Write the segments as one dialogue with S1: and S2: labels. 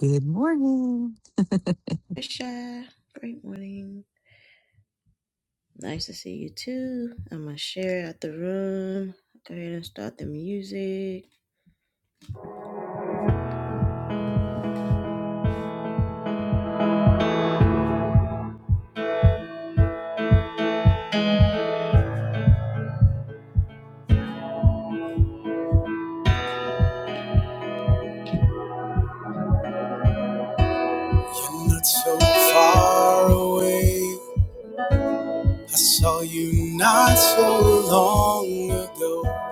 S1: Good morning.
S2: Tisha, great morning. Nice to see you too. I'm gonna share out the room. Go ahead and start the music. You're not so far away. I saw you not so long ago.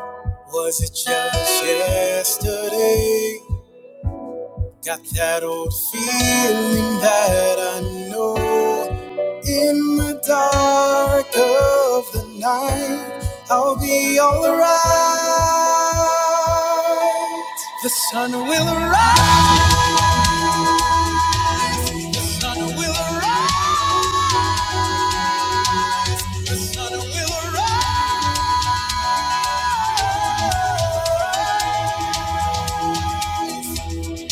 S2: Was it just yesterday? Got that old feeling that I know in the dark of the night I'll be alright. The sun will rise, the sun will rise, the sun will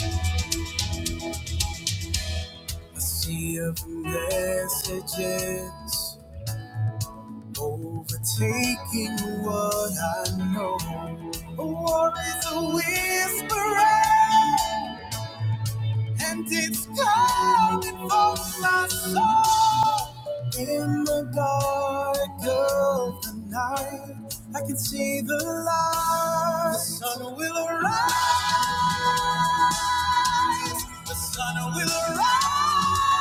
S2: rise. A sea of messages Overtaking what I know. A war is a whisper, and it's coming for my soul. In the dark of the night, I can see the light. The sun will arise. The sun will arise.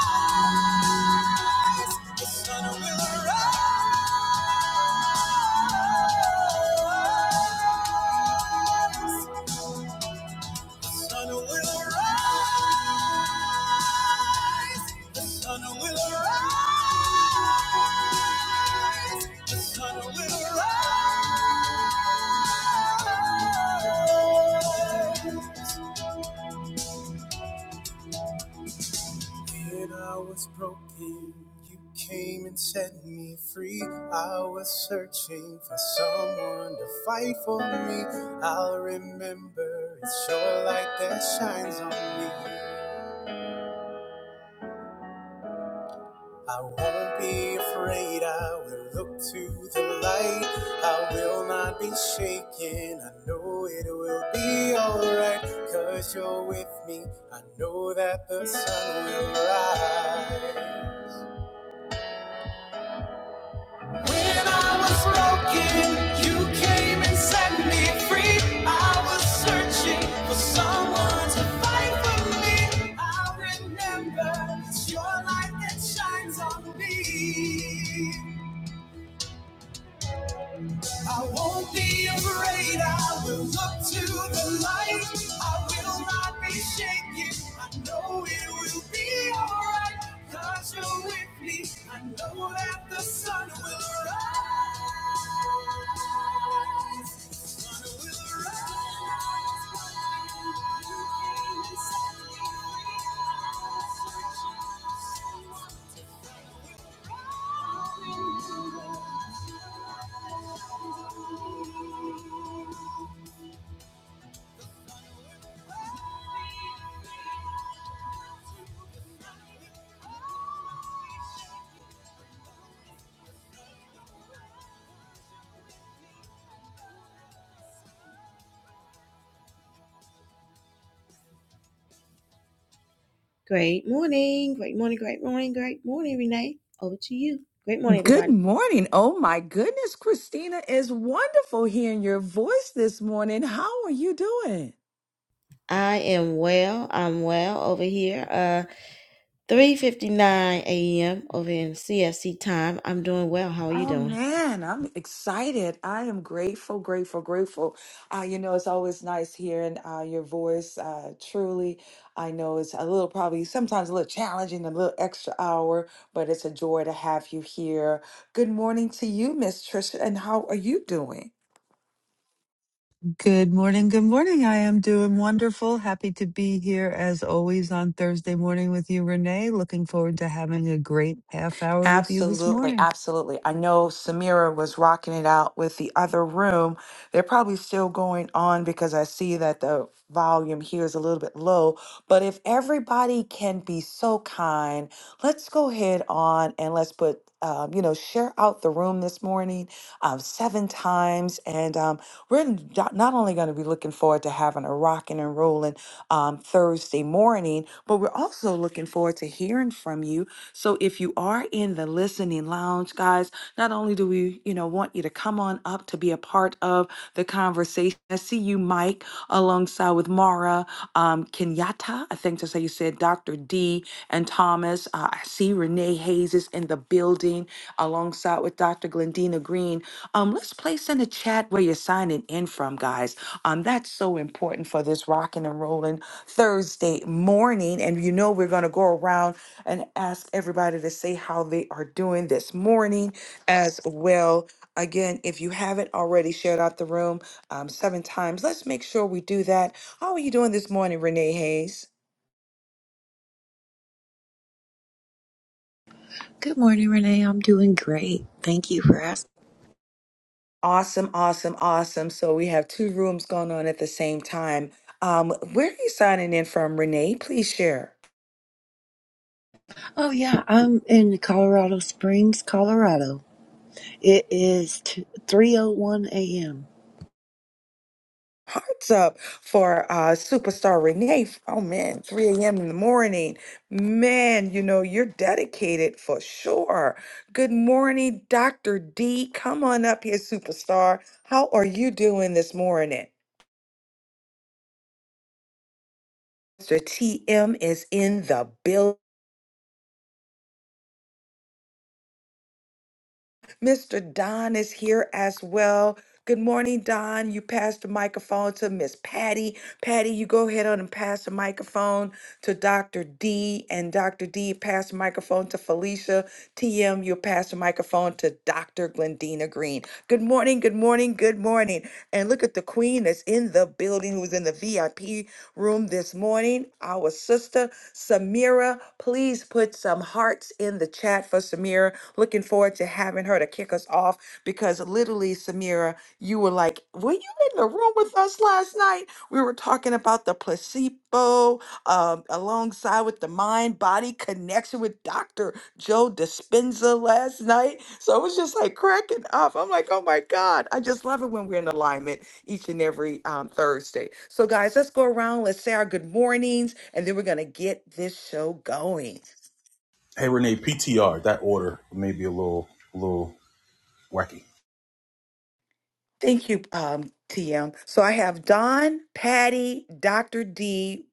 S2: The sun will arise. The sun will arise. The sun will arise. The sun will arise. When I was broken, you came and set me free. I was searching for someone to fight for me. I'll remember it's your light that shines on me. I won't be afraid. I will look to the light. I will not be shaken. I know it will be alright. Cause you're with me. I know that the sun will rise. Broken, you came and set free. I was searching for someone to fight for me. I remember it's your light that shines on me. I won't be afraid. I will look to the light. I will not be shaken. I know it will be alright. 'Cause you're with me. I know that the sun will rise. Will rise. Great morning. Great morning. Great morning. Great morning, Renee. Over to you. Great morning,
S3: Good
S2: everybody.
S3: morning. Oh my goodness, Christina, it's wonderful hearing your voice this morning. How are you doing?
S2: I am well. I'm well over here. Uh, 3:59 a.m. over in CSC time. I'm doing well. How are you
S3: Oh
S2: doing?
S3: man, I'm excited. I am grateful, grateful, grateful. Uh, you know, it's always nice hearing uh, your voice. Uh, truly, I know it's a little probably sometimes a little challenging, a little extra hour, but it's a joy to have you here. Good morning to you, Miss Trisha, and how are you doing?
S1: Good morning. Good morning. I am doing wonderful. Happy to be here as always on Thursday morning with you, Renee. Looking forward to having a great half hour with you this
S3: Absolutely,
S1: morning.
S3: absolutely. I know Samira was rocking it out with the other room. They're probably still going on because I see that the volume here is a little bit low. But if everybody can be so kind, let's go ahead on and let's put, um, you know, share out the room this morning um, seven times. And um, we're n- not not only going to be looking forward to having a rocking and rolling um, Thursday morning. But we're also looking forward to hearing from you. So if you are in the listening lounge, guys, not only do we, you know, want you to come on up to be a part of the conversation. I see you, Mike, alongside with Mara um, Kenyatta. I think that's how you said Dr. D and Thomas. Uh, I see Renee Hayes is in the building alongside with Dr. Glendina Green. Um, let's place in the chat where you're signing in from, guys. Um, that's so important for this rocking and rolling Thursday morning. And you know, we're going to go around and ask everybody to say how they are doing this morning as well. Again, if you haven't already shared out the room um, seven times, let's make sure we do that. How are you doing this morning, Renee Hayes?
S4: Good morning, Renee. I'm doing great. Thank you for asking.
S3: Awesome, awesome, awesome. So we have two rooms going on at the same time. Um, where are you signing in from, Renee? Please share.
S4: Oh yeah, I'm in Colorado Springs, Colorado. It is t- 3:01 a.m.
S3: up for uh superstar renee oh man 3 a.m in the morning man you know you're dedicated for sure good morning dr d come on up here superstar how are you doing this morning mr tm is in the building Mr. Don is here as well. Good morning, Don. You pass the microphone to Miss Patty. Patty, you go ahead on and pass the microphone to Dr. D, and Dr. D pass the microphone to Felicia. TM, you'll pass the microphone to Dr. Glendina Green. Good morning, good morning, good morning. And look at the queen that's in the building who's in the VIP room this morning. Our sister, Samira. Please put some hearts in the chat for Samira. Looking forward to having her to kick us off because literally, Samira, you were like, Were you in the room with us last night? We were talking about the placebo um, alongside with the mind body connection with Dr. Joe Dispenza last night. So it was just like cracking up. I'm like, Oh my God. I just love it when we're in alignment each and every um, Thursday. So, guys, let's go around. Let's say our good mornings, and then we're going to get this show going.
S5: Hey Renee, PTR. That order may be a little, a little wacky.
S3: Thank you, um, TM. So I have Don, Patty, Dr. D.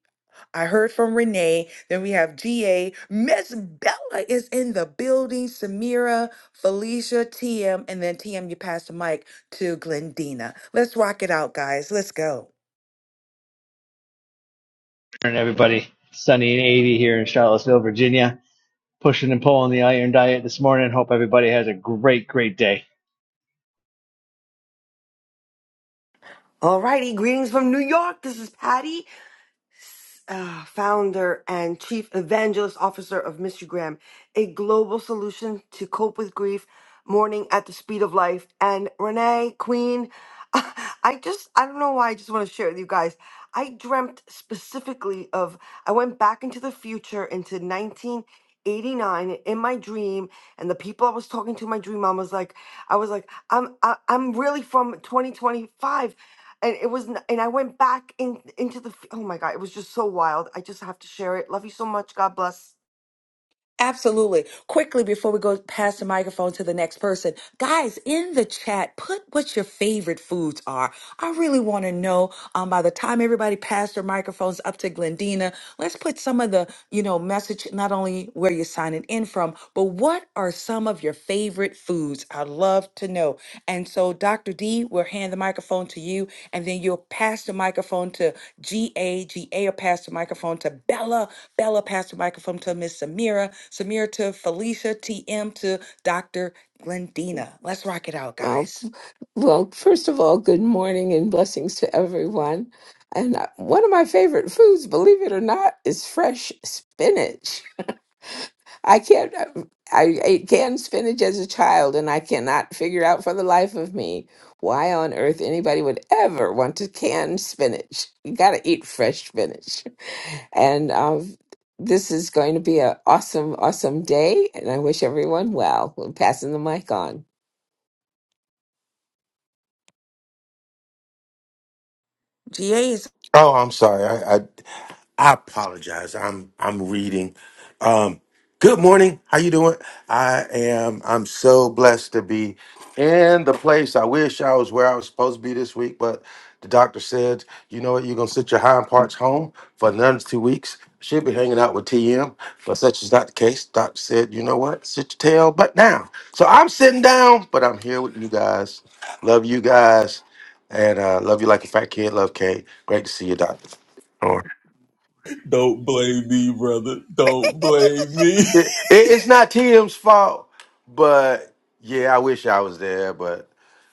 S3: I heard from Renee. Then we have GA. Miss Bella is in the building. Samira, Felicia, TM. And then TM, you pass the mic to Glendina. Let's rock it out, guys. Let's go.
S6: morning, everybody. Sunny and 80 here in Charlottesville, Virginia. Pushing and pulling the iron diet this morning. Hope everybody has a great, great day.
S7: Alrighty, greetings from New York. This is Patty, uh, founder and chief evangelist officer of Mystery Graham, a global solution to cope with grief, mourning at the speed of life. And Renee, queen, I just, I don't know why, I just want to share with you guys. I dreamt specifically of, I went back into the future into 1989 in my dream and the people I was talking to in my dream I was like I was like I'm I, I'm really from 2025 and it was n- and i went back in into the f- oh my god it was just so wild i just have to share it love you so much god bless
S3: Absolutely. Quickly before we go pass the microphone to the next person, guys, in the chat, put what your favorite foods are. I really want to know um, by the time everybody passed their microphones up to Glendina, Let's put some of the, you know, message not only where you're signing in from, but what are some of your favorite foods? I'd love to know. And so, Dr. D, we'll hand the microphone to you, and then you'll pass the microphone to G A G A, GA will pass the microphone to Bella. Bella pass the microphone to Miss Samira. Samira to Felicia. TM to Dr. Glendina. Let's rock it out,
S8: Well,
S3: guys.
S8: well, first of all, good morning and blessings to everyone. And uh, one of my favorite foods, believe it or not, is fresh spinach. I can't, uh, I ate canned spinach as a child, and I cannot figure out for the life of me why on earth anybody would ever want to can spinach. You got to eat fresh spinach. And um, this is going to be an awesome, awesome day, and I wish everyone well. I'm passing the mic on.
S3: GA is.
S9: Oh, I'm sorry. I, I I apologize. I'm I'm reading. Um, good morning. How you doing? I am. I'm so blessed to be in the place. I wish I was where I was supposed to be this week, but the doctor said, you know what? You're gonna sit your hind parts home for another two weeks. Should be hanging out with TM, but such is not the case. Doctor said, you know what? Sit your tail, but now. So I'm sitting down, but I'm here with you guys. Love you guys. And uh, love you like a fat kid. Love Kate. Great to see you, Doctor. Or
S5: Don't blame me, brother. Don't blame me.
S9: it, it- it's not Tim's fault, but yeah, I wish I was there. But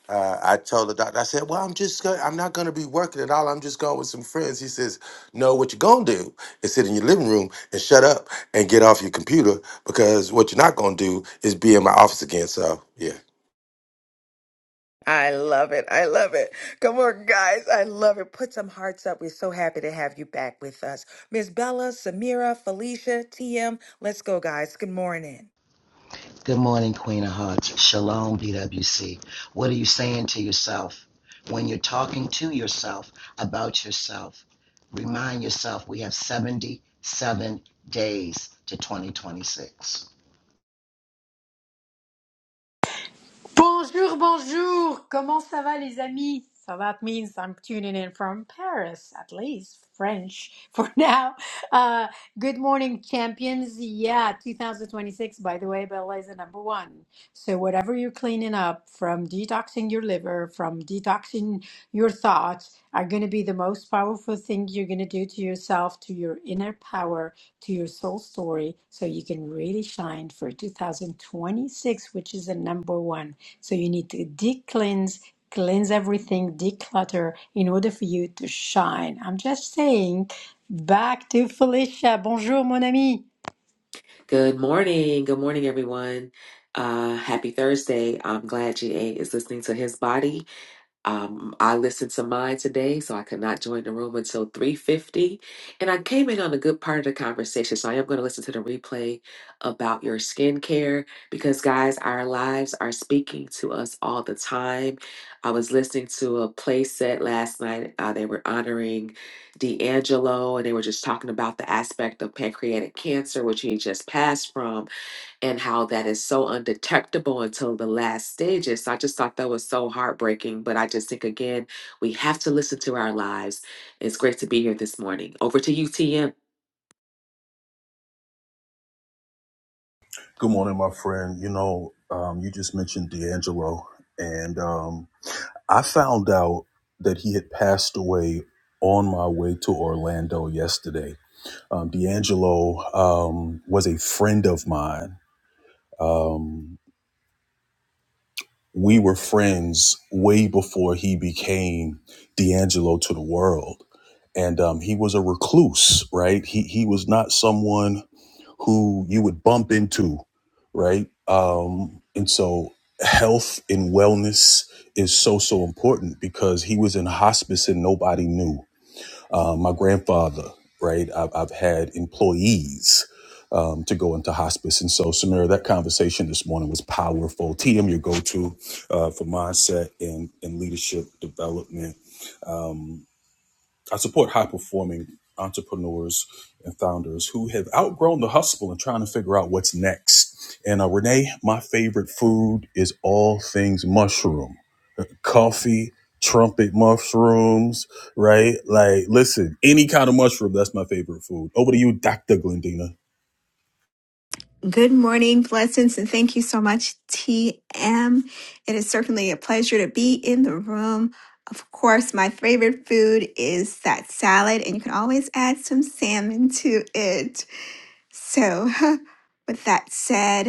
S9: uh, I told the doctor, I said, "Well, I'm just, gonna, I'm not going to be working at all. I'm just going with some friends." He says, "No, what you're going to do is sit in your living room and shut up and get off your computer because what you're not going to do is be in my office again." So yeah.
S3: I love it. I love it. Come on, guys. I love it. Put some hearts up. We're so happy to have you back with us. Miss Bella, Samira, Felicia, TM. Let's go, guys. Good morning.
S10: Good morning, Queen of Hearts. Shalom, BWC. What are you saying to yourself? When you're talking to yourself about yourself, remind yourself we have 77 days to 2026.
S11: Bonjour, bonjour! Comment ça va, les amis? So that means I'm tuning in from Paris, at least French for now. Uh, good morning, champions. Yeah, 2026, by the way, Bella is the number one. So, whatever you're cleaning up from detoxing your liver, from detoxing your thoughts, are going to be the most powerful thing you're going to do to yourself, to your inner power, to your soul story so you can really shine for 2026, which is the number one. So you need to de-cleanse, cleanse everything, declutter in order for you to shine. I'm just saying, back to Felicia. Bonjour, mon ami.
S12: Good morning. Good morning, everyone. Uh, happy Thursday. I'm glad GA is listening to his body. Um, I listened to mine today, so I could not join the room until 3:50, and I came in on a good part of the conversation. So I am going to listen to the replay about your skincare because, guys, our lives are speaking to us all the time. I was listening to a play set last night. Uh, they were honoring D'Angelo, and they were just talking about the aspect of pancreatic cancer, which he just passed from and how that is so undetectable until the last stages. So I just thought that was so heartbreaking. But I just think, again, we have to listen to our lives. It's great to be here this morning. Over to UTM
S5: Good morning, my friend. You know, um, you just mentioned D'Angelo, and um, I found out that he had passed away on my way to Orlando yesterday. Um, D'Angelo um, was a friend of mine. Um, we were friends way before he became D'Angelo to the world and um, he was a recluse, right? He he was not someone who you would bump into, right? Um, and so health and wellness is so so important because he was in hospice and nobody knew. Uh, my grandfather, right? I've, I've had employees um, to go into hospice, and so Samira, that conversation this morning was powerful. TM, your go-to uh, for mindset and and leadership development I support high performing entrepreneurs and founders who have outgrown the hustle and trying to figure out what's next. And uh, Renee, my favorite food is all things mushroom, coffee, trumpet mushrooms, right? Like, listen, any kind of mushroom, that's my favorite food. Over to you, Dr. Glendina.
S13: Good morning, blessings, and thank you so much, TM. It is certainly a pleasure to be in the room. Of course, my favorite food is that salad, and you can always add some salmon to it. So, with that said,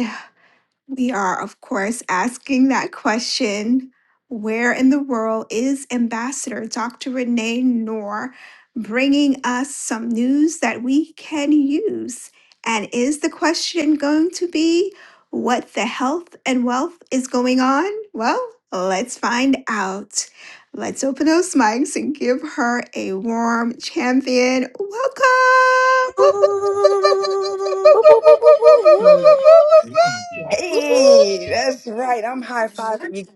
S13: we are, of course, asking that question where in the world is Ambassador Dr. Renee Noor bringing us some news that we can use? And is the question going to be what the health and wealth is going on? Well, let's find out. Let's open those mics and give her a warm champion welcome. Woo, woo, woo, woo, woo, woo, woo, woo, woo, woo,
S3: Mm.
S13: woo,
S2: Whoop whoop.
S3: Hey, that's right. I'm high
S13: woo.
S3: fiving you.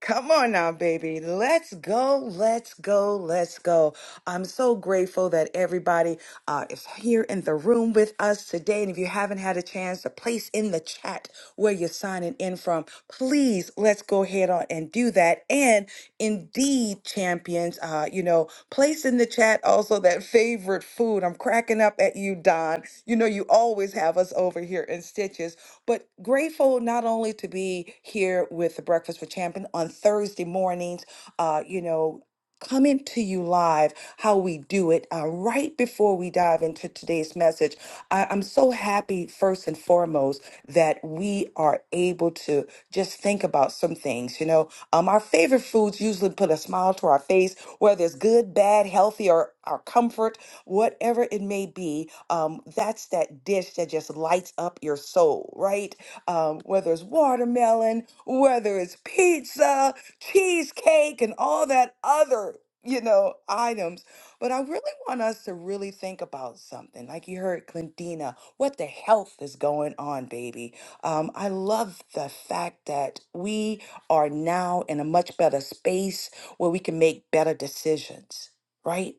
S3: Come on now, baby. Let's go. Let's go. Let's go. I'm so grateful that everybody. uh, is here in the room with us today. And if you haven't had a chance to place in the chat where you're signing in from, please let's go ahead on and do that. And indeed, champions, uh, you know, place in the chat also that favorite food. I'm cracking up at you, Don. You know, you always have us over here in stitches, but grateful not only to be here with the Breakfast for Champion on Thursday mornings, uh, you know coming to you live how we do it uh, right before we dive into today's message I, i'm so happy first and foremost that we are able to just think about some things you know um, our favorite foods usually put a smile to our face whether it's good bad healthy or our comfort whatever it may be um, that's that dish that just lights up your soul right um, whether it's watermelon whether it's pizza cheesecake and all that other, you know, items. But I really want us to really think about something. Like you heard Glendina, what the health is going on, baby. Um, I love the fact that we are now in a much better space where we can make better decisions, right?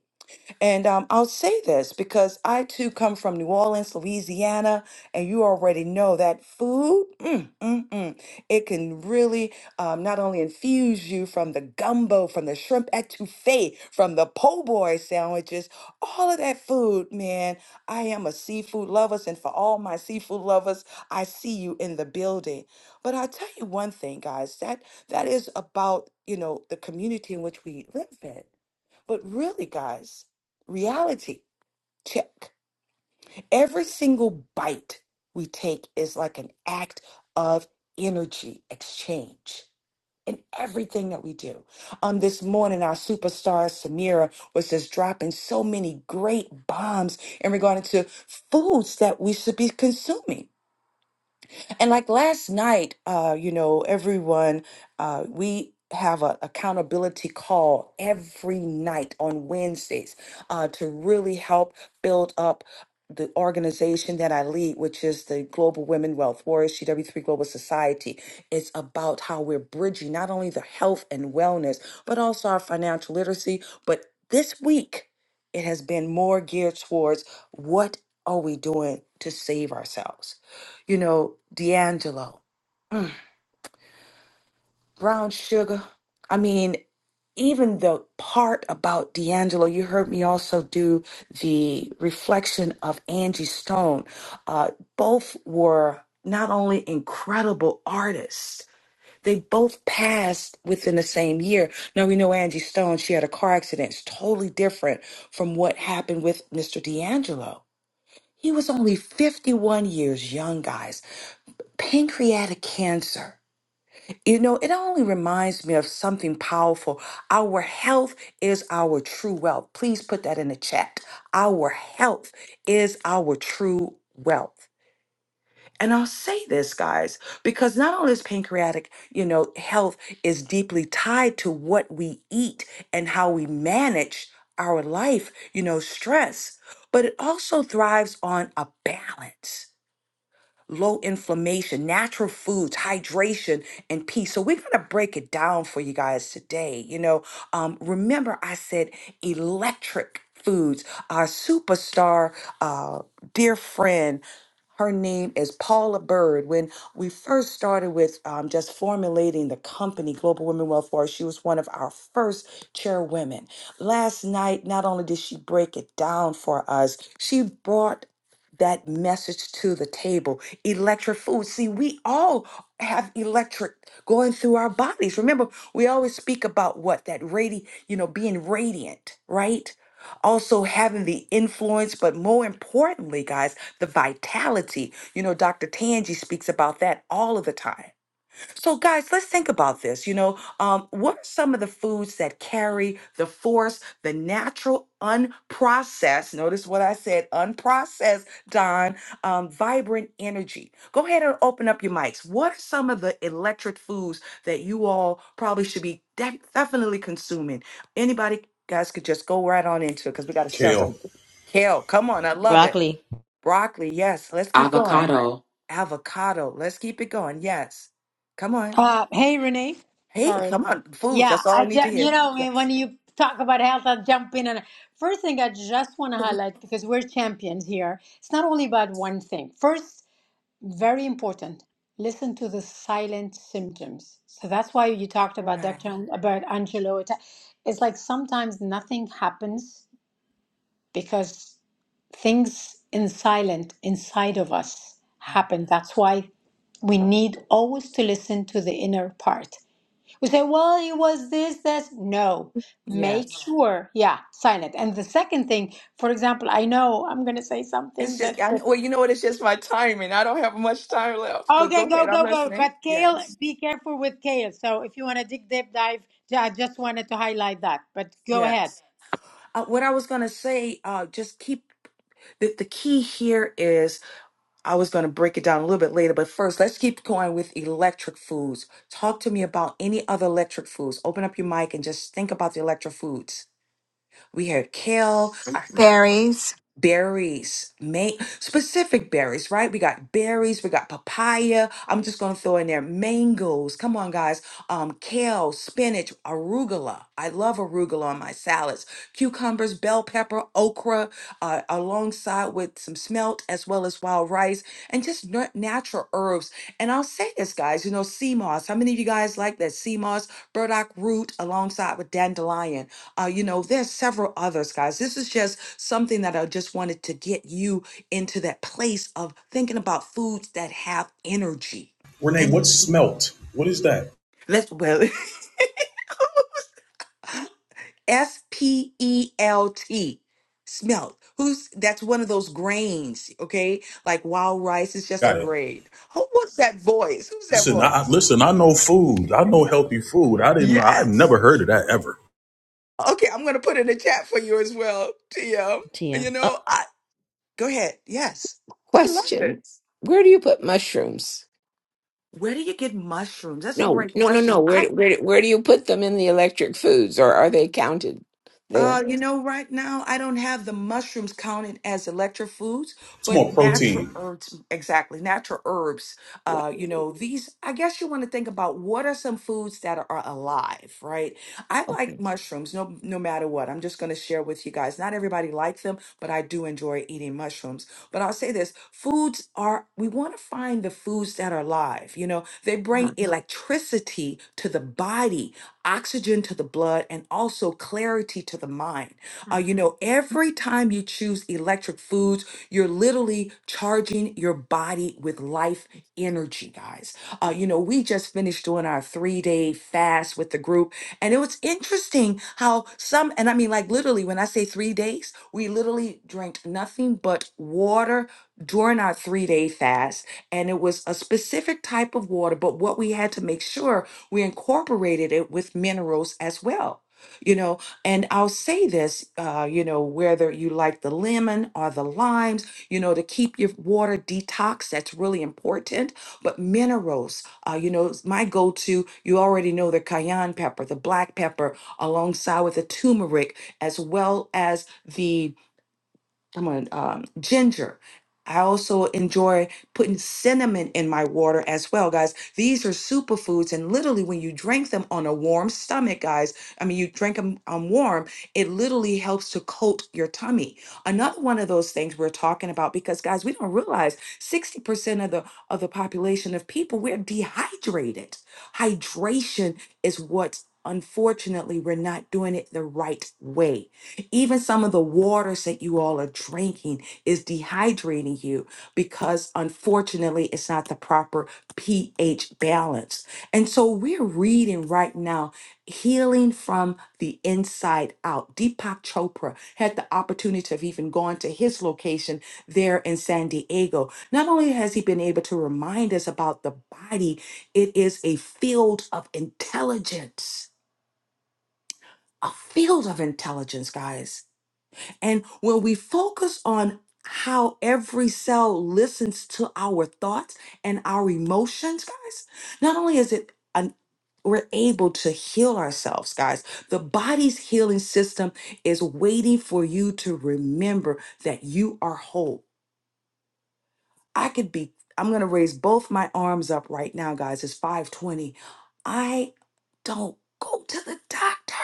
S3: And um, I'll say this because I too come from New Orleans, Louisiana, and you already know that food, mm, mm, mm, it can really um, not only infuse you from the gumbo, from the shrimp etouffee, from the po' boy sandwiches, all of that food, man. I am a seafood lover, and for all my seafood lovers, I see you in the building. But I'll tell you one thing, guys, that that is about, you know, the community in which we live in but really, guys, reality check. Every single bite we take is like an act of energy exchange in everything that we do. Um, this morning, our superstar Samira was just dropping so many great bombs in regard to foods that we should be consuming. And like last night, uh, you know, everyone, uh, we have an accountability call every night on Wednesdays uh, to really help build up the organization that I lead, which is the Global Women Wealth Warriors, CW3 Global Society. It's about how we're bridging not only the health and wellness, but also our financial literacy. But this week, it has been more geared towards what are we doing to save ourselves? you know, D'Angelo, Brown Sugar. I mean, even the part about D'Angelo, you heard me also do the reflection of Angie Stone. Uh, both were not only incredible artists, they both passed within the same year. Now we know Angie Stone, she had a car accident. It's totally different from what happened with Mr. D'Angelo. He was only 51 years young, guys. Pancreatic cancer. You know, it only reminds me of something powerful. Our health is our true wealth. Please put that in the chat. Our health is our true wealth. And I'll say this, guys, because not only is pancreatic, you know, health is deeply tied to what we eat and how we manage our life, you know, stress, but it also thrives on a balance low inflammation, natural foods, hydration, and peace. So we're gonna break it down for you guys today. You know, um, remember I said electric foods. Our superstar, uh, dear friend. Her name is Paula Bird. When we first started with um, just formulating the company, Global Women Welfare, she was one of our first chairwomen. Last night, not only did she break it down for us, she brought that message to the table. Electric food. See, we all have electric going through our bodies. Remember, we always speak about what that radi, you know, being radiant, right? Also having the influence, but more importantly, guys, the vitality. You know, Dr. Tangi speaks about that all of the time so, guys, let's think about this. You know, um, what are some of the foods that carry the force, the natural, unprocessed, notice what I said, unprocessed, Don, um, vibrant energy? Go ahead and open up your mics. What are some of the electric foods that you all probably should be def- definitely consuming? Anybody, guys, could just go right on into it because we got a
S5: Kale.
S3: several. Kale, come on, I love it.
S2: Broccoli,
S3: Broccoli, yes, let's keep going.
S12: Avocado.
S3: Avocado, let's keep it going, yes. Come on.
S11: Uh, hey, Renee.
S3: Hey,
S11: Sorry.
S3: come on, foods.
S11: Yeah,
S3: That's all I
S11: I
S3: need to
S11: ju-
S3: hear.
S11: you know when when
S3: Yes.
S11: you talk about health, I'll jump in and first thing I just want to
S3: Food,
S11: highlight because we're champions here. It's not only about one thing. First, Very important. Listen to the silent symptoms. So that's why you talked about
S3: Right.
S11: Dr. An- about Angelo. It- It's like sometimes nothing happens because things in silent inside of us happen. That's why we need always to listen to the inner part. We say, well, it was this, this. No, make
S3: Yes.
S11: sure, yeah, silent. And the second thing, for example, I know I'm going to say
S3: It's
S11: something that,
S3: just, I,
S11: but
S3: well, you know what? It's just my timing. I don't have much time left, but
S11: Okay,
S3: go
S11: go,
S3: ahead. I'm
S11: go, go.
S3: listening.
S11: But kale,
S3: Yes.
S11: be careful with kale. So if you want to dig deep dive, ju- I just wanted to highlight that. But go ahead.
S3: Yes. Uh, what I was going to say, uh, just keep the, the key here is I was going to break it down a little bit later, but first, let's keep going with electric foods. Talk to me about any other electric foods. Open up your mic and just think about the electric foods. We had kale.
S13: Fairies,
S3: berries, main specific berries, right? We got berries, we got papaya. I'm just gonna throw in there mangoes. Come on, guys. Um, kale, spinach, arugula. I love arugula on my salads. Cucumbers, bell pepper, okra, uh, alongside with some smelt as well as wild rice, and just nu- natural herbs. And I'll say this, guys. You know, sea moss. How many of you guys like that sea moss, burdock root, alongside with dandelion? Uh, you know, there's several others, guys. This is just something that I just wanted to get you into that place of thinking about foods that have energy.
S5: Renee, what's
S3: Energy.
S5: smelt? What is that?
S3: Let's well S P E L T. Smelt. Who's that's one of those grains, okay? Like wild rice is just a
S5: Got it.
S3: grain. Who was that voice? Who's that
S5: Listen, I I-
S3: voice?
S5: listen. I know food. I know healthy food. I didn't. I've
S3: Yes.
S5: never heard of that ever.
S3: Okay, I'm gonna put in the chat for you as well, TM. You
S2: Tia.
S3: know,
S2: Up.
S3: I go ahead. Yes. I love
S8: Question:
S3: it.
S8: Where do you put mushrooms?
S3: Where do you get mushrooms? That's a
S8: No,
S3: great
S8: no, no, no.
S3: question.
S8: Where do-
S3: I
S8: where do- where do you put them in the electric foods, or are they counted there?
S3: Uh, you know, right now I don't have the mushrooms counted as electro foods,
S5: It's more
S3: but natural
S5: protein.
S3: herbs, exactly, natural herbs.
S8: Yeah.
S3: Uh, you know, these, I guess you want to think about what are some foods that are alive, right? I like
S8: Okay.
S3: mushrooms no no matter what. I'm just going to share with you guys. Not everybody likes them, but I do enjoy eating mushrooms. But I'll say this, foods are we want to find the foods that are alive. You know, they
S8: Uh-huh.
S3: bring electricity to the body oxygen to the blood, and also clarity to the mind. Uh, you know, every time you choose electric foods, you're literally charging your body with life energy, guys. Uh, you know, we just finished doing our three day fast with the group, and it was interesting how some, and I mean, like literally, when I say three days, we literally drank nothing but water during our three day fast, and it was a specific type of water, but what we had to make sure we incorporated it with minerals as well. You know, and I'll say this, uh, you know, whether you like the lemon or the limes, you know, to keep your water detox, that's really important. But minerals, uh, you know, is my go to, you already know the cayenne pepper, the black pepper, alongside with the turmeric, as well as the I'm on um, ginger. I also enjoy putting cinnamon in my water as well, guys. These are superfoods, and literally, when you drink them on a warm stomach, guys, I mean, you drink them um, warm, it literally helps to coat your tummy. Another one of those things we're talking about, because guys, we don't realize 60% of the of the population of people we're dehydrated. Hydration is what, unfortunately, we're not doing it the right way even some of the waters that you all are drinking is dehydrating you because, unfortunately, it's not the proper pH balance. And so, we're reading right now Healing from the Inside Out. Deepak Chopra had the opportunity of even going to his location there in San Diego. Not only has he been able to remind us about the body, it is a field of intelligence, a field of intelligence, guys and when we focus on how every cell listens to our thoughts and our emotions, guys, not only is it an we're able to heal ourselves, guys. The body's healing system is waiting for you to remember that you are whole. I could be, I'm gonna raise both my arms up right now, guys. It's 520. I don't go to the doctor.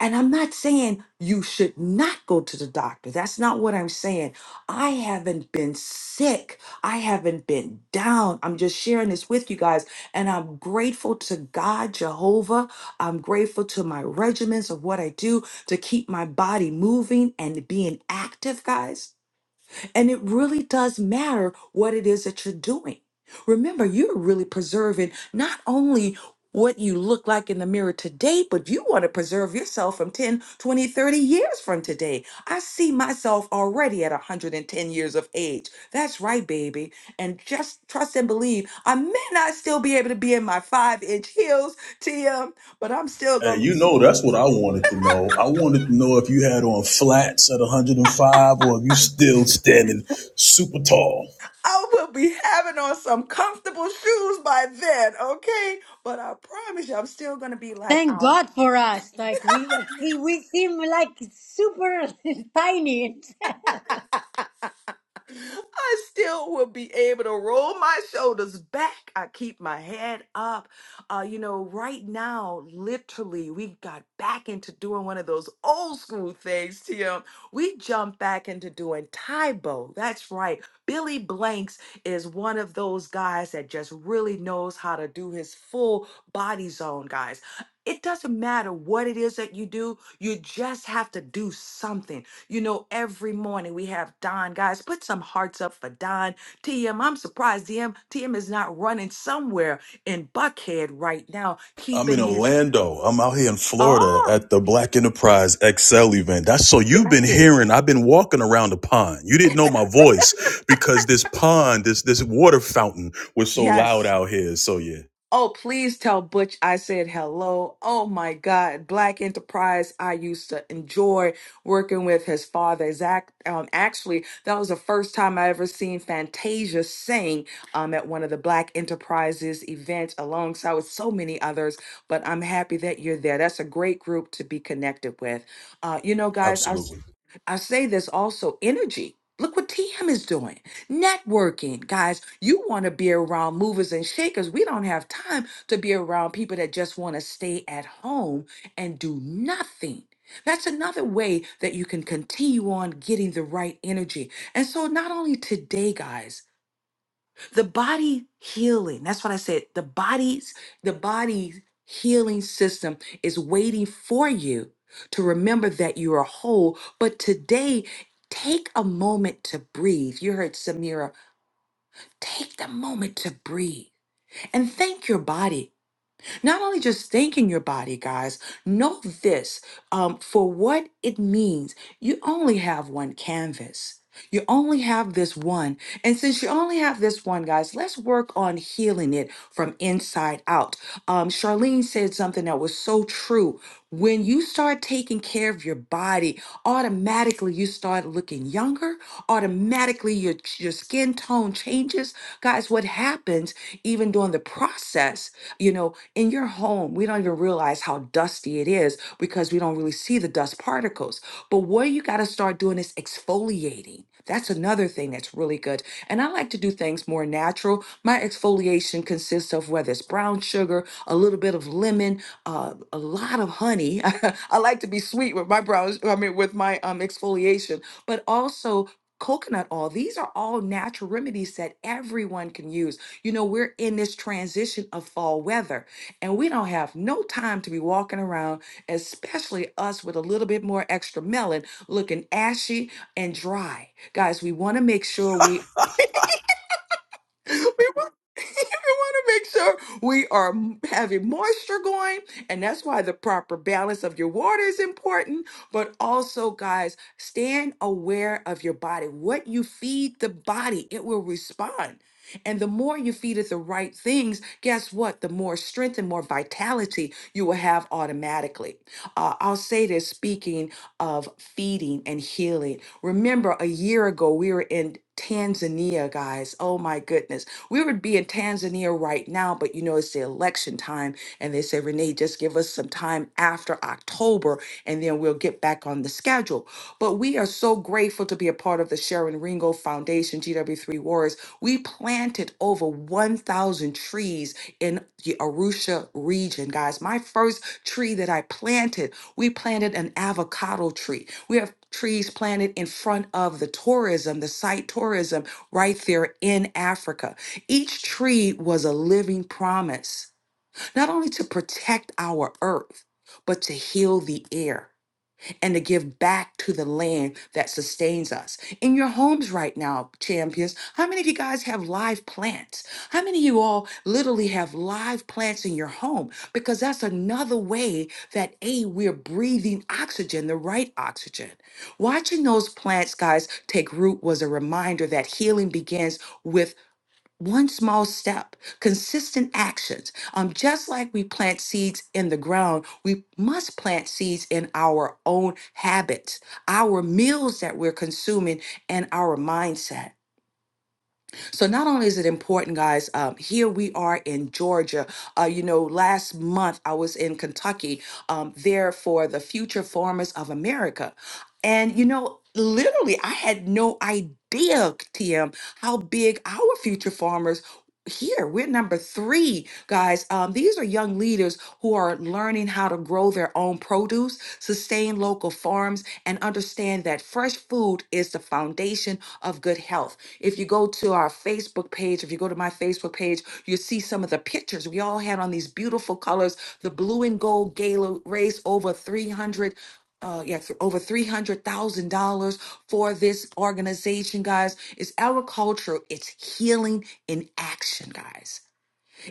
S3: And I'm not saying you should not go to the doctor. That's not what I'm saying. I haven't been sick. I haven't been down. I'm just sharing this with you guys. And I'm grateful to God, Jehovah. I'm grateful to my regimens of what I do to keep my body moving and being active, guys. And it really does matter what it is that you're doing. Remember, you're really preserving not only what you look like in the mirror today, but you want to preserve yourself from 10, 20, 30 years from today. I see myself already at 110 years of age. That's right, baby. And just trust and believe, I may not still be able to be in my five inch heels, TM, but I'm still
S5: And
S3: going
S5: you
S3: to
S5: know
S3: be.
S5: that's what I wanted to know. I wanted to know if you had on flats at 105 or if you still standing super tall.
S3: I will be having on some comfortable shoes by then, okay? But I promise you, I'm still gonna be like,
S11: Thank
S3: um.
S11: God for us. Like we, like, we, we seem like super tiny.
S3: I still will be able to roll my shoulders back. I keep my head up. Uh, you know, right now, literally, we got back into doing one of those old school things, Tim. We jumped back into doing Taibo. That's right. Billy Blanks is one of those guys that just really knows how to do his full body zone, guys. It doesn't matter what it is that you do, you just have to do something. You know, every morning we have Don. Guys, put some hearts up for Don. TM, I'm surprised TM, TM is not running somewhere in Buckhead right now,
S5: I'm in
S3: keeping his.
S5: Orlando. I'm out here in Florida
S3: Oh,
S5: at the Black Enterprise XL event. That's so you've been
S3: got it.
S5: hearing. I've been walking around the pond. You didn't know my voice because this pond, this this water fountain was so
S3: Yes.
S5: loud out here. So yeah,
S3: Oh, please tell Butch I said hello. Oh my God. Black Enterprise, I used to enjoy working with his father, Zach. Um, actually, that was the first time I ever seen Fantasia sing um, at one of the Black Enterprises events alongside with so many others. But I'm happy that you're there. That's a great group to be connected with. Uh, you know, guys, I, s-
S5: absolutely.
S3: I say this also energy. Look what TM is doing. Networking, guys, you want to be around movers and shakers. We don't have time to be around people that just want to stay at home and do nothing. That's another way that you can continue on getting the right energy. And so, not only today, guys, the body healing, that's what I said, the body's, the body's healing system is waiting for you to remember that you are whole. But today, take a moment to breathe. You heard Samira Take the moment to breathe and thank your body. Not only just thanking your body, guys, know this um, for what it means. You only have one canvas, you only have this one. And since you only have this one, guys, let's work on healing it from inside out. Um, Charlene said something that was so true. When you start taking care of your body, automatically you start looking younger. Automatically your your skin tone changes. Guys, what happens even during the process? You know, in your home, we don't even realize how dusty it is because we don't really see the dust particles. But what you got to start doing is exfoliating. That's another thing that's really good. And I like to do things more natural. My exfoliation consists of whether it's brown sugar, a little bit of lemon, uh, a lot of honey. I like to be sweet with my brows, I mean, with my um, exfoliation, but also coconut oil. These are all natural remedies that everyone can use. You know, we're in this transition of fall weather, and we don't have no time to be walking around, especially us with a little bit more extra melon looking ashy and dry. Guys, we want to make sure we we want, we want to make sure we are m- having moisture going, and that's why the proper balance of your water is important. But also, guys, stand aware of your body. What you feed the body, it will respond. And the more you feed it the right things, guess what? The more strength and more vitality you will have automatically. Uh, I'll say this speaking of feeding and healing. Remember, a year ago, we were in Tanzania, guys. Oh my goodness. We would be in Tanzania right now, but you know, it's the election time. And they said, Renee, just give us some time after October and then we'll get back on the schedule. But we are so grateful to be a part of the Sharon Ringo Foundation, GW3 Warriors. We planted over 1,000 trees in the Arusha region, guys. My first tree that I planted, we planted an avocado tree. We have trees planted in front of the tourism, the site tourism right there in Africa. Each tree was a living promise, not only to protect our earth, but to heal the air and to give back to the land that sustains us. In your homes right now, champions, how many of you guys have live plants? How many of you all literally have live plants in your home? Because that's another way that A, we're breathing oxygen, the right oxygen. Watching those plants, guys, take root was a reminder that healing begins with one small step, consistent actions. Um, just like we plant seeds in the ground, we must plant seeds in our own habits, our meals that we're consuming, and our mindset. So not only is it important, guys, um, here we are in Georgia. Uh, you know, last month I was in Kentucky um, there for the Future Farmers of America. And, you know, literally, I had no idea, TM, how big our future farmers here we're number three guys um, these are young leaders who are learning how to grow their own produce sustain local farms and understand that fresh food is the foundation of good health if you go to our Facebook page, if you go to my Facebook page, you see some of the pictures we all had on these beautiful colors. The blue and gold gala raised over 300 uh yeah th- over three hundred thousand dollars for this organization guys it's agriculture it's healing in action guys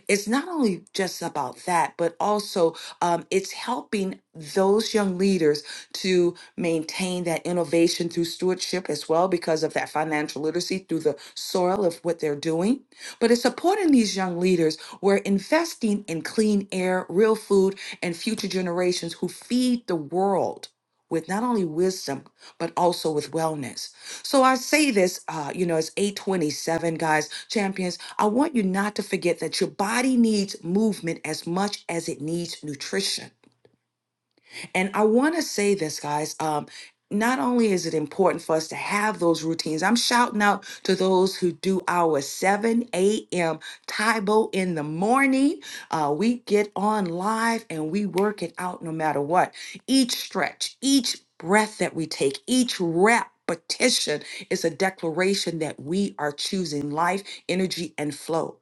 S3: it's not only just about that, but also um, it's helping those young leaders to maintain that innovation through stewardship as well because of that financial literacy through the soil of what they're doing. But it's supporting these young leaders. We're investing in clean air, real food, and future generations who feed the world with not only wisdom, but also with wellness. So I say this, uh, you know, it's 827, guys, champions. I want you not to forget that your body needs movement as much as it needs nutrition. And I want to say this, guys. Um, not only is it important for us to have those routines, I'm shouting out to those who do our 7 a.m. Taibo in the morning. Uh, we get on live and we work it out no matter what. Each stretch, each breath that we take, each repetition is a declaration that we are choosing life, energy, and flow.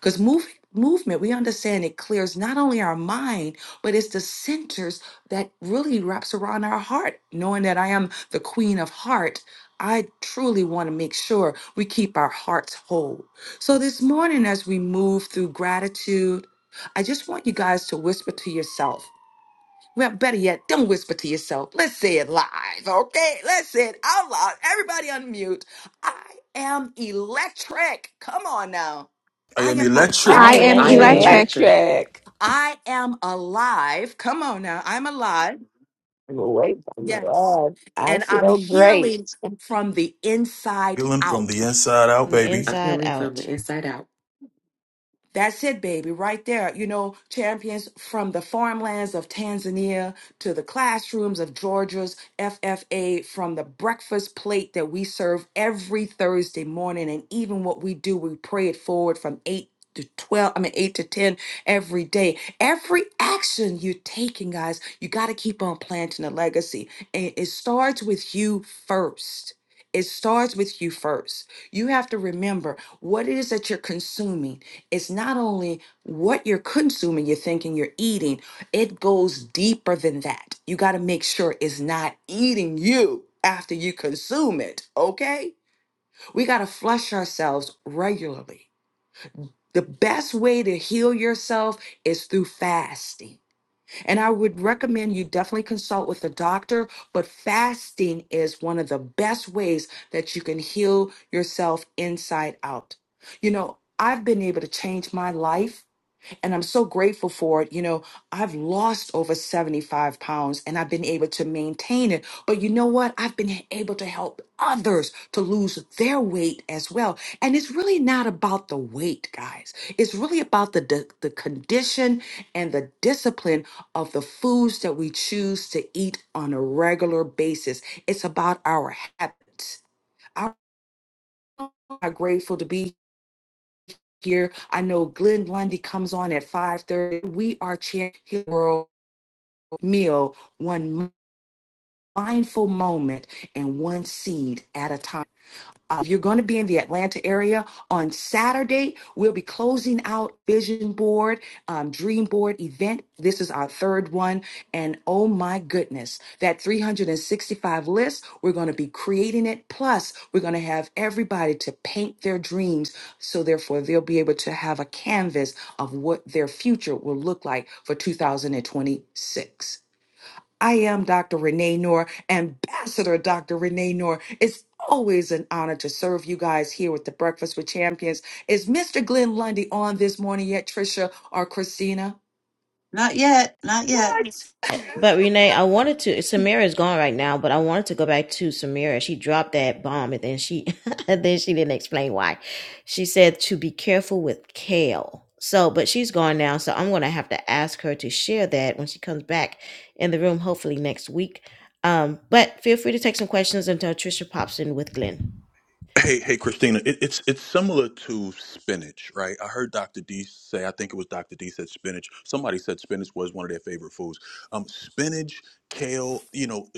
S3: Because move, movement, we understand it clears not only our mind, but it's the centers that really wraps around our heart. Knowing that I am the queen of heart, I truly want to make sure we keep our hearts whole. So this morning, as we move through gratitude, I just want you guys to whisper to yourself well, better yet, don't whisper to yourself. Let's say it live, okay? Let's say it out loud. Everybody unmute. I am electric. Come on now.
S5: I
S3: I
S5: am
S3: am
S8: I
S13: I
S2: I'm
S5: electric.
S8: I
S3: electric.
S13: am
S8: am
S12: I am
S2: electric.
S13: electric.
S12: electric.
S8: electric.
S3: I am alive. Come on now. I'm alive.
S8: Wait on the
S3: Yes.
S8: Lord. I
S3: And I'm
S8: feel great.
S3: healing from the inside
S5: Feeling from
S3: out.
S5: the inside out,
S2: From the
S5: baby.
S12: I'm
S2: inside
S12: healing from
S2: out.
S12: the inside out.
S3: That's it, baby, right there. You know, champions from the farmlands of Tanzania to the classrooms of Georgia's FFA, from the breakfast plate that we serve every Thursday morning, and even what we do, we pray it forward from 8 to 12, I mean, 8 to 10 every day. Every action you're taking, guys, you got to keep on planting a legacy. And it starts with you first. It starts with you first. You have to remember what it is that you're consuming it's not only what you're consuming, you're thinking you're eating, it goes deeper than that. You got to make sure it's not eating you after you consume it, okay? We got to flush ourselves regularly. The best way to heal yourself is through fasting. And I would recommend you definitely consult with a doctor, but fasting is one of the best ways that you can heal yourself inside out. You know, I've been able to change my life and I'm so grateful for it. You know, I've lost over 75 pounds and I've been able to maintain it. But you know what? I've been able to help others to lose their weight as well. And it's really not about the weight, guys. It's really about the, the, the condition and the discipline of the foods that we choose to eat on a regular basis. It's about our habits. I'm grateful to be here. I know Glenn Lundy comes on at 5:30. We are sharing his world meal one mindful moment and one seed at a time. Uh, if you're going to be in the Atlanta area on Saturday, we'll be closing out Vision Board, um, Dream Board event. This is our third one. And oh my goodness, that 365 list, we're going to be creating it. Plus, we're going to have everybody to paint their dreams. So, therefore, they'll be able to have a canvas of what their future will look like for 2026. I am Dr. Renee Noor, Ambassador Dr. Renee Noor. It's always an honor to serve you guys here with the Breakfast with Champions. Is Mr. Glenn Lundy on this morning yet, Trisha or Christina?
S1: Not yet, not yet.
S3: What?
S2: But Renee, I wanted to. Samira is gone right now, but I wanted to go back to Samira. She dropped that bomb, and then she, and then she didn't explain why. She said to be careful with kale. So, but she's gone now, so I'm gonna have to ask her to share that when she comes back in the room, hopefully next week. Um, but feel free to take some questions until Trisha pops in with Glenn.
S5: Hey, hey, Christina. It, it's it's similar to spinach, right? I heard Dr. D say. I think it was Dr. D said spinach. Somebody said spinach was one of their favorite foods. Um, spinach, kale. You know,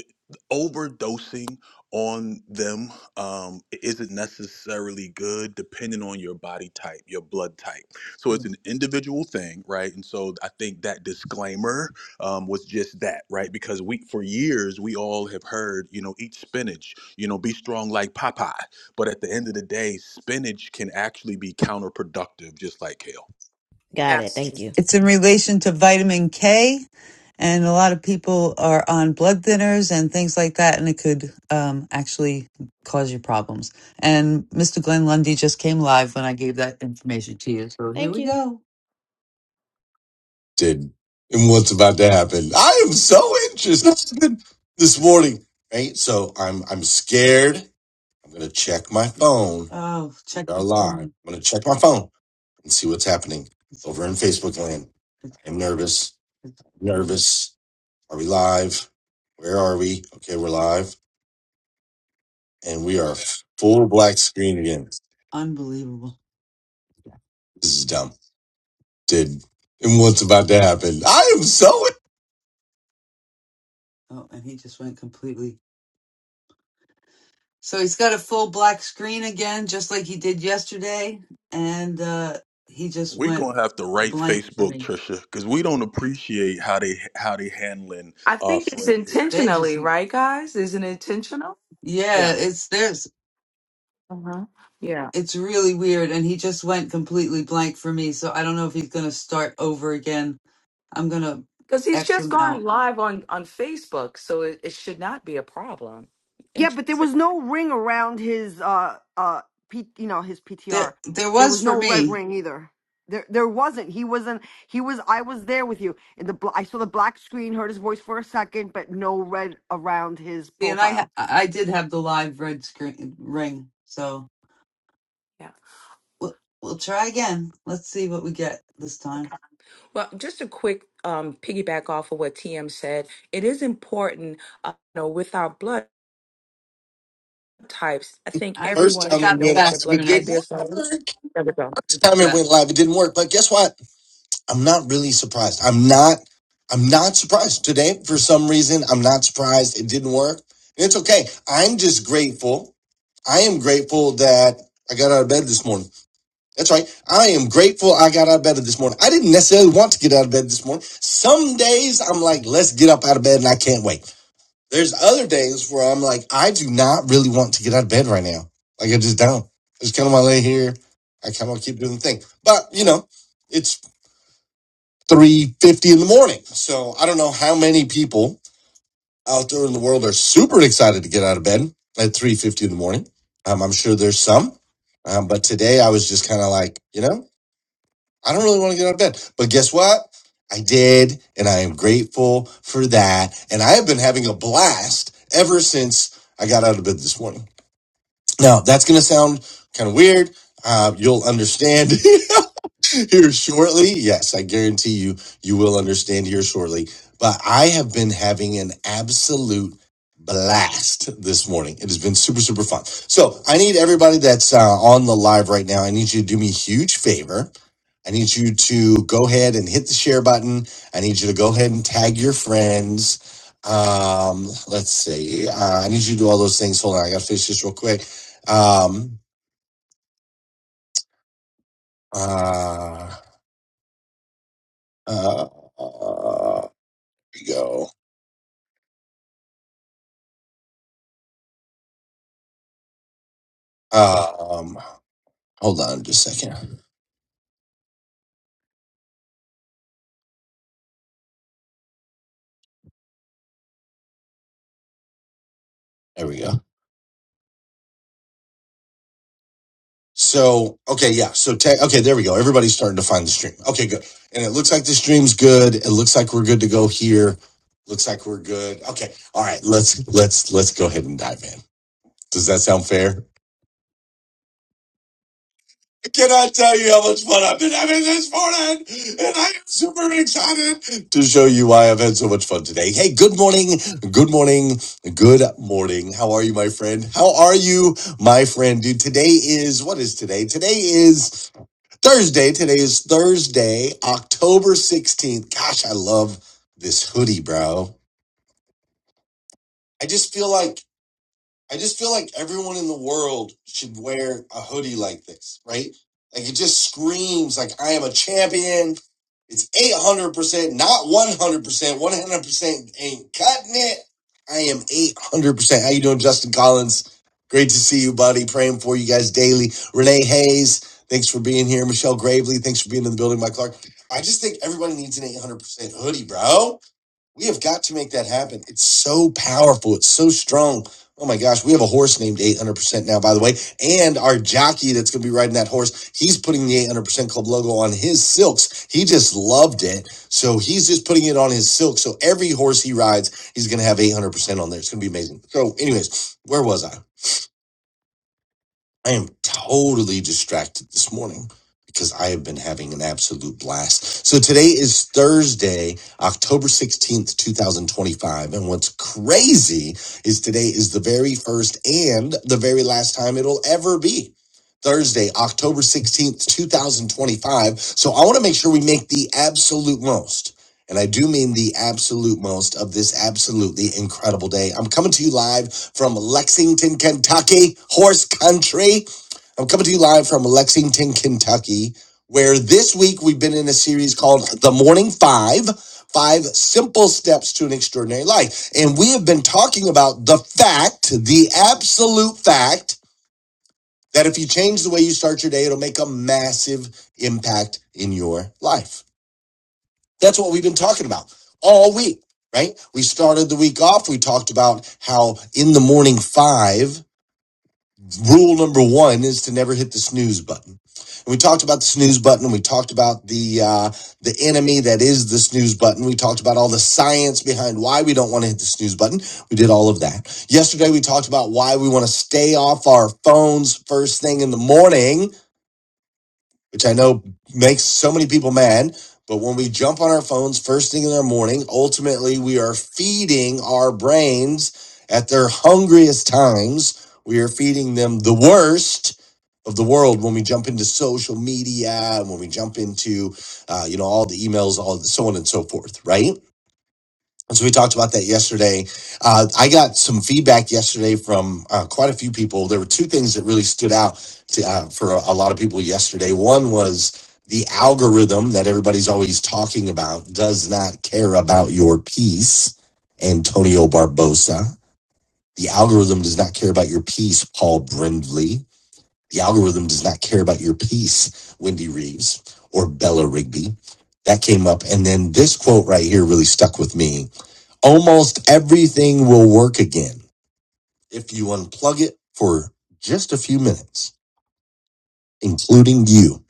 S5: overdosing on them um, isn't necessarily good, depending on your body type, your blood type. So it's
S3: Mm.
S5: an individual thing, right? And so I think that disclaimer um, was just that, right? Because we, for years, we all have heard, you know, eat spinach. You know, be strong like Popeye but at the end of the day, spinach can actually be counterproductive, just like kale.
S2: Got it. Thank
S3: Absolutely.
S2: you.
S1: It's in relation to vitamin K, and a lot of people are on blood thinners and things like that, and it could um, actually cause you problems. And Mr. Glenn Lundy just came live when I gave that information to you. So here
S2: Thank
S1: we
S2: you.
S1: go. did and what's about to happen. I am so interested this morning. Right? So I'm I'm scared. I'm gonna check my phone. Oh, check our are live. I'm gonna check my phone and see what's happening over in Facebook land. I'm nervous. Nervous. Are we live? Where are we? Okay, we're live. And we are full black screen again. Unbelievable. This is dumb. Did and what's about to happen. I am so Oh, and he just went completely. So he's got a full black screen again, just like he did yesterday, and uh, he just
S5: We're
S1: went
S5: gonna have to write
S1: blank for
S5: Facebook,
S1: me.
S5: Trisha, because we don't appreciate how they how they handling
S3: I
S5: our
S3: think it's
S5: friend here.
S1: They just,
S3: intentionally, right, guys? Isn't it intentional?
S1: yeah,
S3: Yeah.
S1: it's there's,
S3: Uh-huh. Yeah.
S1: it's really weird, and he just went completely blank for me. So I don't know if he's gonna start over again. I'm gonna
S3: Because he's
S1: X
S3: just
S1: him
S3: gone
S1: out.
S3: live on on Facebook, so it, it should not be a problem.
S7: yeah but there
S3: Interesting.
S7: was no ring around his uh uh P, you know his
S1: There,
S7: ptr
S1: there
S7: there
S1: was
S7: was
S1: for
S7: no red
S1: me.
S7: ring either there there wasn't he wasn't he was i was there with you in the bl- i saw the black screen heard his voice for a second but no red around his
S1: See, and I, ha-
S7: profile
S1: I did have the live red screen ring, so
S3: Yeah.
S1: we'll we'll try again. Let's see what we get this time.
S3: Okay. Well, just a quick um, piggyback off of what TM said. It is important, uh, you know, with our blood types. I think
S1: I, First I
S3: everyone
S1: time
S3: should
S1: got we
S3: know
S1: the we'll
S3: what their
S1: fast have
S3: blood
S1: a good
S3: type
S1: screening.
S3: is. So-
S1: word.
S3: There we go.
S1: the time it went live, it didn't work. But guess what? I'm not really surprised. I'm not. I'm not surprised today. For some reason, I'm not surprised it didn't work. It's okay. I'm just grateful. I am grateful that I got out of bed this morning. That's right. I am grateful I got out of bed this morning. I didn't necessarily want to get out of bed this morning. Some days I'm like, let's get up out of bed and I can't wait. There's other days where I'm like, I do not really want to get out of bed right now. Like I just don't. I just kind of want to lay here. I kind of want to keep doing the thing. But you know, it's three fifty in the morning, so I don't know how many people out there in the world are super excited to get out of bed at three fifty in the morning. Um, I'm sure there's some, um, but today I was just kind of like, you know. I don't really want to get out of bed. But guess what? I did, and I am grateful for that. And I have been having a blast ever since I got out of bed this morning. Now, that's going to sound kind of weird. Uh, you'll understand here shortly. Yes, I guarantee you, you will understand here shortly. But I have been having an absolute blast this morning. It has been super, super fun. So I need everybody that's uh, on the live right now, I need you to do me a huge favor. I need you to go ahead and hit the share button. I need you to go ahead and tag your friends. Um, let's see. Uh, I need you to do all those things. Hold on, I gotta finish this real quick. Um, uh, uh, uh, we go. Um, hold on just a second. There we go. So, okay, yeah. So, te- okay, there we go. Everybody's starting to find the stream. Okay, good. And it looks like the stream's good. It looks like we're good to go here. Looks like we're good. Okay. All right. Let's let's let's go ahead and dive in. Does that sound fair? Can I cannot tell you how much fun I've been having this morning? And I am super excited to show you why I've had so much fun today. Hey, good morning, good morning, good morning. How are you, my friend? How are you, my friend? Dude, today is what is today? Today is Thursday. Today is Thursday, October 16th. Gosh, I love this hoodie, bro. I just feel like I just feel like everyone in the world should wear a hoodie like this, right? Like it just screams like I am a champion. It's 800%, not 100%. 100% ain't cutting it. I am 800%. How you doing, Justin Collins? Great to see you, buddy. Praying for you guys daily. Renee Hayes, thanks for being here. Michelle Gravely, thanks for being in the building. Mike Clark. I just think everybody needs an 800% hoodie, bro. We have got to make that happen. It's so powerful. It's so strong. Oh my gosh, we have a horse named 800% now, by the way. And our jockey that's going to be riding that horse, he's putting the 800% Club logo on his silks. He just loved it. So he's just putting it on his silk. So every horse he rides, he's going to have 800% on there. It's going to be amazing. So, anyways, where was I? I am totally distracted this morning because I have been having an absolute blast. So today is Thursday, October 16th, 2025. And what's crazy is today is the very first and the very last time it'll ever be. Thursday, October 16th, 2025. So I want to make sure we make the absolute most. And I do mean the absolute most of this absolutely incredible day. I'm coming to you live from Lexington, Kentucky, horse country. I'm coming to you live from Lexington, Kentucky, where this week we've been in a series called The Morning Five Five Simple Steps to an Extraordinary Life. And we have been talking about the fact, the absolute fact, that if you change the way you start your day, it'll make a massive impact in your life. That's what we've been talking about all week, right? We started the week off. We talked about how in the morning five, rule number one is to never hit the snooze button. And we talked about the snooze button. and We talked about the uh, the enemy that is the snooze button. We talked about all the science behind why we don't want to hit the snooze button. We did all of that yesterday. We talked about why we want to stay off our phones first thing in the morning which I know makes so many people mad. But when we jump on our phones first thing in the morning, ultimately we are feeding our brains at their hungriest times. We are feeding them the worst of the world when we jump into social media and when we jump into, uh, you know, all the emails, all so on and so forth, right? So we talked about that yesterday. Uh, I got some feedback yesterday from uh, quite a few people. There were two things that really stood out to, uh, for a, a lot of people yesterday. One was the algorithm that everybody's always talking about does not care about your piece, Antonio Barbosa. The algorithm does not care about your piece, Paul Brindley. The algorithm does not care about your piece, Wendy Reeves or Bella Rigby. That came up. And then this quote right here really stuck with me Almost everything will work again if you unplug it for just a few minutes, including you.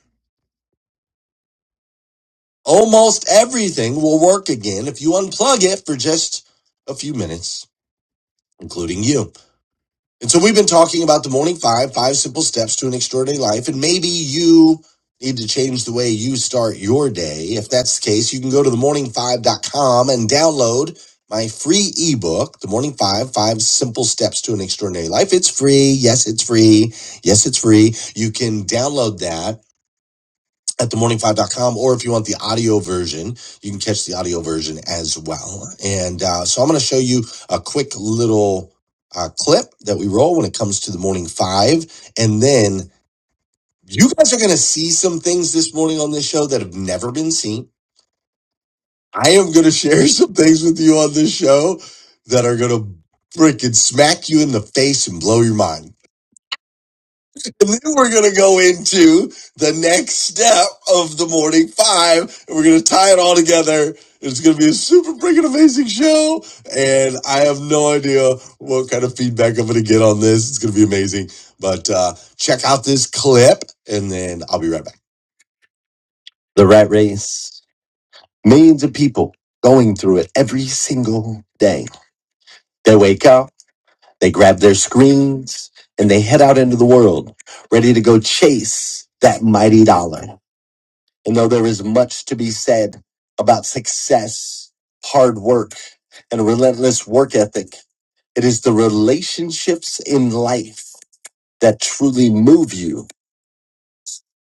S1: Almost everything will work again if you unplug it for just a few minutes, including you. And so we've been talking about the morning five, five simple steps to an extraordinary life. And maybe you need to change the way you start your day. If that's the case, you can go to themorning5.com and download my free ebook, The Morning Five, Five Simple Steps to an Extraordinary Life. It's free. Yes, it's free. Yes, it's free. You can download that at the morning five dot com, or if you want the audio version, you can catch the audio version as well. And uh, so I'm going to show you a quick little uh, clip that we roll when it comes to the Morning Five. And then you guys are going to see some things this morning on this show that have never been seen. I am going to share some things with you on this show that are going to freaking smack you in the face and blow your mind. And then we're going to go into the next step of the morning five, and we're going to tie it all together. It's going to be a super freaking amazing show, and I have no idea what kind of feedback I'm going to get on this. It's going to be amazing. But uh, check out this clip, and then I'll be right back. The rat race. Millions of people going through it every single day. They wake up, they grab their screens, and they head out into the world, ready to go chase that mighty dollar. And though there is much to be said about success, hard work, and a relentless work ethic, it is the relationships in life that truly move you.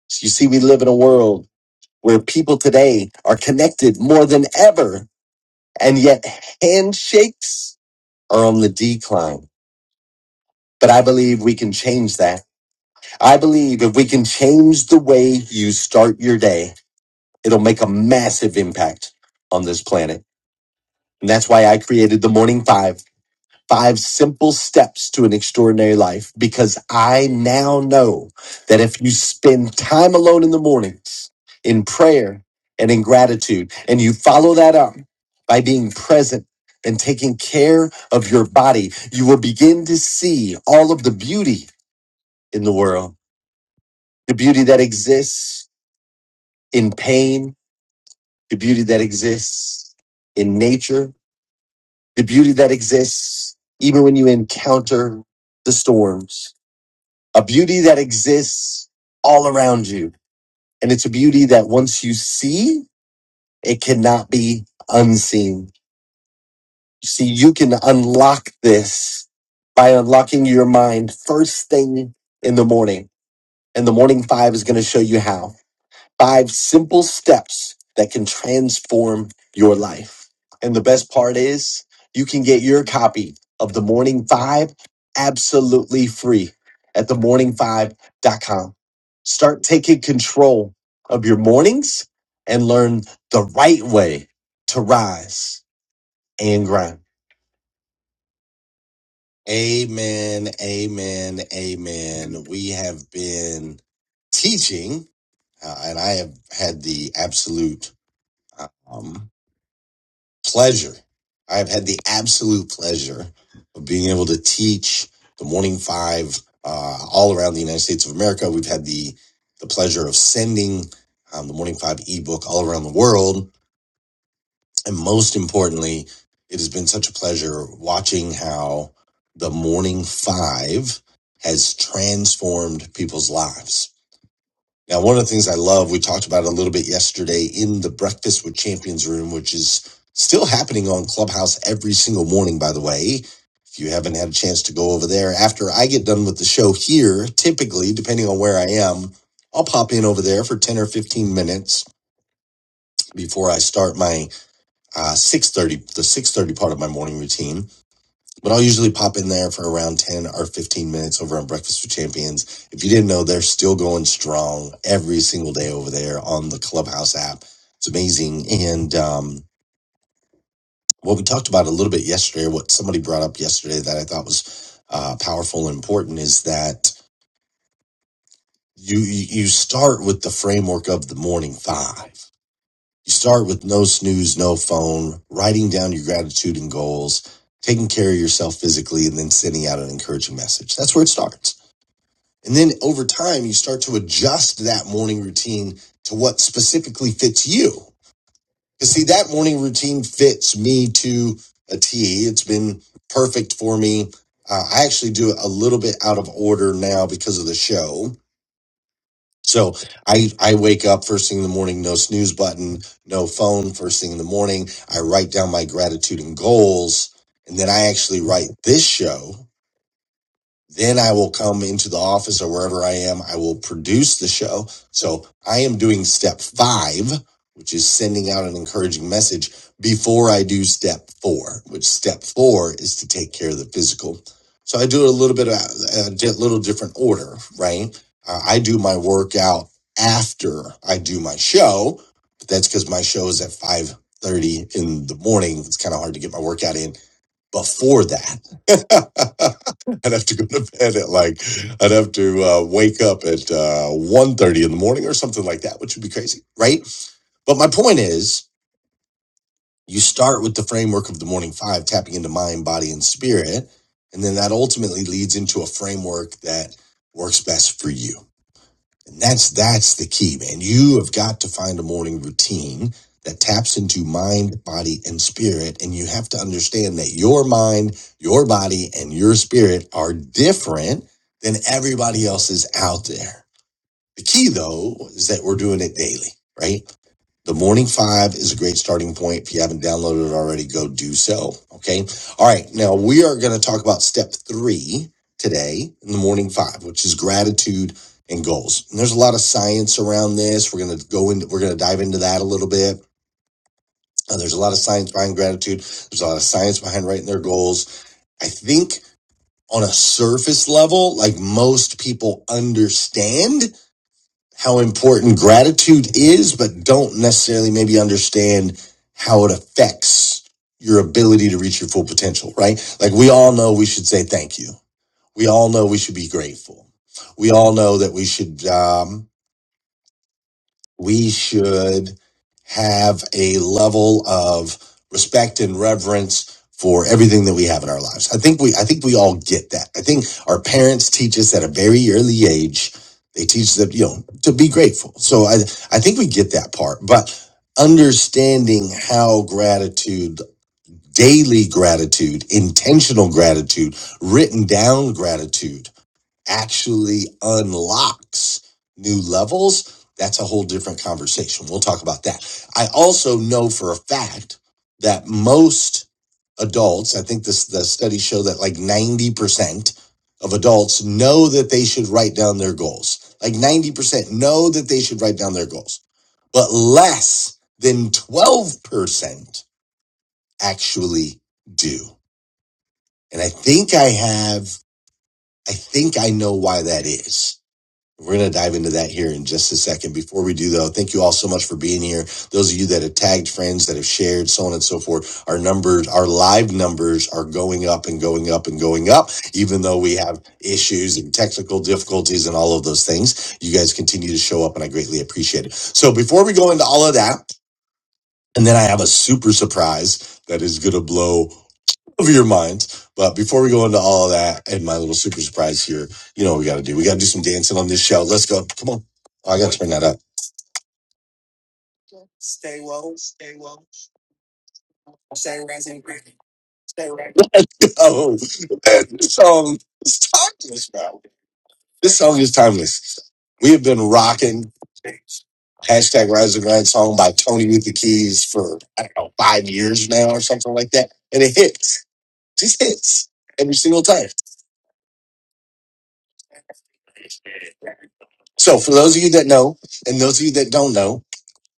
S1: So you see, we live in a world where people today are connected more than ever, and yet handshakes are on the decline. But I believe we can change that. I believe if we can change the way you start your day, it'll make a massive impact on this planet. And that's why I created the Morning Five Five Simple Steps to an Extraordinary Life, because I now know that if you spend time alone in the mornings in prayer and in gratitude, and you follow that up by being present. And taking care of your body, you will begin to see all of the beauty in the world the beauty that exists in pain, the beauty that exists in nature, the beauty that exists even when you encounter the storms, a beauty that exists all around you. And it's a beauty that once you see, it cannot be unseen. See, you can unlock this by unlocking your mind first thing in the morning. And the morning five is going to show you how. five simple steps that can transform your life. And the best part is, you can get your copy of The Morning Five absolutely free at the morning five dot com. Start taking control of your mornings and learn the right way to rise and grind. Amen, amen, amen. We have been teaching, uh, and I have had the absolute. um, pleasure. I've had the absolute pleasure of being able to teach the Morning Five uh, all around the United States of America. We've had the the pleasure of sending um, the Morning Five ebook all around the world, and most importantly, it has been such a pleasure watching how the Morning Five has transformed people's lives now, one of the things I love, we talked about it a little bit yesterday in the Breakfast with Champions room, which is still happening on Clubhouse every single morning, by the way. If you haven't had a chance to go over there, after I get done with the show here, typically, depending on where I am, I'll pop in over there for 10 or 15 minutes before I start my uh, 6.30, the 6.30 part of my morning routine but I'll usually pop in there for around 10 or 15 minutes over on Breakfast with Champions. If you didn't know, they're still going strong every single day over there on the Clubhouse app. It's amazing. And um, what we talked about a little bit yesterday, what somebody brought up yesterday that I thought was uh, powerful and important is that you, you you start with the framework of the morning five. You start with no snooze, no phone, writing down your gratitude and goals, taking care of yourself physically, and then sending out an encouraging message. That's where it starts And then over time, you start to adjust that morning routine to what specifically fits you. Because see, that morning routine fits me to a T. It's been perfect for me. Uh, I actually do it a little bit out of order now because of the show. So I, I wake up first thing in the morning, no snooze button, no phone first thing in the morning. I write down my gratitude and goals. And then I actually write this show then I will come into the office or wherever I am. I will produce the show. So I am doing step five, which is sending out an encouraging message before I do step four, which step four is to take care of the physical. So I do it a little bit of uh, a little different order, right? Uh, I do my workout after I do my show, but that's because my show is at 5:30 in the morning. It's kind of hard to get my workout in before that. I'd have to go to bed at like I'd have to uh, wake up at uh, 1.30 in the morning or something like that, which would be crazy, right? But my point is, you start with the framework of the morning five, tapping into mind, body, and spirit, and then that ultimately leads into a framework that works best for you and that's that's the key, man. You have got to find a morning routine that taps into mind, body, and spirit. And you have to understand that your mind, your body, and your spirit are different than everybody else's out there. The key though is that we're doing it daily, right? The Morning Five is a great starting point. If you haven't downloaded it already, go do so. Okay. All right. Now we are going to talk about step three today in the Morning Five, which is gratitude and goals. And there's a lot of science around this. We're going to go into, we're going to dive into that a little bit. Uh, there's a lot of science behind gratitude. There's a lot of science behind writing their goals. I think on a surface level, like most people understand how important gratitude is, but don't necessarily maybe understand how it affects your ability to reach your full potential, right? Like we all know we should say thank you. We all know we should be grateful. We all know that we should. Um, we should have a level of respect and reverence for everything that we have in our lives. I think we I think we all get that. I think our parents teach us at a very early age. They teach that, you know, to be grateful. So I I think we get that part. But understanding how gratitude, daily gratitude, intentional gratitude, written down gratitude actually unlocks new levels, that's a whole different conversation. We'll talk about that. I also know for a fact that most adults, I think this the studies show that like 90% of adults know that they should write down their goals. Like 90% know that they should write down their goals. But less than 12% actually do. And I think I have I think I know why that is we're going to dive into that here in just a second. Before we do, though, thank you all so much for being here. Those of you that have tagged friends, that have shared, so on and so forth, our numbers, our live numbers are going up and going up and going up, even though we have issues and technical difficulties and all of those things. You guys continue to show up, and I greatly appreciate it. So before we go into all of that, and then I have a super surprise that is going to blow. Over your minds. But before we go into all of that and my little super surprise here, you know what we got to do? We got to do some dancing on this show. Let's go. Come on. Oh, I got to turn that up. Let's go. Man, This song is timeless, bro. This song is timeless. We have been rocking hashtag Rise and Grind song by Tony with the Keys for, I don't know, five years now or something like that. And it hits, just hits every single time. So for those of you that know, and those of you that don't know,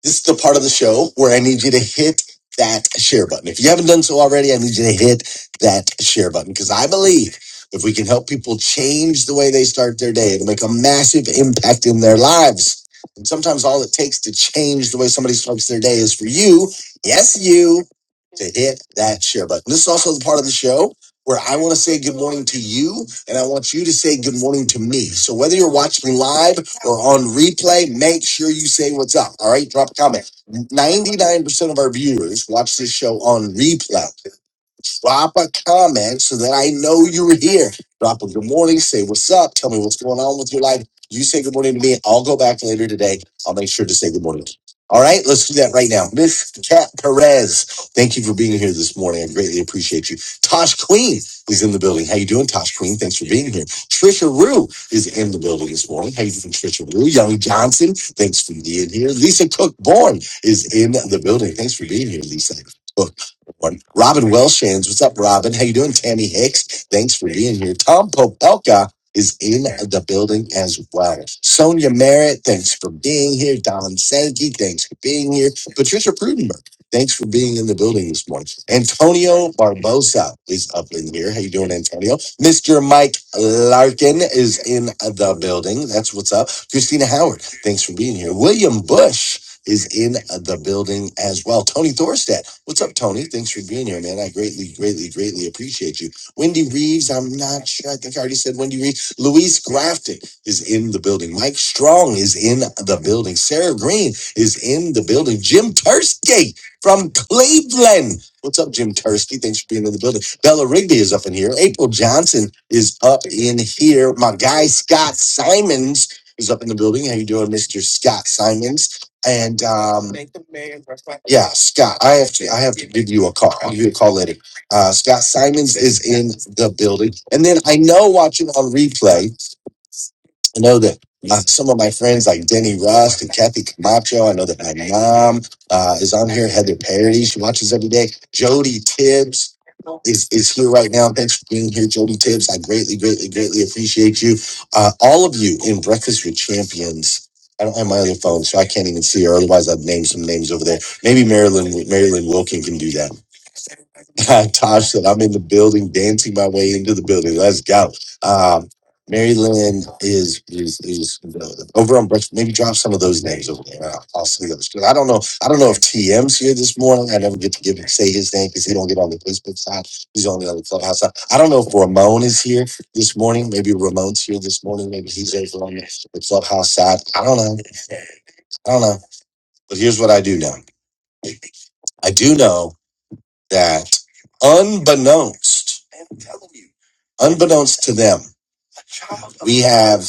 S1: This is the part of the show where I need you to hit that share button. If you haven't done so already, I need you to hit that share button because I believe if we can help people change the way they start their day, it'll make a massive impact in their lives. And sometimes all it takes to change the way somebody starts their day is for you, yes, you, to hit that share button. This is also the part of the show where I want to say good morning to you and I want you to say good morning to me. So whether you're watching live, or on replay, make sure you say what's up. All right, drop a comment. 99% of our viewers watch this show on replay. Drop a comment so that I know you're here. Drop a good morning, say what's up, tell me what's going on with your life. You say good morning to me. I'll go back later today. I'll make sure to say good morning. All right, let's do that right now. Miss Kat Perez, thank you for being here this morning. I greatly appreciate you. Tosh Queen is in the building. How you doing, Tosh Queen? Thanks for being here. Trisha Rue is in the building this morning. How you doing, Trisha Rue? Young Johnson, thanks for being here. Lisa Cook Bourne is in the building. Thanks for being here, Lisa everyone. Robin Welshans, what's up, Robin? How you doing? Tammy Hicks, thanks for being here. Tom Popelka is in the building as well. Sonia Merritt, thanks for being here. Don Sankey, thanks for being here. Patricia Prudenberg, thanks for being in the building this morning. Antonio Barbosa is up in here. How you doing, Antonio? Mr. Mike Larkin is in the building. That's what's up. Christina Howard, thanks for being here. William Bush is in the building as well. Tony Thorstad, what's up, Tony? Thanks for being here, man. I greatly, greatly, greatly appreciate you. Wendy Reeves, I'm not sure. I think I already said Wendy Reeves. Luis Grafton is in the building. Mike Strong is in the building. Sarah Green is in the building. Jim Tursky from Cleveland. What's up, Jim Tursky? Thanks for being in the building. Bella Rigby is up in here. April Johnson is up in here. My guy Scott Simons is up in the building. How you doing, Mr. Scott Simons? And um, yeah, Scott, I have to I have to give you a call. I'll give you a call later. Uh, Scott Simons is in the building. And then I know watching on replay, I know that uh, some of my friends like Denny Rust and Kathy Camacho, I know that my mom uh, is on here, Heather Parody, she watches every day, Jody Tibbs is, is here right now. Thanks for being here, Jody Tibbs. I greatly, greatly, greatly appreciate you. Uh, all of you in Breakfast with Champions. I don't have my other phone, so I can't even see her. Otherwise, I'd name some names over there. Maybe Marilyn Marilyn Wilkin can do that. Tosh said, I'm in the building, dancing my way into the building. Let's go. Um, Mary Lynn is, is, is uh, over on breakfast. Maybe drop some of those names over there. I'll, I'll see those. 'Cause I don't know. I don't know if TM's here this morning. I never get to give say his name because he don't get on the Facebook side. He's only on the clubhouse side. I don't know if Ramon is here this morning. Maybe Ramon's here this morning. Maybe he's over on the clubhouse side. I don't know. I don't know. But here's what I do know. I do know that unbeknownst, unbeknownst to them, we have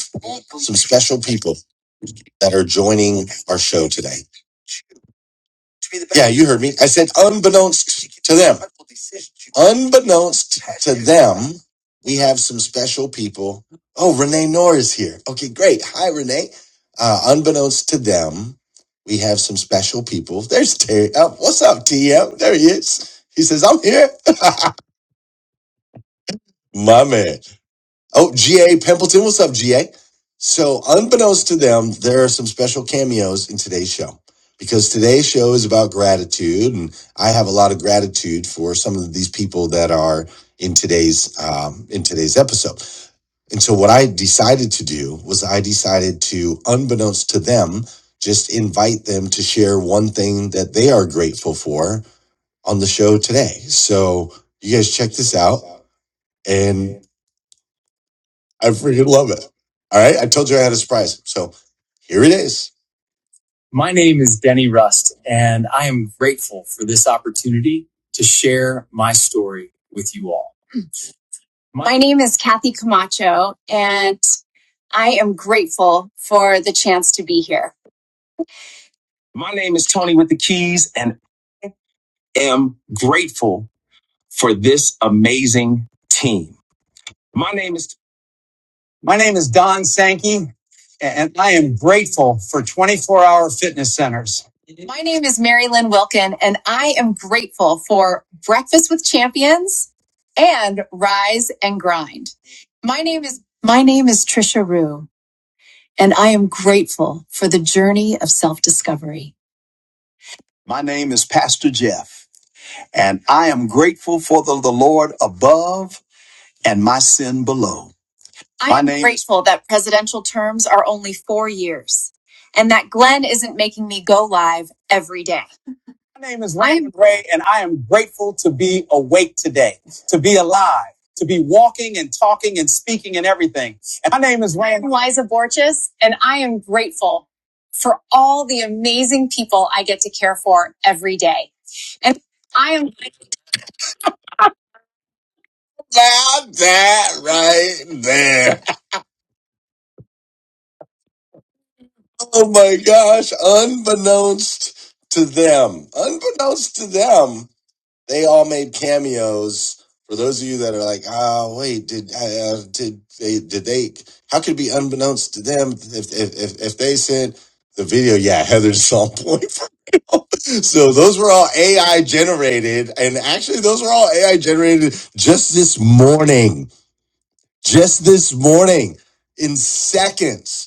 S1: some special people that are joining our show today. Yeah, you heard me. I said unbeknownst to them. Unbeknownst to them, we have some special people. Oh, Renee Noor is here. Okay, great. Hi, Renee. Uh, unbeknownst to them, we have some special people. There's Terry. Oh, what's up, TM? There he is. He says, I'm here. My man. Oh, GA Pimpleton. What's up, GA? So, unbeknownst to them, there are some special cameos in today's show because today's show is about gratitude. And I have a lot of gratitude for some of these people that are in today's um, in today's episode. And so what I decided to do was I decided to unbeknownst to them just invite them to share one thing that they are grateful for on the show today. So you guys check this out and. I freaking love it. All right. I told you I had a surprise. So here it is. My name is Benny Rust, and I am grateful for this opportunity to share my story with you all. My, my name is Kathy Camacho, and I am grateful for the chance to be here. My name is Tony with the Keys, and am grateful for this amazing team. My name is T. My name is Mary Lynn Wilkin, and I am grateful for Breakfast with Champions and Rise and Grind. My name is my name is Trisha Rue, and I am grateful for the journey of self-discovery. My name is Pastor Jeff, and I am grateful for the, the Lord above and my sin below. I my am name is- grateful that presidential terms are only four years and that Glenn isn't making me go live every day. I My name is I am Wayne. I'm Liza Borges, and I am grateful for all the amazing people I get to care for every day. And I am Now that right there. Oh my gosh, unbeknownst to them, unbeknownst to them, they all made cameos. For those of you that are like, oh wait, did uh, did they did they? How could it be unbeknownst to them if if if, if they sent the video? Yeah, Heather's on point. So those were all AI generated, and actually, those were all AI generated just this morning. Just this morning, in seconds.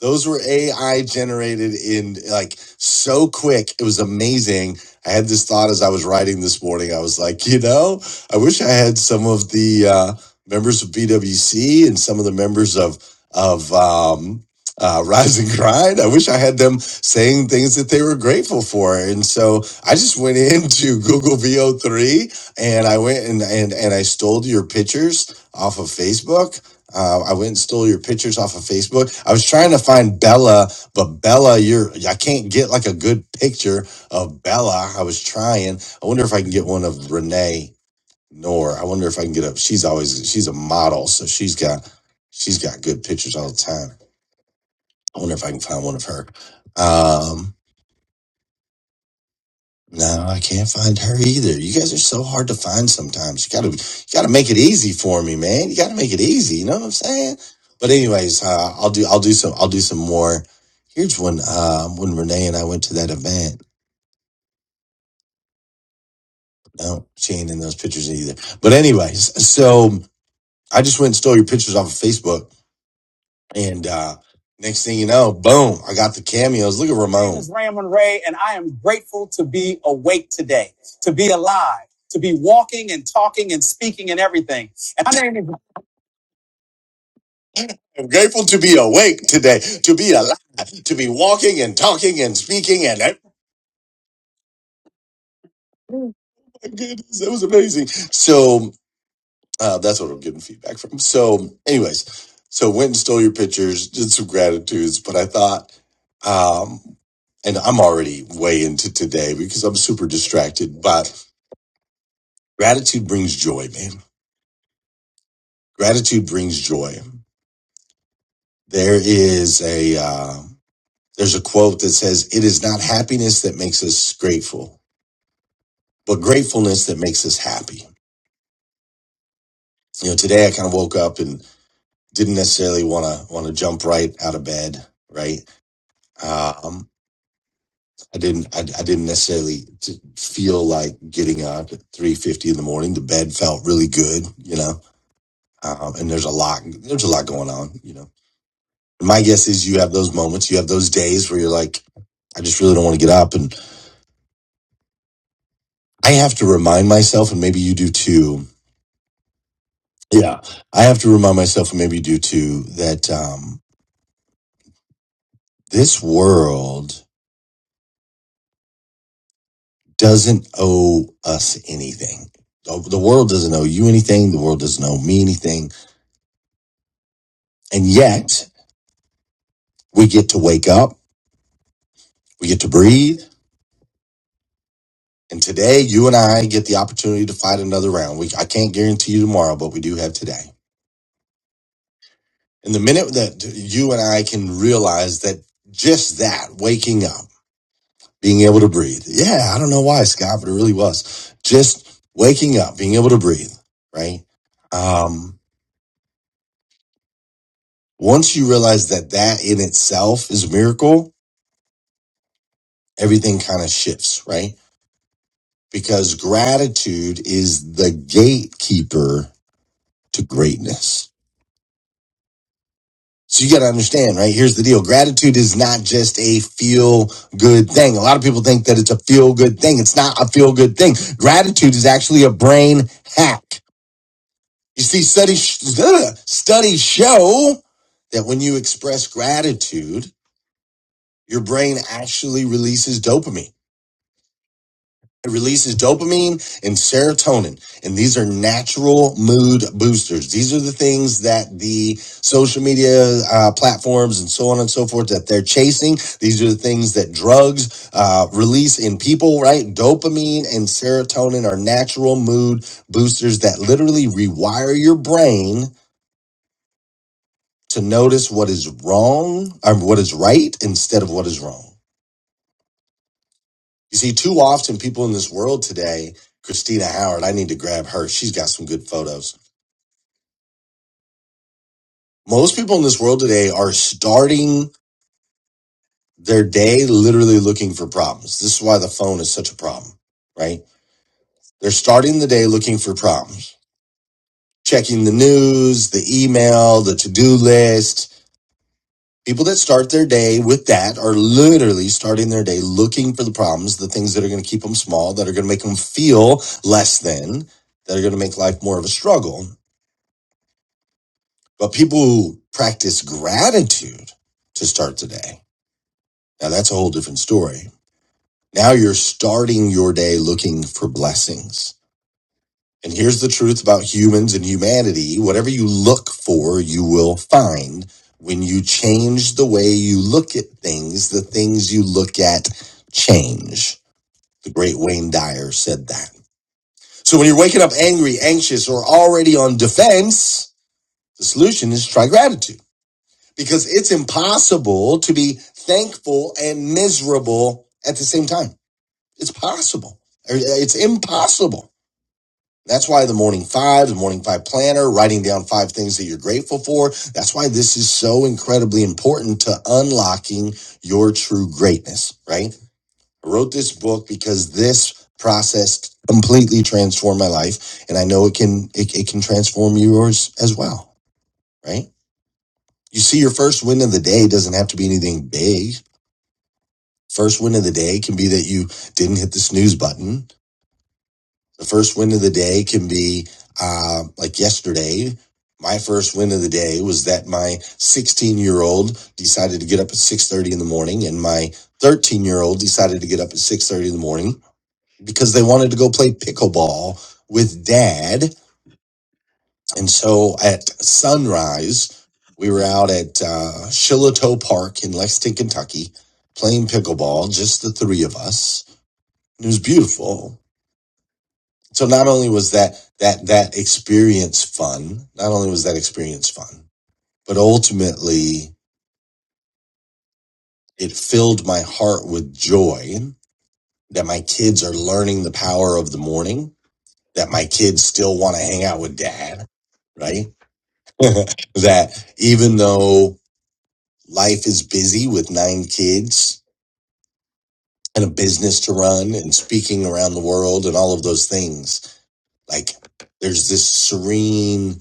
S1: Those were AI generated in like so quick. It was amazing. I had this thought as I was writing this morning. I was like, you know, I wish I had some of the uh, members of BWC and some of the members of of um, uh, Rise and Grind. I wish I had them saying things that they were grateful for. And so I just went into Google VO3 and I went and and and I stole your pictures off of Facebook uh, I went and stole your pictures off of Facebook. I was trying to find Bella, but Bella, you're I can't get like a good picture of Bella. I was trying. I wonder if I can get one of Renee Nor. I wonder if I can get a. She's always she's a model, so she's got she's got good pictures all the time. I wonder if I can find one of her. Um, No, I can't find her either. You guys are so hard to find sometimes. You gotta, you gotta make it easy for me, man. You gotta make it easy. You know what I'm saying? But anyways, uh, I'll do, I'll do some, I'll do some more. Here's one uh, when Renee and I went to that event. No, she ain't in those pictures either. But anyways, so I just went and stole your pictures off of Facebook And uh, next thing you know, boom, I got the cameos. Look at Ramon. This is Ramon Ray, and I am grateful to be awake today, to be alive, to be walking and talking and speaking and everything. I'm grateful to be awake today, to be alive, to be walking and talking and speaking. And oh my goodness, that was amazing. So, Uh, that's what I'm getting feedback from. So, anyways, so went and stole your pictures, did some gratitudes, but I thought, um, and I'm already way into today because I'm super distracted, but gratitude brings joy, man. Gratitude brings joy. There is a, uh, there's a quote that says, it is not happiness that makes us grateful, but gratefulness that makes us happy. You know, today I kind of woke up and didn't necessarily want to, want to jump right out of bed, right? Um, I didn't. I, I didn't necessarily t- feel like getting up at three fifty in the morning. The bed felt really good, you know. Um, and there's a lot. There's a lot going on, you know. My guess is you have those moments. You have those days where you're like, I just really don't want to get up, and I have to remind myself, and maybe you do too. Yeah, I have to remind myself, and maybe you do too, that um, this world doesn't owe us anything. The the world doesn't owe you anything. The world doesn't owe me anything. And yet We get to wake up. We get to breathe. And today, you and I get the opportunity to fight another round. We, I can't guarantee you tomorrow, but we do have today. And the minute that you and I can realize that just that, waking up, being able to breathe. Yeah, I don't know why, Scott, but it really was. Just waking up, being able to breathe, right? Um, once you realize that that in itself is a miracle, everything kind of shifts, right? Because gratitude is the gatekeeper to greatness. So you got to understand, right? Here's the deal. Gratitude is not just a feel good thing. A lot of people think that it's a feel good thing. It's not a feel good thing. Gratitude is actually a brain hack. You see, studies, studies show that when you express gratitude, your brain actually releases dopamine. It releases dopamine and serotonin. And these are natural mood boosters. These are the things that the social media uh, platforms and so on and so forth that they're chasing. These are the things that drugs uh, release in people, right? Dopamine and serotonin are natural mood boosters that literally rewire your brain to notice what is wrong or what is right instead of what is wrong. You see, too often people in this world today, Christina Howard, I need to grab her. She's got some good photos. Most people in this world today are starting their day literally looking for problems. This is why the phone is such a problem, right? They're starting the day looking for problems, checking the news, the email, the to do list. People that start their day with that are literally starting their day looking for the problems, the things that are going to keep them small, that are going to make them feel less than, that are going to make life more of a struggle But people who practice gratitude to start the day, now that's a whole different story. Now you're starting your day looking for blessings. And here's the truth about humans and humanity whatever you look for, you will find. When you change the way you look at things, the things you look at change. The great Wayne Dyer said that. So when you're waking up angry, anxious, or already on defense, the solution is try gratitude. because it's impossible to be thankful and miserable at the same time. It's possible. uh, It's impossible. That's why the morning five, the morning five planner, writing down five things that you're grateful for. That's why this is so incredibly important to unlocking your true greatness, right? I wrote this book because this process completely transformed my life. And I know it can, it, it can transform yours as well, right? You see, your first win of the day doesn't have to be anything big. First win of the day can be that you didn't hit the snooze button. The first win of the day can be uh, like yesterday. My first win of the day was that my 16 year old decided to get up at 6:30 in the morning, and my 13 year old decided to get up at 6:30 in the morning because they wanted to go play pickleball with dad. And so at sunrise, we were out at uh, Shiloh Park in Lexington, Kentucky, playing pickleball, just the three of us It was beautiful. So not only was that that that experience fun, not only was that experience fun, but ultimately it filled my heart with joy that my kids are learning the power of the morning, that my kids still want to hang out with dad, right? that even though life is busy with nine kids and a business to run and speaking around the world and all of those things, like there's this serene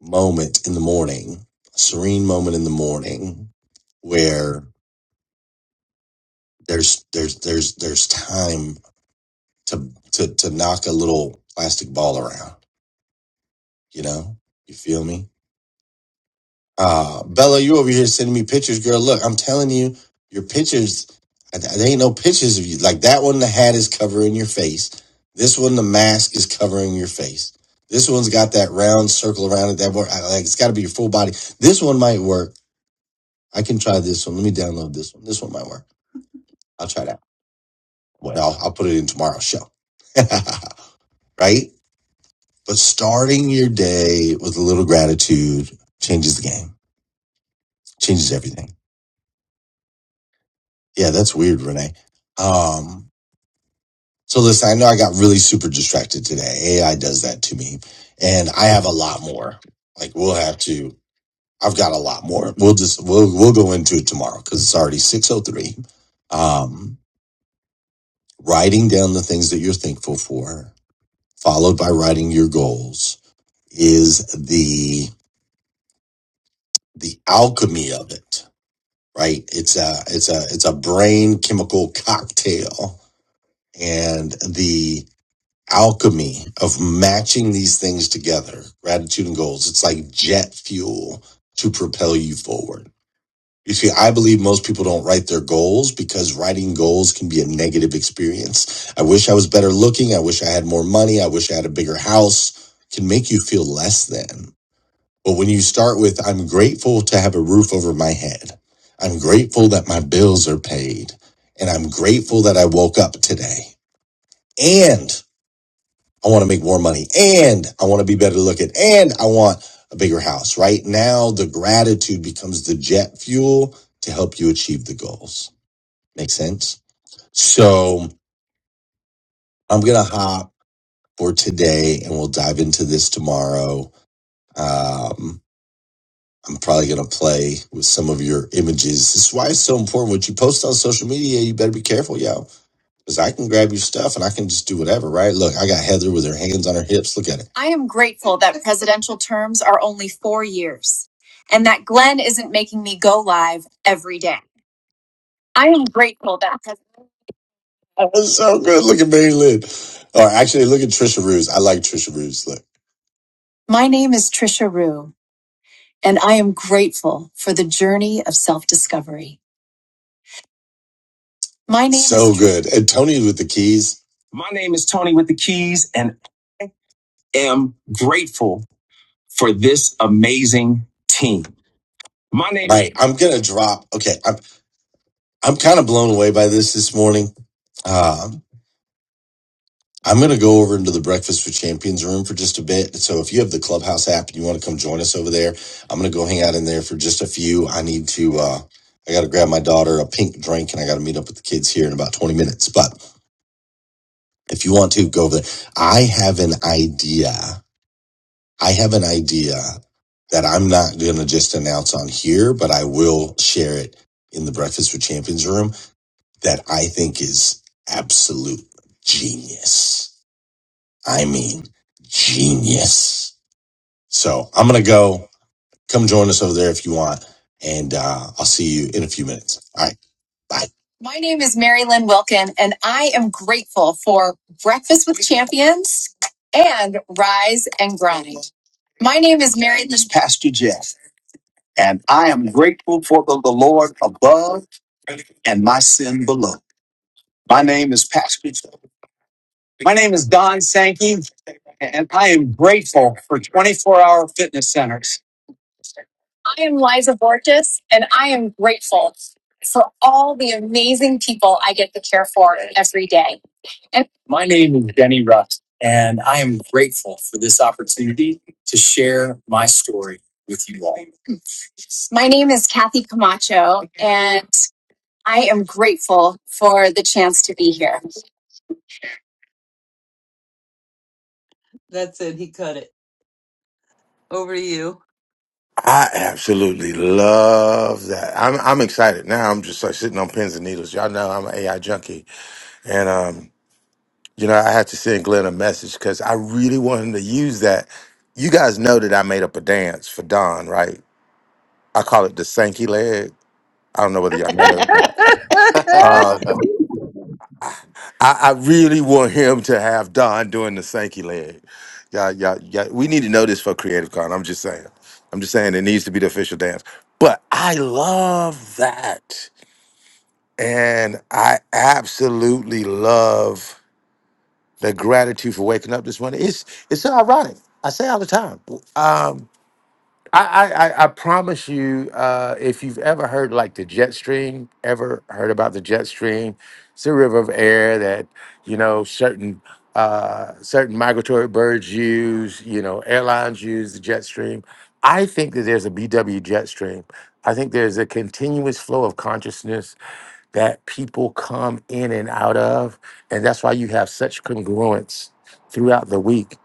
S1: moment in the morning, a serene moment in the morning where there's there's there's there's time to to to knock a little plastic ball around, you know? You feel me? Uh Bella, you over here sending me pictures, girl. Look, I'm telling you, your pictures I- there ain't no pictures of you. Like that one the hat is covering your face. This one the mask is covering your face. This one's got that round circle around it. That board, like it's got to be your full body. This one might work I can try this one. Let me download this one. This one might work. I'll try that. Well, I'll, I'll put it in tomorrow's show. right? But starting your day with a little gratitude changes the game, changes everything. Yeah, that's weird, Renee. Um, so listen, I know I got really super distracted today. AI does that to me. And I have a lot more. Like we'll have to, I've got a lot more. We'll just, we'll, we'll go into it tomorrow because it's already 603. Um, writing down the things that you're thankful for followed by writing your goals is the the alchemy of it right it's a it's a it's a brain chemical cocktail and the alchemy of matching these things together gratitude and goals it's like jet fuel to propel you forward you see i believe most people don't write their goals because writing goals can be a negative experience i wish i was better looking i wish i had more money i wish i had a bigger house It can make you feel less than But when you start with, I'm grateful to have a roof over my head, I'm grateful that my bills are paid, and I'm grateful that I woke up today, and I want to make more money, and I want to be better looking, and I want a bigger house. Right now, the gratitude becomes the jet fuel to help you achieve the goals. Make sense? So I'm going to hop for today and we'll dive into this tomorrow. Um, I'm probably going to play with some of your images. This is why it's so important. What you post on social media, you better be careful, yo. Because I can grab your stuff and I can just do whatever, right? Look, I got Heather with her hands on her hips. Look at it. I am grateful that presidential terms are only four years and that Glenn isn't making me go live every day. I am grateful that. pres- That was so good. Look at Mary Lynn. Or actually, look at Trisha Ruse. I like Trisha Ruse. Look. My name is Trisha Rue, and I am grateful for the journey of self discovery. My name so is- good. And Tony with the keys. My name is Tony with the keys and am grateful for this amazing team. My name Right. I'm gonna drop. Okay. I'm I'm kind of blown away by this this morning. Um, I'm gonna go over into the Breakfast for Champions room for just a bit. So if you have the Clubhouse app and you want to come join us over there, I'm gonna go hang out in there for just a few. I need to. uh I got to grab my daughter a pink drink, and I got to meet up with the kids here in about 20 minutes. But If you want to go over there, I have an idea. I have an idea that I'm not going to just announce on here, but I will share it in the Breakfast with Champions room that I think is absolute genius. I mean, genius. So I'm going to go. Come join us over there if you want. And uh, I'll see you in a few minutes. All right. Bye. My name is Mary Lynn Wilkin, and I am grateful for Breakfast with Champions and Rise and Grind. My name is Mary Lynn. And I am grateful for the, the Lord above and my sin below. My name is Pastor. Joe. My name is Don Sankey, and I am grateful for 24 hour fitness centers. I am Liza Borges, and I am grateful for all the amazing people I get to care for every day. My name is Denny Rust, and I am grateful for this opportunity to share my story with you all. My name is Kathy Camacho, and I am grateful for the chance to be here. That's it. He cut it. Over to you.
S9: I absolutely love that. I'm I'm excited now. I'm just like sitting on pins and needles. Y'all know I'm an AI junkie. And um, you know, I had to send Glenn a message because I really wanted to use that. You guys know that I made up a dance for Don, right? I call it the Sankey leg. I don't know whether y'all know that. or not. Um, I, I really want him to have Don doing the Sankey leg. Y'all, y'all, y'all, we need to know this for Creative Con. I'm just saying. I'm just saying it needs to be the official dance. But I love that. And I absolutely love the gratitude for waking up this morning. It's it's so ironic. I say all the time. Um, I, I I I promise you, uh, if you've ever heard like the jet stream, ever heard about the jet stream, it's a river of air that you know certain uh, certain migratory birds use. You know, airlines use the jet stream. I think that there's a BW jet stream. I think there's a continuous flow of consciousness that people come in and out of. And that's why you have such congruence throughout the week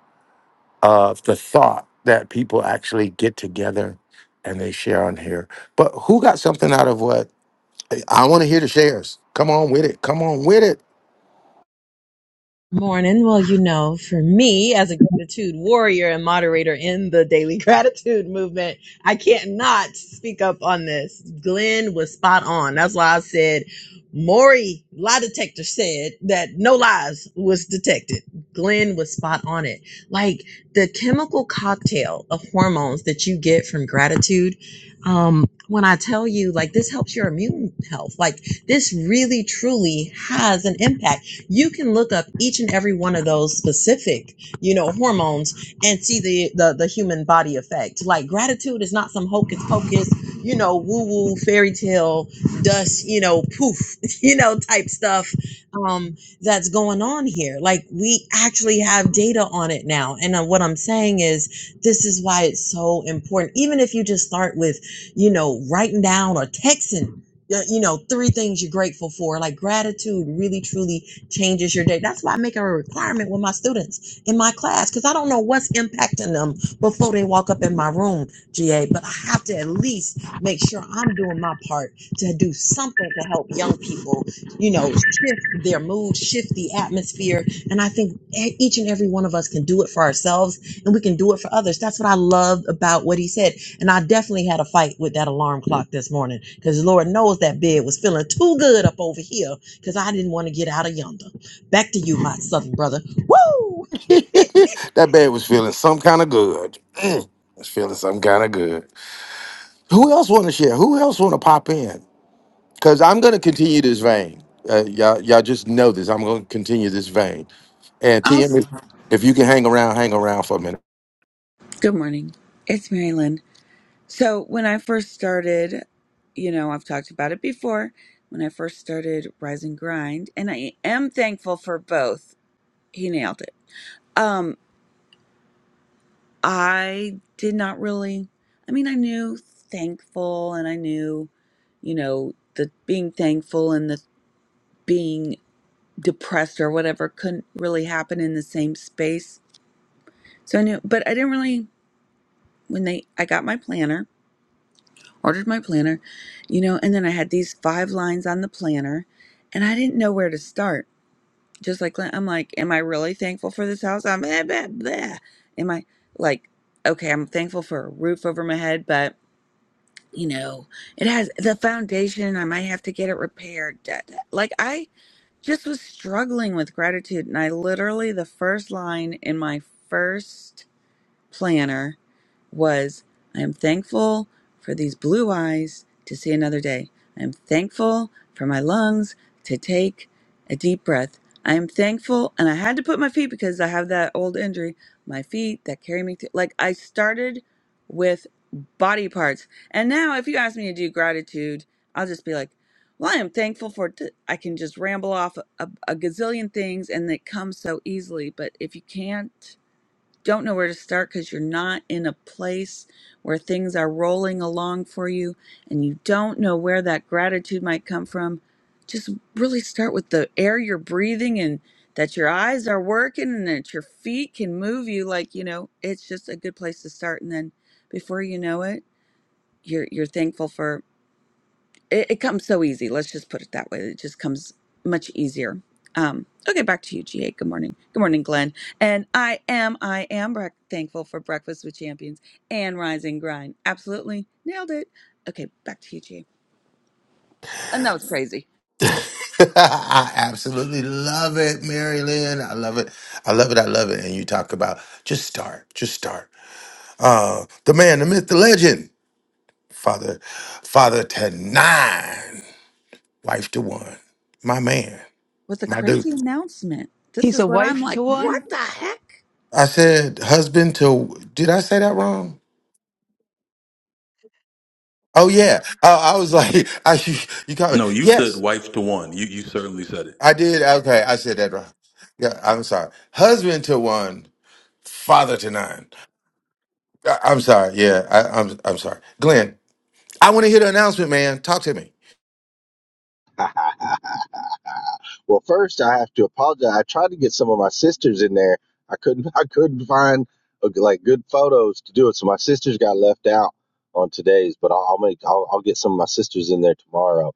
S9: of the thought that people actually get together and they share on here. But who got something out of what? I want to hear the shares. Come on with it. Come on with it.
S14: Morning. Well, you know, for me as a gratitude warrior and moderator in the daily gratitude movement, I can't not speak up on this. Glenn was spot on. That's why I said Maury lie detector said that no lies was detected. Glenn was spot on it. Like the chemical cocktail of hormones that you get from gratitude. Um, when I tell you like this helps your immune health, like this really truly has an impact you can look up each and every one of those specific you know hormones and see the the, the human body effect like gratitude is not some hocus pocus you know woo woo fairy tale dust you know poof you know type stuff um that's going on here like we actually have data on it now and uh, what i'm saying is this is why it's so important even if you just start with you know writing down or texting uh, you know three things you're grateful for like gratitude really truly changes your day. That's why I make a requirement with my students in my class because I don't know what's impacting them before they walk up in my room, GA. But I have to at least make sure I'm doing my part to do something to help young people, you know, shift their mood, shift the atmosphere. And I think e- each and every one of us can do it for ourselves and we can do it for others. That's what I loved about what he said. And I definitely had a fight with that alarm clock this morning because Lord knows that bed was feeling too good up over here because I didn't want to get out of yonder. Back to you, hot southern brother. Woo!
S9: that bed was feeling some kind of good. Mm, it's feeling some kind of good. Who else want to share? Who else want to pop in? Because I'm going to continue this vein. Uh, y'all, y'all just know this. I'm going to continue this vein And
S15: I'll,
S9: TM, if you can hang around, hang around for a minute.
S15: good morning. It's Mary Lynn. So, when I first started, you know, I've talked about it before, when I first started Rise and Grind, and I am thankful for both. He nailed it. Um, I did not really, I mean, I knew thankful and I knew, you know, the being thankful and the being depressed or whatever couldn't really happen in the same space. So I knew, but I didn't really, when they, I got my planner ordered my planner, you know, and then I had these five lines on the planner and I didn't know where to start. Just like, I'm like, am I really thankful for this house? I'm blah, blah, blah. Am I like, okay, I'm thankful for a roof over my head, but you know, it has the foundation. I might have to get it repaired. da- da. Like, I just was struggling with gratitude. And I literally, the first line in my first planner was I am thankful for these blue eyes to see another day. I am thankful for my lungs to take a deep breath. I am thankful, and I had to put my feet because I have that old injury, my feet that carry me to like I started with body parts. And now if you ask me to do gratitude, I'll just be like, well, I am thankful for t- I can just ramble off a, a gazillion things and it comes so easily, but if you can't don't know where to start because you're not in a place where things are rolling along for you and you don't know where that gratitude might come from, just really start with the air you're breathing and that your eyes are working and that your feet can move you like you know it's just a good place to start and then before you know it you're you're thankful for it, it comes so easy. Let's just put it that way. It just comes much easier. Um, okay, back to you, GA. Good morning. Good morning, Glenn. And I am, I am brec- thankful for Breakfast with Champions and Rise and Grind. Absolutely nailed it. Okay, back to you, GA. And that was crazy.
S9: I absolutely love it, Mary Lynn. I love it. I love it. I love it. And you talk about just start, just start. Uh, the man, the myth, the legend, father, father to nine, wife to one, my man,
S15: With a
S9: my dude.
S15: crazy announcement. This
S1: He's
S15: is
S1: a
S15: what I'm
S1: wife to
S15: like,
S1: one.
S15: what the heck?
S9: I said husband to. Did I say that wrong? Oh yeah. I, I was like, I you, you called
S5: No,
S9: it.
S5: you said
S9: Yes,
S5: wife to one. You you certainly said it.
S9: I did. Okay, I said that wrong. Yeah, I'm sorry. Husband to one Father to nine. I, I'm sorry. Yeah, I, I'm I'm sorry. Glenn, I want to hear the announcement, man. Talk to me.
S16: Hallelujah. Well, first I have to apologize. I tried to get some of my sisters in there. I couldn't. I couldn't find uh, like good photos to do it. So my sisters got left out on today's. But I'll, I'll make. I'll, I'll get some of my sisters in there tomorrow.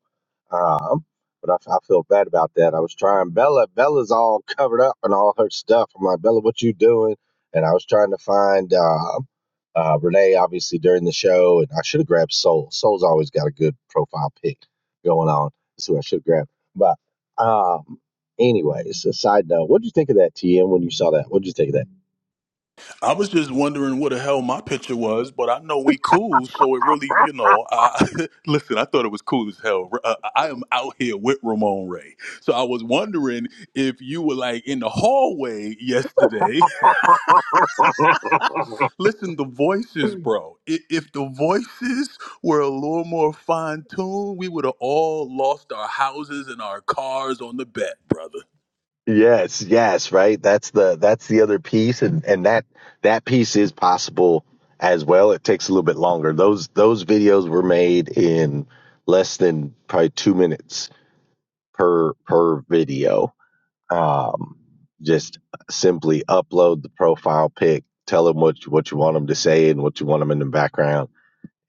S16: Um, but I, I feel bad about that. I was trying Bella. Bella's all covered up and all her stuff. I'm like, Bella, what you doing? And I was trying to find um, uh, Renee, obviously during the show, and I should have grabbed Soul. Soul's always got a good profile pic going on. That's who I should grab. Um, anyways, a side note. What did you think of that TM when you saw that? What did you think of that?
S5: I was just wondering what the hell my picture was, but I know we cool, so it really, you know. I, listen, I thought it was cool as hell. Uh, I am out here with Ramon Ray, so I was wondering if you were like in the hallway yesterday Listen, the voices, bro. I- If the voices were a little more fine tuned, we would have all lost our houses and our cars on the bet, brother.
S16: Yes, yes, right. That's the that's the other piece, and and that that piece is possible as well. It takes a little bit longer. Those those videos were made in less than probably two minutes per per video. Um, just simply upload the profile pic, tell them what you, what you want them to say and what you want them in the background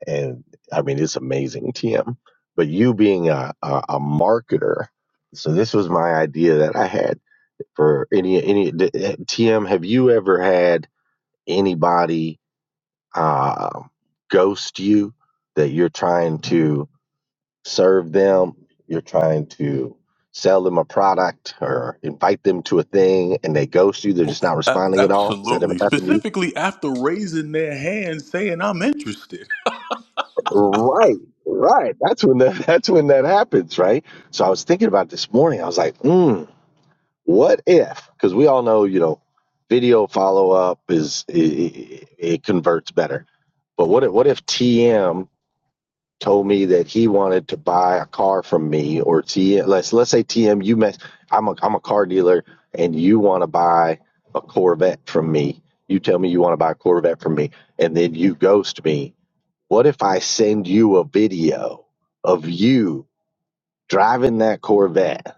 S16: and I mean it's amazing, TM. But you being a, a, a marketer, so this was my idea that I had for any any TM. Have you ever had anybody uh, ghost you that you're trying to serve them? You're trying to sell them a product or invite them to a thing, and they ghost you. They're just not
S5: A-
S16: responding at all. Has that ever
S5: absolutely.
S16: happened to you?
S5: Specifically after raising their hand saying, I'm interested.
S16: Right, right. That's when that, that's when that happens, right? So I was thinking about this morning. I was like, mm, what if? Because we all know, you know, video follow up is it, it, converts better. But what if what if TM told me that he wanted to buy a car from me, or TM? Let's let's say TM, you mess. I'm a I'm a car dealer, and you want to buy a Corvette from me. You tell me you want to buy a Corvette from me, and then you ghost me what if I send you a video of you driving that Corvette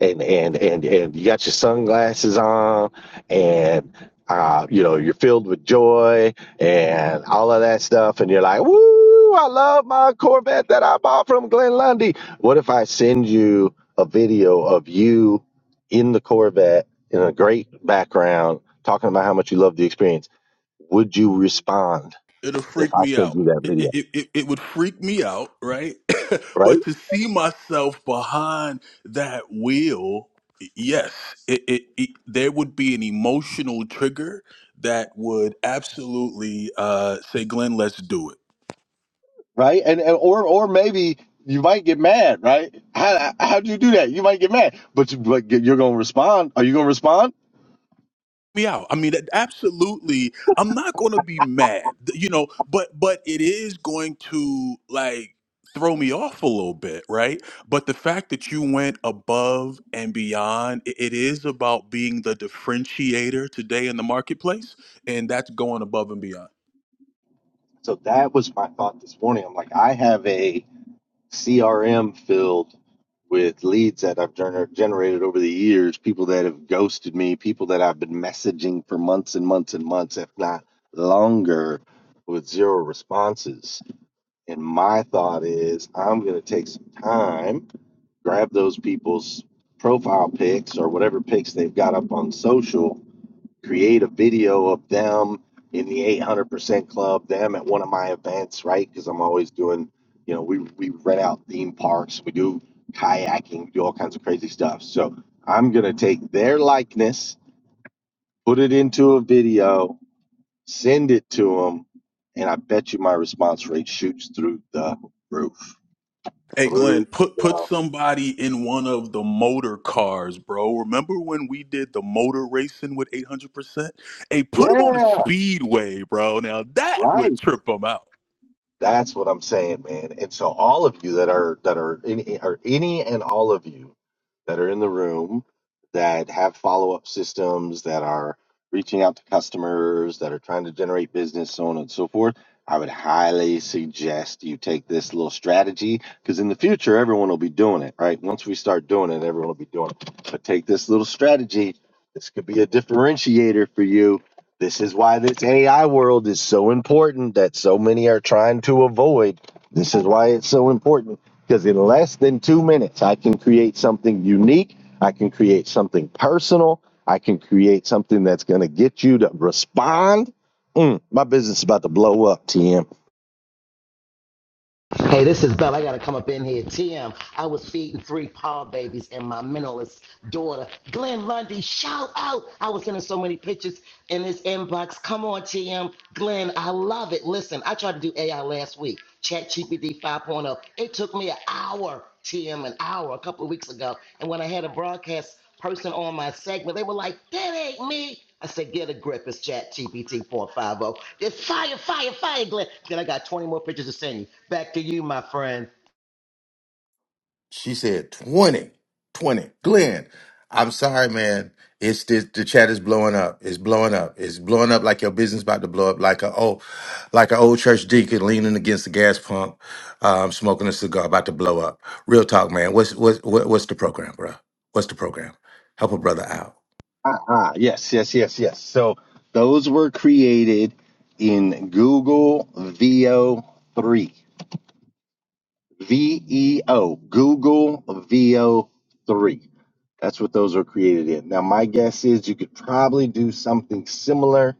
S16: and and and and you got your sunglasses on and uh, you know you're filled with joy and all of that stuff and you're like, "Woo, I love my Corvette that I bought from Glen Lundy." What if I send you a video of you in the Corvette in a great background talking about how much you love the experience? Would you respond
S5: it'll
S16: if
S5: freak
S16: I
S5: me
S16: send
S5: out.
S16: you that
S5: It,
S16: video?
S5: it, it, it would freak me out, right? but to see myself behind that wheel, yes, it, it, it, there would be an emotional trigger that would absolutely uh, say, Glenn, let's do it
S16: right? And, and or or maybe you might get mad, right? How how'd you do that? You might get mad, but you, but you're gonna respond. Are you gonna respond?
S5: me out. I mean, that- absolutely. I'm not going to be mad, th- you know, but but it is going to like throw me off a little bit, right? But the fact that you went above and beyond, i- it is about being the differentiator today in the marketplace, and that's going above and beyond.
S16: So that was my thought this morning. I'm like, I have a CRM filled with leads that I've gener- generated over the years, people that have ghosted me, people that I've been messaging for months and months and months, if not longer, with zero responses. And my thought is, I'm gonna take some time grab those people's profile pics or whatever pics they've got up on social, create a video of them in the 800% club, them at one of my events, right? Because I'm always doing, you know, we, we rent out theme parks, we do kayaking, we do all kinds of crazy stuff. So I'm going to take their likeness, put it into a video, send it to them, and I bet you my response rate shoots through the roof.
S5: Hey Glenn,
S16: Through
S5: put put
S16: the,
S5: somebody in one of the motor cars, bro. Remember when we did the motor racing with 800%? Hey, put him on a
S16: yeah,
S5: speedway, bro. Now that
S16: right.
S5: would trip him out.
S16: That's what I'm saying, man. And so all of you that are that are any are any and all of you that are in the room that have follow-up systems that are reaching out to customers that are trying to generate business so on and so forth i would highly suggest you take this little strategy because in the future everyone will be doing it right once we start doing it everyone will be doing it but take this little strategy this could be a differentiator for you this is why this AI world is so important that so many are trying to avoid. This is why it's so important because in less than two minutes, I can create something unique. I can create something personal. I can create something that's going to get you to respond. Mm, my business is about to blow up, TM.
S10: Hey, this is Bell. I gotta come up in here. TM, I was feeding three paw babies and my mentalist daughter, Glenn Lundy. Shout out! I was sending so many pictures in this inbox. Come on, TM, Glenn, I love it. Listen, I tried to do AI last week, ChatGPT 5.0. point oh. It took me an hour, TM, an hour a couple of weeks ago. And when I had a broadcast person on my segment, they were like, "That ain't me." I said, get a grip. It's chat GPT 450. It's fire, fire, fire, Glenn. Then I got 20 more pictures to send you. Back to you, my friend.
S9: She said 20, 20. Glenn, I'm sorry, man. It's this, the chat is blowing up. It's blowing up. It's blowing up like your business about to blow up, like a oh, like an old church deacon leaning against the gas pump, um, smoking a cigar, about to blow up. Real talk, man. What's what's what, what's the program, bro? What's the program? Help a brother out.
S16: Uh-uh. Yes, yes, yes, yes. So those were created in Google VO3. VEO, Google VO3. That's what those are created in. Now, my guess is you could probably do something similar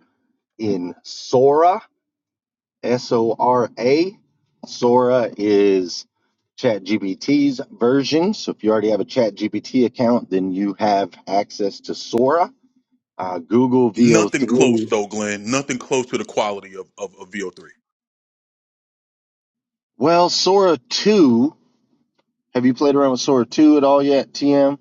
S16: in Sora, S O R A. Sora is ChatGPT's version. So if you already have a ChatGPT account, then you have access to Sora. Uh, Google
S5: Nothing close
S16: VO3.
S5: though, Glenn. Nothing close to the quality of, of, of VO3.
S16: Well, Sora 2. Have you played around with Sora 2 at all yet, TM?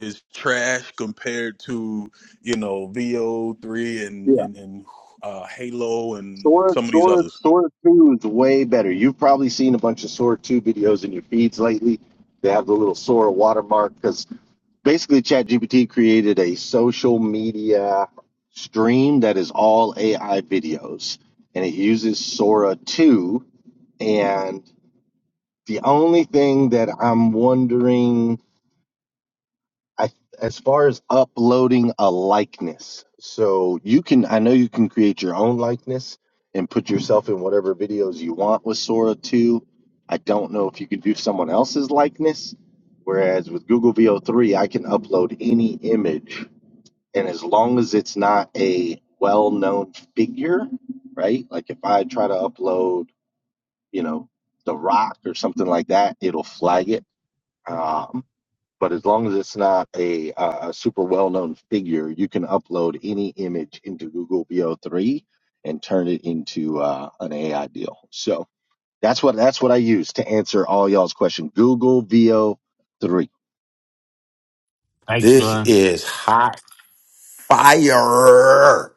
S5: It's trash compared to, you know, VO3 and and, and uh, Halo and
S16: Sora,
S5: some of these
S16: Sora,
S5: others.
S16: Sora Two is way better. You've probably seen a bunch of Sora Two videos in your feeds lately. They have the little Sora watermark because basically ChatGPT created a social media stream that is all AI videos, and it uses Sora Two. And the only thing that I'm wondering I, as far as uploading a likeness, so you can, I know you can create your own likeness and put yourself in whatever videos you want with Sora 2. I don't know if you could do someone else's likeness, whereas with Google VO3, I can upload any image. And as long as it's not a well known figure, right? Like if I try to upload, you know, The Rock or something like that, it'll flag it. Um, but as long as it's not a, uh, a super well known figure, you can upload any image into Google VO3 and turn it into uh, an AI deal. So that's what that's what I use to answer all y'all's question. Google VO3.
S17: Thanks,
S9: This
S17: Glenn.
S9: is hot. fire.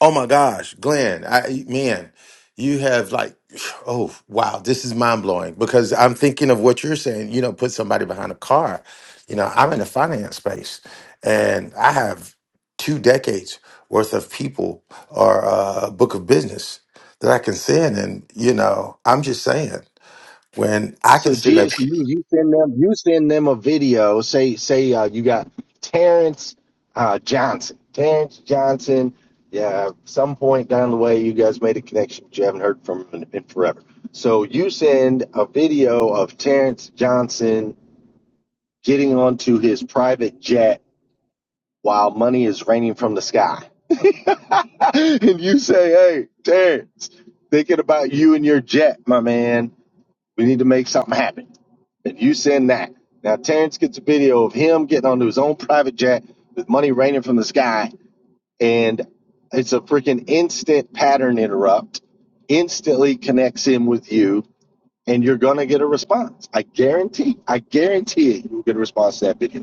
S9: Oh my gosh, Glenn, I man, you have like oh wow, this is mind blowing because I'm thinking of what you're saying, you know, put somebody behind a car. You know, I'm in the finance space and I have two decades worth of people or uh, book of business that I can send and you know, I'm just saying when I can
S16: So
S9: send a
S16: GAC, you you send them you send them a video. Say say uh, you got Terrence uh, Johnson, Terrence Johnson. Yeah, some point down the way, you guys made a connection, but you haven't heard from him in, in forever. So you send a video of Terrence Johnson getting onto his private jet while money is raining from the sky, and you say, "Hey, Terrence, thinking about you and your jet, my man." We need to make something happen. And you send that. Now Terrence gets a video of him getting onto his own private jet with money raining from the sky, and it's a freaking instant pattern interrupt. Instantly connects him with you, and you're gonna get a response. I guarantee. I guarantee it. You'll get a response to that video.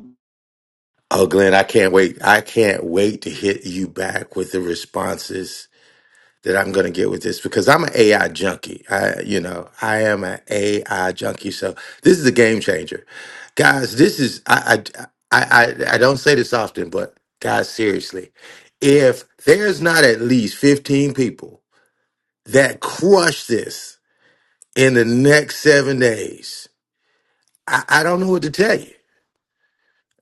S9: Oh, Glenn, I can't wait. I can't wait to hit you back with the responses that I'm going to get with this because I'm an AI junkie. I, you know, I am an AI junkie. So this is a game changer, guys. This is I, I, I, I I don't say this often, but guys, seriously, if there's not at least 15 people that crush this in the next seven days, I, I don't know what to tell you.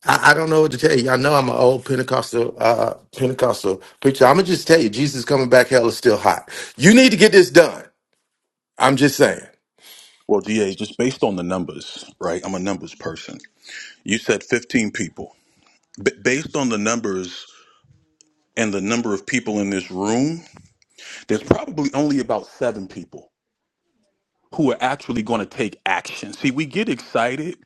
S9: I, I don't know what to tell you. Y'all know I'm an old Pentecostal uh, uh, Pentecostal preacher. I'm gonna just tell you, Jesus coming back. Hell is still hot. You need to get this done. I'm just saying.
S5: Well, DA, just based on the numbers, right? I'm a numbers person. You said 15 people. B- based on the numbers and the number of people in this room, there's probably only about seven people who are actually going to take action. See, we get excited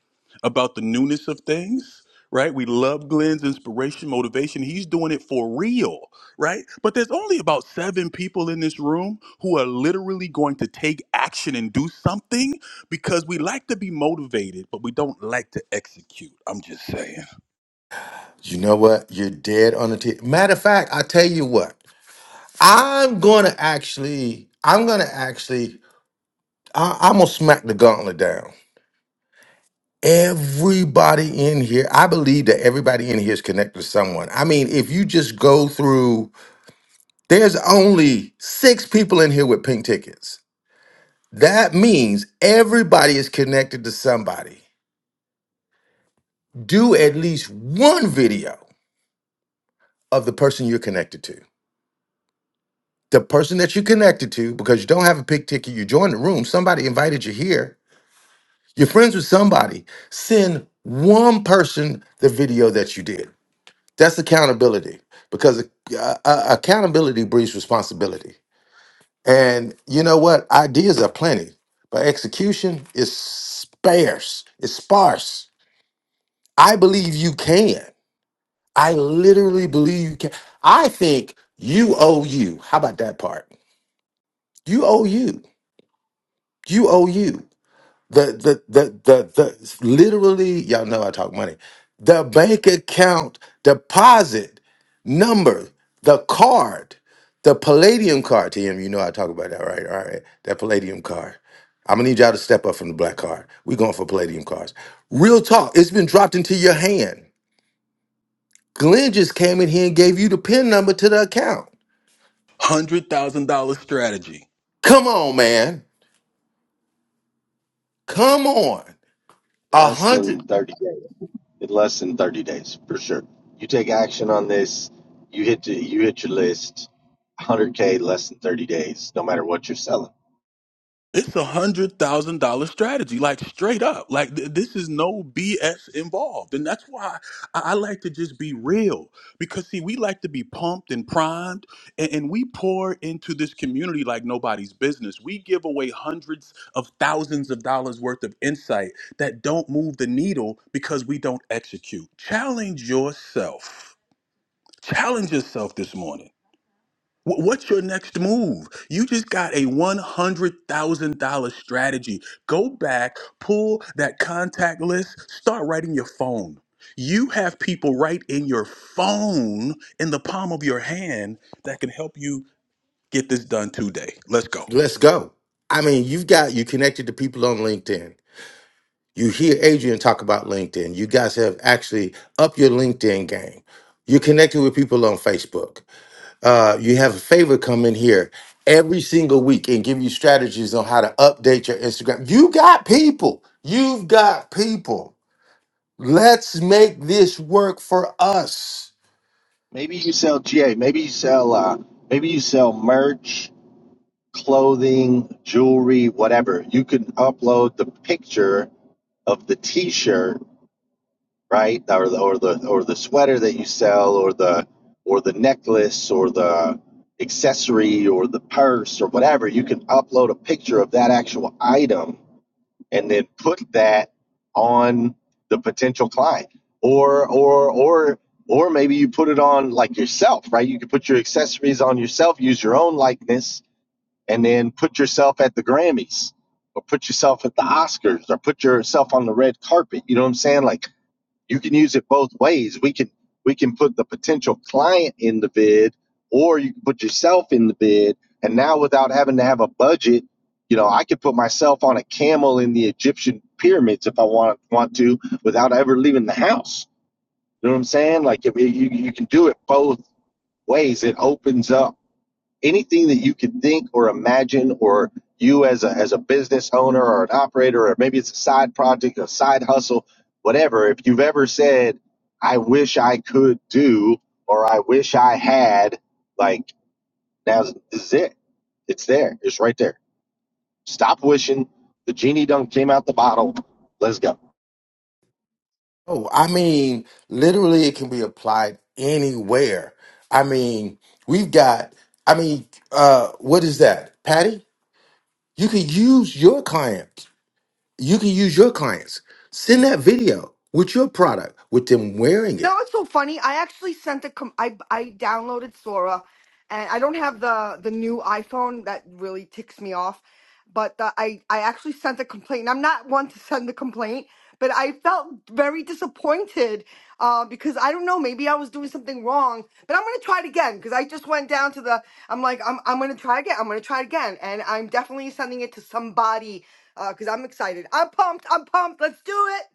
S5: about the newness of things, right? We love Glenn's inspiration, motivation. He's doing it for real, right? But there's only about seven people in this room who are literally going to take action and do something because we like to be motivated, but we don't like to execute. I'm just saying.
S9: You know what? You're dead on the tip. Matter of fact, I tell you what. I'm gonna actually. I'm gonna actually. I, I'm gonna smack the gauntlet down. Everybody in here, I believe that everybody in here is connected to someone. I mean, if you just go through, there's only six people in here with pink tickets. That means everybody is connected to somebody. Do at least one video of the person you're connected to. the person that you connected to because you don't have a pig ticket you joined the room somebody invited you here you're friends with somebody send one person the video that you did that's accountability because uh, uh, accountability breeds responsibility and you know what ideas are plenty but execution is sparse it's sparse i believe you can i literally believe you can i think you owe you how about that part you owe you you owe you The the the the the literally, y'all know I talk money. The bank account deposit number, the card, the palladium card. TM, you know I talk about that, right? All right. That palladium card. I'm gonna need y'all to step up from the black card. We're going for palladium cards. Real talk, it's been dropped into your hand. Glenn just came in here and gave you the PIN number to the account.
S5: $100,000 strategy.
S9: Come on, man. Come on. A
S16: Less than
S9: hundred.
S16: thirty days. In less than thirty days, for sure. You take action on this. You hit. The, you hit your list. 100k less than 30 days. No matter what you're selling.
S5: It's a hundred thousand dollar strategy, like straight up. Like th- this is no BS involved, and that's why I-, I like to just be real. Because see, we like to be pumped and primed, and, and we pour into this community like nobody's business. We give away hundreds of thousands of dollars worth of insight that don't move the needle because we don't execute. Challenge yourself. Challenge yourself this morning. Wh- What's your next move? You just got a $100,000 strategy. Go back, pull that contact list, start writing your phone. You have people right in your phone, in the palm of your hand, that can help you get this done today. Let's go.
S9: Let's go. I mean, you've got you connected to people on LinkedIn. You hear Adrian talk about LinkedIn. You guys have actually up your LinkedIn game. You're connecting with people on Facebook. Uh, you have a favor come in here every single week and give you strategies on how to update your Instagram. You got people. You've got people. Let's make this work for us.
S16: Maybe you sell GA. Maybe you sell uh, maybe you sell merch, clothing, jewelry, whatever. You can upload the picture of the T-shirt, right, or the or the or the sweater that you sell, or the or the necklace, or the accessory, or the purse, or whatever. You can upload a picture of that actual item and then put that on the potential client or or or or maybe you put it on like yourself right you could put your accessories on yourself use your own likeness and then put yourself at the grammys or put yourself at the oscars or put yourself on the red carpet you know what i'm saying like you can use it both ways. We can we can put the potential client in the bid, or you can put yourself in the bid. And now, without having to have a budget, you know, I could put myself on a camel in the Egyptian pyramids if I want want to, without ever leaving the house. You know what I'm saying? Like if you you can do it both ways. It opens up anything that you could think or imagine or you as a as a business owner or an operator or maybe it's a side project a side hustle whatever if you've ever said i wish i could do or i wish i had like now this is it it's there it's right there stop wishing the genie done came out the bottle let's go
S9: Oh, I mean, literally, it can be applied anywhere. I mean, we've got, I mean, uh, what is that, Patty? You can use your clients you can use your clients. Send that video with your product, with them wearing
S7: You know
S9: it.
S7: what's so funny? I actually sent a com- I I downloaded Sora, and I don't have the the new iPhone that really ticks me off. But the, I I actually sent a complaint. And I'm not one to send a complaint, but I felt very disappointed uh, because I don't know. Maybe I was doing something wrong. But I'm gonna try it again because I just went down to the. I'm like I'm I'm gonna try again. I'm gonna try it again, and I'm definitely sending it to somebody because I'm excited. I'm pumped. I'm pumped. Let's do it.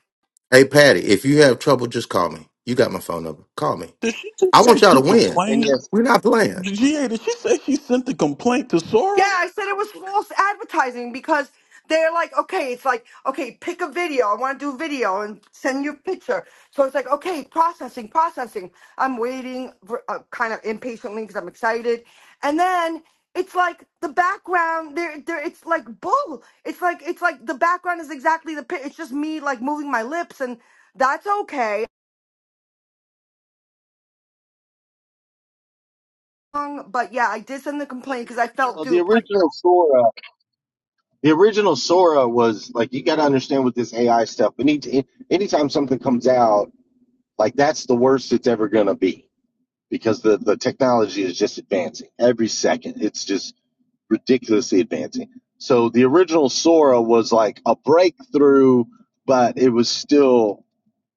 S9: Hey, Patty, if you have trouble, just call me. You got my phone number. Call me.
S5: Did she just
S9: I
S5: say
S9: want y'all
S5: she
S9: to
S16: Yeah,
S9: win.
S16: and
S5: complained?
S16: yes
S9: We're not playing.
S5: GA, did she say she sent the complaint to
S7: Yeah,
S5: Sora?
S7: I said it was false advertising because they're like, okay, it's like, okay, pick a video. I want to do video and send your picture. So it's like, okay, processing, processing. I'm waiting, for, uh, kind of impatiently because I'm excited, and then it's like the background. There, there. It's like bull. It's like, it's like the background is exactly the. pi- It's just me like moving my lips, and that's okay. Um, But yeah, I did send the complaint because I felt
S16: uh, the
S7: duped.
S16: original sora the original sora was like you got to understand with this ai stuff we need to anytime something comes out Like that's the worst it's ever going to be because the, the technology is just advancing every second. It's just ridiculously advancing. So the original Sora was like a breakthrough, but it was still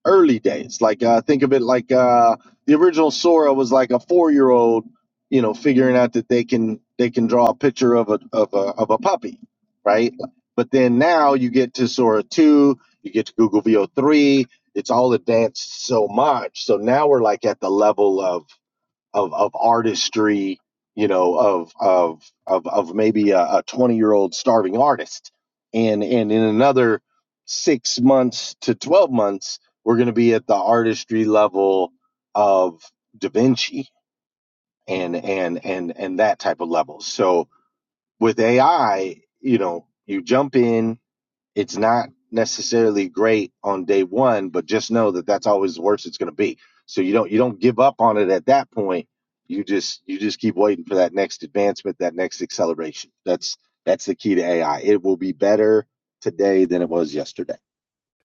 S16: early days. Like uh, think of it like uh, the original Sora was like a four year old, you know, figuring out that they can they can draw a picture of a of a of a puppy, right? But then now you get to Sora two, you get to Google VO three. It's all advanced so much. So now we're like at the level of of of artistry you know of of of of maybe a, a 20 year old starving artist and and in another 6 months to 12 months we're going to be at the artistry level of da vinci and and and and that type of level so with ai you know you jump in it's not necessarily great on day one, but just know that that's always the worst it's going to be. So you don't you don't give up on it at that point. You just you just keep waiting for that next advancement, that next acceleration. That's that's the key to AI. It will be better today than it was yesterday.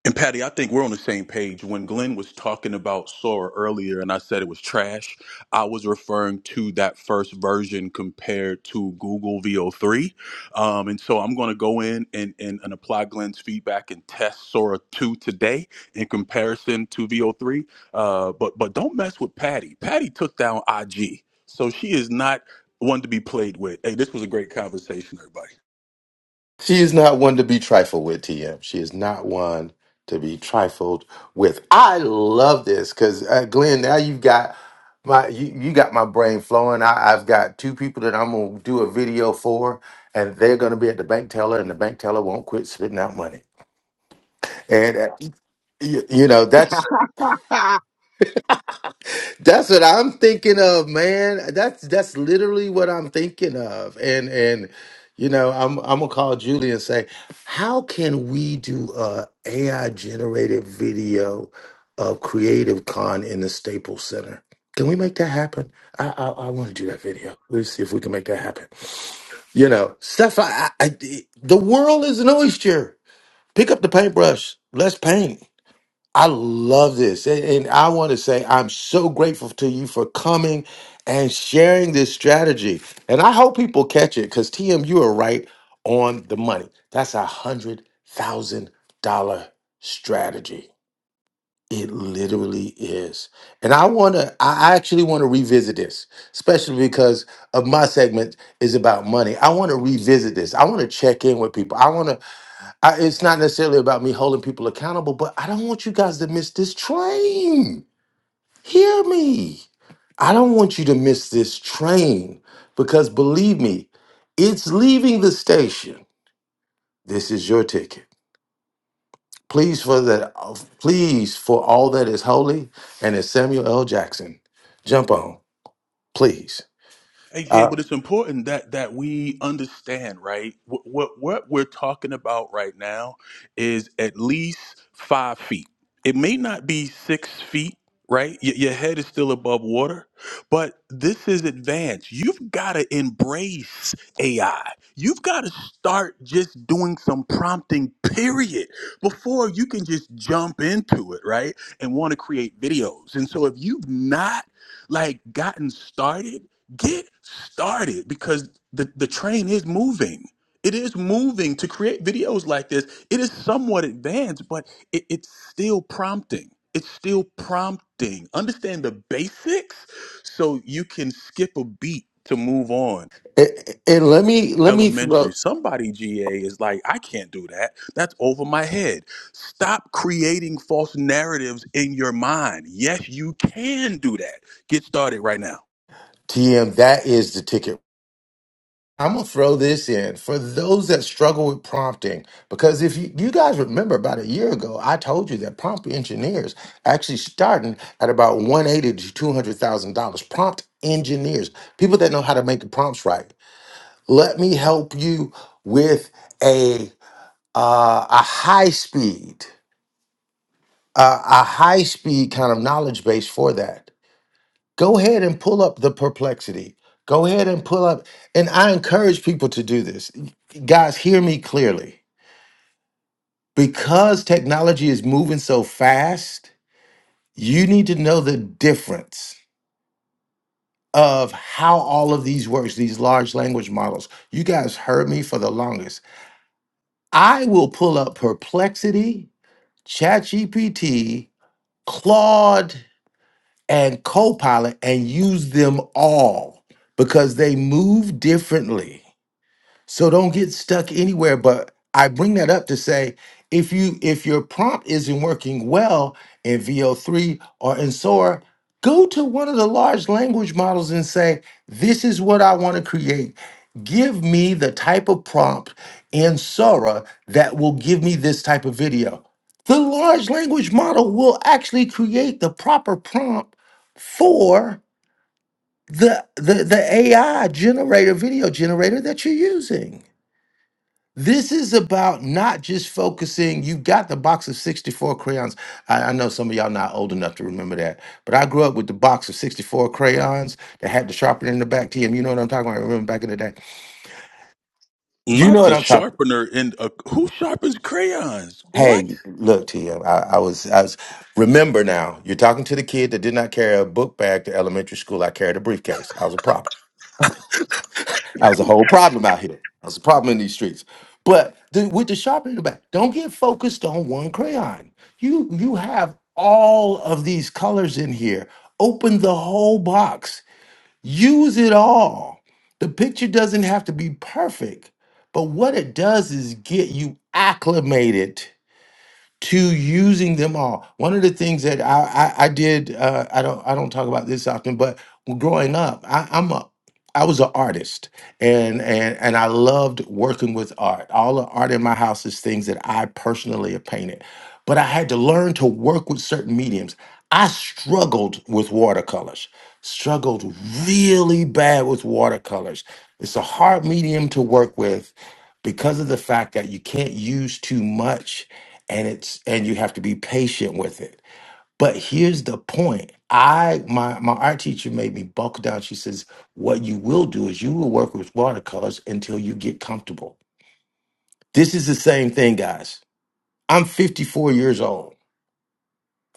S5: And Patty, I think we're on the same page. When Glenn was talking about Sora earlier and I said it was trash, I was referring to that first version compared to Google VO3. Um, and so I'm going to go in and, and, and apply Glenn's feedback and test Sora 2 today in comparison to VO3. Uh, but, but don't mess with Patty. Patty took down IG. So she is not one to be played with. Hey, this was a great conversation, everybody.
S9: She is not one to be trifled with, TM. She is not one to be trifled with. I love this because uh, Glenn, now you've got my you, you got my brain flowing. I, I've got two people that I'm gonna do a video for, and they're gonna be at the bank teller, and the bank teller won't quit spitting out money. and. uh, You, you know, that's that's what I'm thinking of, man. That's that's literally what I'm thinking of. And and you know, I'm I'm gonna call Julie and say, how can we do a AI generated video of Creative Con in the Staples Center? Can we make that happen? I I, I want to do that video. Let's see if we can make that happen. You know, stuff. I, I I- the world is an oyster. Pick up the paintbrush. Let's paint. I love this. And and I want to say I'm so grateful to you for coming and sharing this strategy. And I hope people catch it because TM, you are right on the money. That's a hundred thousand dollar strategy. It literally is. And I want to, I actually want to revisit this, especially because of my segment is about money. I want to revisit this. I want to check in with people. I want to I, it's not necessarily about me holding people accountable, but I don't want you guys to miss this train. Hear me. I don't want you to miss this train because believe me, it's leaving the station. This is your ticket. Please for that please for all that is holy and as Samuel L. Jackson, jump on, please.
S5: Hey, yeah,
S9: Uh,
S5: but it's important that that we understand, right? What, what what we're talking about right now is at least five feet. It may not be six feet, right? Y- your head is still above water, but this is advanced. You've got to embrace AI. You've got to start just doing some prompting, period, before you can just jump into it, right? And want to create videos. And so if you've not like gotten started get started because the, the train is moving. It is moving to create videos like this. It is somewhat advanced, but it, it's still prompting. It's still prompting. Understand the basics so you can skip a beat to move on.
S9: a- a- and let me let me
S5: Elementary.
S9: throw
S5: Somebody GA is like, I can't do that. That's over my head. Stop creating false narratives in your mind. Yes, you can do that. Get started right now.
S9: TM that is the ticket I'm gonna throw this in for those that struggle with prompting, because if you, you guys remember about a year ago, I told you that prompt engineers actually starting at about 180 to 200 thousand dollars. Prompt engineers, people that know how to make the prompts right. Let me help you with a uh, a high speed, uh, a high speed kind of knowledge base for that go ahead and pull up the perplexity go ahead and pull up and i encourage people to do this guys hear me clearly because technology is moving so fast you need to know the difference of how all of these works these large language models you guys heard me for the longest i will pull up perplexity chatgpt claude and copilot and use them all because they move differently So don't get stuck anywhere. But I bring that up to say if you if your prompt isn't working well in VO3 or in Sora, go to one of the large language models and say, this is what I want to create. Give me the type of prompt in Sora that will give me this type of video. The large language model will actually create the proper prompt for the, the, the AI generator, video generator that you're using. This is about not just focusing. You got the box of 64 crayons. I, I know some of y'all not old enough to remember that, but I grew up with the box of 64 crayons that had the sharpener in the back. TM, you know what I'm talking about? Remember back in the day? You know
S5: Not
S9: what
S5: the
S9: I'm talking about.
S5: sharpener in a, who sharpens crayons? What?
S9: Hey, look, TM, I I was, I was, remember now, you're talking to the kid that did not carry a book bag to elementary school. I carried a briefcase. I was a prop. I was a whole problem out here. I was a problem in these streets. But the, with the sharpening back, don't get focused on one crayon. You you have all of these colors in here. Open the whole box. Use it all. The picture doesn't have to be perfect, but what it does is get you acclimated to using them all. One of the things that I I, I did uh, I don't I don't talk about this often, but growing up, I, I'm a I was an artist, and and and I loved working with art. All the art in my house is things that I personally have painted, but I had to learn to work with certain mediums. I struggled with watercolors, struggled really bad with watercolors. It's a hard medium to work with because of the fact that you can't use too much and it's and you have to be patient with it. But here's the point. I my my art teacher made me buckle down. She says, "What you will do is you will work with watercolors until you get comfortable." This is the same thing, guys. I'm 54 years old.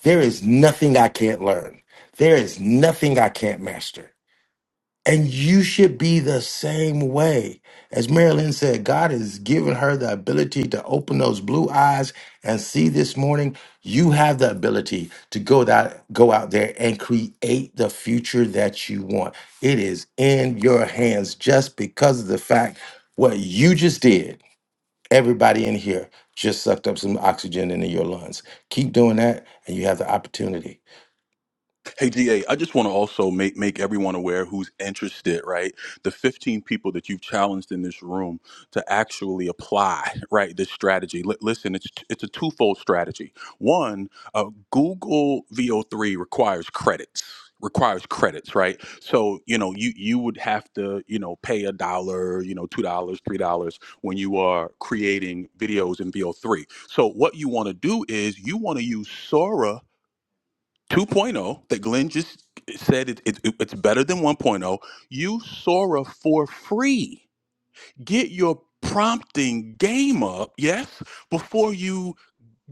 S9: There is nothing I can't learn. There is nothing I can't master. And you should be the same way. As Marilyn said, God has given her the ability to open those blue eyes and see this morning. You have the ability to go that go out there and create the future that you want. It is in your hands just because of the fact what you just did. Everybody in here just sucked up some oxygen into your lungs. Keep doing that, and you have the opportunity
S5: Hey, DA, I just want to also make, make everyone aware who's interested, right? The 15 people that you've challenged in this room to actually apply, right, this strategy. Li- listen, it's, it's a twofold strategy. One, uh, Google VO3 requires credits requires credits right so you know you you would have to you know pay a dollar you know two dollars three dollars when you are creating videos in vo3 so what you want to do is you want to use sora 2.0 that Glenn just said it, it, it's better than 1.0. Use Sora for free. Get your prompting game up, yes, before you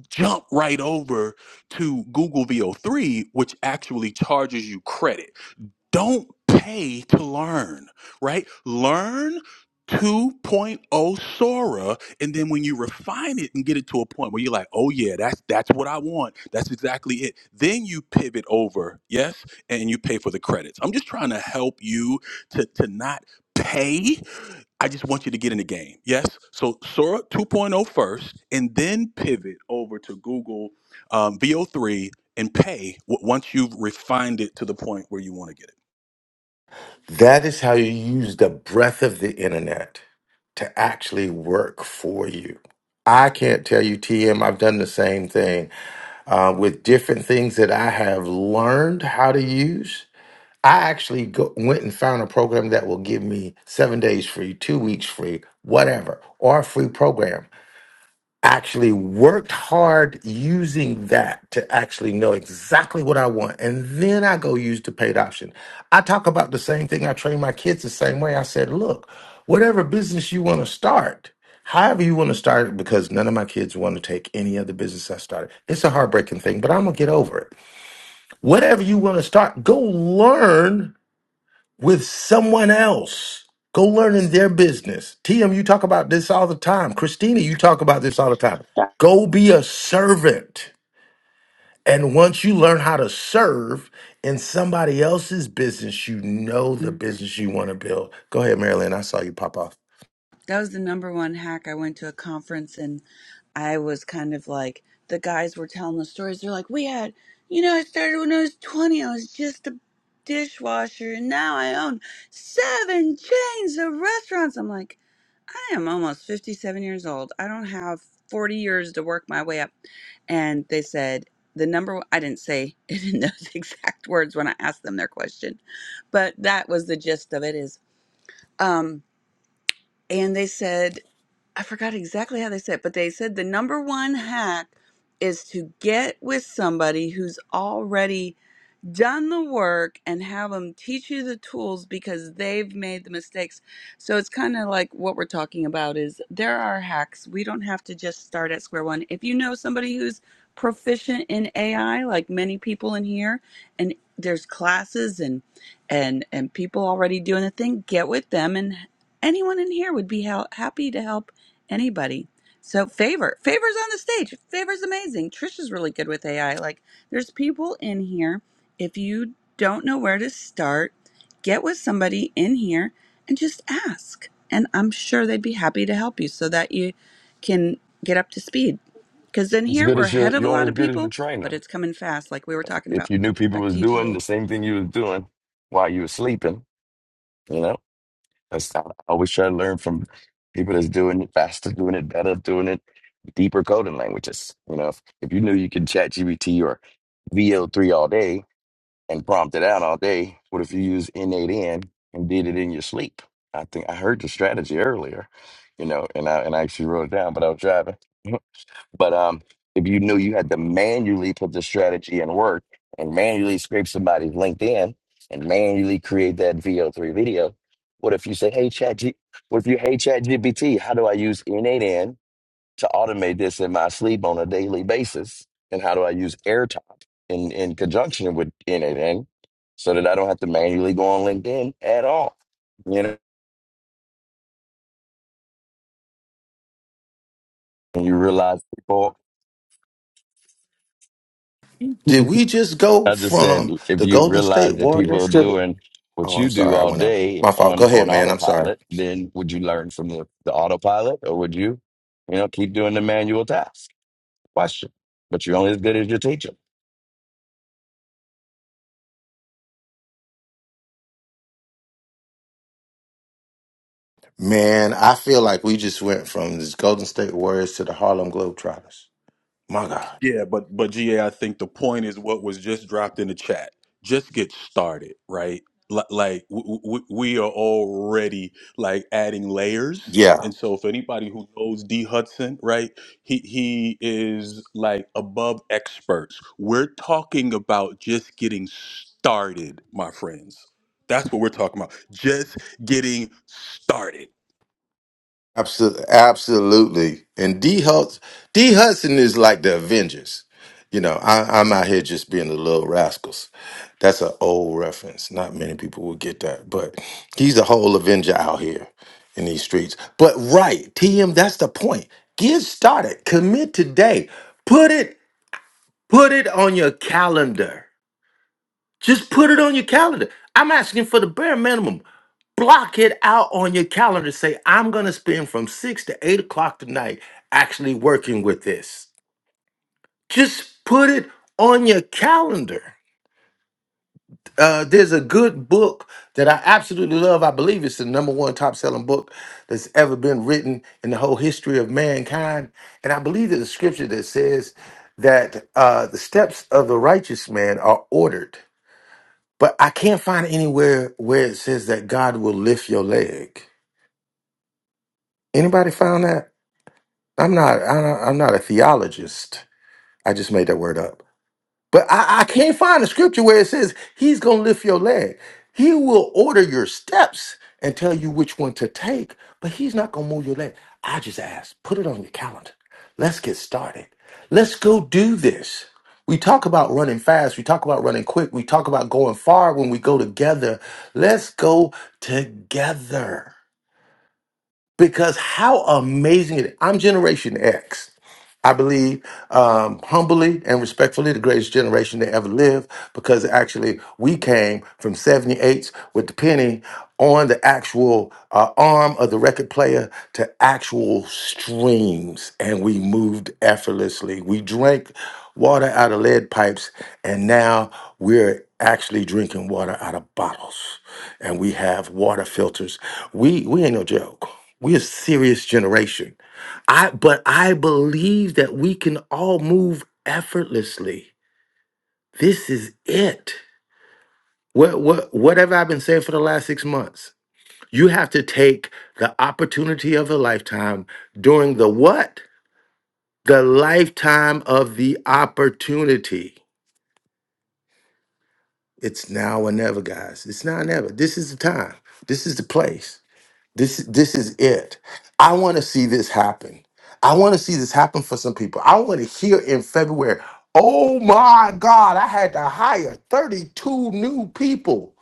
S5: jump right over to Google VO3, which actually charges you credit. Don't pay to learn, right? Learn 2.0 Sora, and then when you refine it and get it to a point where you're like, oh yeah, that's that's what I want. That's exactly it. Then you pivot over, yes, and you pay for the credits. I'm just trying to help you to to not pay. I just want you to get in the game. Yes. So Sora 2.0 first, and then pivot over to Google um, VO3 and pay w- once you've refined it to the point where you want to get it.
S9: That is how you use the breadth of the internet to actually work for you. I can't tell you, TM, I've done the same thing uh, with different things that I have learned how to use. I actually go, went and found a program that will give me seven days free, two weeks free, whatever, or a free program actually worked hard using that to actually know exactly what I want. And then I go use the paid option. I talk about the same thing. I train my kids the same way. I said, look, whatever business you want to start, however you want to start it, because none of my kids want to take any other business I started. It's a heartbreaking thing, but I'm going to get over it. Whatever you want to start, go learn with someone else. Go learn in their business. TM, you talk about this all the time. Christina, you talk about this all the time. Go be a servant. And once you learn how to serve in somebody else's business, you know the business you want to build. Go ahead, Marilyn. I saw you pop off.
S15: That was the number one hack. I went to a conference and I was kind of like, the guys were telling the stories. They're like, we had, you know, I started when I was 20. I was just a dishwasher and now I own seven chains of restaurants. I'm like, I am almost 57 years old. I don't have 40 years to work my way up. And they said, the number one, I didn't say it in those exact words when I asked them their question, but that was the gist of it is, um, and they said I forgot exactly how they said, it, but they said the number one hack is to get with somebody who's already done the work and have them teach you the tools because they've made the mistakes. So it's kind of like what we're talking about is there are hacks. We don't have to just start at square one. If you know somebody who's proficient in AI like many people in here and there's classes and and and people already doing the thing, get with them and anyone in here would be hel- happy to help anybody. So favor, favors on the stage. Favor's amazing. Trisha's really good with AI. Like there's people in here. If you don't know where to start, get with somebody in here and just ask. And I'm sure they'd be happy to help you so that you can get up to speed. Because in
S18: As
S15: here
S18: good
S15: we're
S18: as your,
S15: ahead of a
S18: you're only
S15: lot
S18: as
S15: of
S18: good as your
S15: people, but
S18: trainer.
S15: it's coming fast, like we were talking
S18: If
S15: about.
S18: you knew people
S15: Back
S18: was
S15: to you,
S18: doing the
S15: GA.
S18: same thing you was doing while you were sleeping, you know, that's I always try to learn from people that's doing it faster, doing it better, doing it deeper coding languages. You know, if, if you knew you could chat GBT or V L 3 all day and prompt it out all day, what if you use N8N and did it in your sleep? I think I heard the strategy earlier, you know, and I and I actually wrote it down, but I was driving. But um, if you knew you had to manually put the strategy in work and manually scrape somebody's LinkedIn and manually create that VO3 video, what if you say, hey, Chat G, what if you, hey, Chat GPT, how do I use N8N to automate this in my sleep on a daily basis? And how do I use AirTop in, in conjunction with N8N so that I don't have to manually go on LinkedIn at all? You know, and you realize people.
S9: Did we just go
S18: I just said
S9: from
S18: if
S9: the
S18: you
S9: Golden
S18: realize
S9: State
S18: that people
S9: Warriors
S18: are
S9: to the.
S18: doing what
S9: Oh,
S18: you
S9: I'm
S18: do
S9: sorry. I
S18: all
S9: went out.
S18: day
S9: My fault. Go
S18: on
S9: ahead,
S18: on
S9: man. I'm sorry.
S18: autopilot, then would you learn from the, the autopilot or would you, you know, keep doing the manual task? Question. But you're only as good as your teacher.
S9: Man, I feel like we just went from the Golden State Warriors to the Harlem Globetrotters. My God.
S5: Yeah, but but GA, I think the point is what was just dropped in the chat. Just get started, right? L- like w- w- we are already like adding layers,
S9: Yeah,
S5: and so if anybody who knows D Hudson, right, he he is like above experts. We're talking about just getting started, my friends. That's what we're talking about. Just getting started.
S9: absolutely, absolutely. And D Hudson, D Hudson is like the Avengers. You know, I, I'm out here just being the little rascals. That's an old reference. Not many people will get that, but he's the whole Avenger out here in these streets. But right, TM, that's the point. Get started. Commit today. Put it, put it on your calendar. Just put it on your calendar. I'm asking for the bare minimum. block it out on your calendar. Say, I'm going to spend from six to eight o'clock tonight actually working with this. Just put it on your calendar. Uh, there's a good book that I absolutely love. I believe it's the number one top selling book that's ever been written in the whole history of mankind. And I believe there's a scripture that says that uh, the steps of the righteous man are ordered. But I can't find anywhere where it says that God will lift your leg. Anybody found that? I'm not. I- don't- I'm not a theologist. I just made that word up. But I, I can't find a scripture where it says He's going to lift your leg. He will order your steps and tell you which one to take, but He's not going to move your leg. I just asked. Put it on your calendar. Let's get started. Let's go do this. We talk about running fast. We talk about running quick. We talk about going far when we go together. Let's go together. Because how amazing it is. I'm Generation X. I believe um, humbly and respectfully the greatest generation to ever live because actually we came from 78s with the penny on the actual uh, arm of the record player to actual streams and we moved effortlessly. We drank water out of lead pipes and now we're actually drinking water out of bottles and we have water filters. We, we ain't no joke. we a serious generation I but I believe that we can all move effortlessly. This is it. What what whatever i have been saying for the last six months? You have to take the opportunity of a lifetime during the what? The lifetime of the opportunity. It's now or never, guys. It's now or never. This is the time. This is the place. This this is it. I want to see this happen. I want to see this happen for some people. I want to hear in February, "Oh my God, I had to hire 32 new people."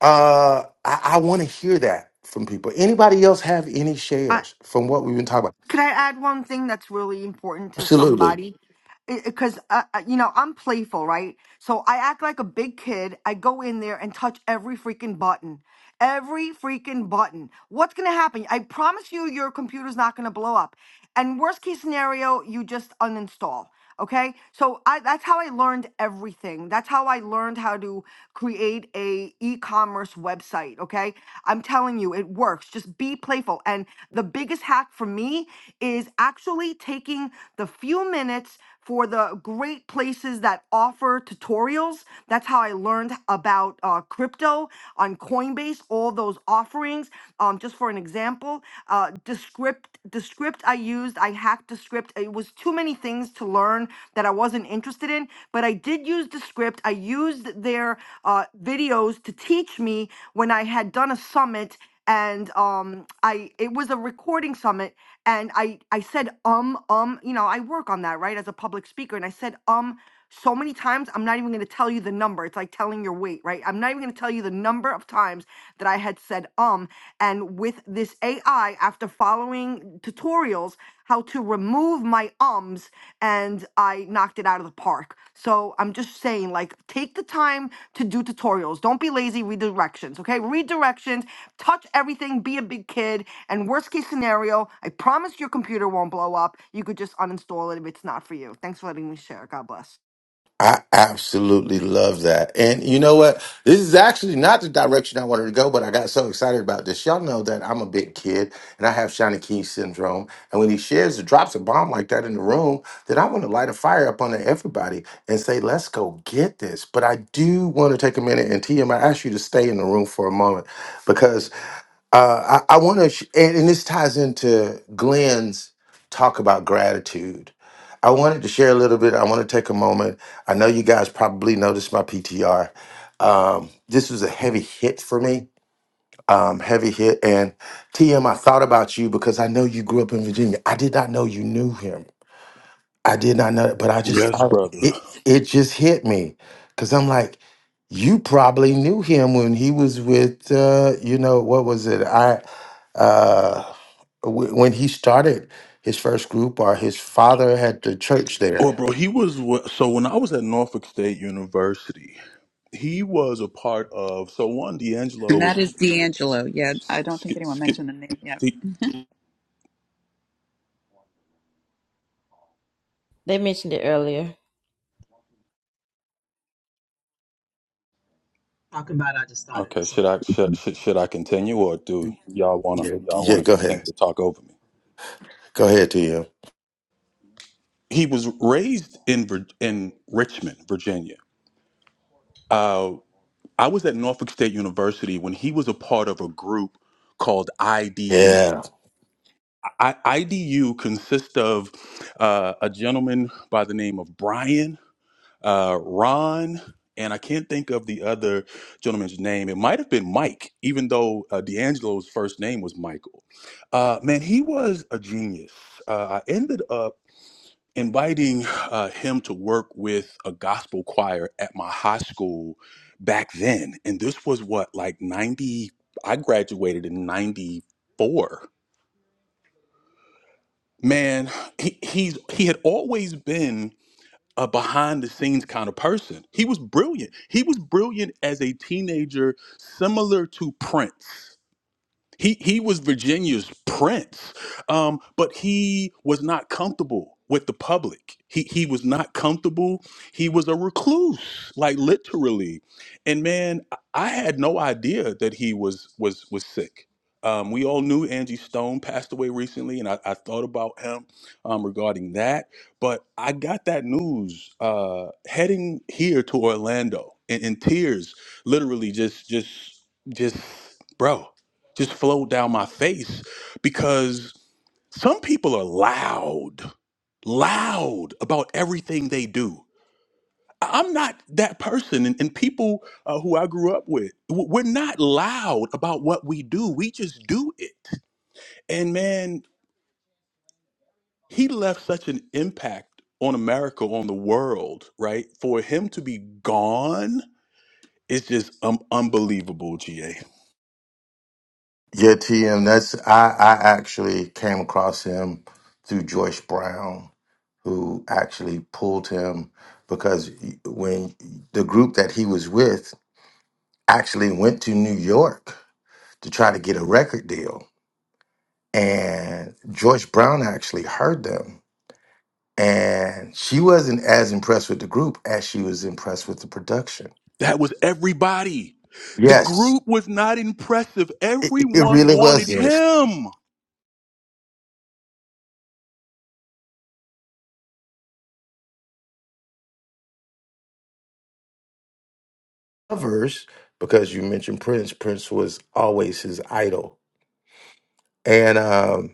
S9: Uh I, I want to hear that from people. Anybody else have any
S7: I.
S9: shares from what we've been talking about?
S7: Could I add one thing that's really important to
S9: Absolutely.
S7: somebody? Because, uh, uh, you know, I'm playful, right? So I act like a big kid. I go in there and touch every freaking button. Every freaking button. What's going to happen? I promise you, your computer's not going to blow up. And worst case scenario, you just uninstall. Okay, so I, that's how I learned everything. That's how I learned how to create a e-commerce website. Okay, I'm telling you, it works. Just be playful. And the biggest hack for me is actually taking the few minutes for the great places that offer tutorials. That's how I learned about uh, crypto on Coinbase. All those offerings. Um, just for an example, uh, Descript. Descript I used. I hacked Descript. It was too many things to learn that I wasn't interested in, but I did use the script. I used their uh, videos to teach me when I had done a summit and um i it was a recording summit and i i said um um you know i work on that right as a public speaker and i said um so many times i'm not even going to tell you the number it's like telling your weight right i'm not even going to tell you the number of times that i had said um and with this ai after following tutorials how to remove my ums and I knocked it out of the park. So I'm just saying, like, take the time to do tutorials. Don't be lazy, read directions, okay? Read directions, touch everything, be a big kid. And worst case scenario, I promise your computer won't blow up. You could just uninstall it if it's not for you. Thanks for letting me share. God bless.
S9: I absolutely love that. And you know what? This is actually not the direction I wanted to go, but I got so excited about this. Y'all know that I'm a big kid and I have Shiny Key syndrome. And when he shares or drops a bomb like that in the room, then I want to light a fire up under everybody and say, let's go get this. But I do want to take a minute and TM, I ask you to stay in the room for a moment because uh, I, I want to, sh- and, and this ties into Glenn's talk about gratitude. I wanted to share a little bit. I want to take a moment. I know you guys probably noticed my PTR. Um, this was a heavy hit for me, um, heavy hit. And TM, I thought about you because I know you grew up in Virginia. I did not know you knew him. I did not know, but I just
S5: Yes,
S9: thought
S5: brother.
S9: it it just hit me because I'm like, you probably knew him when he was with uh, you know what was it I uh, w- when he started his first group or his father had the church
S5: Well,
S9: there.
S5: bro, he was wh- so when I was at Norfolk State University, he was a part of. So one, D'Angelo
S15: And
S5: was.
S15: that is D'Angelo. Yeah, I don't think
S5: skip.
S15: anyone
S5: sk-
S15: mentioned the name yet.
S5: D-
S2: they mentioned it earlier.
S5: okay, should I should, should should I continue or do y'all wanna
S9: Yeah,
S5: y'all
S9: yeah.
S5: wanna
S9: Go
S5: continue
S9: ahead,
S5: to talk over me?
S9: go ahead, TM.
S5: He was raised in Vir- in Richmond, Virginia. Uh, I was at Norfolk State University when he was a part of a group called IDU.
S9: Yeah,
S5: IDU consists of uh, a gentleman by the name of Brian uh, Ron, and I can't think of the other gentleman's name. It might have been Mike, even though uh, D'Angelo's first name was Michael. Uh, man, he was a genius. Uh, I ended up inviting uh, him to work with a gospel choir at my high school back then. And this was what, like 90, I graduated in 94. Man, he, he's he had always been a behind the scenes kind of person. He was brilliant. He was brilliant as a teenager, similar to Prince. He he was Virginia's prince, um, but he was not comfortable with the public. He he was not comfortable. He was a recluse, like literally. And man, I I had no idea that he was was was sick. Um, we all knew Angie Stone passed away recently, and I, I thought about him um, regarding that. But I got that news uh, heading here to Orlando in, in tears, literally just just just bro just flowed down my face because some people are loud, loud about everything they do. I- I'm not that person, and, and people uh, who I grew up with, w- we're not loud about what we do. We just do it. And man, he left such an impact on America, on the world, right? For him to be gone is just um, unbelievable, GA.
S9: yeah, TM. That's I I actually came across him through Joyce Brown who actually pulled him because when the group that he was with actually went to New York to try to get a record deal. And George Brown actually heard them. And she wasn't as impressed with the group as she was impressed with the production.
S5: That was everybody. The
S9: Yes,
S5: group was not impressive.
S9: it, it it
S5: Everyone
S9: really was
S5: wanted
S9: good.
S5: him.
S9: Covers, because you mentioned Prince, Prince was always his idol. And um,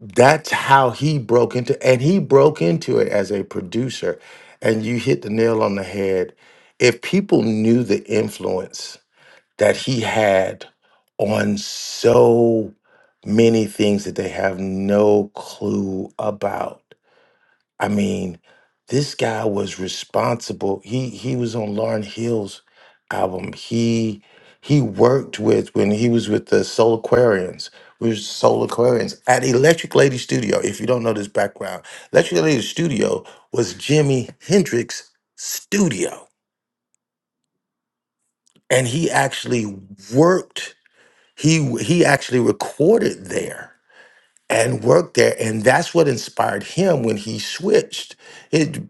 S9: that's how he broke into and he broke into it as a producer and you hit the nail on the head if people knew the influence that he had on so many things that they have no clue about I mean, this guy was responsible. He he was on Lauryn Hill's album. He he worked with when he was with the Soul Aquarians. We were Soul Aquarians at Electric Lady Studio. If you don't know this background, Electric Lady Studio was Jimi Hendrix's studio, and he actually worked. He he actually recorded there and worked there. And that's what inspired him when he switched. It,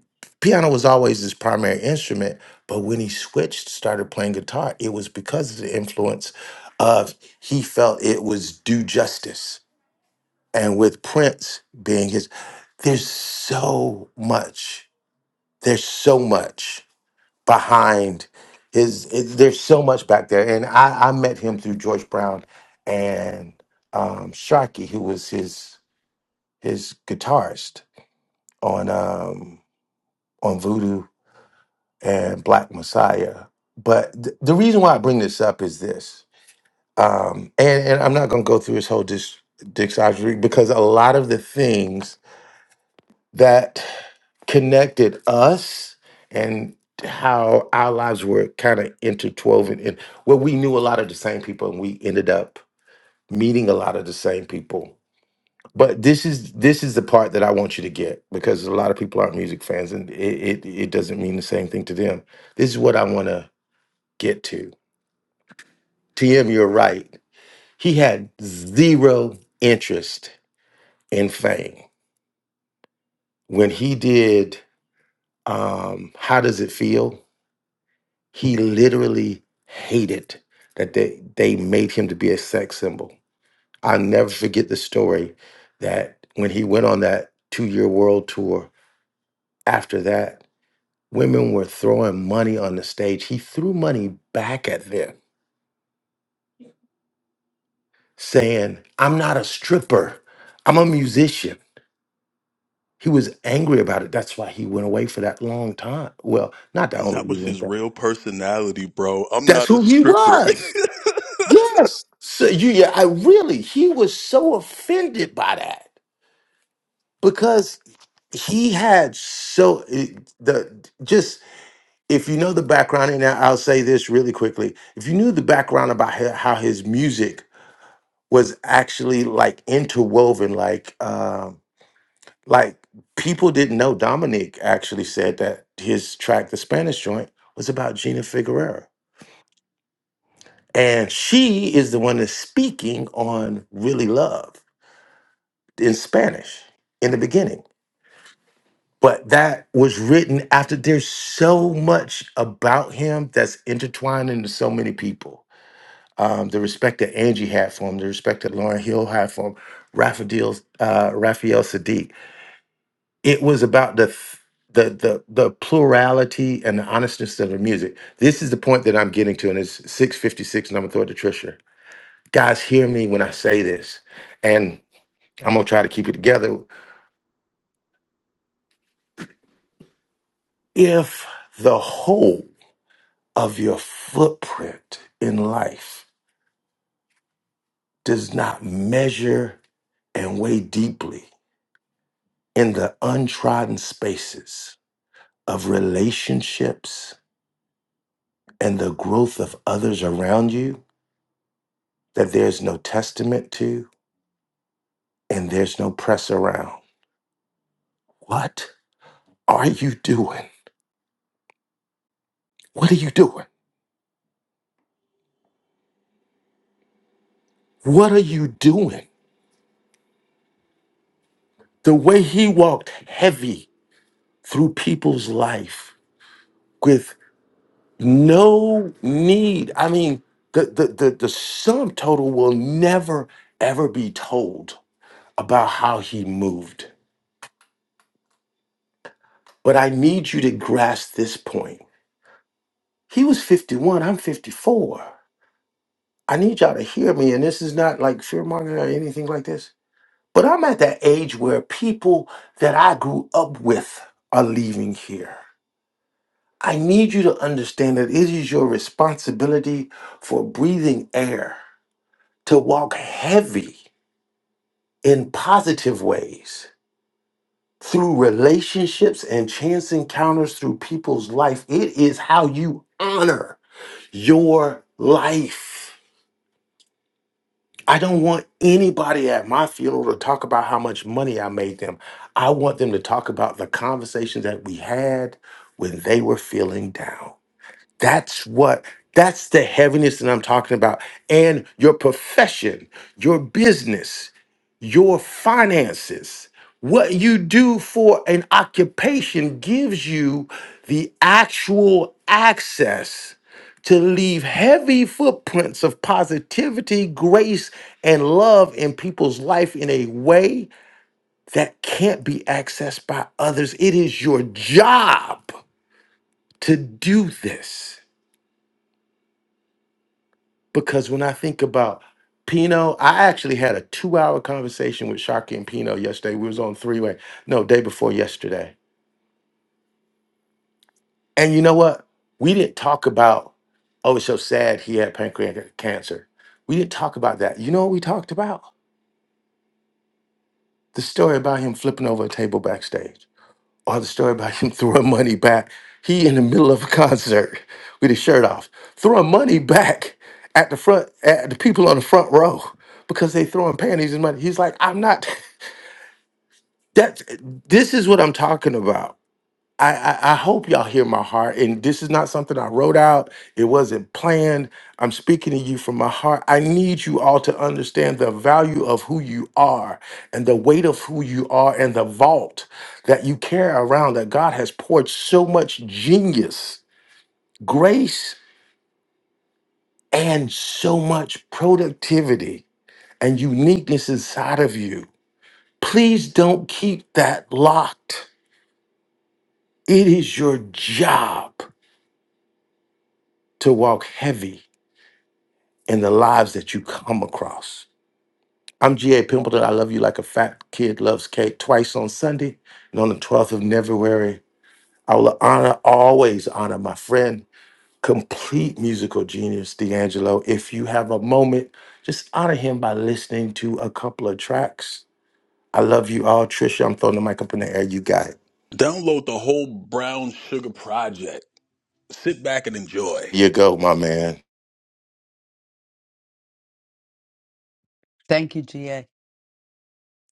S9: piano was always his primary instrument, but when he switched, started playing guitar, it was because of the influence of he felt it was due justice. And with Prince being his, there's so much, there's so much behind his, it, there's so much back there. And I, I met him through George Brown and um, Sharkey, who was his his guitarist on um, on Voodoo and Black Messiah. But th- the reason why I bring this up is this, um, and and I'm not going to go through his whole dis- discography because a lot of the things that connected us and how our lives were kind of intertwined and where we knew a lot of the same people and we ended up meeting a lot of the same people But this is this is the part that I want you to get because a lot of people aren't music fans, and it it, it doesn't mean the same thing to them. This is what I want to get to. TM, you're right. He had zero interest in fame when he did. Um, How does it feel? He literally hated that they they made him to be a sex symbol. I'll never forget the story that when he went on that two year world tour after that Women were throwing money on the stage. He threw money back at them, saying, I'm not a stripper, I'm a musician. He was angry about it. That's why he went away for that long time. Well, not that
S5: And
S9: only
S5: that
S9: he
S5: was
S9: went
S5: his
S9: there.
S5: real personality, bro. I'm
S9: That's
S5: not a
S9: who he
S5: stripper.
S9: was. Yes. So you yeah, I really he was so offended by that because he had so it- the just if you know the background and I- will say this really quickly if you knew the background about he- how his music was actually like interwoven like um like people didn't know dominic actually said that his track the spanish joint was about gina figueroa and she is the one that's speaking on really love in spanish in the beginning but that was written after there's so much about him that's intertwined into so many people um, the respect that angie had for him the respect that lauren hill had for him raphael uh, raphael sadiq it was about the f- the the the plurality and the honestness of the music. This is the point that I'm getting to, and it's 656, and I'm gonna throw it to Trisha. Guys, hear me when I say this, and I'm gonna try to keep it together. If the whole of your footprint in life does not measure and weigh deeply in the untrodden spaces of relationships and the growth of others around you, that there's no testament to, and there's no press around. What are you doing? What are you doing? What are you doing? The way he walked heavy through people's life with no need. I mean, the, the, the, the sum total will never, ever be told about how he moved. But I need you to grasp this point. He was 51, I'm 54. I need y'all to hear me, and this is not like fear mongering or anything like this But I'm at that age where people that I grew up with are leaving here. I need you to understand that it is your responsibility for breathing air to walk heavy in positive ways through relationships and chance encounters through people's life. It is how you honor your life. I don't want anybody at my funeral to talk about how much money I made them. I want them to talk about the conversations that we had when they were feeling down. That's what, that's the heaviness that I'm talking about. And your profession, your business your finances. What you do for an occupation gives you the actual access to leave heavy footprints of positivity, grace, and love in people's life in a way that can't be accessed by others. It is your job to do this. because when I think about Pino, I actually had a two-hour conversation with Sharkey and Pino yesterday. We was on three-way, no, day before yesterday. And you know what? We didn't talk about, oh, it's so sad he had pancreatic cancer. We didn't talk about that. You know what we talked about? The story about him flipping over a table backstage. or the story about him throwing money back. He in the middle of a concert with his shirt off, throwing money back at the front at the people on the front row because they throwing panties and money. He's like, I'm not. That's this is what I'm talking about. I, I I hope y'all hear my heart. And this is not something I wrote out. It wasn't planned. I'm speaking to you from my heart. I need you all to understand the value of who you are and the weight of who you are and the vault that you carry around that God has poured so much genius, grace, and so much productivity and uniqueness inside of you. Please don't keep that locked. It is your job to walk heavy and the lives that you come across. I'm G.A. Pimpleton. I love you like a fat kid loves cake twice on Sunday and on the 12th of February. I will honor, always honor my friend, complete musical genius, D'Angelo. If you have a moment, just honor him by listening to a couple of tracks. I love you all. Trisha, I'm throwing the mic up in the air. You got it.
S5: Download the whole Brown Sugar Project. Sit back and enjoy.
S9: You go, my man.
S1: Thank you, GA.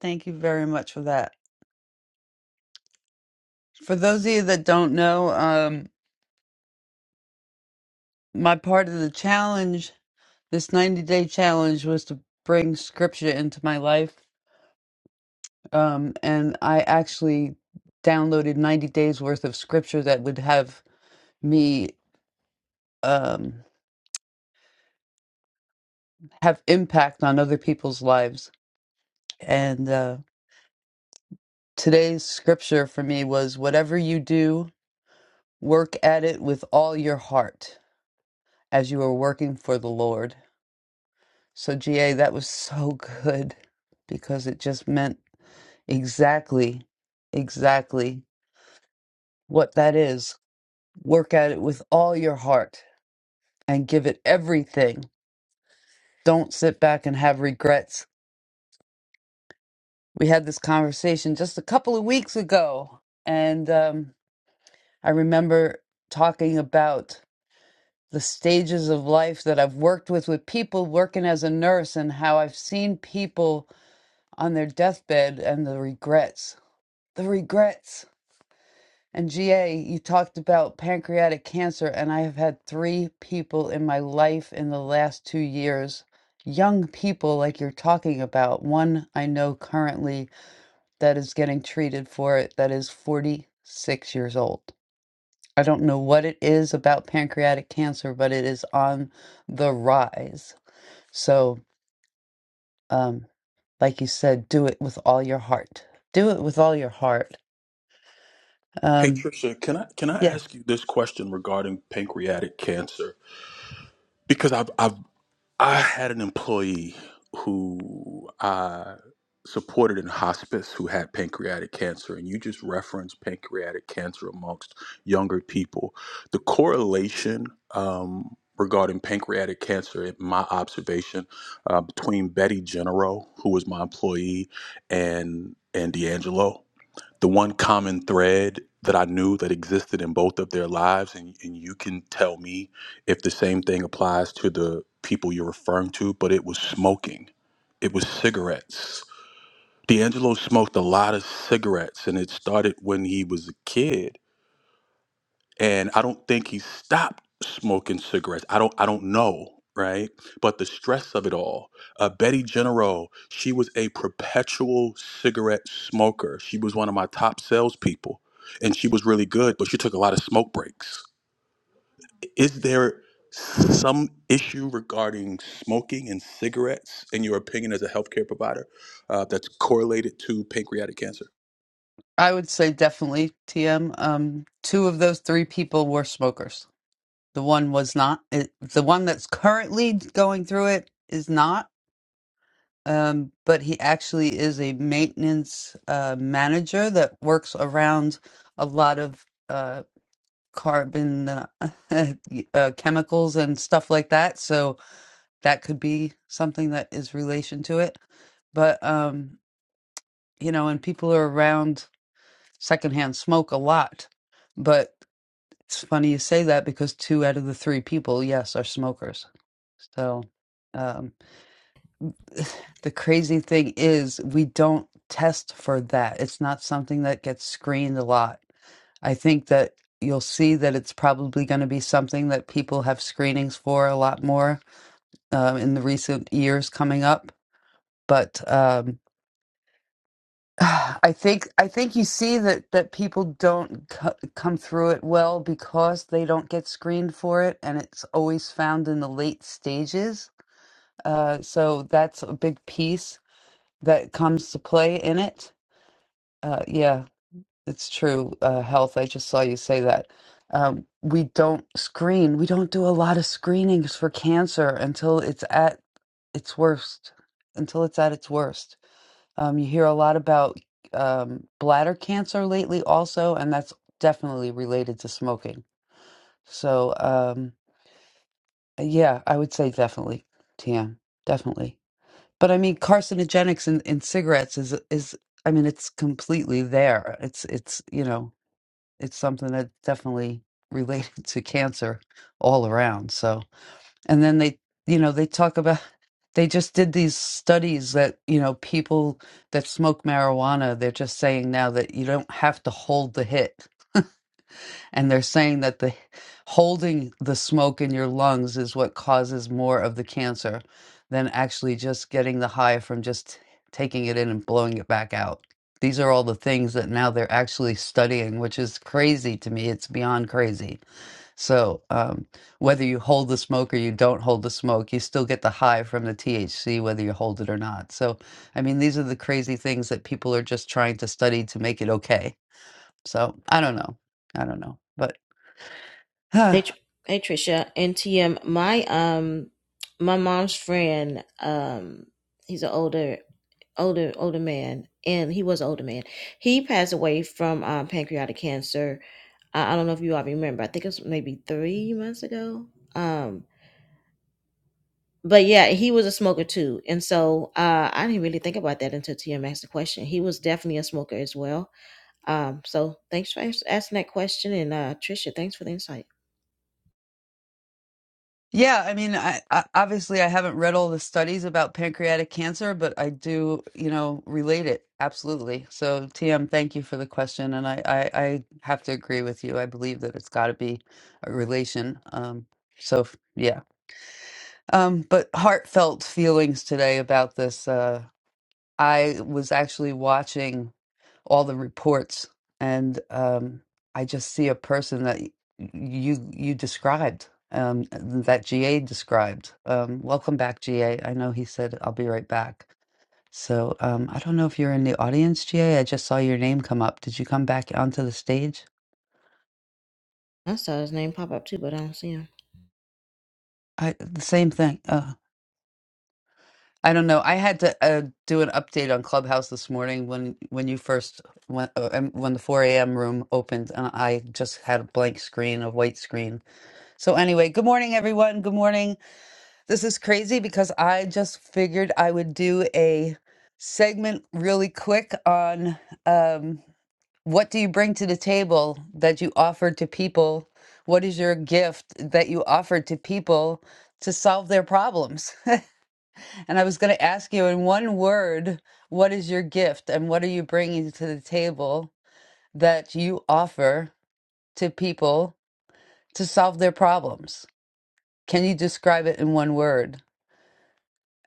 S1: Thank you very much for that. For those of you that don't know, um, my part of the challenge, this 90 day challenge, was to bring scripture into my life. Um, and I actually downloaded 90 days worth of scripture that would have me um, have impact on other people's lives. And uh, today's scripture for me was whatever you do, work at it with all your heart as you are working for the Lord. So, GA, that was so good because it just meant exactly, exactly what that is. Work at it with all your heart and give it everything. Don't sit back and have regrets. We had this conversation just a couple of weeks ago, and um, I remember talking about the stages of life that I've worked with, with people working as a nurse, and how I've seen people on their deathbed and the regrets. the regrets. And GA, you talked about pancreatic cancer, and I have had three people in my life in the last two years, young people like you're talking about. One I know currently that is getting treated for it that is 46 years old. I don't know what it is about pancreatic cancer, but it is on the rise. So, um, like you said, do it with all your heart. Do it with all your heart.
S5: Hey
S1: Um,
S5: Trisha, can I can I
S1: yeah.
S5: ask you this question regarding pancreatic cancer? Because I've I've I had an employee who I supported in hospice who had pancreatic cancer, and you just referenced pancreatic cancer amongst younger people. The correlation um, regarding pancreatic cancer, in my observation, uh, between Betty Genero, who was my employee, and and D'Angelo the one common thread that I knew that existed in both of their lives, and, and you can tell me if the same thing applies to the people you're referring to, but it was smoking. It was cigarettes. D'Angelo smoked a lot of cigarettes, and it started when he was a kid and I don't think he stopped smoking cigarettes. I don't I don't know, right? But the stress of it all. Uh, Betty General, she was a perpetual cigarette smoker. She was one of my top salespeople, and she was really good, but she took a lot of smoke breaks. Is there some issue regarding smoking and cigarettes, in your opinion, as a healthcare provider, uh, that's correlated to pancreatic cancer?
S1: I would say definitely TM. Um, two of those three people were smokers. The one was not. It, the one that's currently going through it is not. Um, but he actually is a maintenance uh, manager that works around a lot of uh, carbon uh, uh, chemicals and stuff like that. So that could be something that is relation to it. But um, you know, and people are around secondhand smoke a lot. But It's funny you say that because two out of the three people, yes, are smokers. So um, the crazy thing is, we don't test for that. It's not something that gets screened a lot. I think that you'll see that it's probably going to be something that people have screenings for a lot more um, in the recent years coming up. But um, I think I think you see that that people don't co- come through it well because they don't get screened for it, and it's always found in the late stages. Uh, so that's a big piece that comes to play in it. Uh, yeah, it's true. Uh, health. I just saw you say that. Um, we don't screen. We don't do a lot of screenings for cancer until it's at its worst. Until it's at its worst um, you hear a lot about um, bladder cancer lately, also, and that's definitely related to smoking. So, um, yeah, I would say definitely, TM, definitely. But I mean, carcinogenics in, in cigarettes is is I mean, it's completely there. It's it's you know, it's something that's definitely related to cancer all around. So and then they you know they talk about they just did these studies that you know people that smoke marijuana they're just saying now that you don't have to hold the hit And they're saying that the holding the smoke in your lungs is what causes more of the cancer than actually just getting the high from just taking it in and blowing it back out. These are all the things that now they're actually studying, which is crazy to me. It's beyond crazy. So, um, whether you hold the smoke or you don't hold the smoke, you still get the high from the THC, whether you hold it or not. So, I mean, these are the crazy things that people are just trying to study to make it okay. So, I don't know. I don't know. but. Huh.
S2: Hey, Tr- hey Trisha and TM. My um, my mom's friend. Um, he's an older, older, older man, and he was an older man. He passed away from um, pancreatic cancer. I, I don't know if you all remember. I think it was maybe three months ago. Um, but yeah, he was a smoker too, and so uh, I didn't really think about that until TM asked the question. He was definitely a smoker as well. Um, so thanks for as- asking that question, and uh, Trisha, thanks for the insight.
S1: Yeah, I mean, I, I obviously I haven't read all the studies about pancreatic cancer, but I do, you know, relate it absolutely. So, TM, thank you for the question, and I I, I have to agree with you. I believe that it's got to be a relation. Um, so f- yeah, um, but heartfelt feelings today about this. Uh, I was actually watching. all the reports, and um, I just see a person that y- you you described, um, that GA described. Um, welcome back, GA. I know he said I'll be right back. So um, I don't know if you're in the audience, GA. I just saw your name come up. Did you come back onto the stage?
S2: I saw his name pop up too, but I don't see him.
S1: I the same thing. Uh, I don't know. I had to uh, do an update on Clubhouse this morning when when you first when uh, um, when the 4 a.m. room opened, and I just had a blank screen, a white screen So, anyway, good morning, everyone. Good morning. This is crazy because I just figured I would do a segment really quick on um, what do you bring to the table that you offer to people? What is your gift that you offer to people to solve their problems? and I was going to ask you in one word, what is your gift and what are you bringing to the table that you offer to people to solve their problems? Can you describe it in one word?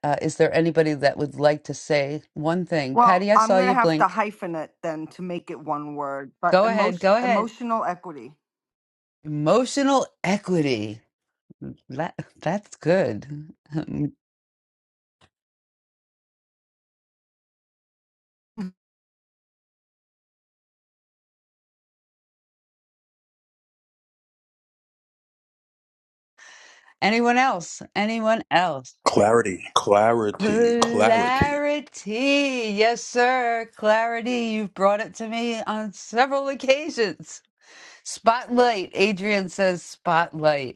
S1: Uh, is there anybody that would like to say one thing?
S7: Well,
S1: Patty, I saw
S7: I'm gonna
S1: you
S7: have to
S1: blink.
S7: hyphen it then to make it one word, but
S1: Go ahead.
S7: emotion,
S1: Go ahead.
S7: emotional equity.
S1: Emotional equity. That, that's good. Um, Anyone else? Anyone else?
S5: Clarity, clarity, clarity.
S1: Clarity. Yes, sir. Clarity. You've brought it to me on several occasions. Spotlight. Adrian says spotlight.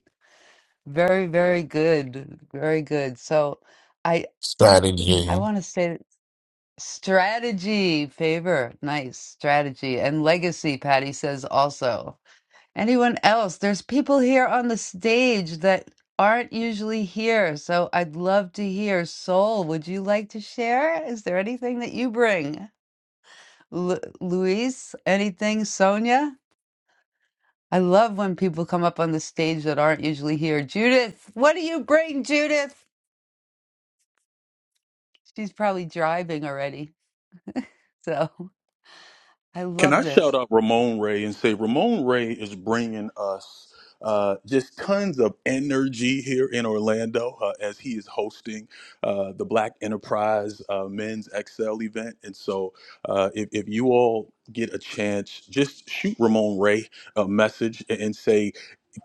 S1: Very, very good. Very good. So I I
S19: Strategy
S1: want to say strategy, favor, nice strategy, and legacy, Patty says also. Anyone else? There's people here on the stage that aren't usually here. So I'd love to hear. Soul, would you like to share? Is there anything that you bring? Lu Luis, anything? Sonia? I love when people come up on the stage that aren't usually here. Judith, what do you bring, Judith? She's probably driving already. So I
S5: Can
S1: love
S5: I shout
S1: this.
S5: out Ramon Ray and say Ramon Ray is bringing us uh, just tons of energy here in Orlando uh, as he is hosting uh, the Black Enterprise uh, Men's XL event. And so, uh, if, if you all get a chance, just shoot Ramon Ray a message and and say,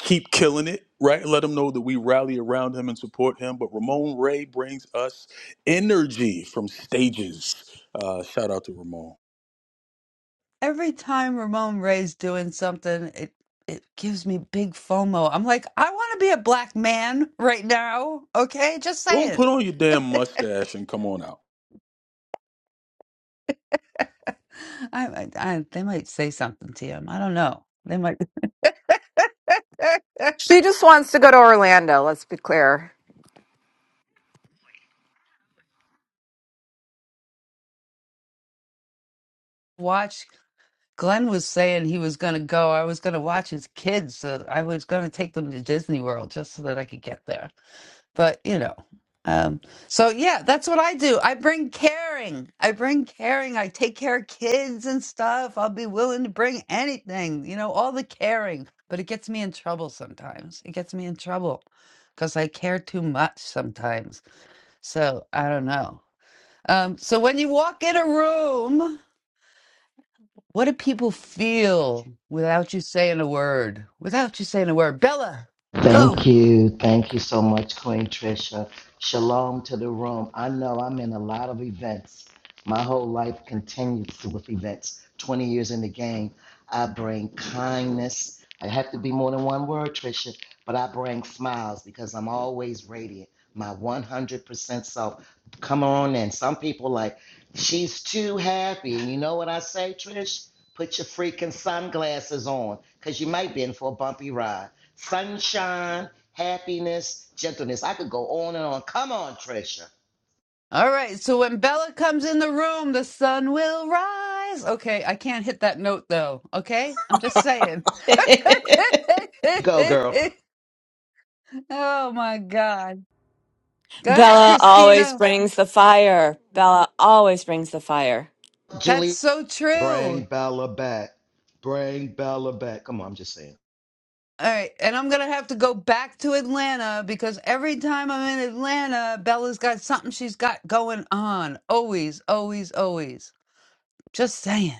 S5: keep killing it, right? Let him know that we rally around him and support him. But Ramon Ray brings us energy from stages. Uh, shout out to Ramon.
S1: Every time Ramon Ray's doing something, it it gives me big FOMO. I'm like, I want to be a black man right now. Okay, just
S5: Don't
S1: saying.
S5: put on your
S1: I,
S5: damn mustache and come on out.
S1: I, I they might say something to him. I don't know. They might
S20: She just wants to go to Orlando, let's be clear.
S1: watch. Glenn was saying he was going to go. I was going to watch his kids. So I was going to take them to Disney World just so that I could get there. But, you know, um, so yeah, that's what I do. I bring caring. I bring caring. I take care of kids and stuff. I'll be willing to bring anything, you know, all the caring. But it gets me in trouble sometimes. It gets me in trouble because I care too much sometimes. So I don't know. Um, so when you walk in a room, what do people feel without you saying a word? Without you saying a word. Bella,
S10: Thank
S1: go.
S10: you. Thank you so much, Queen Trisha. Shalom to the room. I know I'm in a lot of events. My whole life continues with events. 20 years in the game. I bring kindness. I have to be more than one word, Trisha, but I bring smiles because I'm always radiant. My 100% self. Come on in. Some people like, she's too happy. And you know what I say, Trish? Put your freaking sunglasses on because you might be in for a bumpy ride sunshine, happiness, gentleness. I could go on and on. Come on, Trisha.
S1: All right. So when Bella comes in the room, the sun will rise. Okay. I can't hit that note though. Okay. I'm just saying.
S10: Go, girl.
S1: oh my God. Go ahead,
S21: Bella always
S1: Christina.
S21: brings the fire. Bella always brings the fire.
S1: That's
S10: Julie,
S1: so
S10: bring
S1: true.
S10: Bella back. Bring Bella back. Come on, I'm just saying.
S1: All right, and I'm gonna have to go back to Atlanta because every time I'm in Atlanta, Bella's got something she's got going on. Always, always, always. Just saying.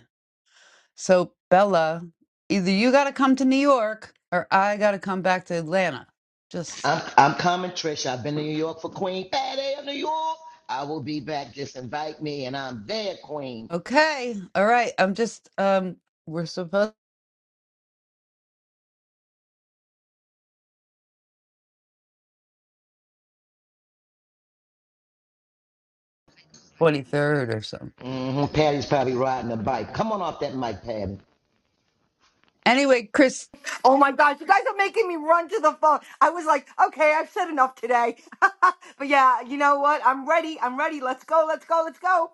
S1: So, Bella, either you got to come to New York or I got to come back to Atlanta. Just
S10: I'm, I'm coming, Trisha. I've been to New York for Queen Patty of New York. I will be back. Just invite me, and I'm there, Queen.
S1: okay. All right. I'm just um we're supposed 23rd or something.
S10: hmm Patty's probably riding a bike. Come on off that mic, Patty.
S1: Anyway, Chris
S7: Oh my gosh, you guys are making me run to the phone. I was like, okay, I've said enough today. but yeah, you know what? I'm ready. I'm ready. Let's go. Let's go. Let's go.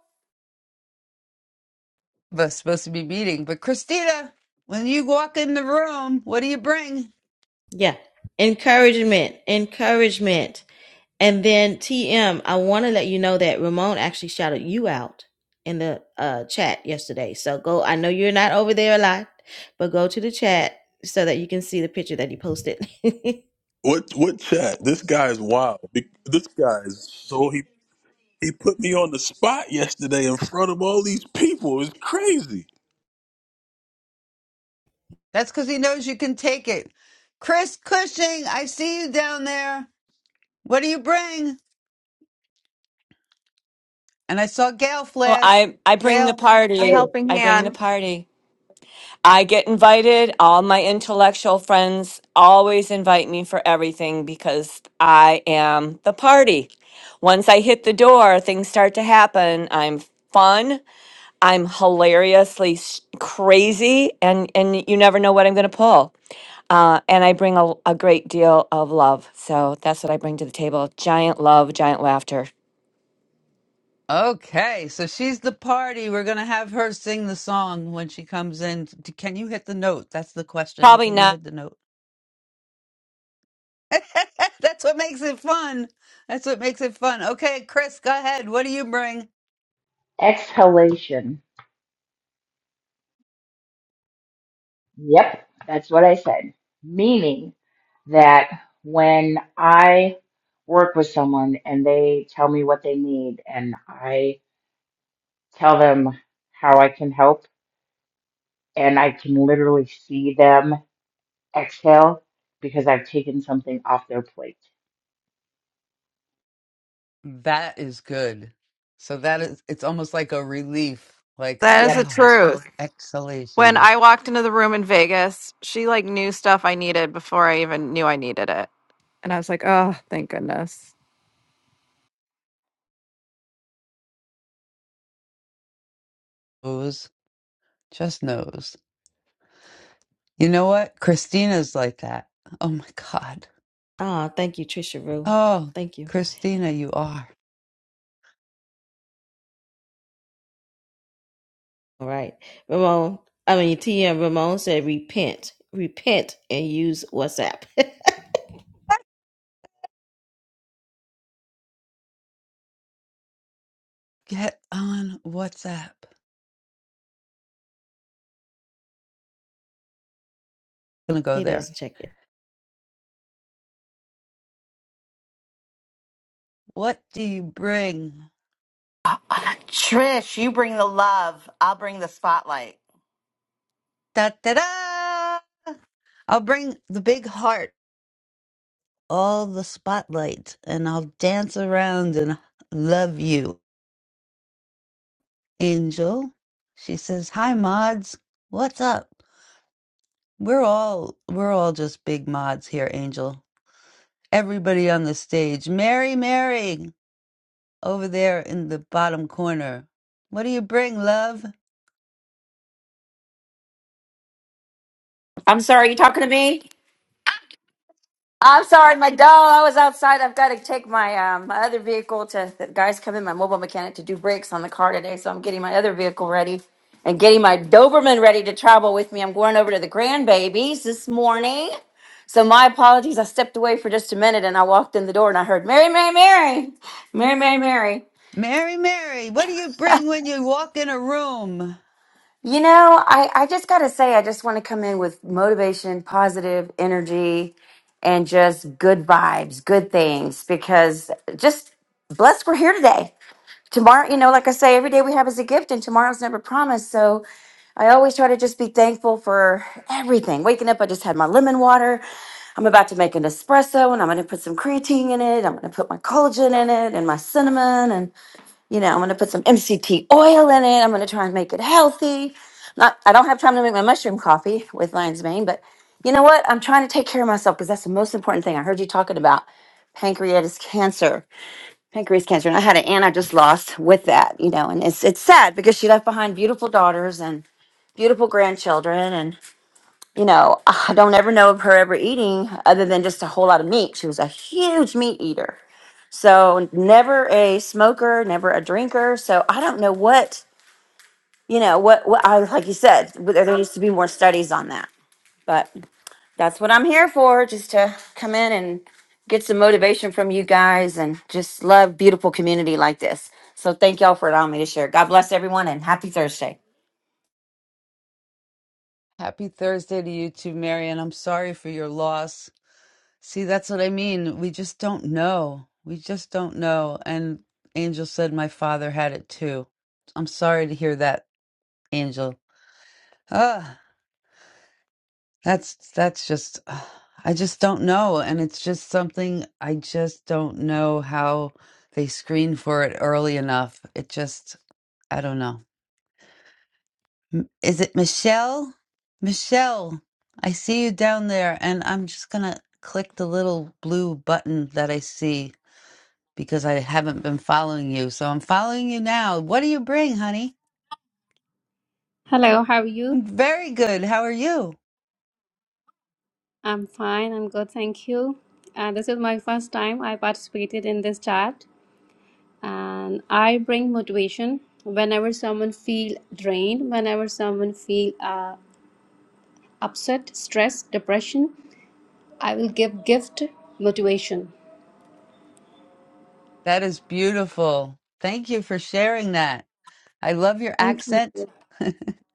S1: was supposed to be meeting, but Christina, when you walk in the room, what do you bring?
S2: Yeah. Encouragement. Encouragement. And then TM, I want to let you know that Ramon actually shouted you out in the uh, chat yesterday. So go, I know you're not over there a lot, but go to the chat so that you can see the picture that he posted.
S5: What what chat? This guy is wild. Be- This guy is so he he put me on the spot yesterday in front of all these people. It's crazy.
S1: That's cuz he knows you can take it. Chris Cushing, I see you down there. What do you bring? And I saw Gail
S21: Well,
S1: flash.
S21: I I bring
S1: Gail
S21: the
S20: A
S21: party.
S22: Okay,
S20: helping
S21: I bring the
S20: hand.
S21: party. I get invited. All my intellectual friends always invite me for everything because I am the party. Once I hit the door, things start to happen. I'm fun. I'm hilariously s- crazy, and and you never know what I'm going to pull. Uh, and I bring a, a great deal of love, so that's what I bring to the table. Giant love, giant laughter.
S1: Okay, so she's the party. We're gonna have her sing the song when she comes in. D- Can you hit the note? That's the question.
S21: Probably
S1: Can you
S21: not.
S1: hit the note? That's what makes it fun. That's what makes it fun. Okay, Chris, go ahead. What do you bring?
S22: exhalation. Yep, that's what I said. Meaning that when I work with someone and they tell me what they need and I tell them how I can help and I can literally see them exhale because I've taken something off their plate.
S1: That is good. So that is, it's almost like a relief, like,
S20: That is
S22: Yep.
S20: the
S1: oh,
S20: truth. When
S1: exhalation.
S20: I walked into the room in Vegas, she like knew stuff I needed before I even knew I needed it. And I was like, oh, thank goodness.
S1: Knows, just knows. You know what? Christina's like that. Oh my God.
S2: Ah, thank you, Trisha Rue.
S1: Oh,
S2: Thank you.
S1: Christina, you are.
S2: All right. Ramon, I mean, TM Ramon said repent. Repent and use WhatsApp.
S1: Get on WhatsApp. Gonna go
S2: he
S1: there.
S2: doesn't check it.
S1: What do you bring?
S23: Uh, uh, Trish, you bring the love. I'll bring the spotlight.
S1: Da da da! I'll bring the big heart, all the spotlight, and I'll dance around and love you. Angel, she says, "Hi, mods. What's up? We're all we're all just big mods here, Angel. Everybody on the stage. Mary, Mary, over there in the bottom corner. What do you bring, love?
S24: I'm sorry, you talking to me? I'm sorry, my dog. I was outside. I've got to take my um, my other vehicle to the guys come in, my mobile mechanic to do brakes on the car today. So I'm getting my other vehicle ready and getting my Doberman ready to travel with me. I'm going over to the grandbabies this morning. So my apologies. I stepped away for just a minute and I walked in the door and I heard Mary, Mary, Mary, Mary, Mary, Mary.
S1: Mary, Mary, what do you bring when you walk in a room?
S24: You know, I, I just got to say, I just want to come in with motivation, positive energy and just good vibes, good things, because just blessed we're here today. Tomorrow, you know, like I say, every day we have is a gift and tomorrow's never promised. So I always try to just be thankful for everything. Waking up, I just had my lemon water. I'm about to make an espresso and I'm going to put some creatine in it. I'm going to put my collagen in it and my cinnamon you know, I'm going to put some MCT oil in it. I'm going to try and make it healthy. Not, I don't have time to make my mushroom coffee with lion's mane, but you know what? I'm trying to take care of myself because that's the most important thing. I heard you talking about pancreatic cancer, pancreas cancer, and I had an aunt I just lost with that, you know, and it's it's sad because she left behind beautiful daughters and beautiful grandchildren, and you know, I don't ever know of her ever eating other than just a whole lot of meat. She was a huge meat eater, so never a smoker, never a drinker. So I don't know what you know what what I like you said. w- There needs to be more studies on that. But that's what I'm here for, just to come in and get some motivation from you guys, and just love beautiful community like this. So thank y'all for allowing me to share. God bless everyone, and happy Thursday.
S1: Happy Thursday to you too, Mary, and I'm sorry for your loss. See, that's what I mean. We just don't know. We just don't know. And Angel said my father had it too. I'm sorry to hear that, Angel. Ah, that's that's just ah, I just don't know, and it's just something I just don't know how they screen for it early enough. It just I don't know. M- Is it Michelle? Michelle, I see you down there, and I'm just gonna click the little blue button that I see because I haven't been following you. So I'm following you now. What do you bring, honey?
S25: Hello, how are you?
S1: I'm very good. How are you?
S25: I'm fine, I'm good, thank you. Uh, this is my first time I participated in this chat, and I bring motivation whenever someone feel drained, whenever someone feel uh, upset, stress, depression. I will give gift motivation.
S1: That is beautiful. Thank you for sharing that. I love your
S25: Thank you.
S1: accent.
S25: And
S1: Can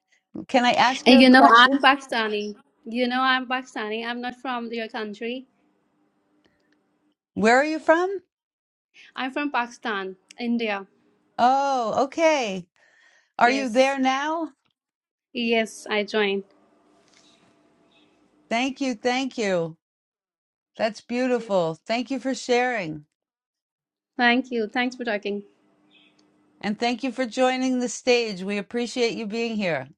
S1: I ask you a
S25: you know, I'm
S1: question?
S25: Pakistani. You know, I'm Pakistani. I'm not from your country.
S1: Where are you from?
S25: I'm from Pakistan, India.
S1: Oh, okay. Are you
S25: Yes,
S1: there now?
S25: yes, I joined.
S1: Thank you. Thank you. That's beautiful. Thank you for sharing.
S25: Thank you. Thanks for talking.
S1: And thank you for joining the stage. We appreciate you being here.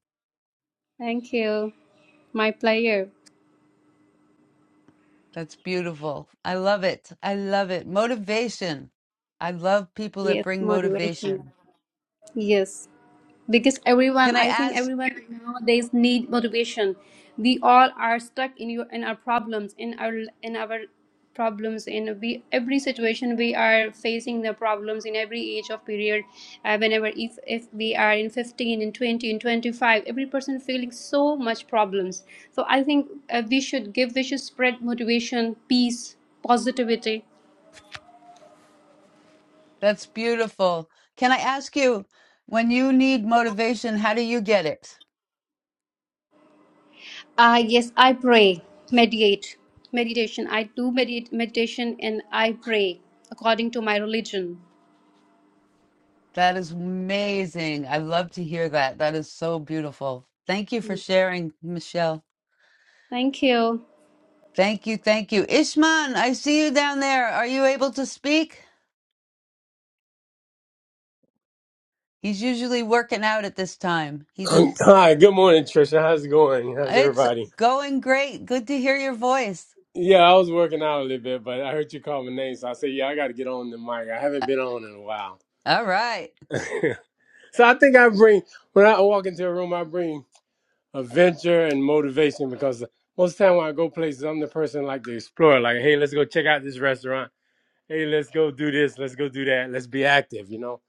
S25: Thank you. My player.
S1: That's beautiful. I love it. I love it. Motivation. I love people that
S25: Yes,
S1: bring
S25: motivation.
S1: motivation.
S25: Yes, because everyone,
S1: Can I
S25: I think
S1: ask?
S25: everyone nowadays need motivation. We all are stuck in your in our problems, in our in our problems in we every situation we are facing the problems in every age of period uh, whenever if if we are in 15 in 20 in 25 every person feeling so much problems so i think uh, we should give we should spread motivation peace positivity
S1: That's beautiful. Can I ask you, when you need motivation, how do you get it?
S25: Ah, yes, I pray, meditate, meditation. I do meditate meditation and I pray according to my religion.
S1: That is amazing. I love to hear that. That is so beautiful. Thank you for sharing, Michelle.
S25: Thank you.
S1: Thank you. Thank you. Ishman, I see you down there. Are you able to speak? He's usually working out at this time. He's a
S26: Um, Hi, good morning, Trisha. How's it going? How's
S1: It's
S26: everybody?
S1: going great. Good to hear your voice.
S26: Yeah, I was working out a little bit, but I heard you call my name, so I said, "Yeah, I got to get on the mic. I haven't been on in a while."
S1: All right.
S26: so I think I bring when I walk into a room, I bring adventure and motivation because most of the time when I go places, I'm the person like to explore. Like, hey, let's go check out this restaurant. Hey, let's go do this. Let's go do that. Let's be active, you know.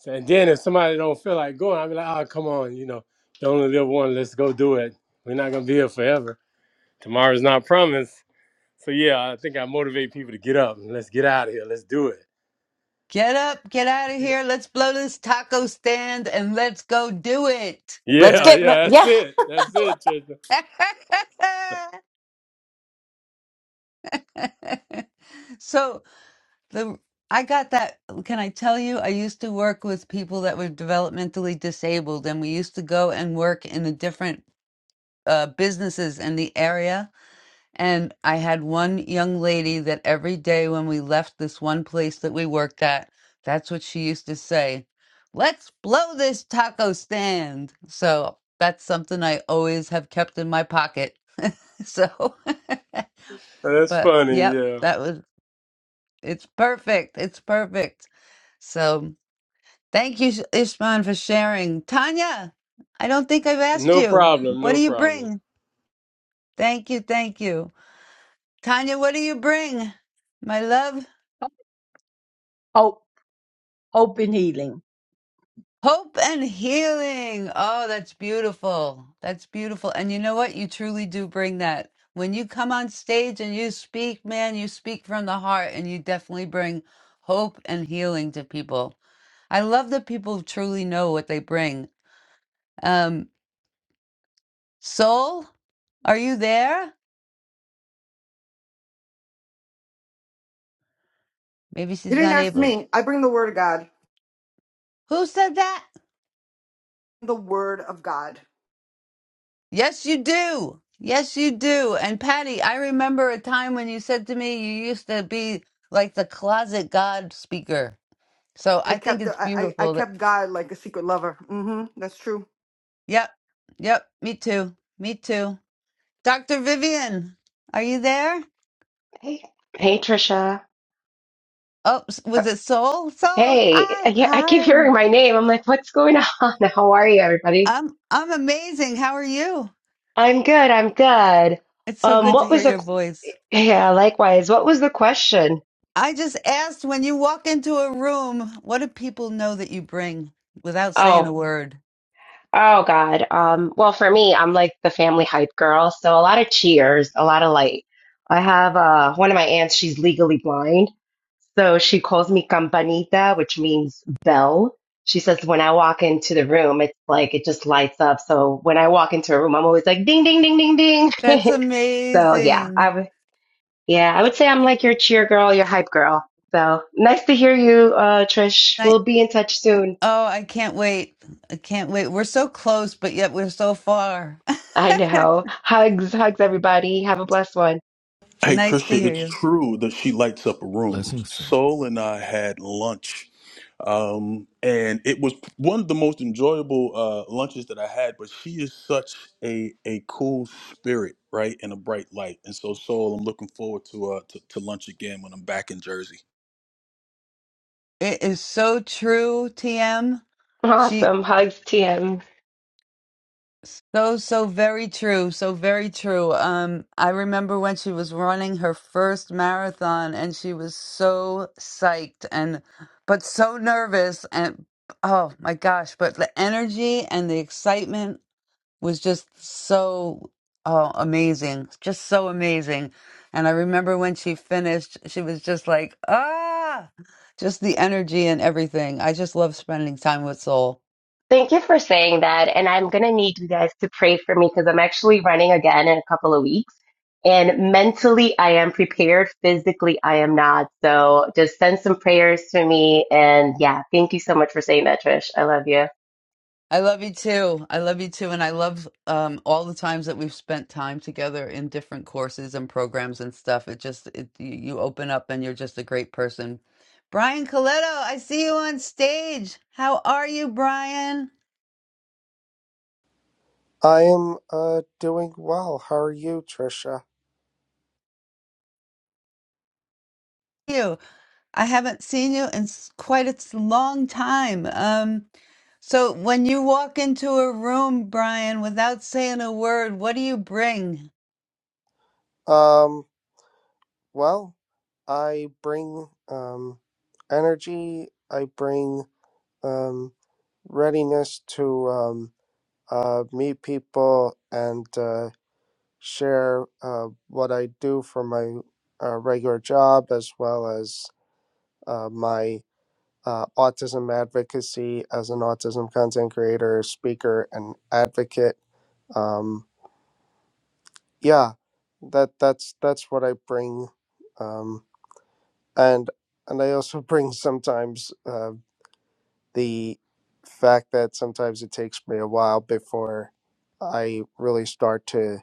S26: So, and then if somebody don't feel like going, I'll be like, "Oh, come on, you know, you only live one. Let's go do it. We're not gonna be here forever." Tomorrow's not promised. So yeah, I think I motivate people to get up and let's get out of here. Let's do it.
S1: Get up, get out of here. Let's blow this taco stand and let's go do it.
S24: Let's
S26: Yeah,
S1: Let-
S24: get mo-
S26: yeah, that's
S24: yeah.
S26: it. That's it, Trisha.
S1: so the I got that. Can I tell you? I used to work with people that were developmentally disabled, and we used to go and work in the different uh, businesses in the area And I had one young lady that every day when we left this one place that we worked at, that's what she used to say let's blow this taco stand. So that's something I always have kept in my pocket. So,
S26: That's
S1: but
S26: funny,
S1: yep,
S26: yeah.
S1: that was it's perfect. It's perfect. So thank you, Ishman, for sharing. Tanya, I don't think I've asked
S26: No
S1: you.
S26: problem,
S1: What do
S26: no
S1: you
S26: problem.
S1: bring? Thank you. Thank you. Tanya, what do you bring? My love.
S27: Hope, hope and healing.
S1: Hope and healing. Oh, that's beautiful. That's beautiful. And you know what? You truly do bring that. When you come on stage and you speak, man, you speak from the heart and you definitely bring hope and healing to people. I love that people truly know what they bring. Um, Soul, are you there? Maybe
S7: You
S1: she's
S7: didn't
S1: not
S7: ask
S1: able.
S7: me. I bring the word of God.
S1: Who said that?
S7: The word of God.
S1: Yes, you do. Yes, you do. And Patty, I remember a time when you said to me you used to be like the closet God speaker. So
S7: I
S1: I think
S7: kept
S1: it's
S7: the, I, I I
S1: beautiful that.
S7: kept God like a secret lover. Mm-hmm. That's true.
S1: Yep. Yep. Me too. Me too. Dr. Vivian, are you there?
S28: Hey, hey, Trisha.
S1: Oh, s-
S28: Uh,
S1: was it Soul? Soul.
S28: Hey,
S1: Hi.
S28: yeah, I keep
S1: Hi.
S28: hearing my name. I'm like, what's going on? How are you, everybody?
S1: I'm I'm amazing. How are you?
S28: I'm good. I'm good.
S1: It's so
S28: Um,
S1: good to
S28: what
S1: hear
S28: was the,
S1: your voice.
S28: yeah, likewise. What was the question?
S1: I just asked when you walk into a room, what do people know that you bring without saying a
S28: Oh,
S1: word?
S28: oh God. Um, well, for me, I'm like the family hype girl, so a lot of cheers, a lot of light. I have uh one of my aunts, she's legally blind. So she calls me campanita, which means bell. She says when I walk into the room, it's like it just lights up. So when I walk into a room, I'm always like ding, ding, ding, ding, ding.
S1: That's
S28: so yeah,
S1: amazing.
S28: I would, yeah, I would say I'm like your cheer girl, your hype girl. So nice to hear you, uh, Trish.
S1: I,
S28: We'll be in touch soon.
S1: oh, I can't wait. I can't wait. We're so close, but yet we're so far.
S28: I know. Hugs, hugs, everybody. Have a blessed one.
S5: Hey
S1: nice to
S5: Trisha,
S1: hear
S5: it's
S1: you.
S5: true that she lights up a room.
S29: Blessing so.
S5: Soul and I had lunch. Um, and it was one of the most enjoyable uh, lunches that I had. But she is such a a cool spirit, right, and a bright light. And so, Soul, I'm looking forward to uh to, to lunch again when I'm back in Jersey.
S1: It is so true, TM. She
S28: Awesome. Hugs, TM.
S1: so so very true, so very true. Um I remember when she was running her first marathon and she was so psyched and but so nervous and oh my gosh, but the energy and the excitement was just so uh, amazing, just so amazing. And I remember when she finished, she was just like, ah, just the energy and everything. I just love spending time with Soul.
S28: Thank you for saying that. And I'm going to need you guys to pray for me because I'm actually running again in a couple of weeks. And mentally, I am prepared. Physically, I am not. So just send some prayers to me. And yeah, thank you so much for saying that, Trish. I love you.
S1: I love you too. I love you too. And I love um, all the times that we've spent time together in different courses and programs and stuff. It just, it, you you open up and you're just a great person. Brian Coletto, I see you on stage. How are you, Brian?
S30: I am uh doing well. How are you, Trisha?
S1: You. I haven't seen you in s- quite a s- long time. Um, so when you walk into a room, Brian, without saying a word, what do you bring?
S30: Um, well, I bring um energy, I bring um readiness to um uh meet people and uh share uh what I do for my uh, regular job as well as uh my uh, autism advocacy as an autism content creator, speaker, and advocate. Um, yeah that that's that's what i bring um and and i also bring sometimes uh, the fact that sometimes it takes me a while before i really start to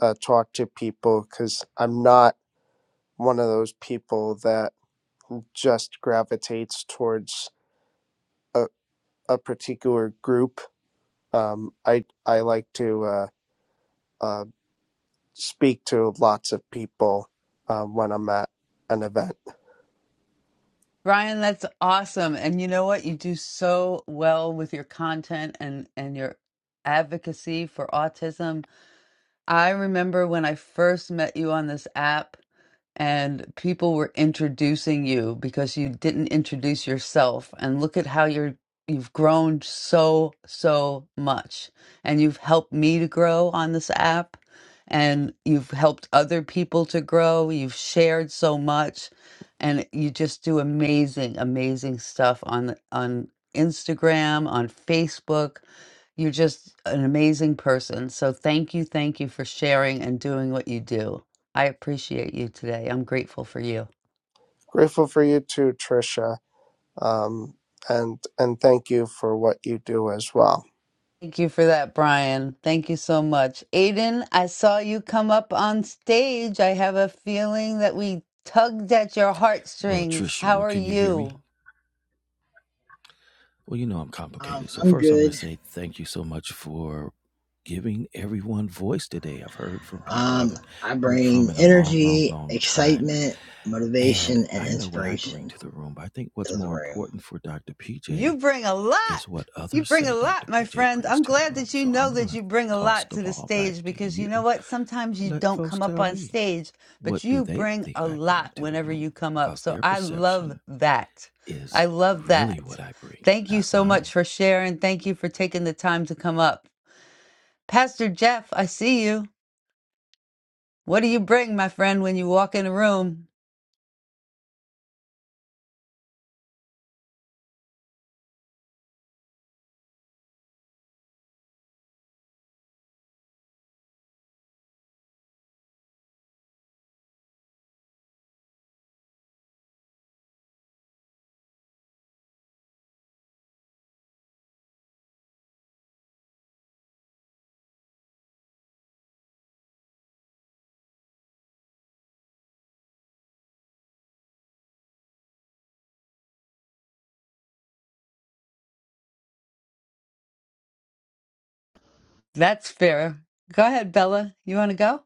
S30: uh, talk to people because i'm not one of those people that just gravitates towards a, a particular group um, i i like to uh, uh, speak to lots of people uh, when i'm at an event
S1: Brian, that's awesome. And you know what? You do so well with your content and and your advocacy for autism. I remember when I first met you on this app and people were introducing you because you didn't introduce yourself and look at how you're you've grown so so much and you've helped me to grow on this app and you've helped other people to grow you've shared so much and you just do amazing amazing stuff on on Instagram on Facebook you're just an amazing person. So thank you, thank you for sharing and doing what you do. I appreciate you today. I'm grateful for you.
S30: Grateful for you too, Tricia. Um, and and thank you for what you do as well.
S1: Thank you for that, Brian. Thank you so much. Aiden, I saw you come up on stage. I have a feeling that we tugged at your
S29: Well,
S1: heartstrings. How
S29: Trisha,
S1: are
S29: can you hear me?
S1: you?
S29: Well, you know I'm
S31: Um,
S29: complicated. So
S31: I'm
S29: first I'm going
S31: good.
S29: to say thank you so much for giving everyone voice today. I've heard from people I
S31: Um,
S29: haven't
S31: I
S29: heard
S31: bring
S29: from in a long, long,
S31: energy,
S29: long time.
S31: excitement,
S29: And
S31: motivation, and
S29: I know what I bring
S31: inspiration
S29: to the room, but I think what's
S31: to the
S29: more
S31: room.
S29: important for Dr.
S1: You
S29: PJ
S1: bring a lot.
S29: is what
S1: You
S29: others
S1: bring a
S29: say
S1: lot,
S29: Dr.
S1: my
S29: PJ
S1: friend.
S29: brings
S1: I'm
S29: to the
S1: glad
S29: room.
S1: that you
S29: So I'm
S1: know
S29: going
S1: that
S29: to
S1: you bring a
S29: toss
S1: lot
S29: the
S1: to the
S29: ball back
S1: stage
S29: to
S1: because
S29: you.
S1: you know what? Sometimes you
S29: Let
S1: don't
S29: folks
S1: come up
S29: tell
S1: on
S29: me
S1: stage,
S29: what
S1: but
S29: do
S1: you
S29: they
S1: bring
S29: think
S1: a
S29: I
S1: lot
S29: bring to the
S1: whenever
S29: room
S1: you come up.
S29: because
S1: So
S29: their
S1: I love
S29: perception
S1: that.
S29: is
S1: I love
S29: really what
S1: that.
S29: I bring,
S1: Thank you
S29: not
S1: so much
S29: mine.
S1: for sharing. Thank you for taking the time to come up. Pastor Jeff, I see you. What do you bring, my friend, when you walk in a room? That's fair. Go ahead, Bella. You want to go?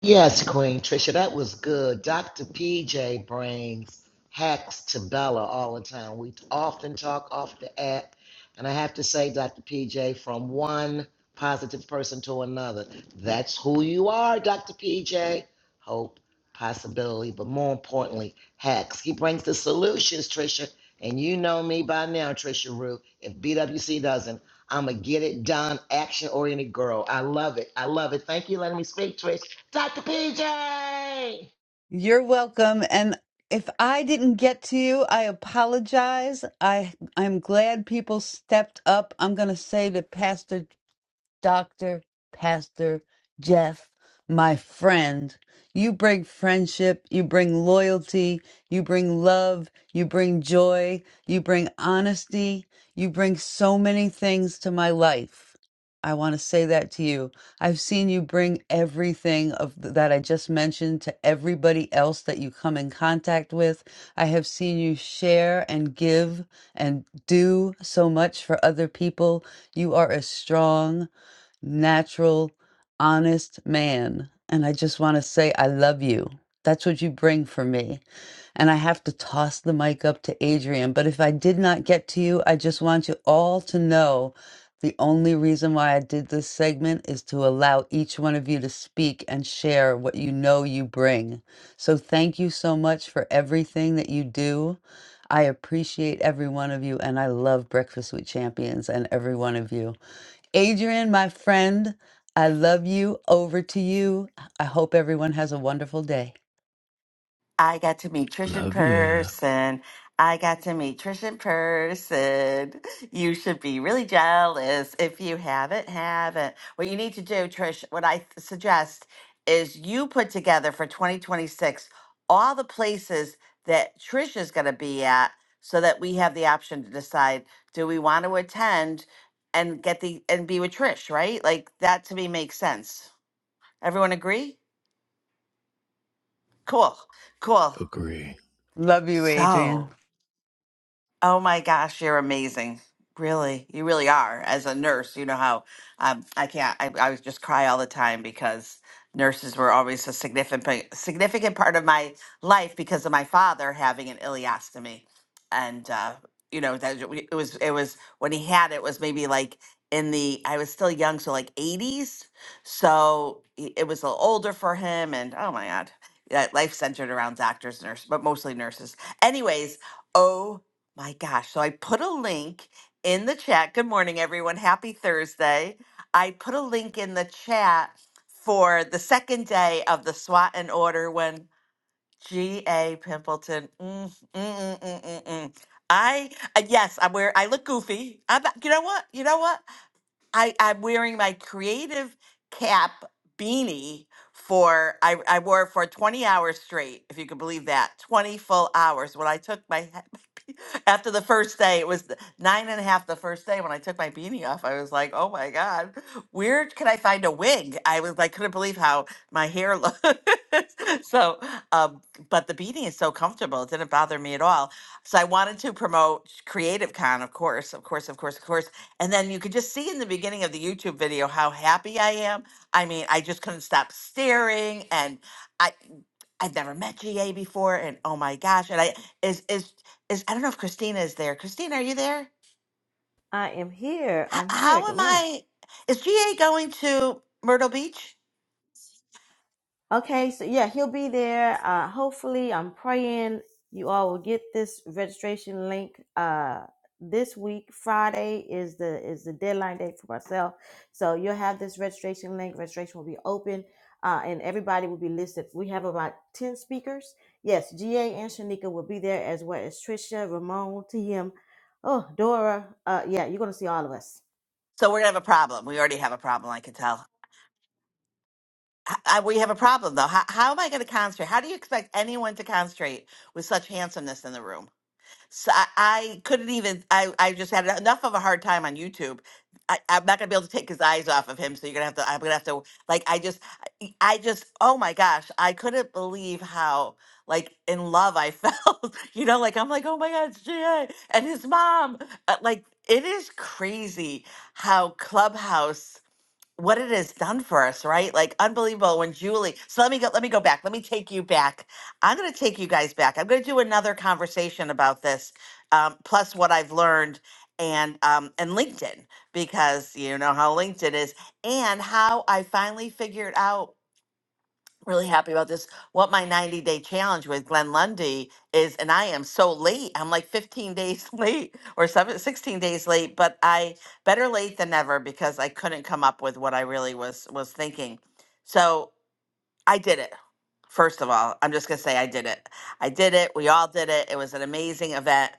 S10: Yes, Queen Trisha, that was good. Dr. PJ brings hacks to Bella all the time. We often talk off the app, and I have to say, Dr. PJ, from one positive person to another, that's who you are, Dr. PJ. Hope, possibility, but more importantly, hacks. He brings the solutions, Trisha, and you know me by now, Trisha Rue. If BWC doesn't, I'm a get it done, action oriented girl. I love it. I love it. Thank you, for letting me speak, Trish. Dr. PJ!
S1: You're welcome. And if I didn't get to you, I apologize. I I'm glad people stepped up. I'm going to say that Pastor Dr. Pastor Jeff, my friend. You bring friendship, you bring loyalty, you bring love, you bring joy, you bring honesty, you bring so many things to my life. I want to say that to you. I've seen you bring everything of th- that I just mentioned to everybody else that you come in contact with. I have seen you share and give and do so much for other people. You are a strong natural, honest man. And I just want to say, I love you. That's what you bring for me. And I have to toss the mic up to Adrian. But if I did not get to you, I just want you all to know the only reason why I did this segment is to allow each one of you to speak and share what you know you bring. So thank you so much for everything that you do. I appreciate every one of you, and I love Breakfast with Champions and every one of you. Adrian, my friend, I love you. Over to you. I hope everyone has a wonderful day.
S23: I got to meet Trish in
S29: Love ya.
S23: person. I got to meet Trish in person. You should be really jealous if you haven't, haven't. What you need to do, Trish, what I th- suggest is you put together for 2026 all the places that Trish is going to be at so that we have the option to decide do we want to attend and get the and be with Trish, right? Like that to me makes sense. Everyone agree? Cool. Cool.
S29: Agree.
S1: Love you, Adrian.
S23: So, Oh my gosh, you're amazing. Really, you really are. As a nurse, you know how um, I can't. I, I would just cry all the time because nurses were always a significant significant part of my life because of my father having an ileostomy, and uh, you know that it was it was when he had it it was maybe like in the I was still young, so like 80s. So he- it was a little older for him, and oh my God, that life centered around doctors, nurse, but mostly nurses. Anyways. oh my gosh. So I put a link in the chat. Good morning, everyone. Happy Thursday. I put a link in the chat for the second day of the SWAT and order when G.A. Pimpleton. Mm, mm, mm, mm, mm, mm. I, uh, yes, I'm where I look goofy. I'm, you know what? You know what? I, I'm wearing my creative cap beanie for I, I wore it for 20 hours straight, if you can believe that. 20 full hours. When I took my he- my be- after the first day, it was th- nine and a half the first day. When I took my beanie off, I was like, oh my God, where can I find a wig? I was like, couldn't believe how my hair looked. so um, but the beanie is so comfortable, it didn't bother me at all. So I wanted to promote Creative Con, of course, of course, of course, of course and then you could just see in the beginning of the YouTube video how happy I am. I mean, I just couldn't stop staring and I I'd never met GA before and oh my gosh. And I is is is I don't know if Christina is there. Christina, are you there?
S2: I am here.
S23: How,
S2: I'm here.
S23: how
S2: Good
S23: am
S2: morning.
S23: I is GA going to Myrtle Beach?
S2: Okay, so yeah, he'll be there. Uh, hopefully, I'm praying you all will get this registration link uh, this week. Friday is the is the deadline date for myself, so you'll have this registration link. Registration will be open, uh, and everybody will be listed. We have about ten speakers. Yes, GA and Shanika will be there as well as Trisha, Ramon, TM, oh Dora. Uh, yeah, you're gonna see all of us.
S23: So we're gonna have a problem. We already have a problem, I can tell. I, I, we have a problem though. How, how am I going to concentrate? How do you expect anyone to concentrate with such handsomeness in the room? So I, I couldn't even. I I just had enough of a hard time on YouTube. I, I'm not gonna be able to take his eyes off of him. So you're gonna have to. I'm gonna have to. Like I just. I I just. Oh my gosh! I couldn't believe how like in love I felt. you know, like I'm like, oh my God, it's Jay and his mom. Uh, Like it is crazy how Clubhouse what it has done for us, right? Like unbelievable when Julie. So let me go let me go back. Let me take you back. I'm going to take you guys back. I'm going to do another conversation about this um, plus what I've learned and um and LinkedIn because you know how LinkedIn is and how I finally figured out really happy about this. What my 90 day challenge with Glenn Lundy is, and I am so late. I'm like 15 days late or seven, sixteen days late, but I better late than never because I couldn't come up with what I really was was thinking. So I did it. First of all, I'm just going to say I did it. I did it. We all did it. It was an amazing event,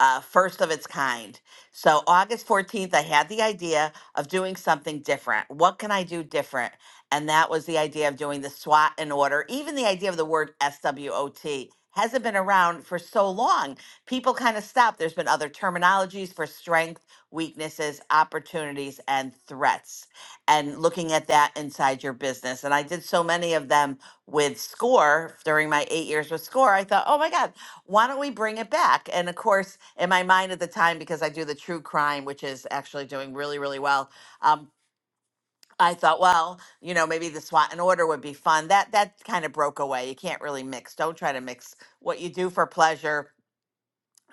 S23: uh, first of its kind. So, August 14th, I had the idea of doing something different. What can I do different? And that was the idea of doing the SWOT in order. Even the idea of the word SWOT hasn't been around for so long. People kind of stopped. There's been other terminologies for strength, weaknesses, opportunities, and threats and looking at that inside your business. And I did so many of them with SCORE during my eight years with SCORE. I thought, oh my God, why don't we bring it back? And of course, in my mind at the time, because I do the true crime, which is actually doing really, really well. Um, I thought, well, you know, maybe the SWAT and order would be fun. That that kind of broke away. You can't really mix. Don't try to mix what you do for pleasure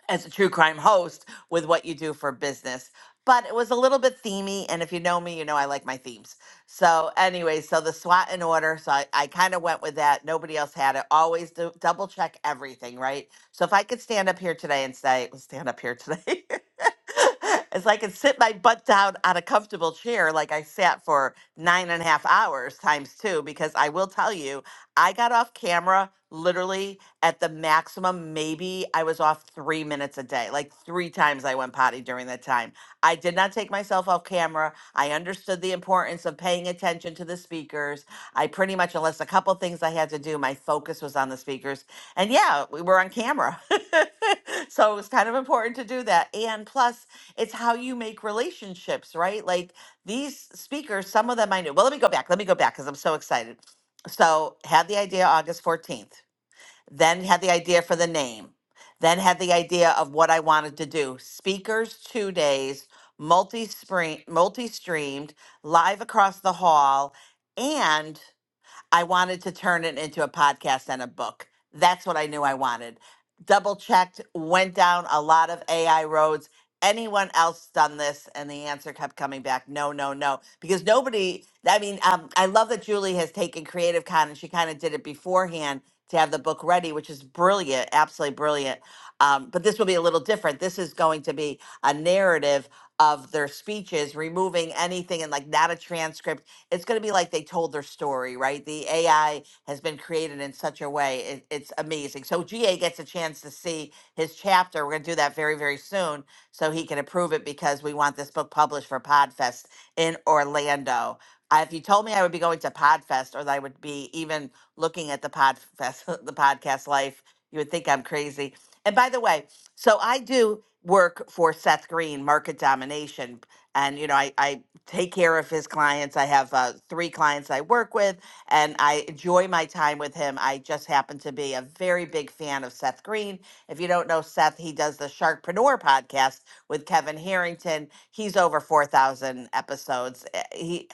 S23: as a true crime host with what you do for business. But it was a little bit themey, and if you know me, you know I like my themes. So, anyway, so the SWAT in order. So I, I kind of went with that. Nobody else had it. Always do, double check everything, right? So if I could stand up here today and say, stand up here today It's like I could sit my butt down on a comfortable chair, like I sat for nine and a half hours times two, because I will tell you, I got off camera literally at the maximum. Maybe I was off three minutes a day, like three times I went potty during that time. I did not take myself off camera. I understood the importance of paying attention to the speakers. I pretty much, unless a couple things I had to do, my focus was on the speakers and yeah, we were on camera. so it was kind of important to do that. And plus, it's how you make relationships, right? Like these speakers, some of them I knew. Well, let me go back. Let me go back because I'm so excited. So, had the idea August 14th, then had the idea for the name, then had the idea of what I wanted to do. Speakers two days, multi multi streamed, live across the hall. and. I wanted to turn it into a podcast and a book. That's what I knew I wanted. Double checked, went down a lot of AI roads. Anyone else done this? And the answer kept coming back no, no, no. Because nobody, I mean, um, I love that Julie has taken Creative Con and she kind of did it beforehand to have the book ready, which is brilliant, absolutely brilliant. Um, but this will be a little different. This is going to be a narrative of their speeches, removing anything and like not a transcript it's going to be like they told their story, right? The AI has been created in such a way, it, it's amazing. So GA gets a chance to see his chapter. We're going to do that very, very soon so he can approve it because we want this book published for Podfest in Orlando. I- If you told me I would be going to Podfest or that I would be even looking at the Podfest, the podcast life, you would think I'm crazy. And by the way, so I do work for Seth Green, Market Domination, and you know I I take care of his clients. I have uh, three clients I work with, and I enjoy my time with him. I just happen to be a very big fan of Seth Green. If you don't know Seth, he does the Sharkpreneur podcast with Kevin Harrington. He's over four thousand episodes. Eh, He,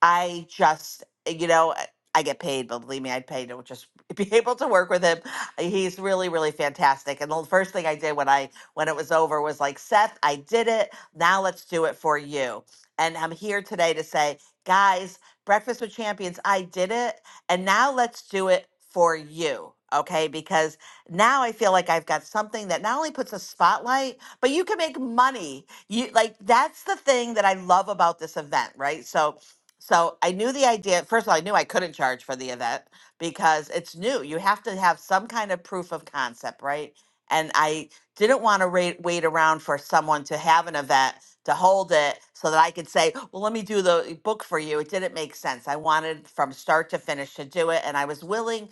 S23: I just, you know. I I get paid, but believe me, I'd pay to just be able to work with him. He's really, really fantastic. And the first thing I did when I when it was over was like, Seth, I did it. Now let's do it for you and I'm here today to say, guys, Breakfast with Champions, I did it. And now let's do it for you. Okay. Because now I feel like I've got something that not only puts a spotlight, but you can make money. You like that's the thing that I love about this event, right? So so I knew the idea. First of all, I knew I couldn't charge for the event because it's new. You have to have some kind of proof of concept, right? And I didn't want to ra- wait around for someone to have an event to hold it so that I could say, well, let me do the eh, book for you. It didn't make sense. I wanted from start to finish to do it. And I was willing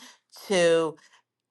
S23: to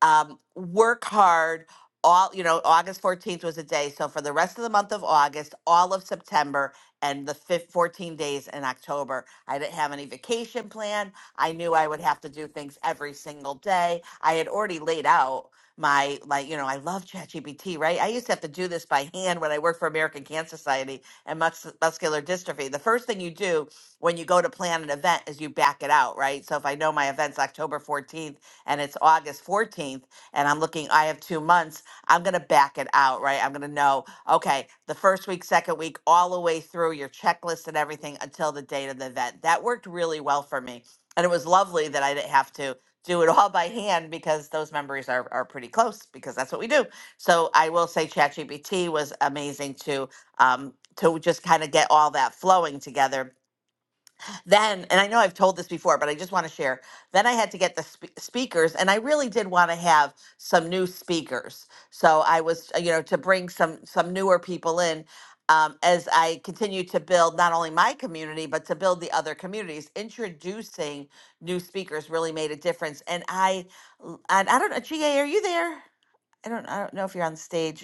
S23: um, work hard all you know august 14th was a day so for the rest of the month of august all of september and the fif- 14 days in october i didn't have any vacation plan i knew i would have to do things every single day i had already laid out my like you know i love chatgpt right i used to have to do this by hand when i worked for american cancer society and mus- muscular dystrophy the first thing you do when you go to plan an event is you back it out right so if i know my event's october 14th and it's August 14th and I'm looking, I have two months, I'm going to back it out, right? I'm going to know, okay, the first week, second week, all the way through your checklist and everything until the date of the event. That worked really well for me. And it was lovely that I didn't have to do it all by hand because those memories are, are pretty close because that's what we do. So I will say ChatGPT was amazing to um, to just kind of get all that flowing together then, and I know I've told this before, but I just want to share. Then I had to get the spe- speakers, and I really did want to have some new speakers. So I was, uh, you know, to bring some some newer people in um, as I continue to build not only my community but to build the other communities. Introducing new speakers really made a difference, and I, l- and I don't know, Ga, are you there? I don't, I don't know if you're on stage.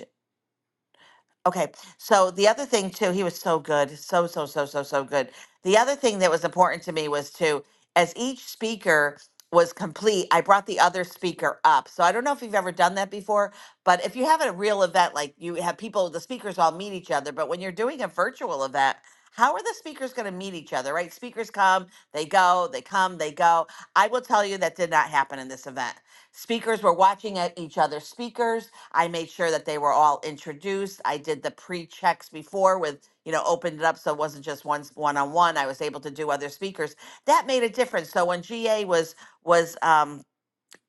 S23: Okay. So the other thing too, he was so good. So, so, so, so, so good. The other thing that was important to me was to, as each speaker was complete, I brought the other speaker up. So I don't know if you've ever done that before, but if you have a real event, like you have people, the speakers all meet each other, but when you're doing a virtual event, how are the speakers going to meet each other, right? Speakers come, they go, they come, they go. I will tell you that did not happen in this event. Speakers were watching at each other. speakers. I made sure that they were all introduced. I did the pre-checks before with, you know, opened it up so it wasn't just one one-on-one. I was able to do other speakers. That made a difference. So when GA was was um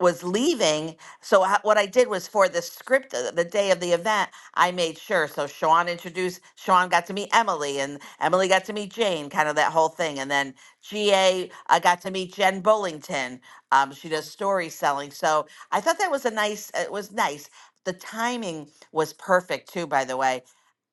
S23: was leaving. So ho- what I did was for the script, uh, the day of the event, I made sure. So Sean introduced, Sean got to meet Emily, and Emily got to meet Jane, kind of that whole thing. And then GA, I got to meet Jen Bullington. Um, she does story selling. So I thought that was a nice. It was nice. The timing was perfect too, by the way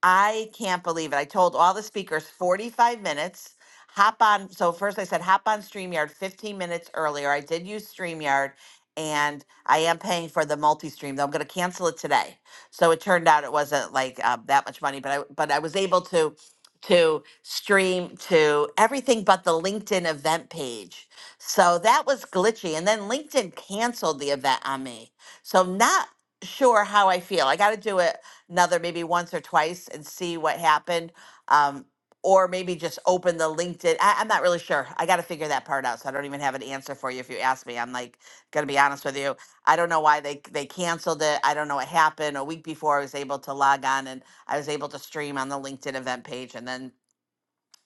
S23: I can't believe it. I told all the speakers 45 minutes. Hop on. So first I said hop on StreamYard 15 minutes earlier. I did use StreamYard and I am paying for the multi-stream though. I'm going to cancel it today. So it turned out it wasn't like uh, that much money, but I but I was able to to stream to everything but the LinkedIn event page. So that was glitchy and then LinkedIn canceled the event on me. So not sure how I feel. I got to do it another maybe once or twice and see what happened. Um, or maybe just open the LinkedIn. I, I'm not really sure. I got to figure that part out. So I don't even have an answer for you if you ask me. I'm like, gonna be honest with you. I don't know why they they canceled it. I don't know what happened. A week before, I was able to log on and I was able to stream on the LinkedIn event page, and then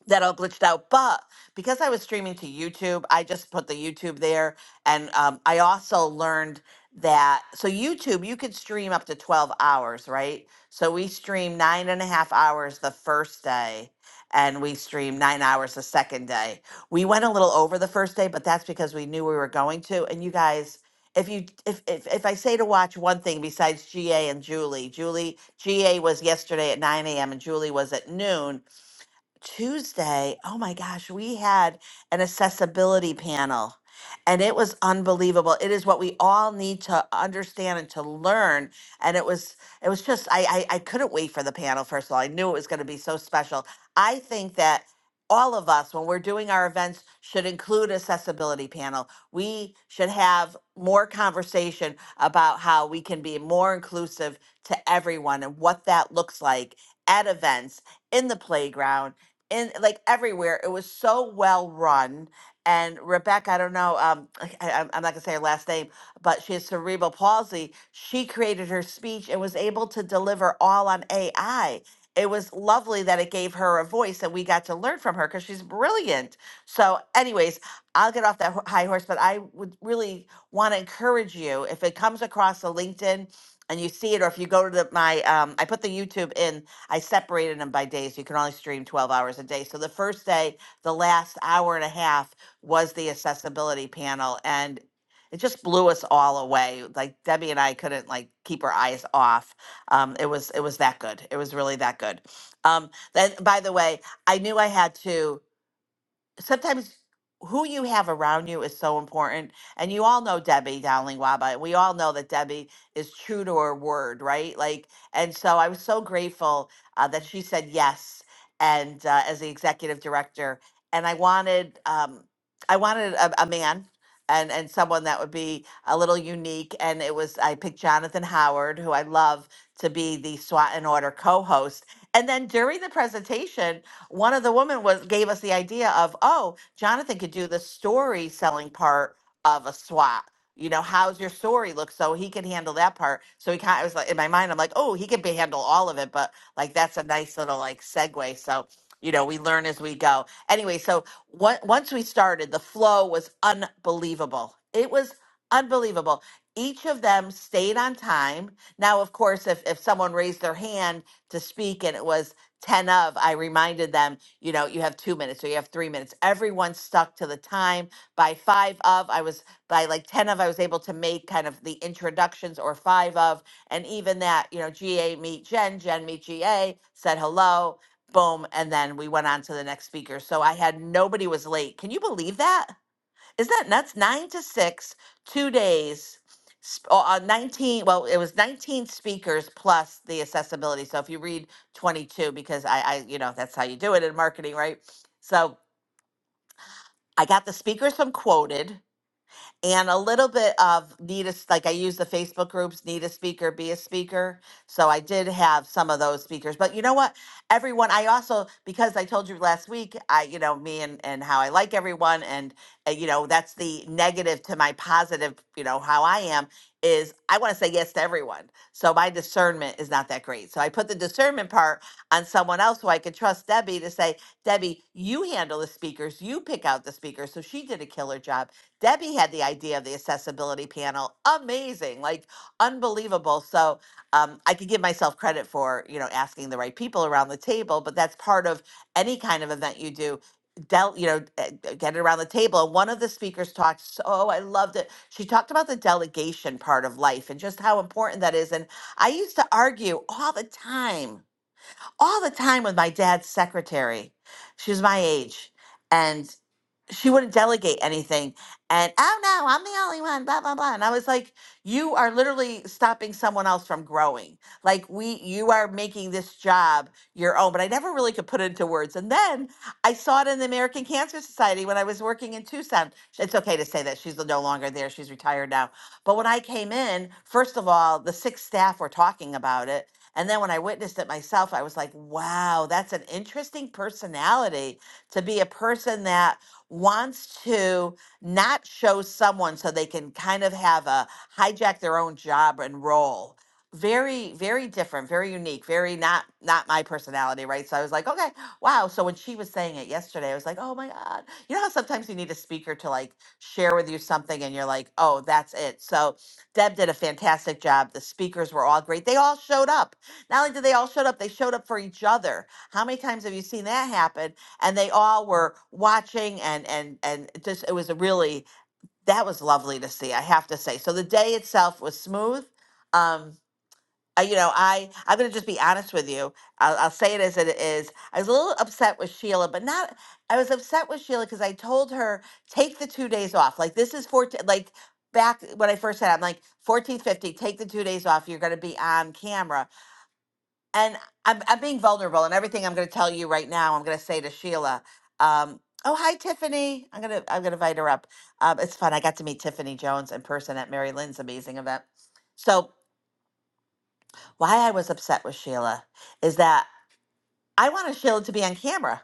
S23: that all glitched out. But because I was streaming to YouTube, I just put the YouTube there. And um, I also learned that so YouTube, you could stream up to 12 hours, right? So we stream nine and a half hours the first day. And we stream nine hours the second day. We went a little over the first day, but that's because we knew we were going to. And you guys, if you if if, if I say to watch one thing besides GA and Julie, Julie GA was yesterday at 9 a.m. and Julie was at noon Tuesday, oh my gosh, we had an accessibility panel and it was unbelievable. It is what we all need to understand and to learn. And it was it was just I I, I couldn't wait for the panel first of all. I knew it was going to be so special. I think that all of us when we're doing our events should include accessibility panel. We should have more conversation about how we can be more inclusive to everyone and what that looks like at events in the playground in like everywhere. It was so well run. And Rebecca, I don't know, um, I, I- I'm not gonna say her last name, but she has cerebral palsy. She created her speech and was able to deliver all on AI. It was lovely that it gave her a voice and we got to learn from her because she's brilliant. So, anyways, I'll get off that ho- high horse, but I would really want to encourage you if it comes across a LinkedIn and you see it, or if you go to the, my, um, I put the YouTube in I separated them by days. You can only stream 12 hours a day. So the first day, the last hour and a half was the accessibility panel. And it just blew us all away. Like Debbie and I couldn't like keep our eyes off. Um, it was it was that good. It was really that good. Um, then by the way, I knew I had to sometimes who you have around you is so important. And you all know Debbie Dowling Waba. We all know that Debbie is true to her word, right? Like, and so I was so grateful uh, that she said yes, and uh, as the executive director, and I wanted, um, I wanted a, a man. And, and someone that would be a little unique. And it was, I picked Jonathan Howard, who I love to be the SWAT and Order co host. And then during the presentation, one of the women was gave us the idea of, oh, Jonathan could do the story selling part of a SWAT. You know, how's your story look? So he can handle that part. So he kind of was like in my mind, I'm like, oh, he can be, handle all of it, but like that's a nice little like segue. So you know, we learn as we go. Anyway, so on- once we started, the flow was unbelievable. It was unbelievable. Each of them stayed on time. Now, of course, if, if someone raised their hand to speak and it was 10 of, I reminded them, you know, you have two minutes or you have three minutes. Everyone stuck to the time. By five of, I was, by like 10 of, I was able to make kind of the introductions or five of. And even that, you know, GA meet Jen, Jen meet GA, said hello, boom. And then we went on to the next speaker. So I had nobody was late. Can you believe that? Isn't that nuts? Nine to six, two days, sp- oh, uh, 19, well, it was 19 speakers plus the accessibility. So if you read 22, because I, I, you know, that's how you do it in marketing, right? So I got the speakers from Quoted and a little bit of need a like I use the Facebook groups need a speaker be a speaker so I did have some of those speakers but you know what everyone I also because I told you last week I you know me and and how I like everyone and uh, you know that's the negative to my positive you know how I am is I want to say yes to everyone so my discernment is not that great so I put the discernment part on someone else who I could trust Debbie to say Debbie you handle the speakers you pick out the speakers so she did a killer job Debbie had the idea of the accessibility panel. Amazing, like unbelievable. So um, I could give myself credit for you know asking the right people around the table, but that's part of any kind of event you do. Del, you know, eh, eh, get it around the table. And one of the speakers talked. So oh, I loved it. She talked about the delegation part of life and just how important that is. And I used to argue all the time, all the time with my dad's secretary. She was my age, and she wouldn't delegate anything. And oh no, I'm the only one, blah, blah, blah. And I was like, you are literally stopping someone else from growing. Like we you are making this job your own. But I never really could put it into words. And then I saw it in the American Cancer Society when I was working in Tucson. It's okay to say that she's no longer there. She's retired now. But when I came in, first of all, the six staff were talking about it. And then when I witnessed it myself, I was like, wow, that's an interesting personality to be a person that wants to not show someone so they can kind of have a hijack their own job and role. Very, very different, very unique, very not not my personality, right? So I was like, okay, wow. So when she was saying it yesterday, I was like, oh my God. You know how sometimes you need a speaker to like share with you something and you're like, oh, that's it. So Deb did a fantastic job. The speakers were all great. They all showed up. Not only did they all showed up, they showed up for each other. How many times have you seen that happen? and they all were watching and and and just it was a really that was lovely to see i have to say so the day itself was smooth um I, you know i i'm going to just be honest with you I'll, I'll say it as it is i was a little upset with sheila but not i was upset with sheila because i told her take the two days off like this is 14 like back when i first said i'm like 14 50. take the two days off you're going to be on camera and I'm, I'm being vulnerable and everything i'm going to tell you right now i'm going to say to sheila um, oh hi tiffany i'm going to i'm going to invite her up um, it's fun i got to meet tiffany jones in person at mary lynn's amazing event so why i was upset with sheila is that i wanted sheila to be on camera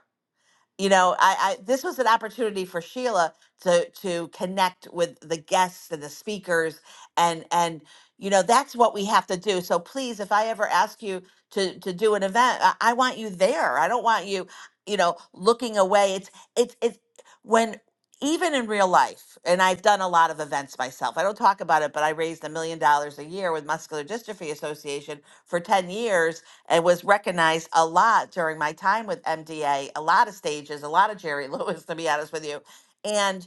S23: you know I, I this was an opportunity for sheila to to connect with the guests and the speakers and and you know that's what we have to do so please if i ever ask you to to do an event i, I want you there i don't want you you know looking away it's it's it's when even in real life and i've done a lot of events myself i don't talk about it but i raised a million dollars a year with muscular dystrophy association for 10 years and was recognized a lot during my time with MDA, a a lot of stages, a lot of Jerry Lewis, to be honest with you. And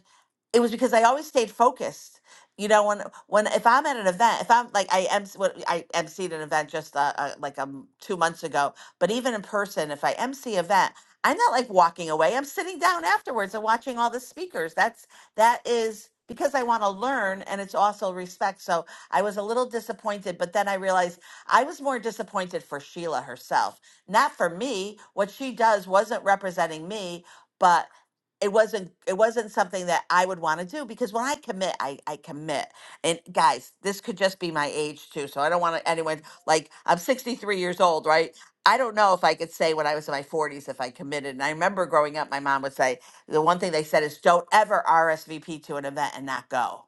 S23: it was because I always stayed focused. You know, when when if I'm at an event, if I'm like I em- what I emceed an event just uh, uh, like um two months ago, but even in person, if I emcee event, I'm not like walking away. I'm sitting down afterwards and watching all the speakers. That's that is because I want to learn, and it's also respect. So I was a little disappointed, but then I realized I was more disappointed for Sheila herself, not for me. What she does wasn't representing me, but it wasn't it wasn't something that I would want to do because when I commit, I I commit. And guys, this could just be my age too, so I don't want anyone like I'm 63 years old, right? I don't know if I could say when I was in my 40s if I committed. And I remember growing up, my mom would say the one thing they said is don't ever RSVP to an event and not go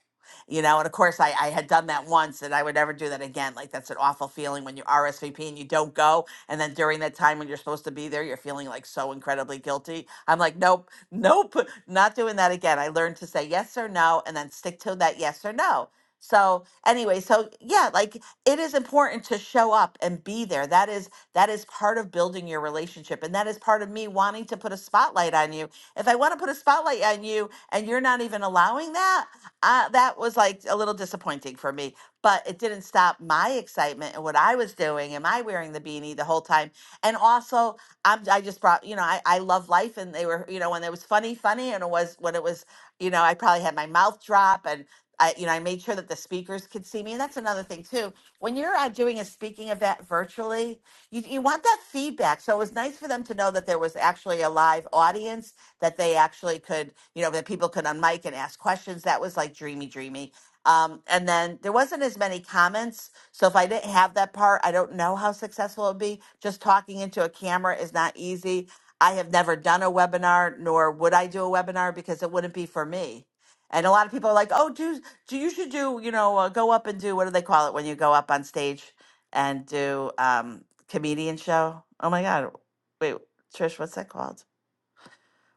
S23: you know and of course I, I had done that once and i would never do that again like that's an awful feeling when you rsvp and you don't go and then during that time when you're supposed to be there you're feeling like so incredibly guilty i'm like nope nope not doing that again i learned to say yes or no and then stick to that yes or no so anyway so yeah like it is important to show up and be there that is that is part of building your relationship and that is part of me wanting to put a spotlight on you if i want to put a spotlight on you and you're not even allowing that uh, that was like a little disappointing for me, but it didn't stop my excitement and what I was doing. Am I wearing the beanie the whole time? And also, I'm, I just brought, you know, I, I love life and they were, you know, when it was funny, funny, and it was when it was, you know, I probably had my mouth drop and I, you know, I made sure that the speakers could see me. And that's another thing too. When you're uh, doing a speaking event virtually, you, you want that feedback. So it was nice for them to know that there was actually a live audience that they actually could, you know, that people could unmic and ask questions. That was like dreamy, dreamy. Um, and then there wasn't as many comments. So if I didn't have that part, I don't know how successful it would be. Just talking into a camera is not easy. I have never done a webinar, nor would I do a webinar because it wouldn't be for me. And a lot of people are like, "Oh, do do you should do you know uh, go up and do what do they call it when you go up on stage and do um comedian show? Oh my god, wait, Trish, what's that called?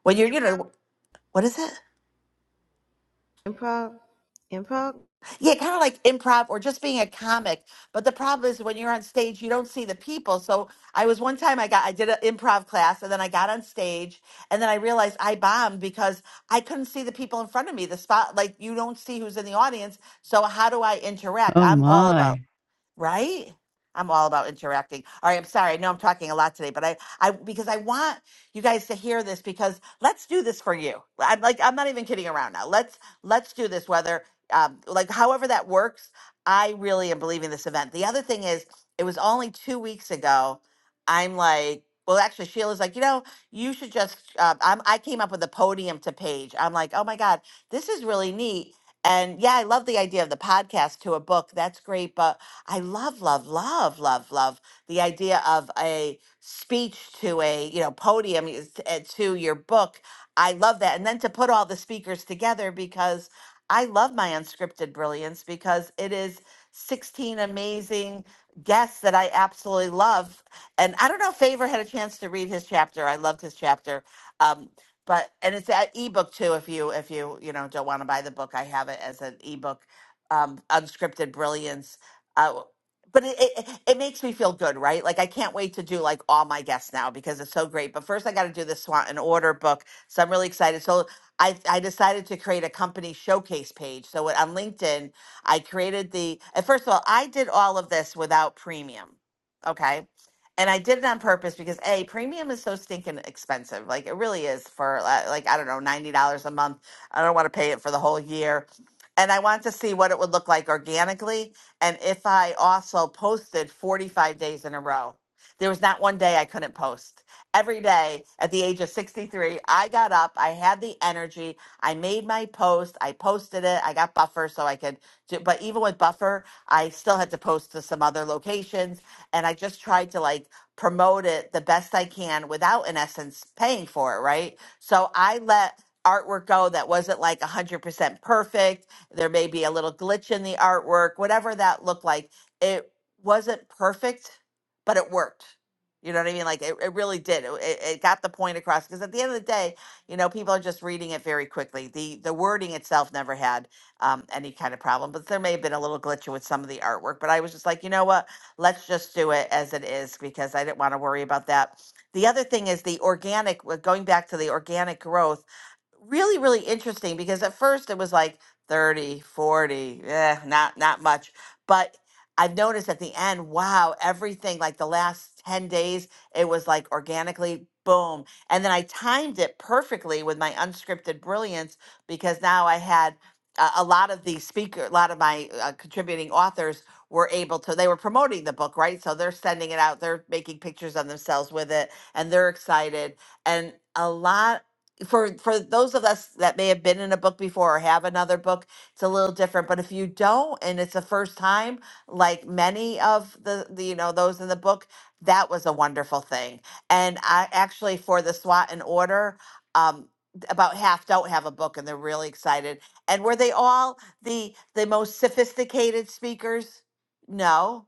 S23: When you're you know what is it?
S2: Improv, improv.
S23: Yeah, kind of like improv or just being a comic. But the problem is when you're on stage, you don't see the people. So I was one time I got I did an improv class and then I got on stage and then I realized I bombed because I couldn't see the people in front of me. The spot like you don't see who's in the audience. So how do I interact?
S1: Oh
S23: I'm all
S1: my.
S23: about
S1: I
S23: right? I'm all about interacting. All right, I'm sorry. I know I'm talking a lot today, but I, I because I want you guys to hear this because let's do this for you. I'm like I'm not even kidding around now. Let's let's do this whether um, like however that works. I really am believing this event. The other thing is, it was only two weeks ago. I'm like, well, actually, Sheila's like, you know, you should just. Uh, I'm, I came up with a podium to page. I'm like, oh my god, this is really neat. And yeah, I love the idea of the podcast to a book. That's great, but I love, love, love, love, love the idea of a speech to a you know podium is- uh, to your book. I love that, and then to put all the speakers together because I love my unscripted brilliance because it is sixteen amazing guests that I absolutely love. And I don't know if Favor had a chance to read his chapter. I loved his chapter. Um, but and it's an ebook too if you if you you know don't want to buy the book i have it as an ebook um unscripted brilliance uh, but it, it it makes me feel good, right? Like I can't wait to do like all my guests now because it's so great. But first, I got to do the Swan and Order book, so I'm really excited. So I I decided to create a company showcase page. So on LinkedIn, I created the. And first of all, I did all of this without premium, okay. And I did it on purpose because a premium is so stinking expensive. Like it really is for uh, like I don't know ninety dollars a month. I don't want to pay it for the whole year, and I wanted to see what it would look like organically and if I also posted 45 days in a row, there was not one day I couldn't post. Every day at the age of 63, I got up, I had the energy, I made my post, I posted it, I got buffer so I could do, but even with buffer, I still had to post to some other locations. And I just tried to like promote it the best I can without, in essence, paying for it, right? So I let artwork go that wasn't like 100% perfect there may be a little glitch in the artwork, whatever that looked like. It wasn't perfect, but it worked. You know what I mean? Like it, it really did. It, it it got the point across because at the end of the day, you know, people are just reading it very quickly. The the wording itself never had um, any kind of problem, but there may have been a little glitch with some of the artwork. But I was just like, you know what? Let's just do it as it is because I didn't want to worry about that. The other thing is the organic, we going back to the organic growth really really interesting because at first it was like 30, 40, eh, not not much but i've noticed at the end wow everything like the last 10 days it was like organically boom and then i timed it perfectly with my unscripted brilliance because now i had uh, a lot of the speaker a lot of my uh, contributing authors were able to they were promoting the book right so they're sending it out they're making pictures of themselves with it and they're excited and a lot for for those of us that may have been in a book before or have another book it's a little different but if you don't and it's the first time like many of the, the you know those in the book that was a wonderful thing and i actually for the swat and order um d- about half don't have a book and they're really excited and were they all the the most sophisticated speakers no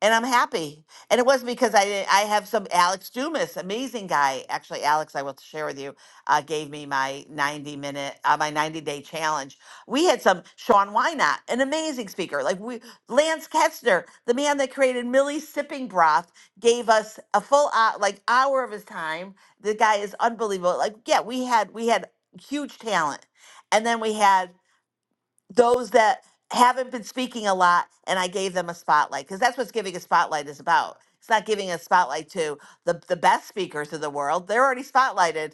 S23: and I'm happy. And it wasn't because I didn't, I have some Alex Dumas, amazing guy. Actually, Alex, I will share with you, uh, gave me my 90 minute, uh, my 90 day challenge. We had some Sean Wynot, an amazing speaker. Like we, Lance Ketzner, the man that created Millie's Sipping Broth, gave us a full uh, like hour of his time. The guy is unbelievable. Like yeah, we had we had huge talent, and then we had those that haven't been speaking a lot and I gave them a spotlight because that's what giving a spotlight is about. It's not giving a spotlight to the, the best speakers of the world. They're already spotlighted.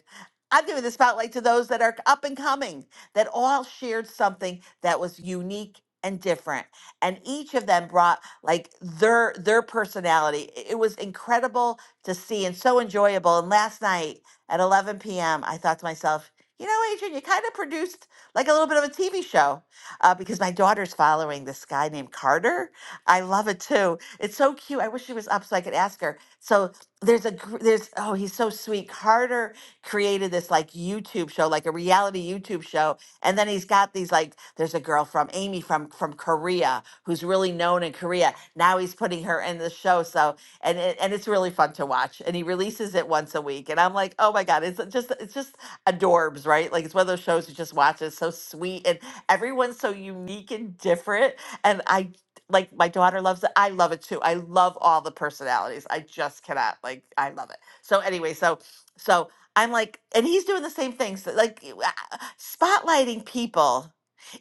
S23: I'm giving the spotlight to those that are up and coming, that all shared something that was unique and different. And each of them brought like their their personality. I- It was incredible to see and so enjoyable. And last night at 11 p.m., I thought to myself, you know, Adrian, you kind of produced like a little bit of a TV show uh, because my daughter's following this guy named Carter. I love it too. It's so cute. I wish she was up so I could ask her. So there's a gr- there's oh he's so sweet. Carter created this like YouTube show, like a reality YouTube show, and then he's got these like there's a girl from Amy from from Korea who's really known in Korea. Now he's putting her in the show. So and it, and it's really fun to watch. And he releases it once a week, and I'm like, oh my god, it's just it's just adorbs, right? Like it's one of those shows you just watch. It's so sweet, and everyone's so unique and different and i like my daughter loves it i love it too i love all the personalities i just cannot like i love it so anyway so so i'm like and he's doing the same things like spotlighting people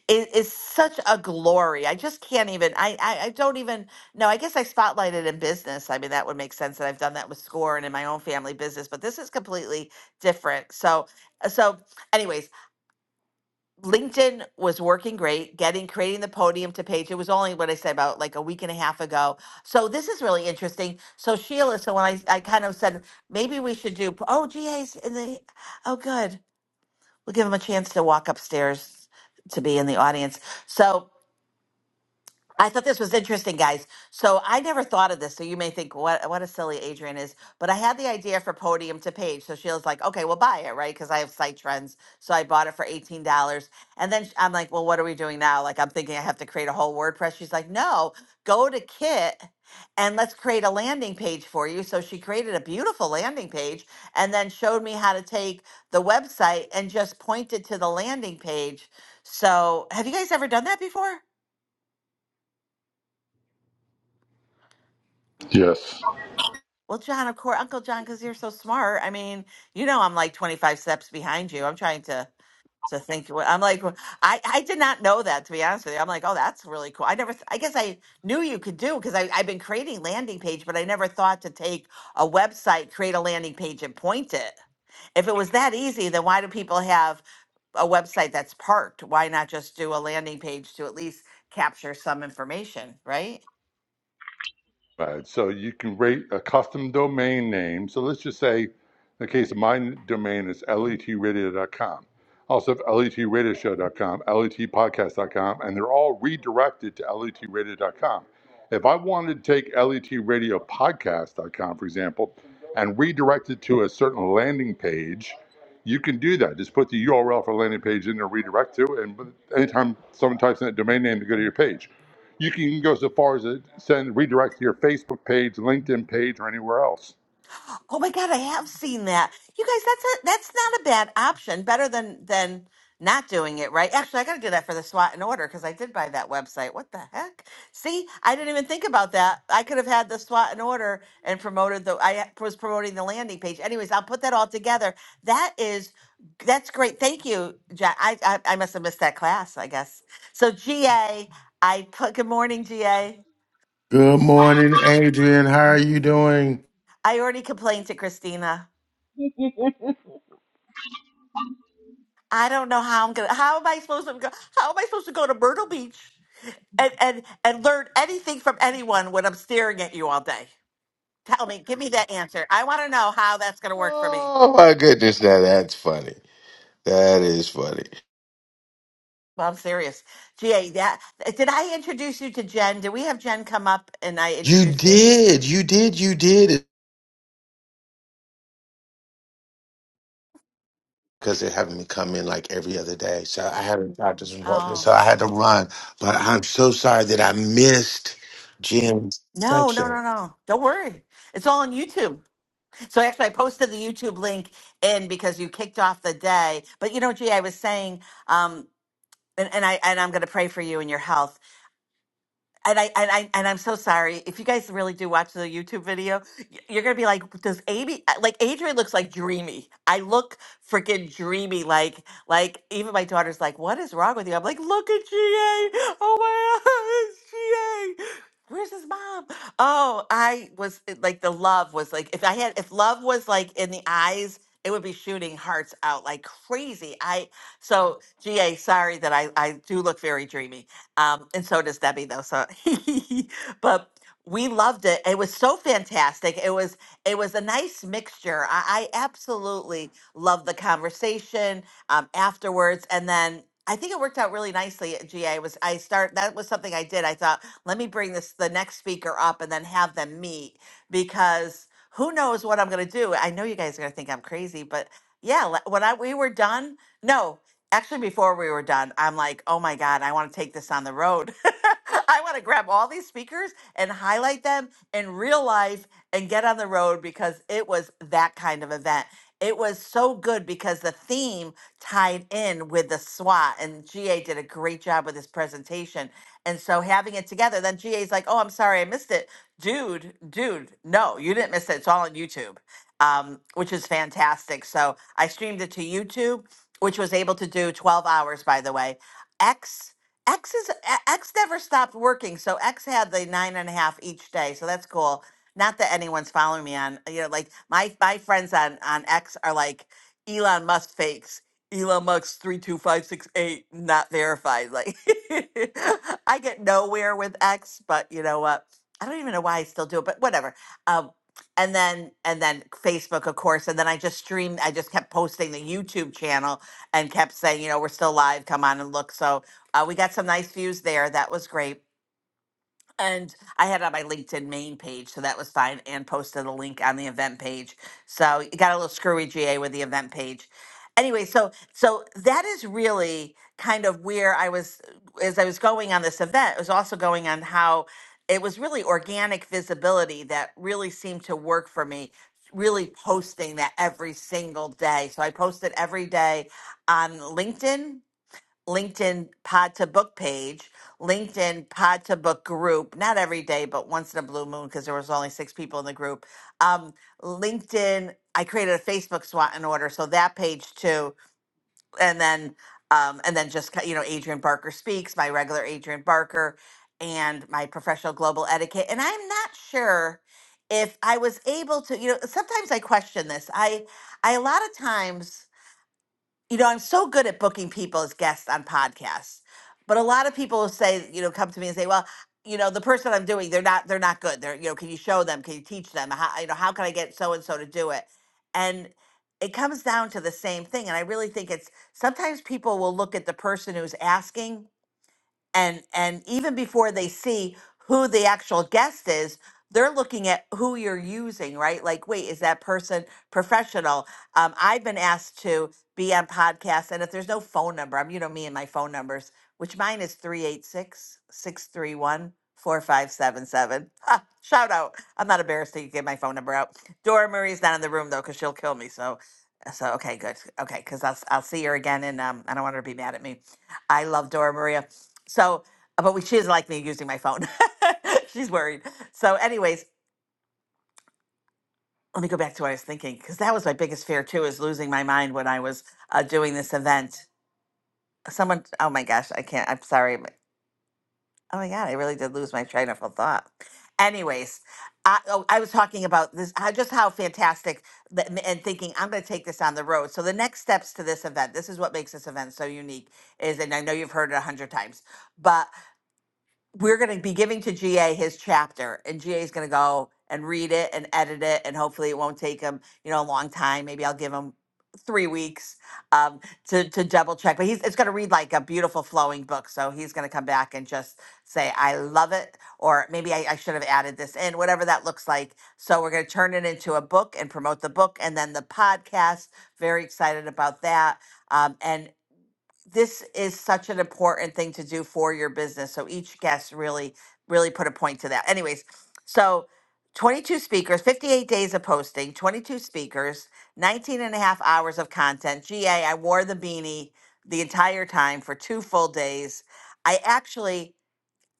S23: is, is such a glory i just can't even I, I i don't even no i guess i spotlighted in business i mean that would make sense that i've done that with score and in my own family business but this is completely different so so anyways LinkedIn was working great, getting creating the podium to page. It was only what I said about like a week and a half ago. So this is really interesting. So Sheila, so when I I kind of said maybe we should do oh GA's in the oh good. We'll give them a chance to walk upstairs to be in the audience. So I thought this was interesting, guys. So I never thought of this. So you may think, what what a silly Adrian is. But I had the idea for Podium to Page. So she was like, okay, we'll buy it, right? Because I have site trends. So I bought it for eighteen dollars. And then sh- I'm like, well, what are we doing now? Like I'm thinking I have to create a whole WordPress. She's like, no, go to Kit and let's create a landing page for you. So she created a beautiful landing page and then showed me how to take the website and just pointed to the landing page. So have you guys ever done that before?
S32: Yes.
S23: Well, John, of course, Uncle John, because you're so smart. I mean, you know, I'm like 25 steps behind you. I'm trying to to think. what- I'm like, well, I I did not know that to be honest with you. I'm like, oh, that's really cool. I never, th- I guess I knew you could do because I I've been creating landing page, but I never thought to take a website, create a landing page, and point it. If it was that easy, then why do people have a website that's parked? Why not just do a landing page to at least capture some information, right?
S32: Right. So you can rate a custom domain name. So let's just say, in the case of my domain, is it's letradio.com. I Also, have letradioshow dot com, letpodcast dot com, and they're all redirected to letradio. dot com. If I wanted to take letradiopodcast. dot com, for example, and redirect it to a certain landing page, you can do that. Just put the URL for landing page in there, redirect to, and anytime someone types in a domain name, they go to your page. You can go so far as to send redirects to your Facebook page, LinkedIn page, or anywhere else.
S23: Oh my God, I have seen that. You guys, that's a that's not a bad option. Better than than not doing it, right? Actually, I got to do that for the SWAT and order because I did buy that website. What the heck? See, I didn't even think about that. I could have had the SWAT and order and promoted the. I was promoting the landing page. Anyways, I'll put that all together. That is that's great. Thank you, Jack. I I, I must have missed that class, I guess. So GA, I put good morning, GA.
S9: Good morning, Adrian. How are you doing?
S23: I already complained to Christina. I don't know how I'm gonna. How am I supposed to go? How am I supposed to go to Myrtle Beach and and and learn anything from anyone when I'm staring at you all day? Tell me, give me that answer. I want to know how that's gonna work for me.
S9: Oh, my goodness. Now, that's funny. That is funny.
S23: Well, I'm serious, GA. That did I introduce you to Jen? Did we have Jen come up and I
S9: You
S23: introduced you?
S9: did, you did, you did. Because they're having me come in like every other day, so I haven't got this appointment,
S23: Oh
S9: so I had to run. But I'm so sorry that I missed Jim's
S23: no, no,
S9: section.
S23: no, no. Don't worry, it's all on YouTube. So actually, I posted the YouTube link in because you kicked off the day. But you know, GA, was saying um, and, and I and I'm going to pray for you and your health. and I and I and I'm so sorry. If you guys really do watch the YouTube video, y- you're gonna be like, does Amy uh, like Adrian looks like dreamy? I look freaking dreamy. Like like even my daughter's like, what is wrong with you? I'm like, look at GA. Oh my God, it's GA. Where's his mom? Oh, I was it- like the love was like if I had if love was like in the eyes. It would be shooting hearts out like crazy. I so GA, sorry that I I do look very dreamy. Um, and so does Debbie, though. So, but we loved it. It was so fantastic. It was it was a nice mixture. I, I absolutely loved the conversation um, afterwards, and then. I think it worked out really nicely at GA. Was I start that was something I did. I thought, let me bring this the next speaker up and then have them meet because who knows what I'm going to do. I know you guys are going to think I'm crazy, but yeah, le- when I we were done, no actually before we were done i'm like oh my god i want to take this on the road i want to grab all these speakers and highlight them in real life and get on the road because it was that kind of event it was so good because the theme tied in with the SWAT, and GA did a great job with his presentation. And so having it together, then GA's like, "Oh, I'm sorry, I missed it, dude, dude. No, you didn't miss it. It's all on YouTube, um, which is fantastic." So I streamed it to YouTube which was able to do 12 hours by the way x x is a- x never stopped working so x had the nine and a half each day so that's cool not that anyone's following me on you know like my my friends on on x are like elon musk fakes elon musk 32568 not verified like i get nowhere with x but you know what i don't even know why i still do it but whatever um and then and then facebook of course and then i just streamed i just kept posting the youtube channel and kept saying, you know, we're still live. Come on and look. So uh, we got some nice views there. That was great and I had it on my LinkedIn main page, so that was fine, and posted a link on the event page. So it got a little screwy GA with the event page. Anyway, so so that is really kind of where I was as I was going on this event. It was also going on how it was really organic visibility that really seemed to work for me. Really posting that every single day. So I posted every day on LinkedIn LinkedIn Pod to Book page, LinkedIn Pod to Book group, not every day, but once in a blue moon because there was only six people in the group. Um, LinkedIn, I created a Facebook SWAT and order, so that page too, and then um, and then just you know Adrian Barker speaks, my regular Adrian Barker, and my professional global etiquette, and I'm not sure if I was able to, you know, sometimes I question this. I I a lot of times you know, I'm so good at booking people as guests on podcasts, but a lot of people will say, you know, come to me and say, well, you know, the person I'm doing, they're not, they're not good. They're, you know, can you show them? Can you teach them? How, you know, how can I get so and so to do it? And it comes down to the same thing. And I really think it's sometimes people will look at the person who's asking and and even before they see who the actual guest is they're looking at who you're using right like wait is that person professional um, i've been asked to be on podcasts and if there's no phone number i'm you know me and my phone numbers which mine is three eight six six three one four five seven seven. 631 shout out i'm not embarrassed to give my phone number out dora marie's not in the room though because she'll kill me so so okay good okay because I'll, I'll see her again and um, i don't want her to be mad at me i love dora maria so, uh, but we, she doesn't like me using my phone. She's worried. So, anyways, let me go back to what I was thinking because that was my biggest fear too is losing my mind when I was uh, doing this event. Someone, oh my gosh, I can't. I'm sorry. but- Oh my god, I really did lose my train of thought. Anyways, I, oh, I was talking about this, how, just how fantastic, that, and and thinking I'm going to take this on the road. So the next steps to this event, this is what makes this event so unique, is, and I know you've heard it a hundred times, but we're going to be giving to GA his chapter, and GA is going to go and read it and edit it, and hopefully it won't take him, you know, a long time. Maybe I'll give him three weeks um, to to double check. But he's it's going to read like a beautiful flowing book, so he's going to come back and just say, "I love it," or maybe I, I should have added this in, whatever that looks like. So we're going to turn it into a book and promote the book, and then the podcast. Very excited about that. Um, and this is such an important thing to do for your business. So each guest really, really put a point to that. Anyways, so 22 speakers, 58 days of posting, 22 speakers, 19 and a half hours of content. GA, I wore the beanie the entire time for two full days. I actually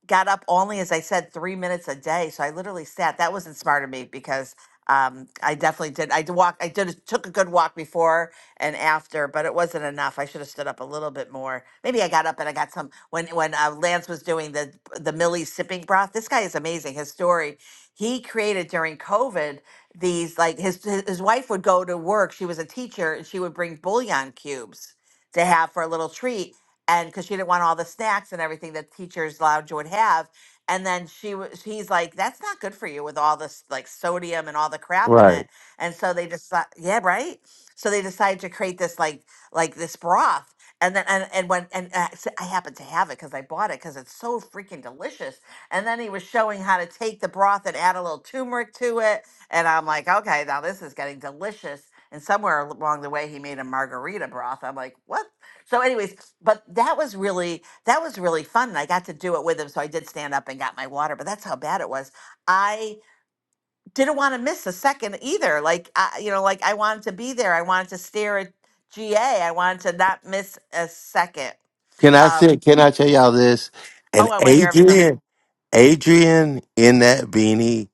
S23: got up only, as I said, three minutes a day. So I literally sat. That was not smart of me because um, I definitely did. I did walk. I did took a good walk before and after, but it wasn't enough. I should have stood up a little bit more. Maybe I got up and I got some when when uh, Lance was doing the the Millie sipping broth. This guy is amazing. His story. He created during COVID these like his his his wife would go to work. She was a teacher and she would bring bouillon cubes to have for a little treat and because she didn't want all the snacks and everything that teachers lounge would have and then she was he's like that's not good for you with all this like sodium and all the crap in
S9: Right?
S23: it and so they just yeah right so they decided to create this like like this broth and then and, and when and uh, so i happened to have it because i bought it because it's so freaking delicious and then he was showing how to take the broth and add a little turmeric to it and i'm like okay now this is getting delicious and somewhere al- along the way he made a margarita broth i'm like what so anyways but that was really that was really fun and i got to do it with him so i did stand up and got my water but that's how bad it was i didn't want to miss a second either like I, you know like i wanted to be there i wanted to stare at ga i wanted to not miss a second
S9: Can I say?
S23: um
S9: Can I tell y'all this? And
S23: oh i want to hear everything
S9: Adrian, Adrian in that beanie,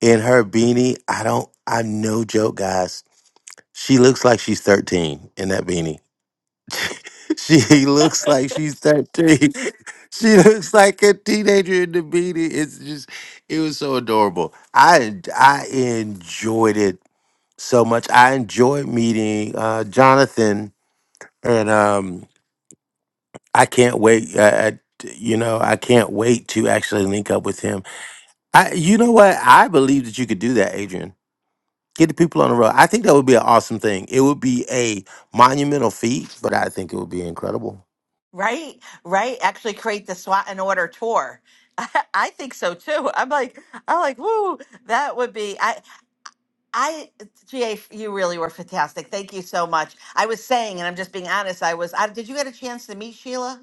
S9: in her beanie, I don't. I'm no joke, guys. She looks like she's 13 in that beanie. She looks like she's 13. She looks like a teenager in the beanie. It's just, it was so adorable. I I enjoyed it so much. I enjoyed meeting uh, Jonathan, and um, I can't wait. Uh, I, you know, I can't wait to actually link up with him. I, you know what? I believe that you could do that, Adrian. Get the people on the road. I think that would be an awesome thing. It would be a monumental feat, but I think it would be incredible.
S23: Right, right. Actually, create the SWAT and order tour. I, I think so too. I'm like, I'm like, woo, that would be. I, I, GA, you really were fantastic. Thank you so much. I was saying, and I'm just being honest. I was. I, did you get a chance to meet Sheila?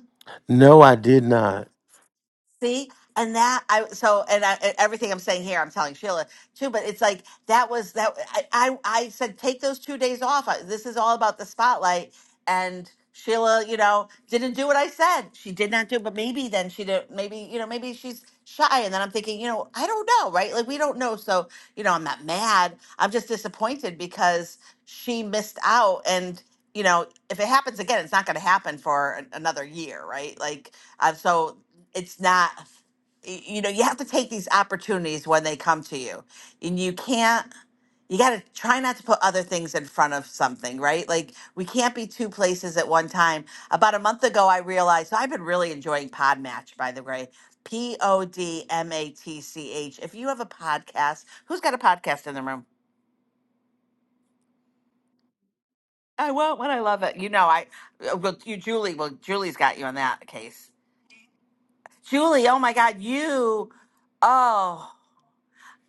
S9: No, I did not.
S23: See, and that I so and I, and everything I'm saying here, I'm telling Sheila too. But it's like that was that I I, I said take those two days off. I, this is all about the spotlight. And Sheila, you know, didn't do what I said. She did not do. But maybe then she did. Maybe you know, maybe she's shy. And then I'm thinking, you know, I don't know, right? Like we don't know. So you know, I'm not mad. I'm just disappointed because she missed out. And you know, if it happens again, it's not going to happen for an, another year, right? Like. Uh, so it's not y- you know you have to take these opportunities when they come to you and you can't you got to try not to put other things in front of something right like we can't be two places at one time about a month ago i realized so i've been really enjoying podmatch by the way p-o-d-m-a-t-c-h if you have a podcast who's got a podcast in the room i won't when i love it you know i uh, well you julie well julie's got you on that case julie oh my god you Oh,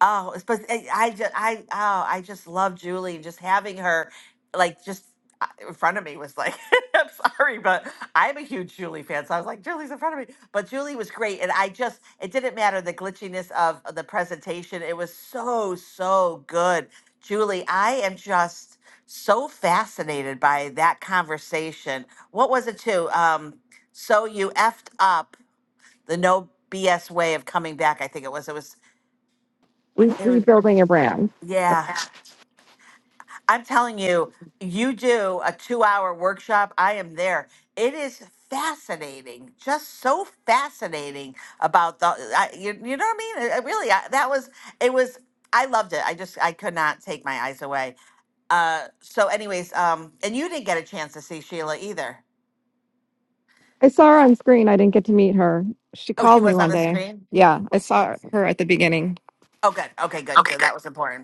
S23: Oh, it's- but I, I just, I, oh, I just love Julie and just having her, like, just in front of me was like, I'm sorry, but I'm a huge Julie fan. So I was like, Julie's in front of me. But Julie was great. And I just, it didn't matter the glitchiness of the presentation. It was so, so good. Julie, I am just so fascinated by that conversation. What was it too? Um, so you effed up the no BS way of coming back. I think it was, it was,
S20: We
S23: it was,
S20: rebuilding a brand.
S23: yeah. I'm telling you, you do a two hour workshop, I am there. It is fascinating, just so fascinating about the, I, you, you know what I mean? I, I really, I, that was, it was, I loved it. I just, I could not take my eyes away. Uh, so, anyways, um, and you didn't get a chance to see Sheila either.
S20: I
S23: Uh,
S20: saw her on screen. I didn't get to meet her. She
S23: Oh, she
S20: called me
S23: was on
S20: one
S23: the
S20: day.
S23: screen?
S20: Yeah,
S23: Wh-
S20: I saw her at the beginning.
S23: Oh, good. Okay, good. good. That was important.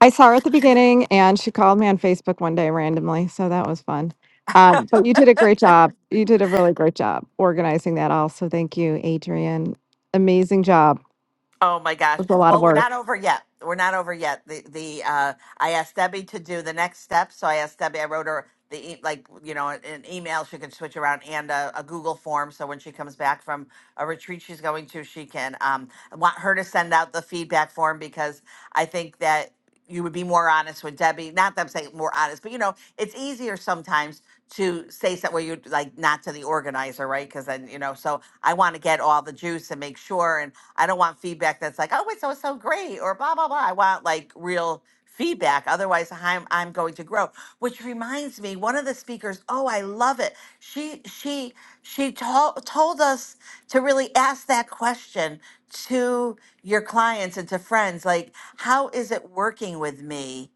S20: I saw her at the beginning and she called me on Facebook one day randomly. So that was fun. Um, but you did a great job. You did a really great job organizing that all. So thank you, Adrian. Amazing job. It
S23: Oh my gosh.
S20: was a lot of
S23: Well, we're
S20: work.
S23: not over yet. We're not over yet. The the uh I asked Debbie to do the next step, so I asked Debbie I wrote her the e- like, you know, an email she can switch around and a, a Google form so when she comes back from a retreat she's going to, she can. Um, I want her to send out the feedback form because I think that you would be more honest with Debbie. Not that I'm saying more honest, but you know, it's easier sometimes to say something where you like not to the organizer, right? Because then you know, so I want to get all the juice and make sure, and I don't want feedback that's like, oh, it's so so great or blah blah blah. I want like real feedback. Otherwise, I'm I'm going to grow. Which reminds me, one of the speakers. Oh, I love it. She she she told told us to really ask that question to your clients and to friends, like, how is it working with me?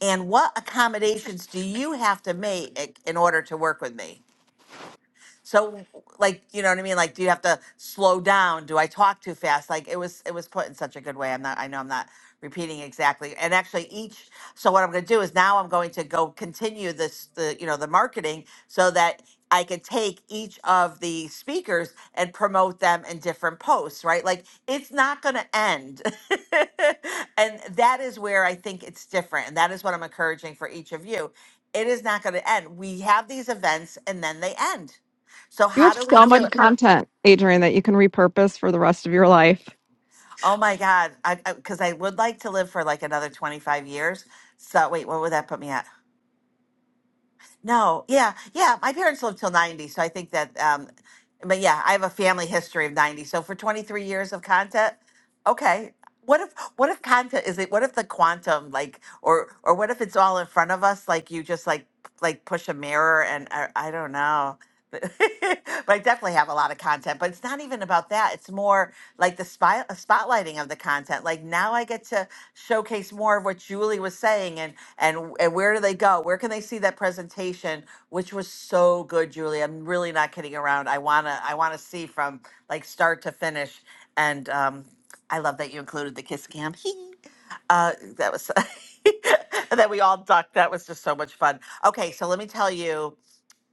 S23: And what accommodations do you have to make in order to work with me? So like, you know what I mean? Like, do you have to slow down? Do I talk too fast? Like it was, it was put in such a good way. I'm not, I know I'm not repeating exactly. And actually each, so what I'm going to do is now I'm going to go continue this, the, you know, the marketing so that I could take each of the speakers and promote them in different posts, right? Like it's not going to end. and that is where I think it's different. And that is what I'm encouraging for each of you. It is not going to end. We have these events and then they end so
S20: You
S23: how
S20: have
S23: do we
S20: so
S23: do
S20: much
S23: it?
S20: content, Adrian, that you can repurpose for the rest of your life.
S23: Oh my God. I, I, cause I would like to live for like another 25 years. So wait, what would that put me at? No, yeah, yeah. My parents lived till 90, so I think that, um, but yeah, I have a family history of 90. So for 23 years of content, okay. What if what if content is it what if the quantum like or or what if it's all in front of us like you just like like push a mirror and I, I don't know. but I definitely have a lot of content, but it's not even about that. It's more like the spy, spotlighting of the content. Like now I get to showcase more of what Julie was saying and and and where do they go? Where can they see that presentation, which was so good, Julie? I'm really not kidding around. I wanna I wanna see from like start to finish. And um, I love that you included the kiss cam. uh, that was that we all ducked. That was just so much fun. Okay, so let me tell you.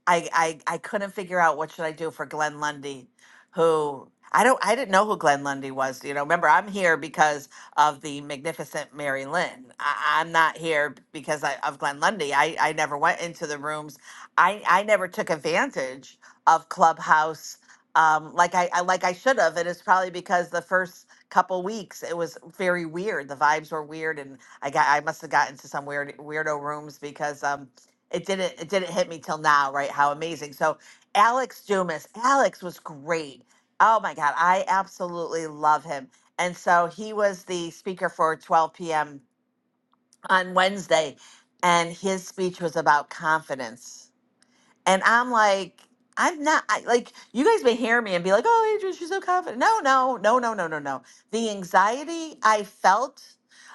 S23: I I I couldn't figure out what should I do for Glenn Lundy, who I don't I didn't know who Glenn Lundy was. You know, remember I'm here because of the magnificent Mary Lynn. I, I'm not here because I, of Glenn Lundy. I I never went into the rooms. I I never took advantage of Clubhouse. Um, like I, I like I should have, and it's probably because the first couple weeks it was very weird. The vibes were weird, and I got I must have got into some weird weirdo rooms because um it didn't it didn't hit me till now right how amazing so alex dumas alex was great oh my god i absolutely love him and so he was the speaker for 12 p.m on wednesday and his speech was about confidence and I'm like, I'm not I, like you guys may hear me and be like, "Oh, Adrian, she's so confident." No, no, no, no, no, no, no. The anxiety I felt.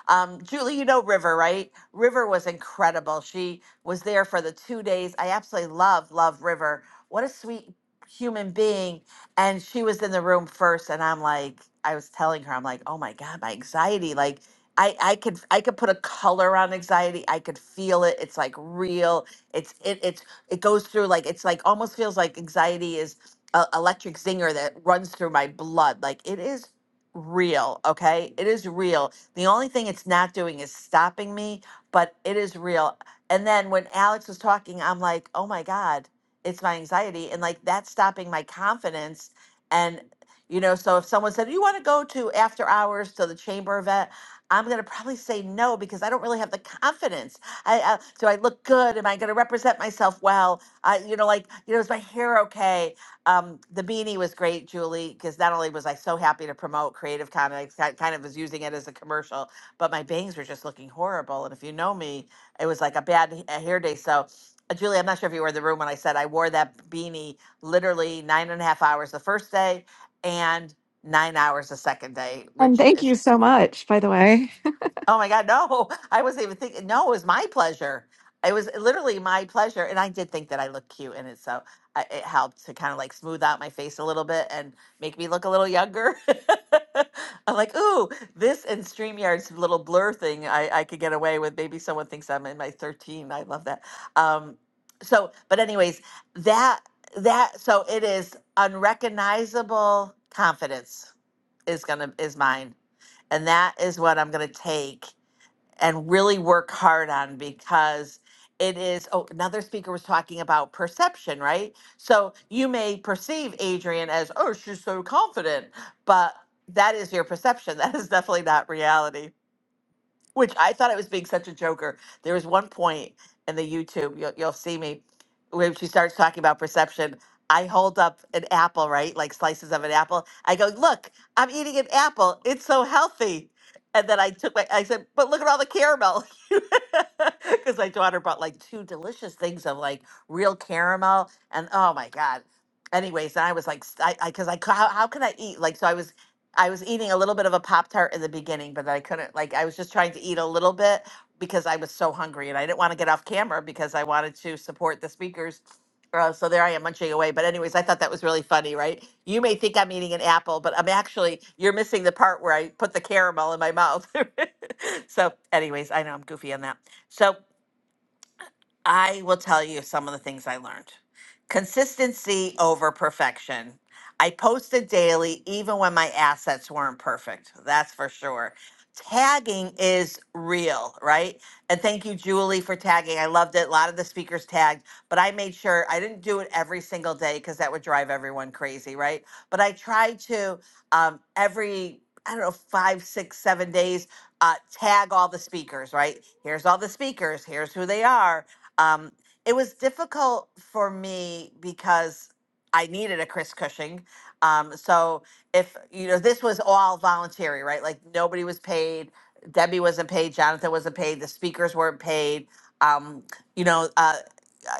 S23: Um, Julie, you know River, right? River was incredible. She was there for the two days. I absolutely love, love River. What a sweet human being. And she was in the room first, and I'm like, I was telling her, I'm like, oh my God, my anxiety. Like, I, I could I could put a color on anxiety. I could feel it. It's like real. It's it it goes through like it's like almost feels like anxiety is a electric zinger that runs through my blood. Like it is real, okay? It is real. The only thing it's not doing is stopping me, but it is real. And then when Alex was talking, I'm like, "Oh my god, it's my anxiety." And like that's stopping my confidence and you know, so if someone said, "You want to go to after hours to the chamber event?" I'm going to probably say no because I don't really have the confidence I, uh, do I look good? Am I going to represent myself well? Uh, you know, like, you know, is my hair okay? Um, the beanie was great, Julie, because not only was I so happy to promote Creative Con, I ki- kind of was using it as a commercial, but my bangs were just looking horrible. And if you know me, it was like a bad h- a hair day. So, uh, Julie, I'm not sure if you were in the room when I said I wore that beanie literally nine and a half hours the first day and nine hours the second day,
S20: And
S23: which
S20: thank
S23: is
S20: you so much, by the way.
S23: Oh my God, no. I wasn't even thinking. No, it was my pleasure. It was literally my pleasure. And I did think that I looked cute in it. So I, it helped to kind of like smooth out my face a little bit and make me look a little younger. I'm like, ooh, this and StreamYard's little blur thing, I, I could get away with. Maybe someone thinks I'm in my 13. I love that. Um, so, but anyways, that, that, so it is unrecognizable confidence is going to, is mine. And that is what I'm going to take and really work hard on because it is oh another speaker was talking about perception right so you may perceive adrian as oh she's so confident but that is your perception that is definitely not reality which I thought I was being such a joker. There was one point in the YouTube, you'll, you'll see me, when she starts talking about perception. I hold up an apple, right? Like slices of an apple. I go, look, I'm eating an apple. It's so healthy. And then I took my, I said, but look at all the caramel. Because my daughter bought like two delicious things of like real caramel. And oh my God. Anyways, I was like, s- I, because I, 'cause I cou- how, how can I eat? Like, so I was I was eating a little bit of a Pop Tart in the beginning, but I couldn't, like, I was just trying to eat a little bit because I was so hungry and I didn't want to get off camera because I wanted to support the speakers. Uh, so there I am munching away. But, anyways, I thought that was really funny, right? You may think I'm eating an apple, but I'm actually, you're missing the part where I put the caramel in my mouth. so, anyways, I know I'm goofy on that. So, I will tell you some of the things I learned. Consistency over perfection. I posted daily even when my assets weren't perfect. That's for sure. Tagging is real, right? And thank you, Julie, for tagging. I loved it. A lot of the speakers tagged, but I made sure I didn't do it every single day because that would drive everyone crazy, right? But I tried to um, every, I don't know, five, six, seven days, uh, tag all the speakers, right? Here's all the speakers. Here's who they are um, it was difficult for me because I needed a Chris Cushing. Um, so if you know, this was all voluntary, right? Like nobody was paid. Debbie wasn't paid. Jonathan wasn't paid. The speakers weren't paid. Um, you know, uh,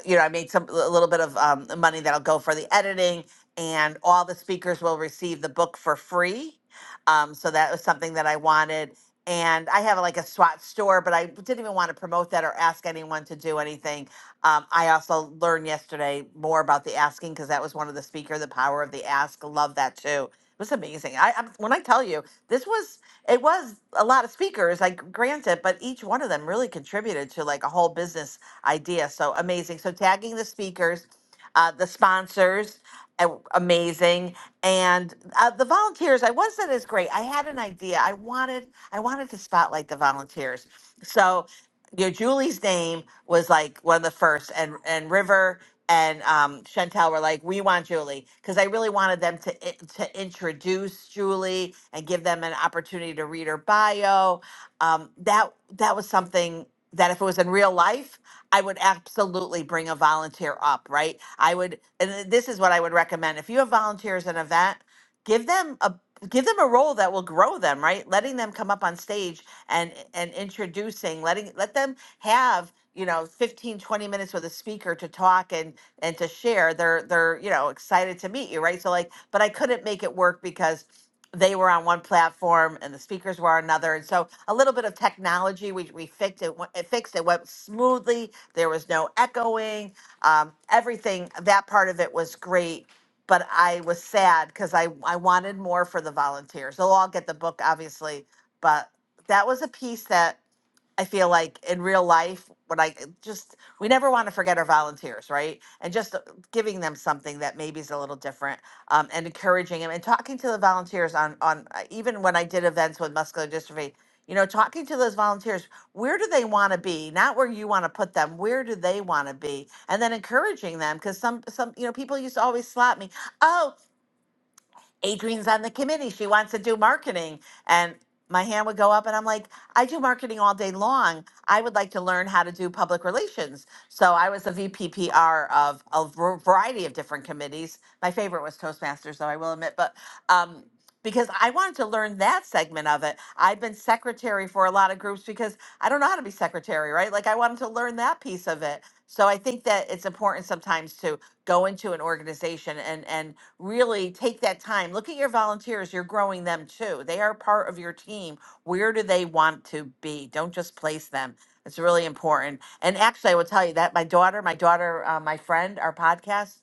S23: you know, I made some a little bit of um, money that'll go for the editing, and all the speakers will receive the book for free. Um, so that was something that I wanted. And I have like a SWAT store, but I didn't even want to promote that or ask anyone to do anything. Um, I also learned yesterday more about the asking because that was one of the speaker, the power of the ask. Love that too. It was amazing. I, I when I tell you this was it was a lot of speakers, like granted, but each one of them really contributed to like a whole business idea. So amazing. So tagging the speakers, uh, the sponsors, uh, amazing, and uh, the volunteers. I once said is great. I had an idea. I wanted I wanted to spotlight the volunteers. So you know, Julie's name was like one of the first, and and River and um, Chantel were like, "We want Julie," because I really wanted them to i- to introduce Julie and give them an opportunity to read her bio. Um, that that was something that if it was in real life. I would absolutely bring a volunteer up, right? I would, and this is what I would recommend. If you have volunteers at an event, give them a give them a role that will grow them, right? Letting them come up on stage and and introducing, letting let them have you know 15 20 minutes with a speaker to talk and and to share they're they're you know excited to meet you right so like but i couldn't make it work because they were on one platform and the speakers were on another and so a little bit of technology we, we fixed it went- it fixed it went smoothly there was no echoing um, everything that part of it was great but i was sad because I, I wanted more for the volunteers they'll all get the book obviously but that was a piece that I feel like in real life, when I uh, just, we never want to forget our volunteers, right? And just uh, giving them something that maybe is a little different um, and encouraging them and talking to the volunteers on, on uh, even when I did events with muscular dystrophy, you know, talking to those volunteers, where do they want to be? Not where you want to put them, where do they want to be? And then encouraging them because some, some, you know, people used to always slap me. Oh, Adrienne's on the committee. She wants to do marketing. And my hand would go up, and I'm like, I do marketing all day long. I would like to learn how to do public relations. So I was a VPPR of a v- variety of different committees. My favorite was Toastmasters, though I will admit, but um, because I wanted to learn that segment of it. I've been secretary for a lot of groups because I don't know how to be secretary, right? Like I wanted to learn that piece of it. So I think that it's important sometimes to go into an organization and and really take that time. Look at your volunteers. You're growing them too. They are part of your team. Where do they want to be? Don't just place them. It's really important. And actually, I will tell you that my daughter, my daughter, uh, my friend, our podcast,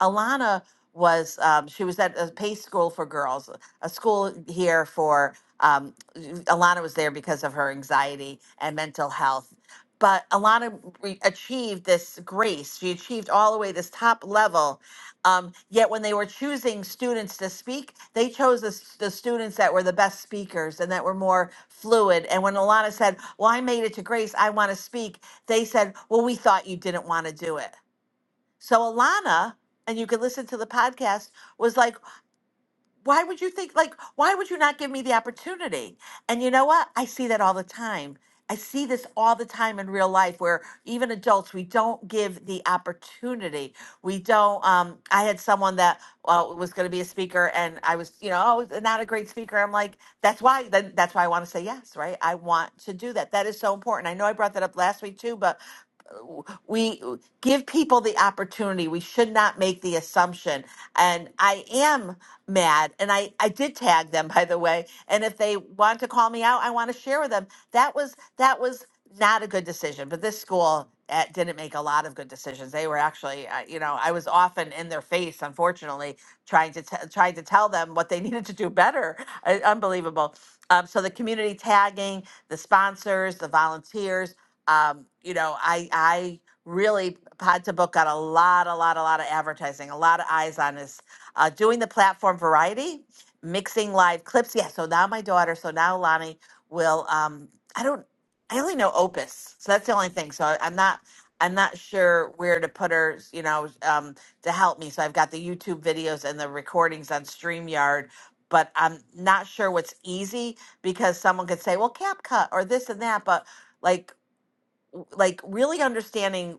S23: Alana was, um, she was at a Pace School for Girls, a school here for, um, Alana was there because of her anxiety and mental health but Alana re- achieved this grace. She achieved all the way this top level um, yet when they were choosing students to speak, they chose the, s- the students that were the best speakers and that were more fluid. And when Alana said, Well, I made it to Grace, I want to speak, they said, Well, we thought you didn't want to do it. So Alana, and you can listen to the podcast, was like, why would you think like why would you not give me the opportunity and you know what i see that all the time i see this all the time in real life where even adults we don't give the opportunity we don't um i had someone that uh, was going to be a speaker and i was you know oh not a great speaker i'm like that's why then that's why i want to say yes right i want to do that that is so important i know i brought that up last week too but we give people the opportunity. We should not make the assumption. And I am mad, and I I did tag them by the way. And if they want to call me out, I want to share with them. That was that was not a good decision. But this school eh, didn't make a lot of good decisions. They were actually, uh, you know, I was often in their face, unfortunately, trying to t- trying to tell them what they needed to do better. Uh, unbelievable. Um, so the community tagging, the sponsors, the volunteers um, you know, I I really Pod to Book got a lot, a lot, a lot of advertising, a lot of eyes on us. Uh, doing the platform variety, mixing live clips. Yeah, so now my daughter, so now Lonnie will. Um, I don't. I only know Opus, so that's the only thing. So I, I'm not. I'm not sure where to put her. You know, um, to help me. So I've got the YouTube videos and the recordings on StreamYard, but I'm not sure what's easy because someone could say, well, CapCut or this and that. But like like really understanding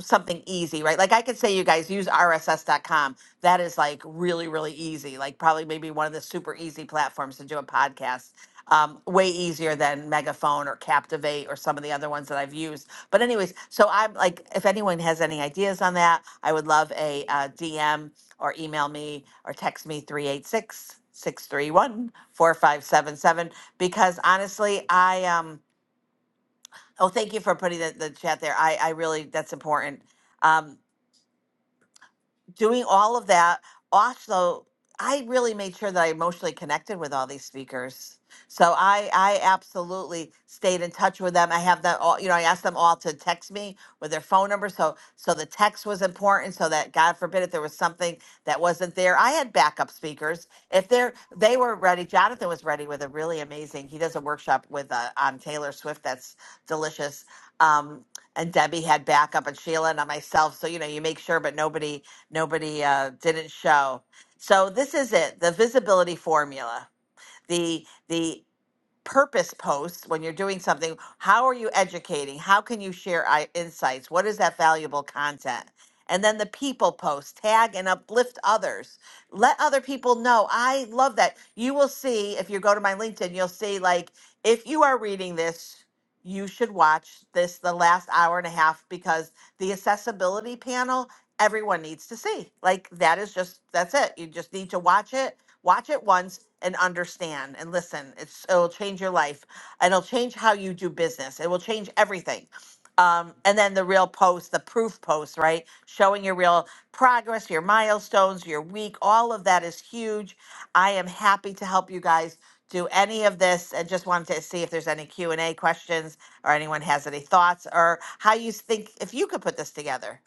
S23: something easy, right? Like I could say you guys use rss.com. That is like really really easy. Like probably maybe one of the super easy platforms to do a podcast. Um, way easier than Megaphone or Captivate or some of the other ones that I've used. But anyways, so I'm like, if anyone has any ideas on that, I would love a uh, DM or email me or text me 386 631 4577 because honestly, I um Oh, thank you for putting the, the chat there. I, I really, that's important. Um, doing all of that also i really made sure that i emotionally connected with all these speakers so i i absolutely stayed in touch with them i have them all you know i asked them all to text me with their phone number so so the text was important so that god forbid if there was something that wasn't there i had backup speakers if they're they were ready jonathan was ready with a really amazing he does a workshop with uh, on taylor swift that's delicious um and Debbie had backup and Sheila and myself. So, you know, you make sure, but nobody, nobody uh, didn't show. So this is it, the visibility formula. The the purpose posts when you're doing something how are you educating how can you share i- insights what is that valuable content and then the people post tag and uplift others let other people know i love that you will see if you go to my linkedin you'll see like if you are reading this you should watch this the last hour and a half because the accessibility panel everyone needs to see like that is just that's it you just need to watch it Watch it once and understand and listen. It's it'll change your life and it'll change how you do business. It will change everything. Um, and then the real post, the proof post, right? Showing your real progress, your milestones, your week, all of that is huge. I am happy to help you guys do any of this and just wanted to see if there's any Q&A questions or anyone has any thoughts or how you think if you could put this together.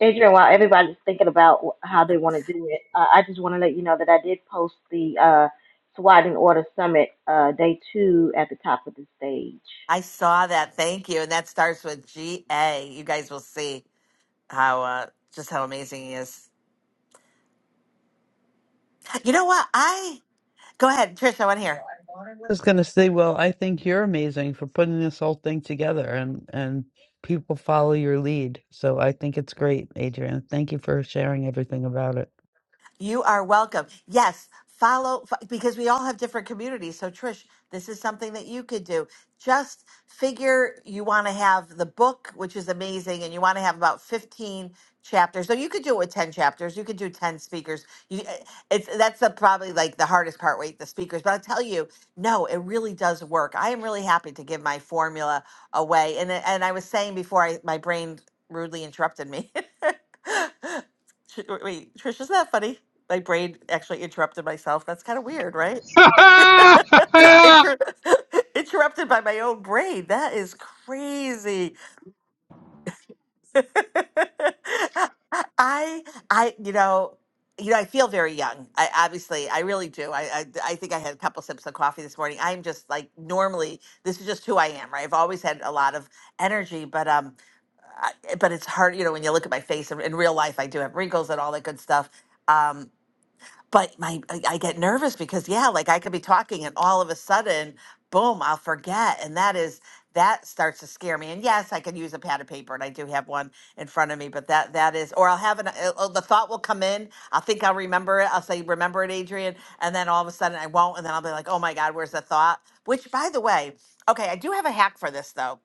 S2: Adrian, while everybody's thinking about wh- how they want to do it, uh, I just want to let you know that I did post the uh, SWAT and Order Summit uh, Day 2 at the top of the stage.
S23: I saw that. Thank you. And that starts with GA. You guys will see. how uh, just how amazing he is. You know what? I go ahead, Trish. I want to hear.
S1: was gonna say, well, I think you're amazing for putting this whole thing together and and people follow your lead. So I think it's great, Adrian. Thank you for sharing everything about it.
S23: You are welcome. Yes, follow f- because we all have different communities. So, Trish, this is something that you could do. Just figure you want to have the book, which is amazing, and you want to have about 15 chapters. So, you could do it with 10 chapters, you could do 10 speakers. You, eh, it's that's the, probably like the hardest part, wait, the speakers. But I'll tell you, no, it really does work. I am really happy to give my formula away. And, I- and I was saying before I, my brain rudely interrupted me. Tr- Wait, Trish, isn't that funny? my brain actually interrupted myself. That's kind of weird, right? Inter- interrupted by my own brain. That is crazy. I, I, you know, you know, I feel very young. I obviously, I really do. I, I, I think I had a couple sips of coffee this morning. I'm just like normally, this is just who I am, right? I've always had a lot of energy, but um, I, but it's hard, you know, when you look at my face in in real life, I do have wrinkles and all that good stuff. Um, but my I, I get nervous because yeah like i could be talking and all of a sudden boom i'll forget and that is that starts to scare me and yes i can use a pad of paper and i do have one in front of me but that that is or i'll have an uh, uh, the thought will come in i'll think i'll remember it i'll say remember it adrian and then all of a sudden i won't and then i'll be like oh my god where's the thought which by the way okay i do have a hack for this though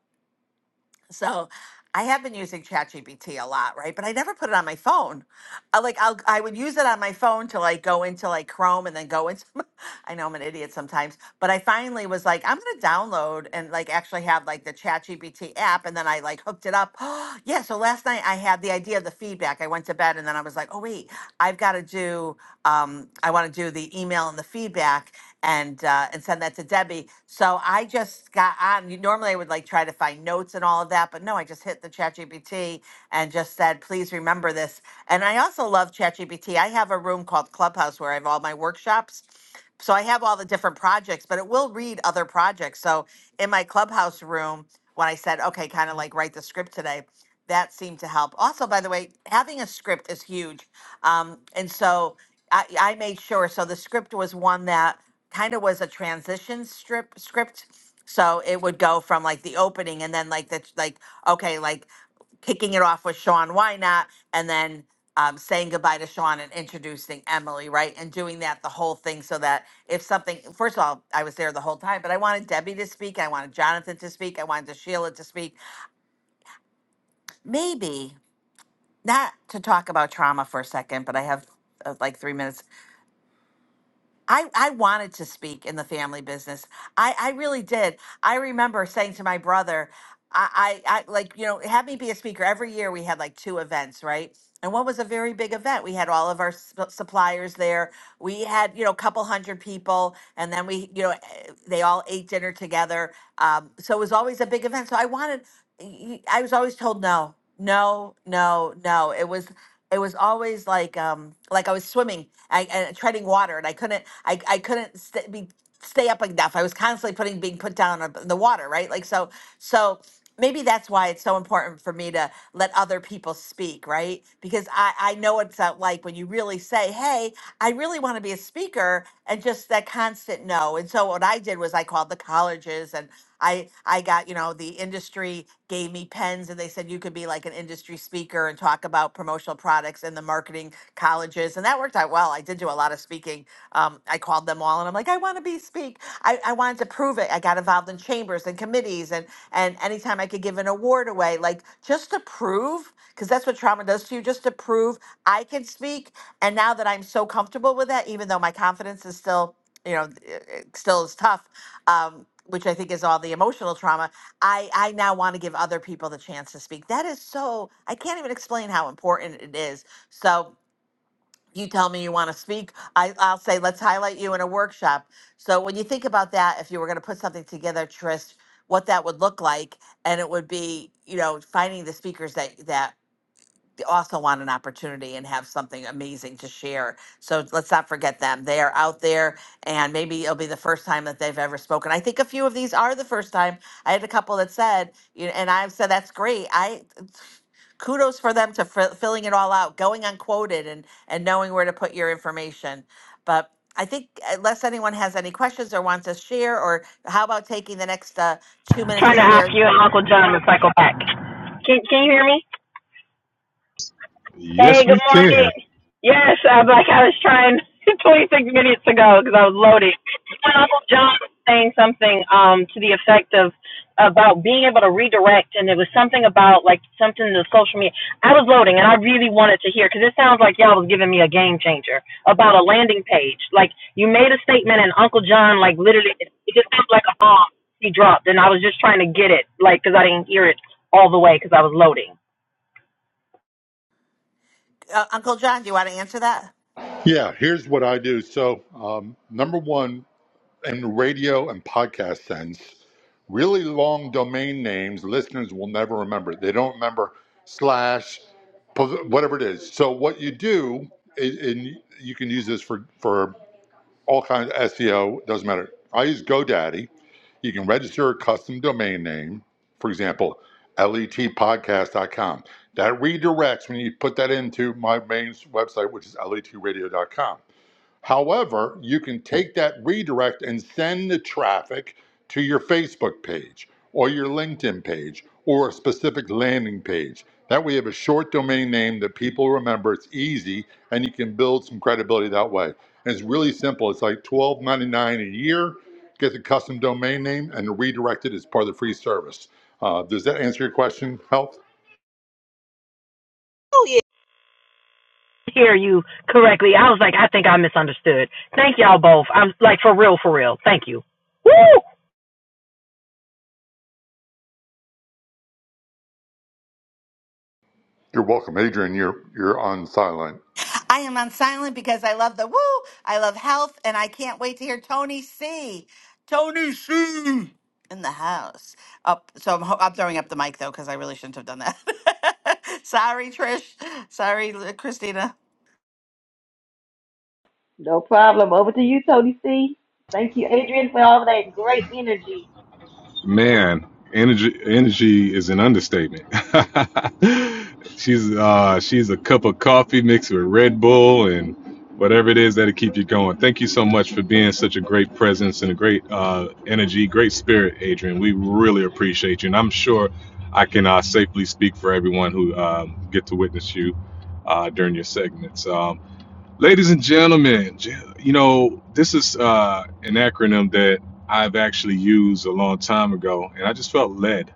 S23: so I have been using ChatGPT a lot, right? But I never put it on my phone. I, like I'll, I would use it on my phone to like go into like Chrome and then go into. I know I'm an idiot sometimes, but I finally was like, I'm gonna download and like actually have like the ChatGPT app, and then I like hooked it up. yeah. So last night I had the idea of the feedback. I went to bed and then I was like, oh wait, I've got to do. Um, I want to do the email and the feedback, and uh, and send that to Debbie. So I just got on. you- Normally I would like try to find notes and all of that, but no, I just hit the ChatGPT and just said, please remember this. And I also love ChatGPT. I have a room called Clubhouse where I have all my workshops. So I have all the different projects, but it will read other projects. So in my Clubhouse room, when I said, okay, kind of like write the script today, that seemed to help. Also, by the way, having a script is huge. Um, and so I, I made sure. So the script was one that kind of was a transition strip script. So it would go from like the opening and then like the like okay like kicking it off with Sean why not and then um, saying goodbye to Sean and introducing Emily right and doing that the whole thing so that if something first of all I was there the whole time but I wanted Debbie to speak I wanted Jonathan to speak I wanted Sheila to speak maybe not to talk about trauma for a second but I have uh, like three minutes I, I wanted to speak in the family business. I, I really did. I remember saying to my brother, I, I, I like, you know, have me be a speaker. Every year we had like two events, right? And one was a very big event. We had all of our sup- suppliers there. We had, you know, a couple hundred people. And then we, you know, eh, they all ate dinner together. Um, so it was always a big event. So I wanted, y- y- I was always told no, no, no, no. It was it was always like um like I was swimming I, and treading water and I couldn't I I couldn't st- be stay up enough. I was constantly putting being put down on the water, right? Like so so maybe that's why it's so important for me to let other people speak, right? Because I I know it's uh, like when you really say, "Hey, I really want to be a speaker," and just that constant no. And so what I did was I called the colleges and I I got, you know, the industry gave me pens and they said you could be like an industry speaker and talk about promotional products and the marketing colleges. And that worked out well. I did do a lot of speaking. Um, I called them all and I'm like, I want to be speak. I, I wanted to prove it. I got involved in chambers and committees and and anytime I could give an award away, like just to prove, because that's what trauma does to you, just to prove I can speak. And now that I'm so comfortable with that, even though my confidence is still, you know, it- it still is tough, um, which I think is all the emotional trauma, I, I now want to give other people the chance to speak. That is so, I can't even explain how important it is. So you tell me you want to speak, I, I'll say, let's highlight you in a workshop. So when you think about that, if you were going to put something together, Trish, what that would look like, and it would be, you know, finding the speakers that that also want an opportunity and have something amazing to share. So let's not forget them. They are out there, and maybe it'll be the first time that they've ever spoken. I think a few of these are the first time. I had a couple that said, you know, and I have said, that's great. I kudos for them to fill filling it all out, going unquoted, and and knowing where to put your information. But I think uh, unless anyone has any questions or wants to share, or how about taking the next uh, two minutes
S14: Trying
S23: to
S14: to ask
S23: share?
S14: you and Uncle John to cycle back. Can Can you hear me?
S33: yes,
S14: Hey,
S33: we
S14: good morning.
S33: can.
S14: Yes, I'm like I was trying 26 minutes ago because I was loading. When Uncle John was saying something um to the effect of about being able to redirect, and it was something about like something in the social media. I was loading, and I really wanted to hear because it sounds like y'all was giving me a game changer about a landing page. Like you made a statement, and Uncle John like literally it it just sounds like a bomb he dropped, and I was just trying to get it like because I didn't hear it all the way because I was loading.
S23: Uh, Uncle John, do you want to answer that?
S32: Yeah, here's what I do. So, um, number one, in radio and podcast sense, really long domain names listeners will never remember. They don't remember slash pos- whatever it is. So, what you do, and and you can use this for for all kinds of SEO. Doesn't matter. I use GoDaddy You can register a custom domain name, for example, letpodcast.com. That redirects when you put that into my main website, which is letradio.com. However, you can take that redirect and send the traffic to your Facebook page or your LinkedIn page or a specific landing page. That way, you have a short domain name that people remember. It's easy, and you can build some credibility that way. And it's really simple. It's like twelve ninety nine a year. Get the custom domain name and redirect it as part of the free service. Uh, does that answer your question, Health?
S14: hear you correctly. I was like, I think I misunderstood. Thank y'all both. I'm like for real, for real. Thank you. Woo!
S32: You're welcome, Adrian. You're you're on silent.
S23: I am on silent because I love the woo. I love health, and I can't wait to hear Tony C. Tony C. in the house. Up, so I'm, ho- I'm throwing up the mic though because I really shouldn't have done that. Sorry, Trish. Sorry, L- Christina.
S2: No problem. Over to you, Tony C. Thank you, Adrian, for all that great energy.
S33: Man, energy energy is an understatement. she's uh, she's a cup of coffee mixed with Red Bull and whatever it is that'll keep you going. Thank you so much for being such a great presence and a great uh, energy, great spirit, Adrian. We really appreciate you, and I'm sure I can uh, safely speak for everyone who um, get to witness you uh, during your segments. Um, Ladies and gentlemen, ge- you know, this is uh, an acronym that I've actually used a long time ago, and I just felt led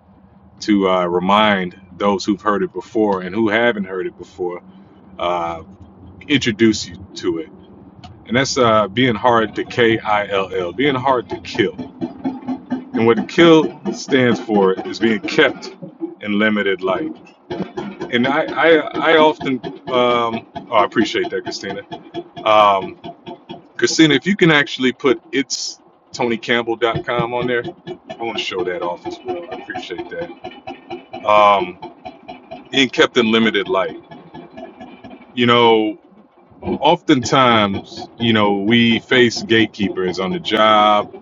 S33: to uh, remind those who've heard it before and who haven't heard it before, uh, introduce you to it. And that's uh, being hard to K I L L, being hard to kill. And what kill stands for is being kept in limited light. And I, I, I often, um, oh, I appreciate that, Christina. Um, Christina, if you can actually put it's tonycampbell.com on there, I want to show that off as well. I appreciate that. Um, being kept in limited light. You know, oftentimes, you know, we face gatekeepers on the job,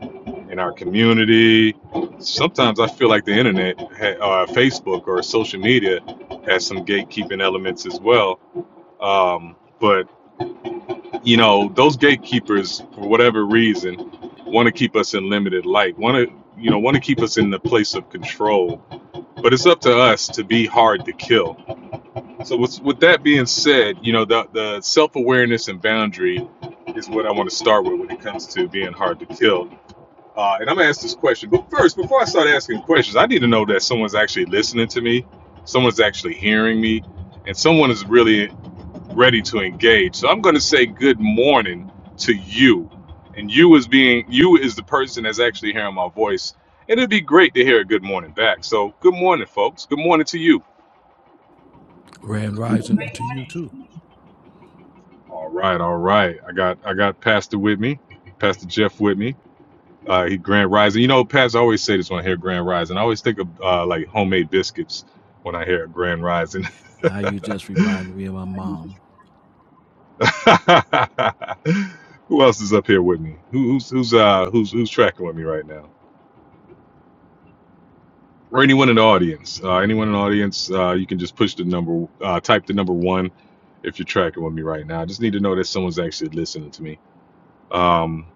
S33: in our community. Sometimes I feel like the internet, ha- uh, Facebook, or social media has some gatekeeping elements as well. Um, but you know, those gatekeepers, for whatever reason, want to keep us in limited light, want to, you know, want to keep us in the place of control. But it's up to us to be hard to kill. So with, with that being said, you know, the, the self-awareness and boundary is what I want to start with when it comes to being hard to kill. Uh, and I'm gonna ask this question, but first, before I start asking questions, I need to know that someone's actually listening to me, someone's actually hearing me, and someone is really ready to engage. So I'm going to say good morning to you. And you is being you is the person that's actually hearing my voice. And it'd be great to hear a good morning back. So good morning, folks. Good morning to you.
S29: Grand rising to you too.
S33: All right, all right. I got I got Pastor with me, Pastor Jeff with me. Uh, he Grand Rising. You know, Pastor, I always say this when I hear Grand Rising. I always think of uh, like homemade biscuits when I hear Grand Rising.
S29: Now you just reminded me of my mom.
S33: Who else is up here with me? Who, who's who's uh who's who's tracking with me right now? Or anyone in the audience? Uh, anyone in the audience? Uh, you can just push the number, uh, type the number one, if you're tracking with me right now. I just need to know that someone's actually listening to me. Um,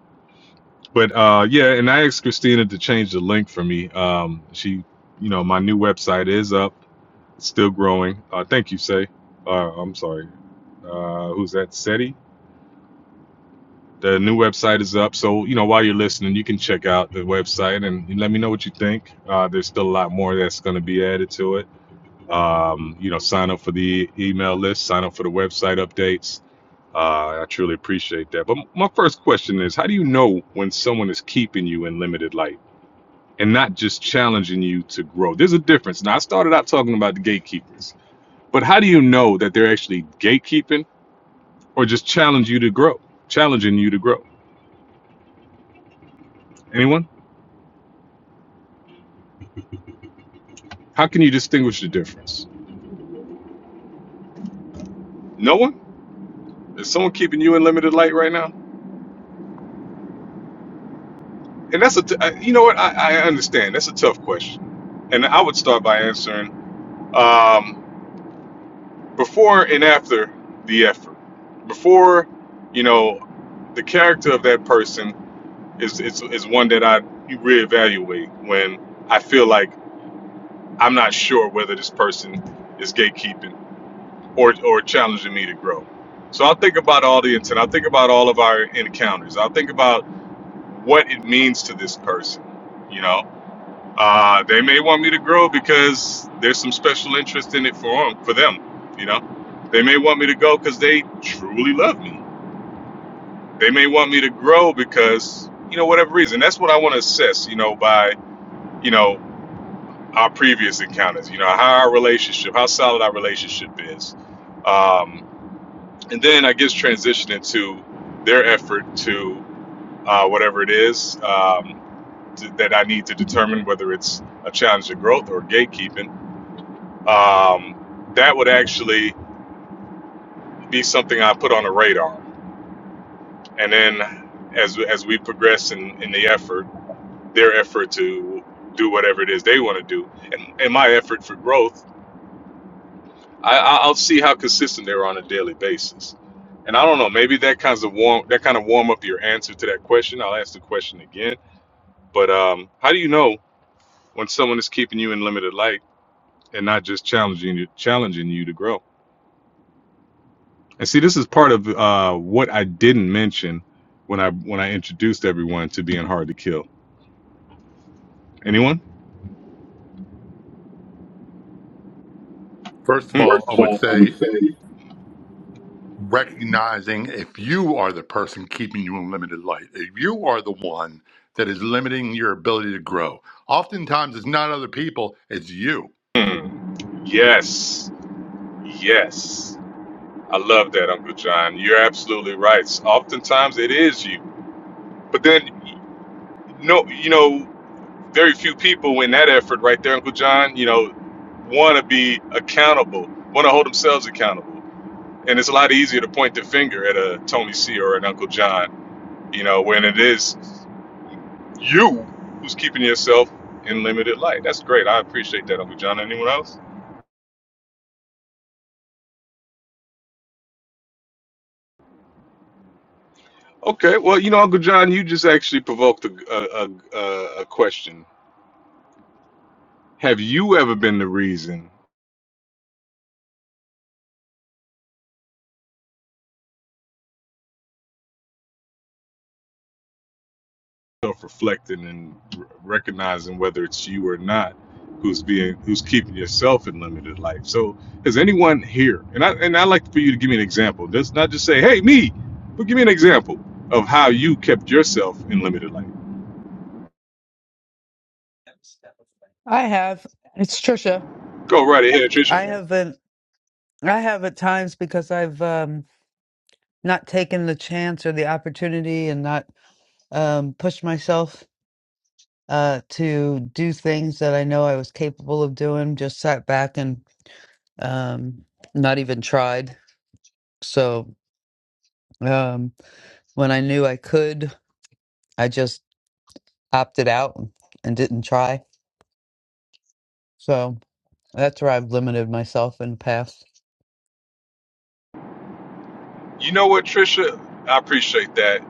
S33: but uh, yeah, and I asked Christina to change the link for me. Um, she, you know, my new website is up, it's still growing. Uh, thank you, Say. Uh, I'm sorry. Uh, who's that? SETI? The new website is up, so you know while you're listening, you can check out the website and let me know what you think. Uh, there's still a lot more that's going to be added to it. Um, you know, sign up for the email list, sign up for the website updates. Uh, I truly appreciate that. But my first question is, how do you know when someone is keeping you in limited light and not just challenging you to grow? There's a difference. Now, I started out talking about the gatekeepers, but how do you know that they're actually gatekeeping or just challenge you to grow, challenging you to grow? Anyone? How can you distinguish the difference? No one? Is someone keeping you in limited light right now? And that's a, t- I- you know what? I, I understand. That's a tough question. And I would start by answering um, before and after the effort. Before, you know, the character of that person is, is, is one that I reevaluate when I feel like I'm not sure whether this person is gatekeeping or, or challenging me to grow. So I'll think about all the intent. I'll think about all of our encounters. I'll think about what it means to this person. You know, uh, they may want me to grow because there's some special interest in it for them, for them. You know, they may want me to go because they truly love me. They may want me to grow because you know whatever reason. That's what I want to assess. You know, by you know our previous encounters. You know, how our relationship, how solid our relationship is, um, and then I guess transition into their effort to uh, whatever it is. Um, that I need to determine whether it's a challenge to growth or gatekeeping, um, that would actually be something I put on a radar. And then as, as we progress in, in the effort, their effort to do whatever it is they want to do, and, and my effort for growth, I, I- will see how consistent they're on a daily basis. And I don't know, maybe that kinds of warm that kind of warm up your answer to that question. I'll ask the question again. But um, how do you know when someone is keeping you in limited light? and not just challenging you challenging you to grow. And see, this is part of uh, what I didn't mention when I when I introduced everyone to being hard to kill. Anyone?
S32: First of
S33: Hmm.
S32: all,
S33: First
S32: I
S33: of
S32: would
S33: all, I would
S32: say
S33: say
S32: recognizing if you are the person keeping you in limited light, if you are the one that is limiting your ability to grow. Oftentimes, it's not other people, it's you.
S33: Hmm. Yes. Yes. I love that, Uncle John. You're absolutely right. Oftentimes it is you. But then no you know, very few people in that effort right there, Uncle John, you know, wanna be accountable, wanna hold themselves accountable. and it's a lot easier to point the finger at a Tony C or an Uncle John, you know, when it is you who's keeping yourself in limited light. That's great. I appreciate that, Uncle John. Anyone else? Okay. Well, you know, Uncle John, you just actually provoked a, a, a, a a question. Have you ever been the reason? self-reflecting and r- recognizing whether it's you or not who's being who's keeping yourself in limited life so is anyone here and i and i like for you to give me an example just not just say hey me but give me an example of how you kept yourself in limited life
S1: I have. It's Trisha.
S33: go right ahead
S1: I
S33: trisha
S1: haven't. I have at times because I've um, not taken the chance or the opportunity and not um, pushed myself uh, to do things that I know I was capable of doing. Just sat back and um, not even tried. So um, when I knew I could, I just opted out and didn't try. So that's where I've limited myself in the past.
S33: you know what trisha i appreciate that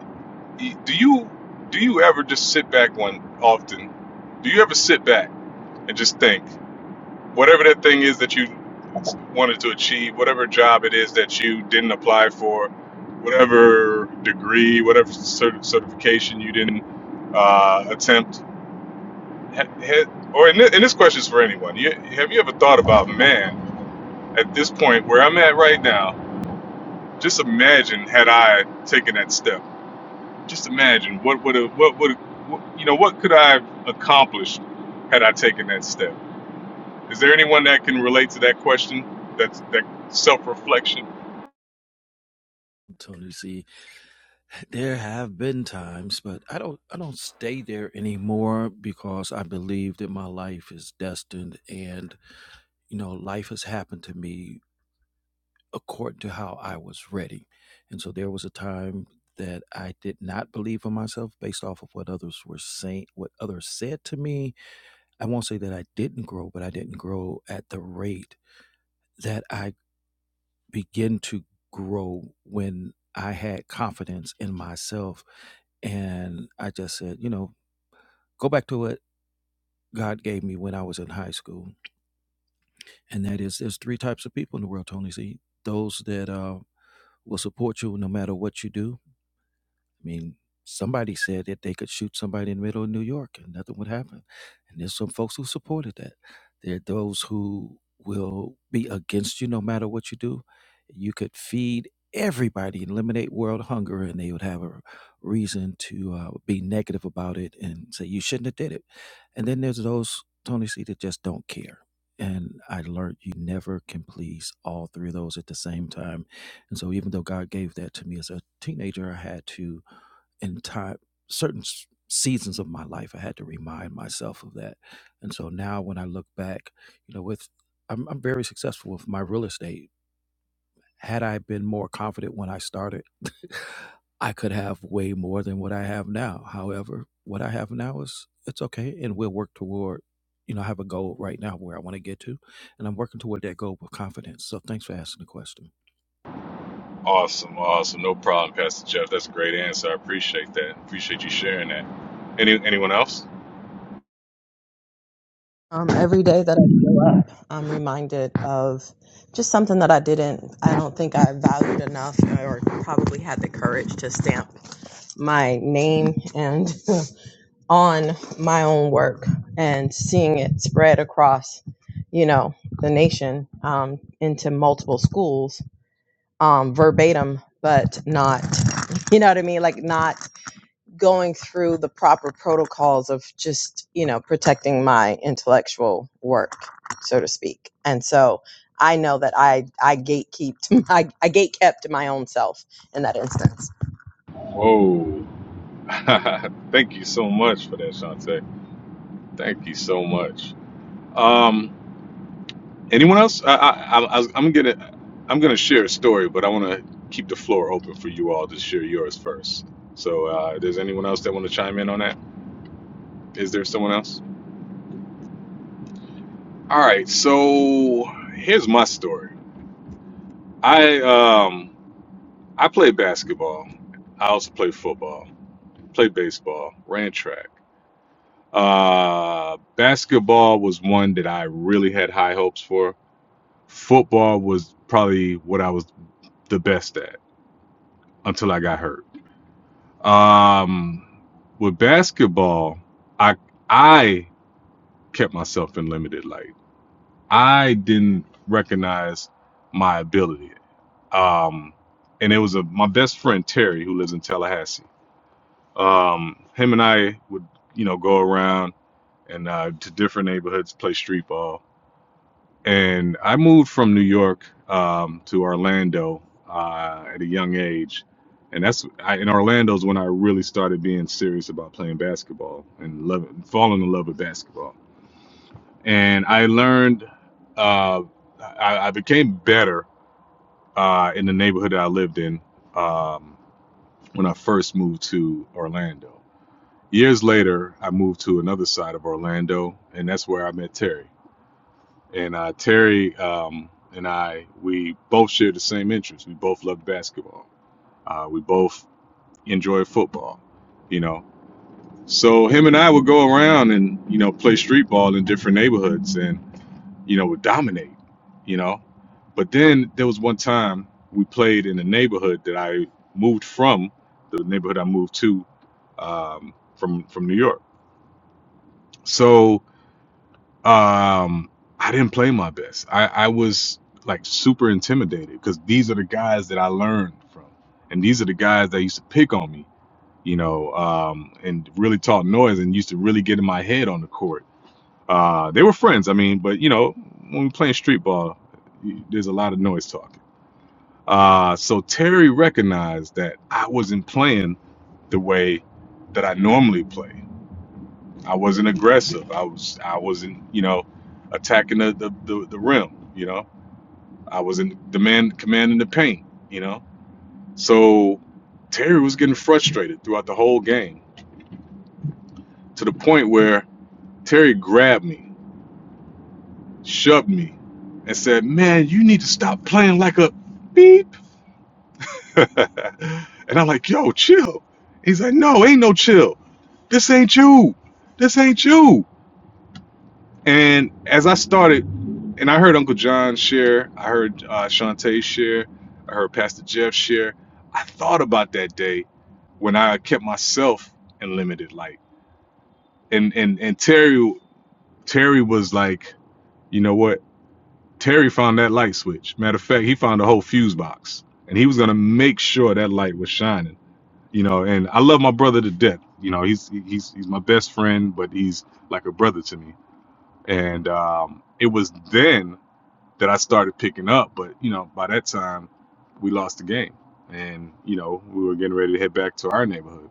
S33: Y- do you do you ever just sit back one often do you ever sit back and just think whatever that thing is that you wanted to achieve, whatever job it is that you didn't apply for, whatever degree, whatever cert- certification you didn't uh, attempt, ha- ha- or in, thi- and this question is for anyone. You, have you ever thought about, man, at this point where I'm at right now? Just imagine had I taken that step. Just imagine what would have, what would, what, you know, what could I have accomplished had I taken that step? Is there anyone that can relate to that question? That's that self reflection.
S29: Tony, see, there have been times, but I don't, I don't stay there anymore because I believe that my life is destined, and you know, life has happened to me according to how I was ready. And so there was a time that I did not believe in myself based off of what others were saying, what others said to me, I won't say that I didn't grow, but I didn't grow at the rate that I began to grow when I had confidence in myself. And I just said, you know, go back to what God gave me when I was in high school. And that is, there's three types of people in the world, Tony Z. Those that uh, will support you no matter what you do, I mean, somebody said that they could shoot somebody in the middle of New York and nothing would happen. And there's some folks who supported that. There are those who will be against you no matter what you do. You could feed everybody, eliminate world hunger, and they would have a reason to uh, be negative about it and say you shouldn't have did it. And then there's those Tony C that just don't care. And I learned you never can please all three of those at the same time. And so, even though God gave that to me as a teenager, I had to in time certain seasons of my life i had to remind myself of that and so now when i look back you know with i'm, I'm very successful with my real estate had i been more confident when i started i could have way more than what i have now however what i have now is it's okay and we'll work toward you know i have a goal right now where i want to get to and i'm working toward that goal with confidence so thanks for asking the question
S33: Awesome, awesome. No problem, Pastor Jeff. That's a great answer. I appreciate that. Appreciate you sharing that. Any anyone else? Whoa. Thank you so much for that, Shante. Thank you so much. Um, anyone else? I, I, I, I- I'm gonna I'm gonna share a story, but I want to keep the floor open for you all to share yours first. So, uh, does anyone else that want to chime in on that? Is there someone else? All right, so here's my story. I um I played basketball. I also played football, played baseball, ran track. Uh basketball was one that I really had high hopes for. Football was probably what I was the best at until I got hurt. Um with basketball, I I kept myself in limited light. I didn't recognize my ability um, and it was a my best friend Terry who lives in Tallahassee. Um, him and I would you know go around and uh, to different neighborhoods play street ball. And I moved from New York um, to Orlando uh, at a young age, and that's I, in Orlando's when I really started being serious about playing basketball and love falling in love with basketball. And I learned uh, I, I became better uh, in the neighborhood that I lived in. Um, when I first moved to Orlando. Years later, I moved to another side of Orlando, and that's where I met Terry. And uh, Terry um, and I, we both shared the same interests. We both loved basketball. Uh, we both enjoyed football, you know. So him and I would go around and you know play street ball in different neighborhoods, and you know, would dominate, you know. But then there was one time we played in a neighborhood that I moved from, the neighborhood I moved to um, from from New York. So um, I didn't play my best. I, I was like super intimidated because these are the guys that I learned from, and these are the guys that used to pick on me, you know, um, and really talk noise and used to really get in my head on the court uh, they were friends. I mean, but you know, when we're playing street ball, there's a lot of noise talking. Uh, so Terry recognized that I wasn't playing the way that I normally play. I wasn't aggressive. I was I wasn't you know attacking the the, the, the rim. You know, I wasn't demand commanding the paint. You know, so Terry was getting frustrated throughout the whole game to the point where Terry grabbed me shoved me and said, Man, you need to stop playing like a beep. and I'm like, Yo, chill. He's like, No, ain't no chill. This ain't you. This ain't you. And as I started, and I heard Uncle John share, I heard uh, Shantae share, I heard Pastor Jeff share. I thought about that day when I kept myself in limited light. And and and Terry Terry was like, you know what? Terry found that light switch. Matter of fact, he found a whole fuse box, and he was gonna make sure that light was shining. You know, and I love my brother to death. You know, he's he's he's my best friend, but he's like a brother to me. And um, it was then that I started picking up. But you know, by that time, we lost the game, and you know, we were getting ready to head back to our neighborhood.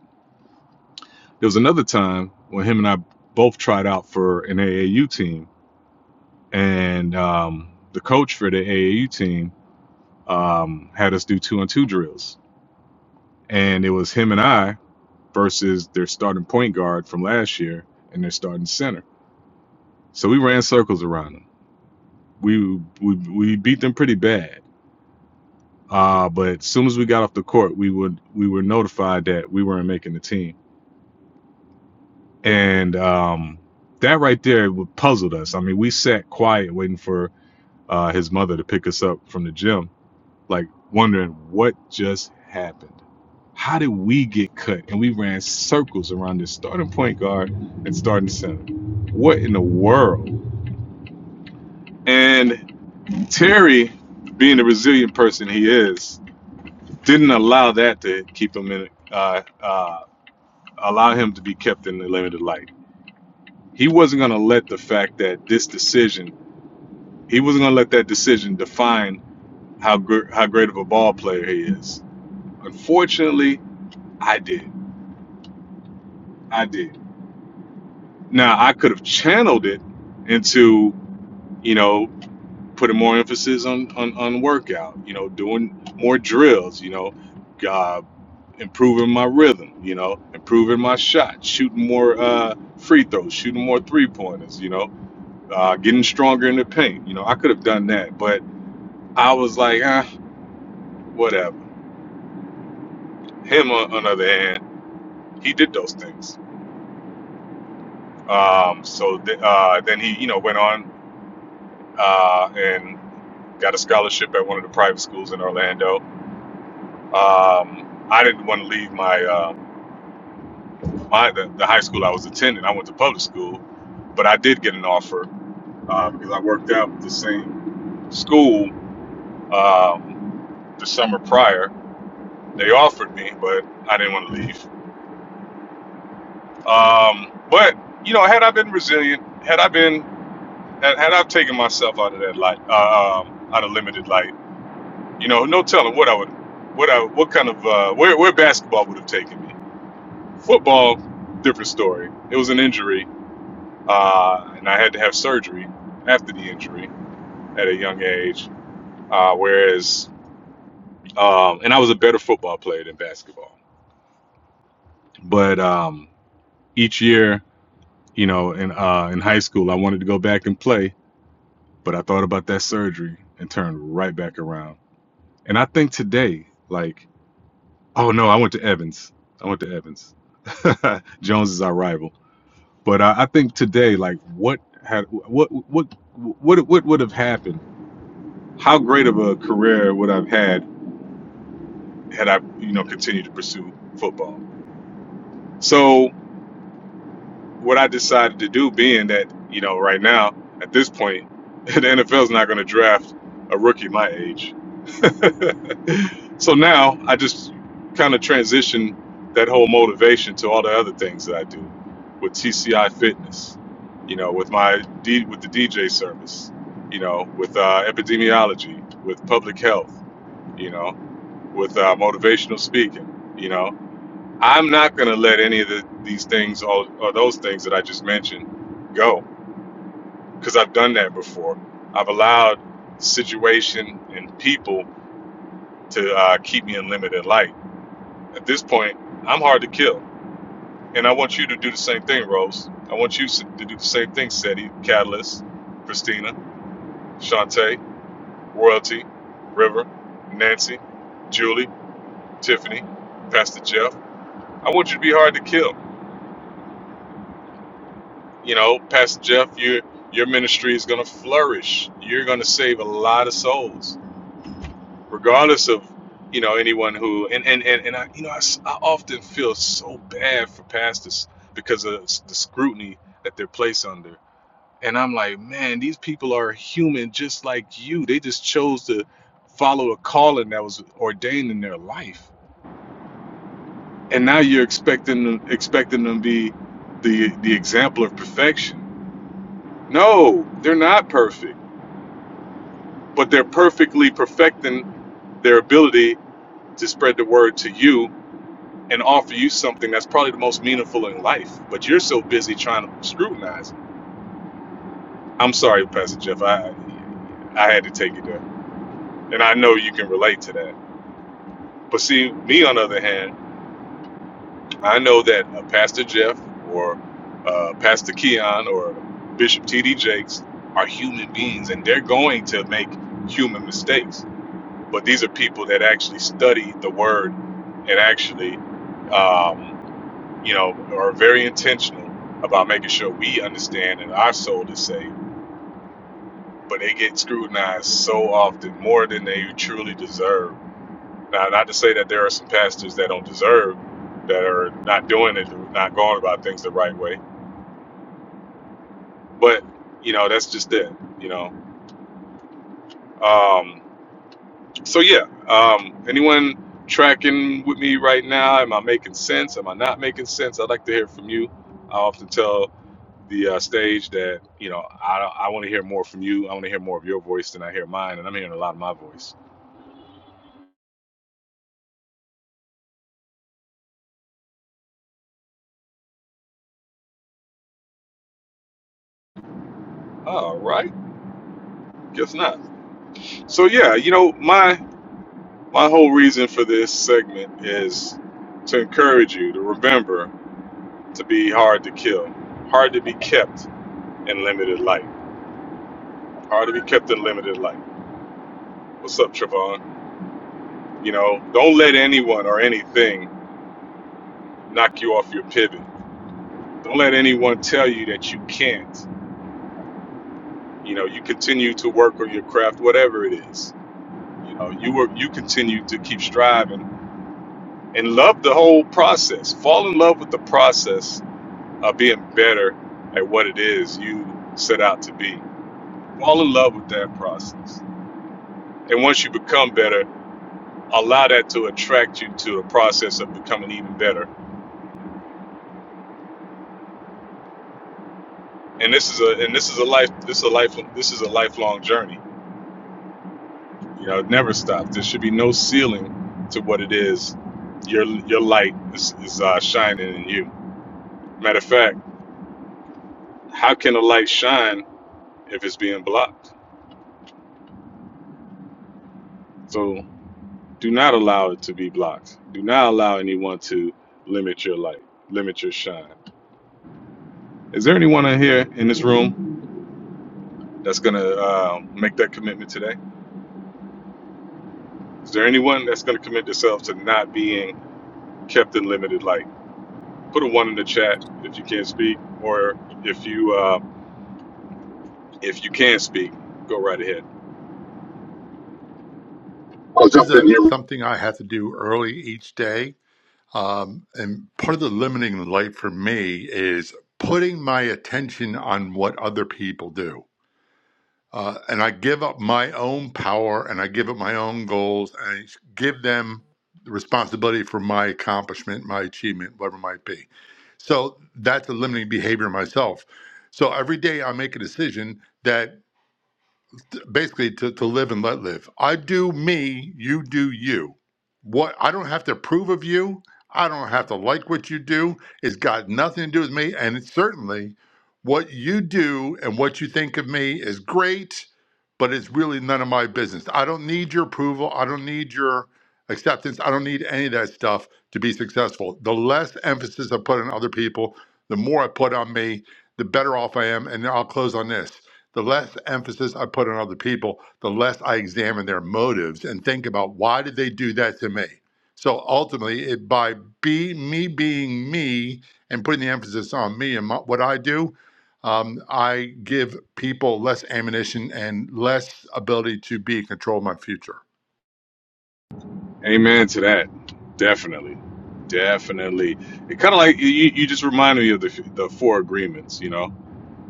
S33: There was another time when him and I both tried out for an AAU team, and um, the coach for the AAU team um, had us do two and two drills. And it was him and I versus their starting point guard from last year and their starting center. So we ran circles around them. We we, we beat them pretty bad. Uh, but as soon as we got off the court, we would we were notified that we weren't making the team. And um, that right there puzzled us. I mean, we sat quiet waiting for uh, his mother to pick us up from the gym, like wondering what just happened How did we get cut? And we ran circles around this starting point guard and starting center. What in the world? And Terry, being the resilient person he is, didn't allow that to keep him in, uh, uh, allow him to be kept in the limited light. He wasn't going to let the fact that this decision, he wasn't going to let that decision define how gr- how great of a ball player he is. Unfortunately, I did. I did. Now I could have channeled it into you know, putting more emphasis on, on, on workout, you know, doing more drills, you know, uh, improving my rhythm, you know, improving my shot, shooting more uh, free throws, shooting more three pointers, you know, uh, getting stronger in the paint. You know, I could have done that, but I was like, ah, whatever. Him, on, on the other hand, he did those things. Um, so th- uh, then he, you know, went on uh, and got a scholarship at one of the private schools in Orlando Um, I didn't want to leave my uh, my the, the high school I was attending. I went to public school, but I did get an offer uh, because I worked out with the same school um, the summer prior. They offered me, but I didn't want to leave. Um, but you know, had I been resilient, had I been had, had I taken myself out of that light, uh, um, out of limited light, you know, no telling what I would, what I what kind of uh, where where basketball would have taken me. Football, different story. It was an injury uh, and I had to have surgery after the injury at a young age. Uh, whereas, um, and I was a better football player than basketball. But um, each year, you know, in uh, in high school, I wanted to go back and play, but I thought about that surgery and turned right back around. And I think today, like, oh no, I went to Evans. I went to Evans. Jones is our rival. But I, I think today, like, what had what what what what would have happened? how great of a career would I've had had I, you know, continued to pursue football. So what I decided to do, being that you know, right now at this point, the NFL is not going to draft a rookie my age. so now I just kind of transition that whole motivation to all the other things that I do with TCI Fitness, you know, with my D, with the DJ service, you know, with uh, epidemiology, with public health, you know. with uh, motivational speaking. You know, I'm not going to let any of the, these things or, or those things that I just mentioned go because I've done that before. I've allowed situation and people to uh, keep me in limited light. At this point, I'm hard to kill. And I want you to do the same thing, Rose. I want you to do the same thing, Seti, Catalyst, Christina, Shantae, Royalty, River, Nancy, Julie, Tiffany, Pastor Jeff. I want you to be hard to kill. You know, Pastor Jeff, your your ministry is going to flourish. You're going to save a lot of souls, regardless of you know anyone who and and and, and I you know I, s- I often feel so bad for pastors because of s- the scrutiny that they're placed under. And I'm like, man, these people are human just like you. They just chose to follow a calling that was ordained in their life, and now you're expecting them expecting them to be the the example of perfection. No, they're not perfect but they're perfectly perfecting their ability to spread the word to you and offer you something that's probably the most meaningful in life. But you're so busy trying to scrutinize. I'm sorry, Pastor Jeff. I I had to take it there, and I know you can relate to that. But see, me on the other hand, I know that uh, Pastor Jeff or uh, Pastor Keon or Bishop T.D. Jakes are human beings, and they're going to make human mistakes but these are people that actually study the word and actually, um, you know, are very intentional about making sure we understand and our soul is saved. But they get scrutinized so often, more than they truly deserve. Now, not to say that there are some pastors that don't deserve, that are not doing it, not going about things the right way. But you know, that's just it. You know, um, So yeah, um, anyone tracking with me right now? Am I making sense? Am I not making sense? I'd like to hear from you. I often tell the uh, stage that you know I I want to hear more from you. I want to hear more of your voice than I hear mine, and I'm hearing a lot of my voice. All right, guess not. So yeah, you know my my whole reason for this segment is to encourage you to remember to be hard to kill, hard to be kept in limited light, hard to be kept in limited light. What's up, Trevon? You know, don't let anyone or anything knock you off your pivot. Don't let anyone tell you that you can't. You know, you continue to work on your craft, whatever it is. You know, you were you continue to keep striving and love the whole process. Fall in love with the process of being better at what it is you set out to be. Fall in love with that process. And once you become better, allow that to attract you to the process of becoming even better and this is a and this is a life this is a life this is a lifelong journey you know it never stops there should be no ceiling to what it is your your light is, is uh, shining in you matter of fact how can a light shine if it's being blocked so do not allow it to be blocked do not allow anyone to limit your light limit your shine is there anyone in here in this room that's gonna uh, make that commitment today is there anyone that's gonna commit themselves to not being kept in limited light put a one in the chat if you can't speak, or if you uh, if you can speak, go right ahead. I'll
S32: This is
S33: jump in
S32: a,
S33: here.
S32: something I have to do early each day. Um, and part of the limiting light for me is putting my attention on what other people do. Uh, and I give up my own power and I give up my own goals and I give them the responsibility for my accomplishment, my achievement, whatever it might be So that's a limiting behavior myself. So every day I make a decision that basically to, to live and let live. I do me, you do you. What I don't have to approve of you, I don't have to like what you do. It's got nothing to do with me. And it's certainly what you do and what you think of me is great, but it's really none of my business. I don't need your approval. I don't need your acceptance. I don't need any of that stuff to be successful. The less emphasis I put on other people, the more I put on me, the better off I am. And I'll close on this the less emphasis I put on other people, the less I examine their motives and think about why did they do that to me. So ultimately, it, by be me being me and putting the emphasis on me and my, what I do, um, I give people less ammunition and less ability to be in control of my future.
S33: Amen to that. Definitely, definitely. It kind of like you, you just reminded me of the the four agreements. You know,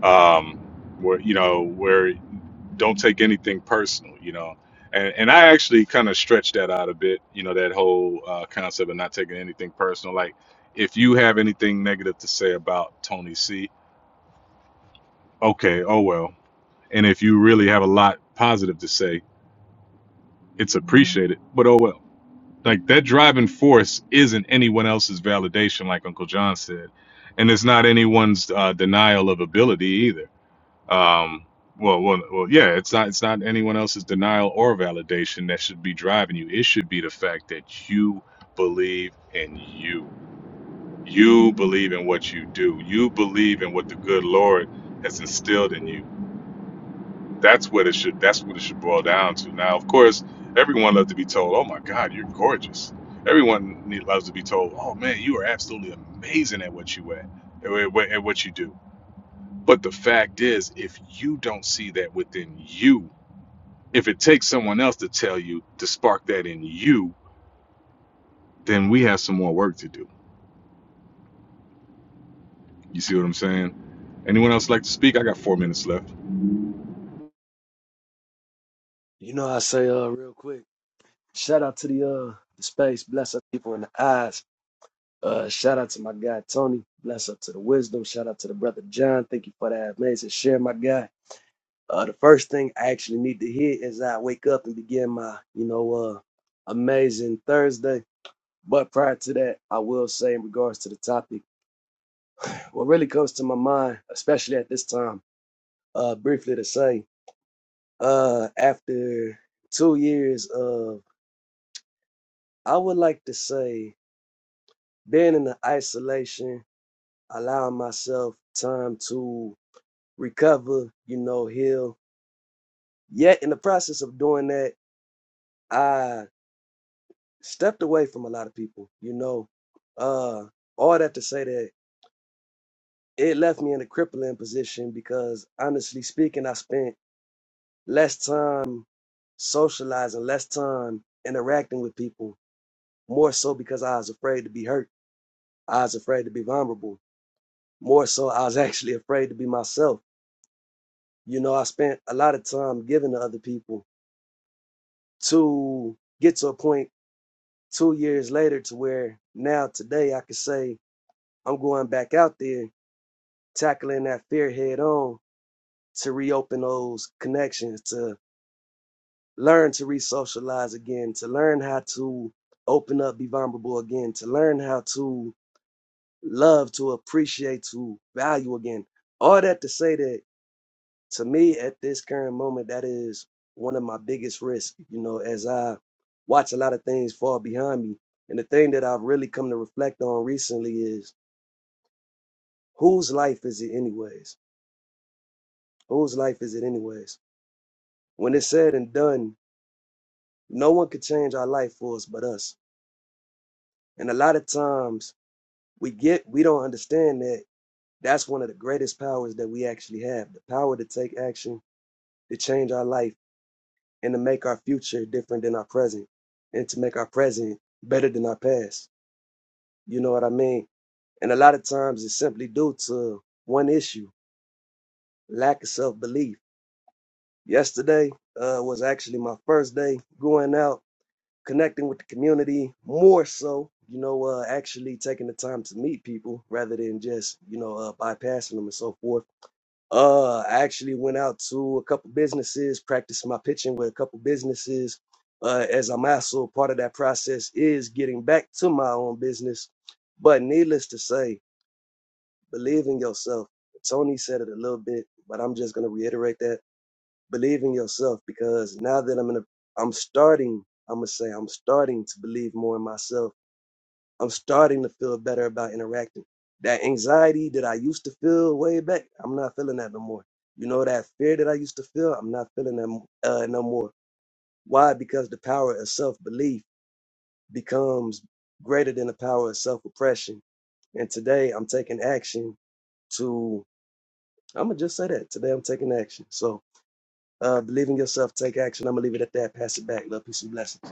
S33: um, where you know where don't take anything personal. You know. And, and I actually kind of stretched that out a bit, you know, that whole uh, concept of not taking anything personal. Like, if you have anything negative to say about Tony C, okay, oh well, And if you really have a lot positive to say, it's appreciated, but oh well. Like that driving force isn't anyone else's validation, like Uncle John said. And it's not anyone's uh, denial of ability either. Um, well, well, well, yeah, it's not, it's not anyone else's denial or validation that should be driving you. It should be the fact that you believe in you. You believe in what you do. You believe in what the good Lord has instilled in you That's what it should. That's what it should boil down to. Now, of course, everyone loves to be told, "Oh my God, you're gorgeous." Everyone need- loves to be told, "Oh man, you are absolutely amazing at what you at, at what at what you do." But the fact is, if you don't see that within you, if it takes someone else to tell you to spark that in you, then we have some more work to do. You see what I'm saying? Anyone else like to speak? I got four minutes left.
S34: You know, I say uh real quick. Shout out to the uh the space, bless up people in the eyes. Uh shout out to my guy Tony, bless up to the wisdom, shout out to the brother John. Thank you for that amazing share, my guy. Uh the first thing I actually need to hear is I wake up and begin my, you know, uh amazing Thursday. But prior to that, I will say in regards to the topic, what really comes to my mind, especially at this time, uh briefly to say, uh after two years of I would like to say being in the isolation, allowing myself time to recover, you know, heal. Yet in the process of doing that, I stepped away from a lot of people, you know. Uh all that to say that it left me in a crippling position because honestly speaking, I spent less time socializing, less time interacting with people, more so because I was afraid to be hurt. I was afraid to be vulnerable. More so I was actually afraid to be myself You know, I spent a lot of time giving to other people to get to a point two years later to where now today I could say I'm going back out there tackling that fear head on to reopen those connections, to learn to re socialize again, to learn how to open up, be vulnerable again, to learn how to love, to appreciate, to value again. All that to say that to me at this current moment that is one of my biggest risks you know as i watch a lot of things fall behind me and the thing that i've really come to reflect on recently is whose life is it anyways whose life is it anyways when it's said and done no one could change our life for us but us and a lot of times we get we don't understand that that's one of the greatest powers that we actually have the power to take action to change our life and to make our future different than our present and to make our present better than our past. You know what I mean? And a lot of times it's simply due to one issue, lack of self-belief. Yesterday uh, was actually my first day going out, connecting with the community more so, you know, uh, actually taking the time to meet people rather than just, you know, uh, bypassing them and so forth Uh, I actually went out to a couple businesses, practiced my pitching with a couple businesses. Uh, as I'm also part of that process is getting back to my own business. But needless to say, believe in yourself. Tony said it a little bit, but I'm just gonna reiterate that. Believe in yourself because now that I'm in a, I'm starting. I'm gonna say I'm starting to believe more in myself I'm starting to feel better about interacting. That anxiety that I used to feel way back, I'm not feeling that no more. You know that fear that I used to feel, I'm not feeling that uh, no more. Why? Because the power of self belief becomes greater than the power of self oppression. And today, I'm taking action to. I'm gonna just say that today, I'm taking action. So uh, believe in yourself, take action. I'm gonna leave it at that. Pass it back. Love, peace, and blessings.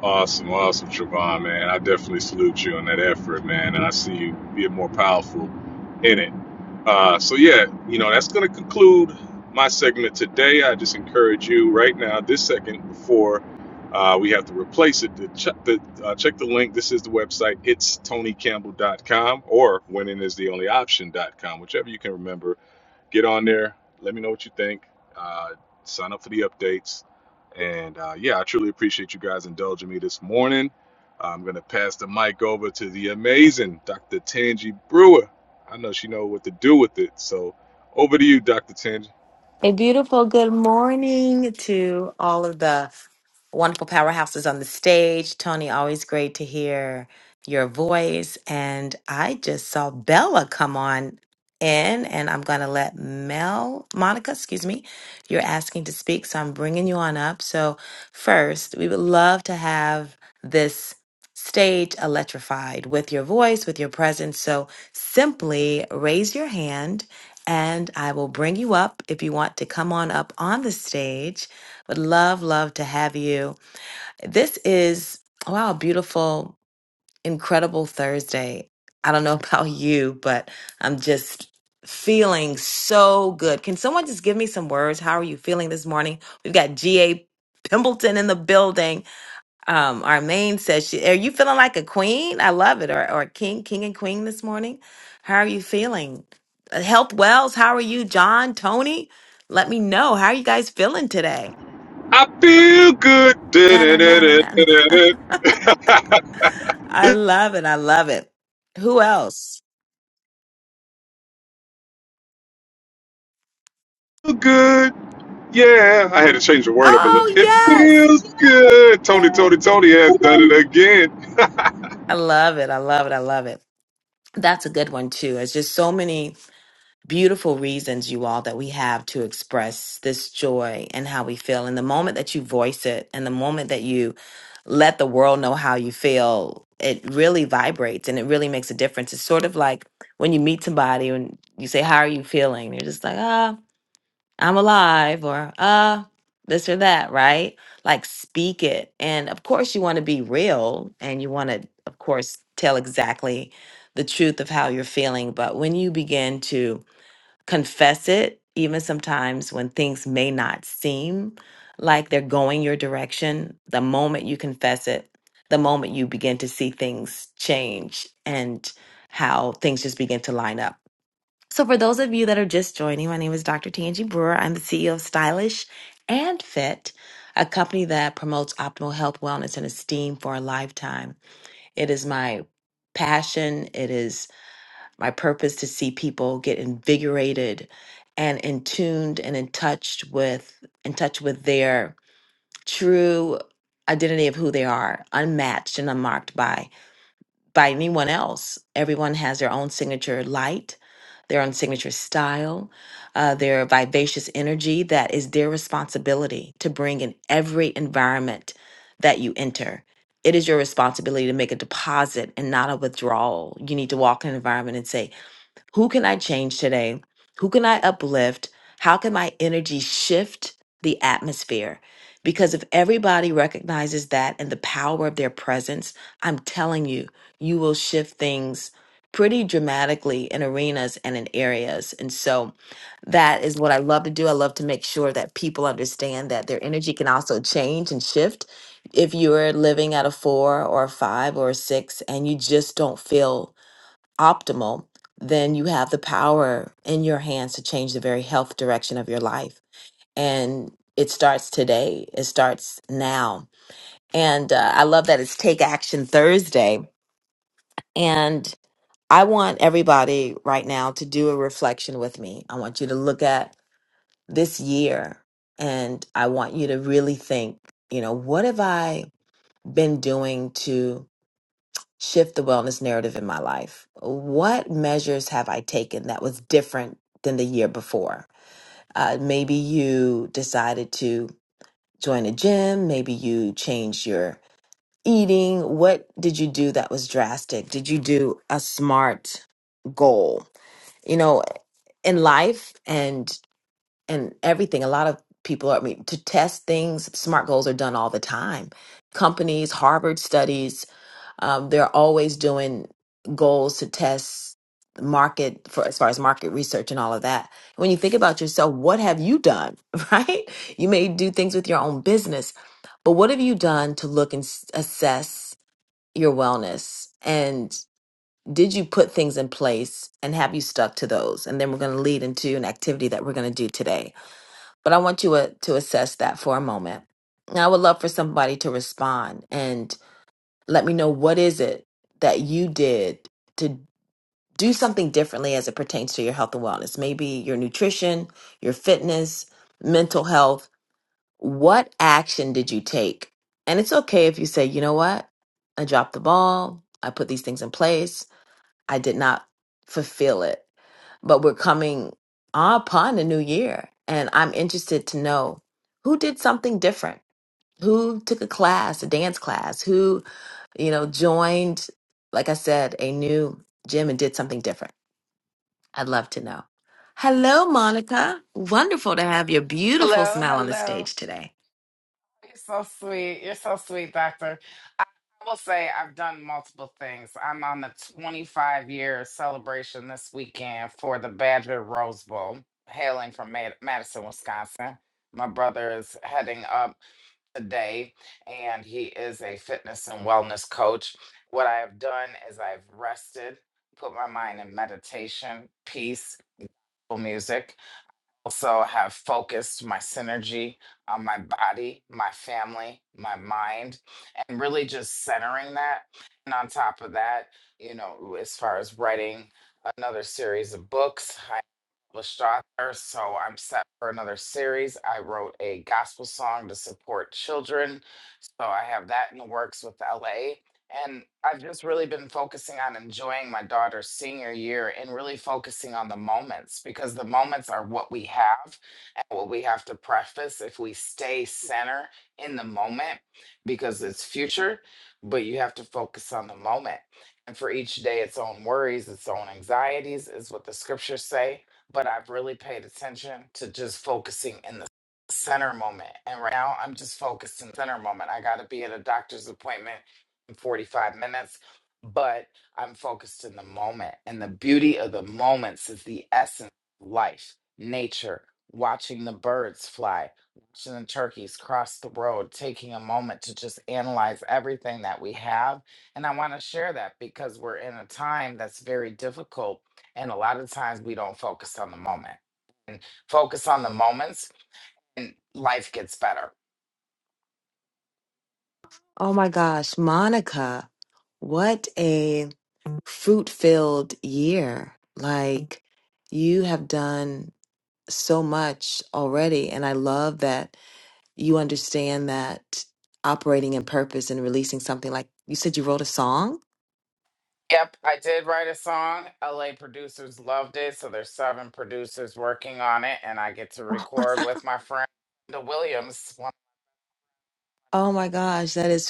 S33: Awesome, awesome, Trevon, man. I definitely salute you on that effort, man. And I see you being more powerful in it. Uh, so, yeah, you know, that's going to conclude my segment today. I just encourage you right now, this second, before uh, we have to replace it, to check the, uh, check the link. This is the website. It's tonycampbell.com or winningistheonlyoption.com, whichever you can remember get on there. Let me know what you think. Uh, sign up for the updates. And uh, yeah, I truly appreciate you guys indulging me this morning. I'm gonna pass the mic over to the amazing Dr. Tangi Brewer. I know she know what to do with it. So over to you, Dr. Tangi.
S35: A beautiful good morning to all of the Wonderful powerhouses on the stage. Tony, always great to hear your voice. And I just saw Bella come on in, and I'm going to let Mel, Monica, excuse me, you're asking to speak. So I'm bringing you on up. So, first, we would love to have this stage electrified with your voice, with your presence. So, simply raise your hand. And I will bring you up if you want to come on up on the stage. Would love, love to have you. This is, wow, a beautiful, incredible Thursday. I don't know about you, but I'm just feeling so good. Can someone just give me some words? How are you feeling this morning? We've got G.A. Pimbleton in the building. Um, our says, she, Are you feeling like a queen? I love it. Or, or a king, king and queen this morning. How are you feeling? Uh, Health Wells, how are you? John, Tony, let me know. How are you guys feeling today?
S33: I feel good.
S35: Da, na, na, na, na, na. I love it. I love it. Who else?
S33: Feel good. Yeah, I had to change the word up a little.
S35: Oh,
S33: It
S35: yes.
S33: feels good. Tony,
S35: Yeah.
S33: Tony, Tony has done it again.
S35: I love it. I love it. I love it. That's a good one, too. It's just so many beautiful reasons, you all, that we have to express this joy and how we feel. And the moment that you voice it and the moment that you let the world know how you feel, it really vibrates and it really makes a difference. It's sort of like when you meet somebody and you say, How are you feeling? They're just like, Ah. I'm alive or uh this or that, right? Like speak it. And of course you want to be real and you want to of course tell exactly the truth of how you're feeling, but when you begin to confess it, even sometimes when things may not seem like they're going your direction, the moment you confess it, the moment you begin to see things change and how things just begin to line up. So, for those of you that are just joining, my name is Dr. Tanji Brewer. I'm the CEO of Stylish and Fit, a company that promotes optimal health, wellness, and esteem for a lifetime. It is my passion, it is my purpose to see people get invigorated and in tuned and in touch with in touch with their true identity of who they are, unmatched and unmarked by by anyone else. Everyone has their own signature light, their own signature style, uh, their vivacious energy that is their responsibility to bring in every environment that you enter. It is your responsibility to make a deposit and not a withdrawal. You need to walk in an environment and say, who can I change today? Who can I uplift? How can my energy shift the atmosphere? Because if everybody recognizes that and the power of their presence, I'm telling you, you will shift things pretty dramatically in arenas and in areas. And so that is what I love to do. I love to make sure that people understand that their energy can also change and shift. If you're living at a four or a five or a six and you just don't feel optimal, then you have the power in your hands to change the very health direction of your life. And it starts today, it starts now. And uh, I love that it's Take Action Thursday. And I want everybody right now to do a reflection with me. I want you to look at this year and I want you to really think, you know, what have I been doing to shift the wellness narrative in my life. What measures have I taken that was different than the year before? Uh, maybe you decided to join a gym, maybe you changed your eating. What did you do that was drastic? Did you do a smart goal? You know, in life and and everything, a lot of people are I mean to test things, smart goals are done all the time. Companies, Harvard studies, um, they're always doing goals to test the market for as far as market research and all of that. When you think about yourself, what have you done, right? You may do things with your own business, but what have you done to look and s- assess your wellness? And did you put things in place and have you stuck to those? And then we're going to lead into an activity that we're going to do today. But I want you uh, to assess that for a moment. Now, I would love for somebody to respond let me know what is it that you did to do something differently as it pertains to your health and wellness maybe your nutrition your fitness mental health what action did you take and it's okay if you say you know what i dropped the ball i put these things in place i did not fulfill it but we're coming upon a new year and i'm interested to know who did something different who took a class a dance class who you know, joined, like I said, a new gym and did something different. I'd love to know. Hello, Monica. Wonderful to have your beautiful
S36: Hello,
S35: smile on the
S36: hello.
S35: stage today.
S36: You're so sweet. You're so sweet, Doctor. I will say I've done multiple things. I'm on the 25 year celebration this weekend for the Badger Rose Bowl, hailing from Mad- Madison, Wisconsin. My brother is heading up today, and he is a fitness and wellness coach. What I have done is I've rested, put my mind in meditation, peaceful music also have focused my synergy on my body, my family, my mind, and really just centering that. And on top of that, you know, as far as writing another series of books, I published author, so I'm set for another series. I wrote a gospel song to support children, so I have that in the works with LA. And I've just really been focusing on enjoying my daughter's senior year and really focusing on the moments because the moments are what we have and what we have to preface if we stay center in the moment because it's future, but you have to focus on the moment. And for each day, its own worries, its own anxieties is what the scriptures say. But I've really paid attention to just focusing in the center moment. And right now, I'm just focused in the center moment. I got to be at a doctor's appointment 45 minutes, but I'm focused in the moment. And the beauty of the moments is the essence of life, nature, watching the birds fly, watching the turkeys cross the road, taking a moment to just analyze everything that we have. And I want to share that because we're in a time that's very difficult. And a lot of times we don't focus on the moment and focus on the moments, and life gets better
S35: Oh my gosh, Monica, what a fruit filled year. Like, you have done so much already. And I love that you understand that operating in purpose and releasing something like you said you wrote a song.
S36: Yep, I did write a song. LA producers loved it, so there's seven producers working on it, and I get to record with my friend the Williams. One
S35: Oh my gosh, that is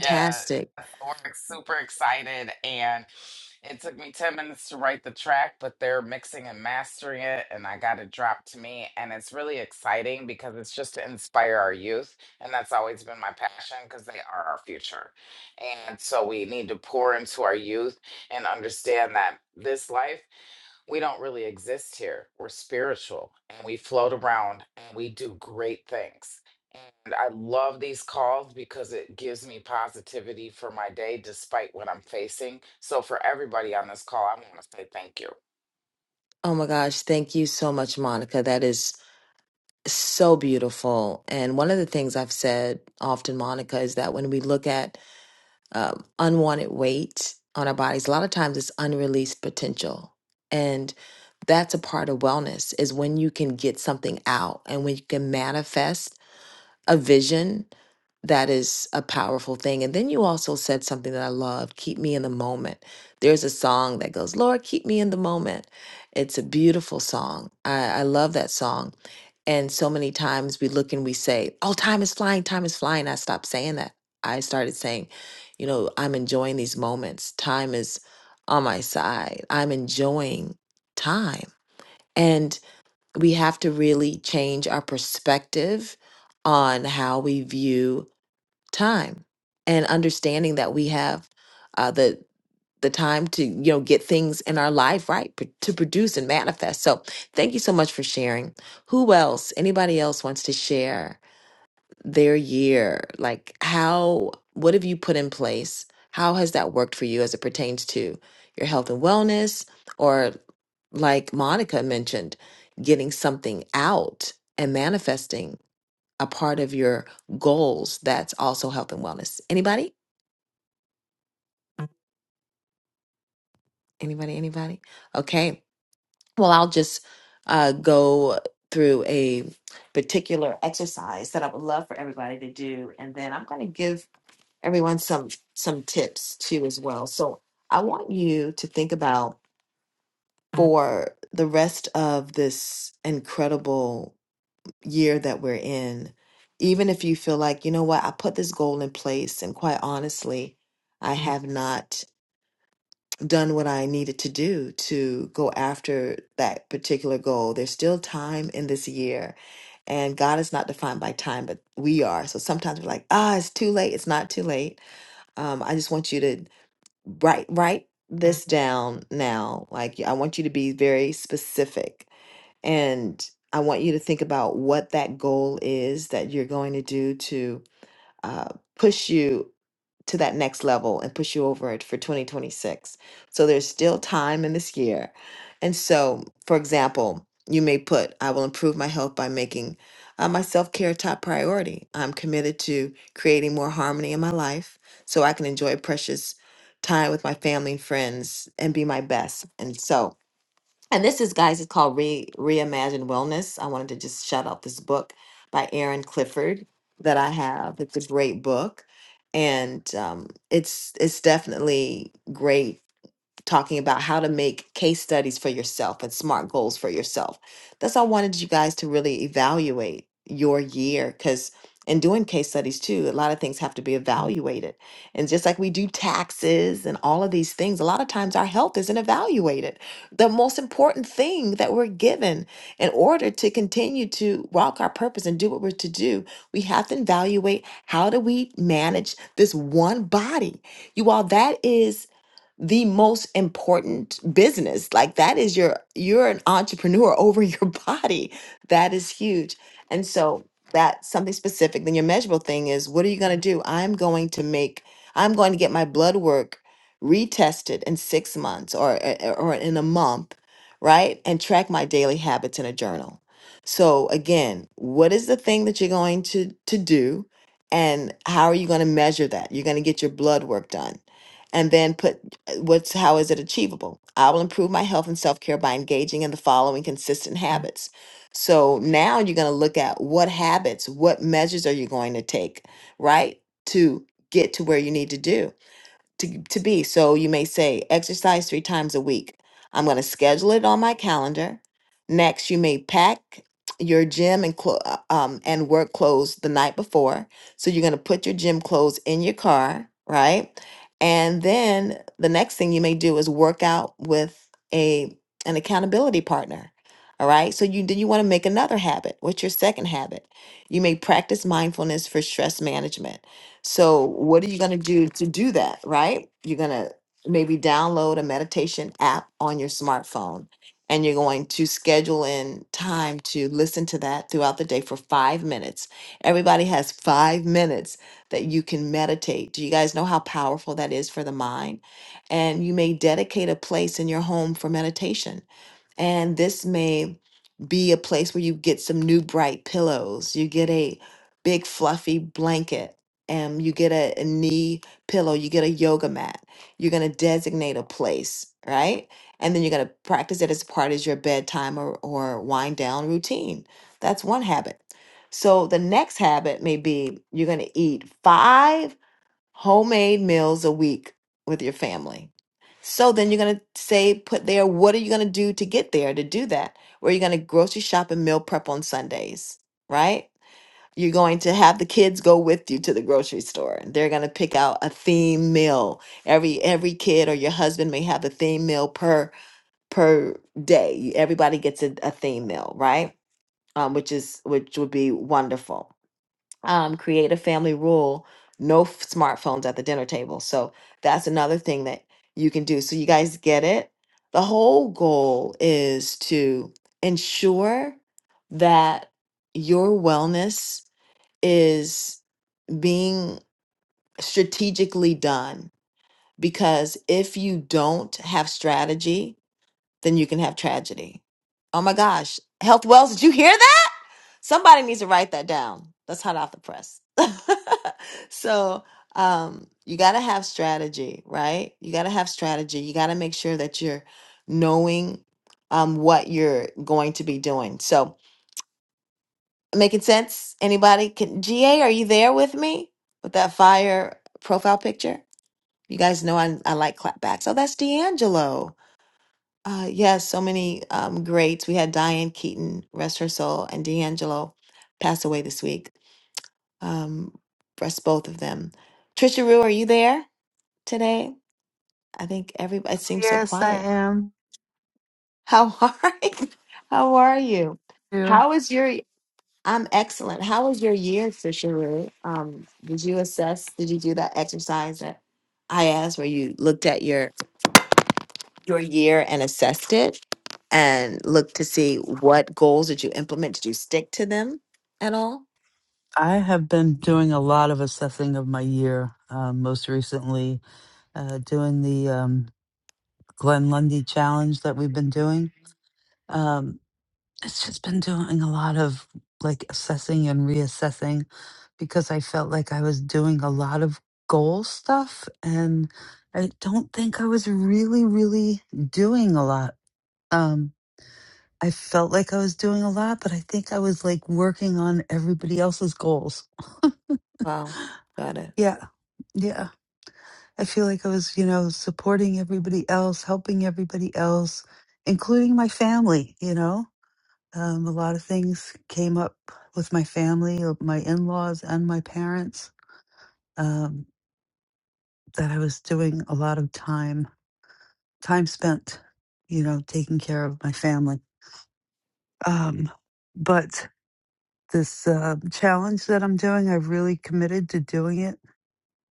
S36: yeah, we're super excited, and it took me 10 minutes to write the track, but they're mixing and mastering it, and I got it dropped to me. And it's really exciting because it's just to inspire our youth, and that's always been my passion because they are our future. And so we need to pour into our youth and understand that this life we don't really exist here. We're spiritual and we float around and we do great things. And I love these calls because it gives me positivity for my day despite what I'm facing. So, for everybody on this call, I want to say thank you.
S35: Oh my gosh, thank you so much, Monica. That is so beautiful. And one of the things I've said often, Monica, is that when we look at um, unwanted weight on our bodies, a lot of times it's unreleased potential. And that's a part of wellness is when you can get something out and when you can manifest a vision that is a powerful thing. And then you also said something that I love keep me in the moment. There's a song that goes, Lord, keep me in the moment. It's a beautiful song. I, I love that song. And so many times we look and we say, Oh, time is flying, time is flying. I stopped saying that. I started saying, You know, I'm enjoying these moments. Time is on my side. I'm enjoying time we have to really change our perspective on how we view time and understanding that we have uh, the the time to you know get things in our life right pro- to produce and manifest so thank you so much for sharing who else anybody else wants to share their year like how what have you put in place how has that worked for you as it pertains to your health and wellness or like monica mentioned getting something out and manifesting a part of your goals that's also health and wellness anybody anybody anybody okay well i'll just uh, go through a particular exercise that i would love for everybody to do and then i'm going to give everyone some some tips too as well. So I want you to think about for the rest of this incredible year that we're in, even if you feel like, you know what, I put this goal in place and quite honestly, I have not done what I needed to do to go after that particular goal. There's still time in this year. And God is not defined by time, but we are. So sometimes we're like, ah, it's too late. It's not too late. Um, I just want you to write write this down now like i want you to be very specific and i want you to think about what that goal is that you're going to do to uh, push you to that next level and push you over it for 2026. So there's still time in this year. And so, for example, you may put, I will improve my health by making uh, my self care top priority. I'm committed to creating more harmony in my life so I can enjoy precious time with my family and friends and be my best. And so, and this is, guys, it's called Re Reimagine Wellness. I wanted to just shout out this book by Erin Clifford that I have. It's a great book, and um, it's it's definitely great talking about how to make case studies for yourself and smart goals for yourself. That's all I wanted you guys to really evaluate your year because in doing case studies too, a lot of things have to be evaluated. And just like we do taxes and all of these things, a lot of times our health isn't evaluated. The most important thing that we're given in order to continue to walk our purpose and do what we're to do, we have to evaluate how do we manage this one body. You all, that is the most important business. Like that is your you're an entrepreneur over your body. That is huge. And so that's something specific. Then your measurable thing is what are you going to do? I'm going to make I'm going to get my blood work retested in 6 months or or or in a month, right? And track my daily habits in a journal. So again, what is the thing that you're going to to do and how are you going to measure that? You're going to get your blood work done and then put uh, what's how is it achievable i will improve my health and self-care by engaging in the following consistent habits so now you're going to look at what habits what measures are you going to take right to get to where you need to do to, to be. So you may say, exercise three times a week. I'm going to schedule it on my calendar. Next, you may pack your gym and clo- uh, um, and work clothes the night before. So you're going to put your gym clothes in your car, right? And then the next thing you may do is work out with a an accountability partner. All right. So you then you want to make another habit. What's your second habit? You may practice mindfulness for stress management so, what are you going to do to do that, right? You're going to maybe download a meditation app on your smartphone and you're going to schedule in time to listen to that throughout the day for five minutes. Everybody has five minutes that you can meditate. Do you guys know how powerful that is for the mind? And you may dedicate a place in your home for meditation and this may be a place where you get some new bright pillows. You get a big fluffy blanket. And you get a, a knee pillow, you get a yoga mat. You're gonna designate a place, right? And then you're gonna practice it as part of your bedtime or, or wind down routine. That's one habit. So the next habit may be you're gonna eat five homemade meals a week with your family. So then you're going to say, put there, what are you going to do to get there to do that? Where you're going to grocery shop and meal prep on Sundays, right? You're going to have the kids go with you to the grocery store and they're going to pick out a theme meal. Every every kid or your husband may have a theme meal per per day. Everybody gets a, a theme meal, right? Um, which is which would be wonderful um, create a family rule no f- smartphones at the dinner table. So that's another thing that you can do. So, you guys get it? The whole goal is to ensure that your wellness is being strategically done because if you don't have strategy, then you can have tragedy. Oh my gosh. Health Wells, did you hear Somebody needs to write that down. That's hot off the press. so um, you got to have strategy, right? You got to have strategy. You got to make sure that you're knowing um, what you're going to be doing. So making sense? Anybody? Can GA? Are you there with me with that fire profile picture? You guys know I, I like clapbacks. Oh, that's D'Angelo. Uh, yes, so many um, greats. We had Diane Keaton, rest her soul, and D'Angelo passed away this week. um, for us both of them. Trisha Rue, are you there today? I think everybody it seems so
S1: Yes, I
S35: quiet.
S1: am
S35: How are you? How are you?
S1: too.
S35: How is your? I'm excellent. How was your year, Trisha Rue? Um, did you assess? Did you do that exercise that I asked, where you looked at your your year and assessed it, and looked to see what goals did you implement? Did you stick to them at all?
S1: I have been doing a lot of assessing of my year, um, most recently uh, doing the um, Glenn Lundy challenge that we've been doing. Um, It's just been doing a lot of like assessing and reassessing because I felt like I was doing a lot of goal stuff and I don't think I was really, really doing a lot. Um, I felt like I was doing a lot, but I think I was like working on everybody else's goals.
S35: Wow, got it.
S1: Yeah. Yeah. I feel like I was, you know, supporting everybody else, helping everybody else, including my family, you know? Um, a lot of things came up with my family, uh, my in laws, and my parents um, that I was doing a lot of time, time spent, you know, taking care of my family. Um, but this uh, challenge that I'm doing, I've really committed to doing it.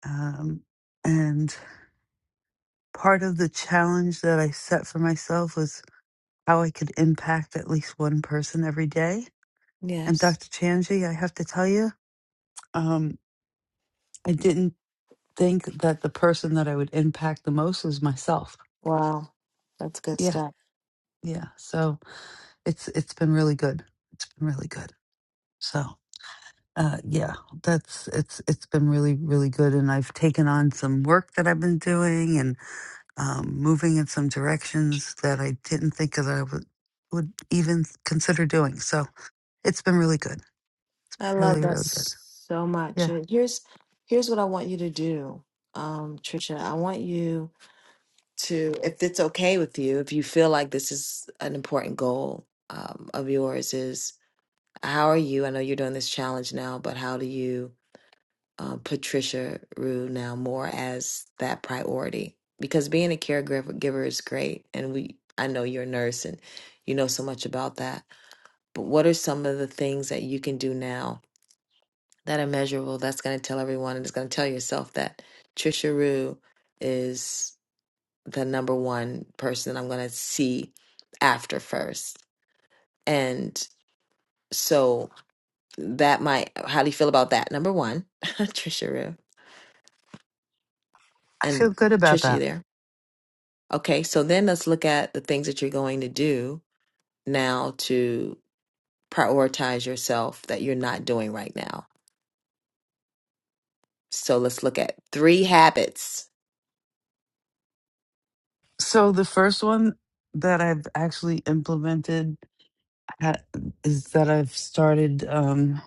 S1: Um, and part of the challenge that I set for myself was how I could impact at least one person every day. And
S35: Yes.
S1: Dr. Chanji, I have to tell you, um, I didn't think that the person that I would impact the most is myself.
S35: Wow, that's good
S1: Yeah,
S35: stuff.
S1: yeah. So it's it's been really good. It's been really good. So uh, yeah, that's it's it's been really really good, and I've taken on some work that I've been doing and um, moving in some directions that I didn't think that I would would even consider doing. So it's been really good.
S35: I love
S1: Really
S35: that
S1: really good.
S35: so much.
S1: Yeah,
S35: And here's here's what I want you to do, um, Trisha. I want you to, if it's okay with you, if you feel like this is an important goal um, of yours, is how are you? I know you're doing this challenge now, but how do you uh, put Trisha Rue now more as that priority? Because being a caregiver giver is great, and we, I know you're a nurse and you know so much about that. But what are some of the things that you can do now? that immeasurable that's going to tell everyone and it's going to tell yourself that Trisha Rue is the number one person I'm going to see after first. And so that might, how do you feel about that? Number one, Trisha Rue.
S1: I feel
S35: And
S1: good about
S35: Trisha, you
S1: that.
S35: there? Okay, so then let's look at the things that you're going to do now to prioritize yourself that you're not doing right now. So let's look at three habits,
S1: So the first one that I've actually implemented ha- is that I've started. Um,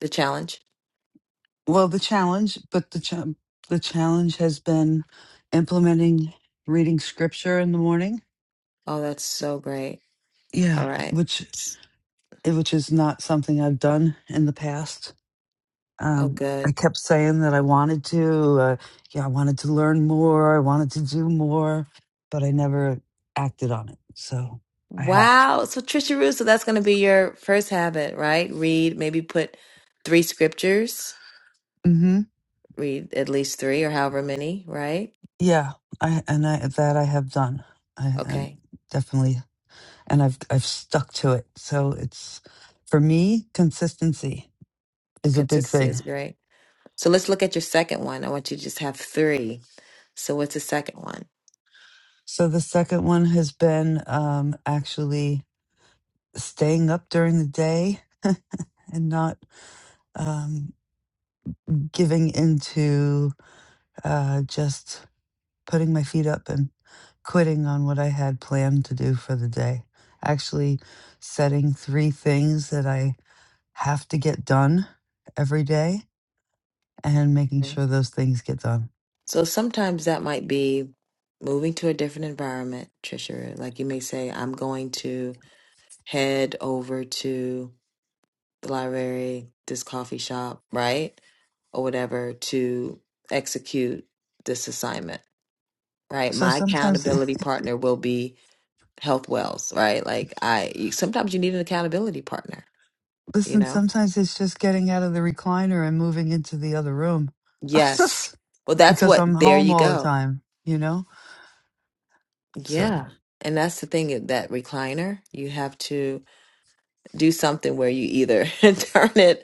S35: the challenge.
S1: well, the challenge, but the cha- the challenge has been implementing reading scripture in the morning.
S35: Oh, that's so great. All
S1: Yeah,
S35: right.
S1: which which is not something I've done in the past.
S35: Oh,
S1: Um, I
S35: good.
S1: kept saying that I wanted to. Uh, yeah, I wanted to learn more. I wanted to do more, but I never acted on it. So I have.
S35: Wow. So, Trisha Rue, so that's going to be your first habit, right? Read, maybe put three scriptures,
S1: hmm
S35: read at least three or however many, right?
S1: Yeah, I and I that I have done. I, I
S35: Okay.
S1: definitely and I've I've stuck to it. So it's for me consistency
S35: A
S1: is a big
S35: consistency is
S1: thing.
S35: great. So, let's look at your second one. I want you to just have three. So, what's the second one?
S1: So the second one has been um, actually staying up during the day and not um, giving into uh, just putting my feet up and quitting on what I had planned to do for the day. Actually, setting three things that I have to get done every day and making sure those things get done.
S35: So sometimes that might be moving to a different environment, Trisha. Like you may say, I'm going to head over to the library, this coffee shop, right? Or whatever to execute this assignment, right?
S1: So
S35: My
S1: sometimes
S35: accountability partner will be Health Wells, right? Like I you- sometimes you need an accountability partner, you
S1: Listen,
S35: know?
S1: sometimes it's just getting out of the recliner and moving into the other room
S35: Yes. Well, that's
S1: because I'm
S35: what there
S1: home
S35: you
S1: all the
S35: go.
S1: time, you know? So,
S35: Yeah. And that's the thing that recliner, you have to do something where you either turn it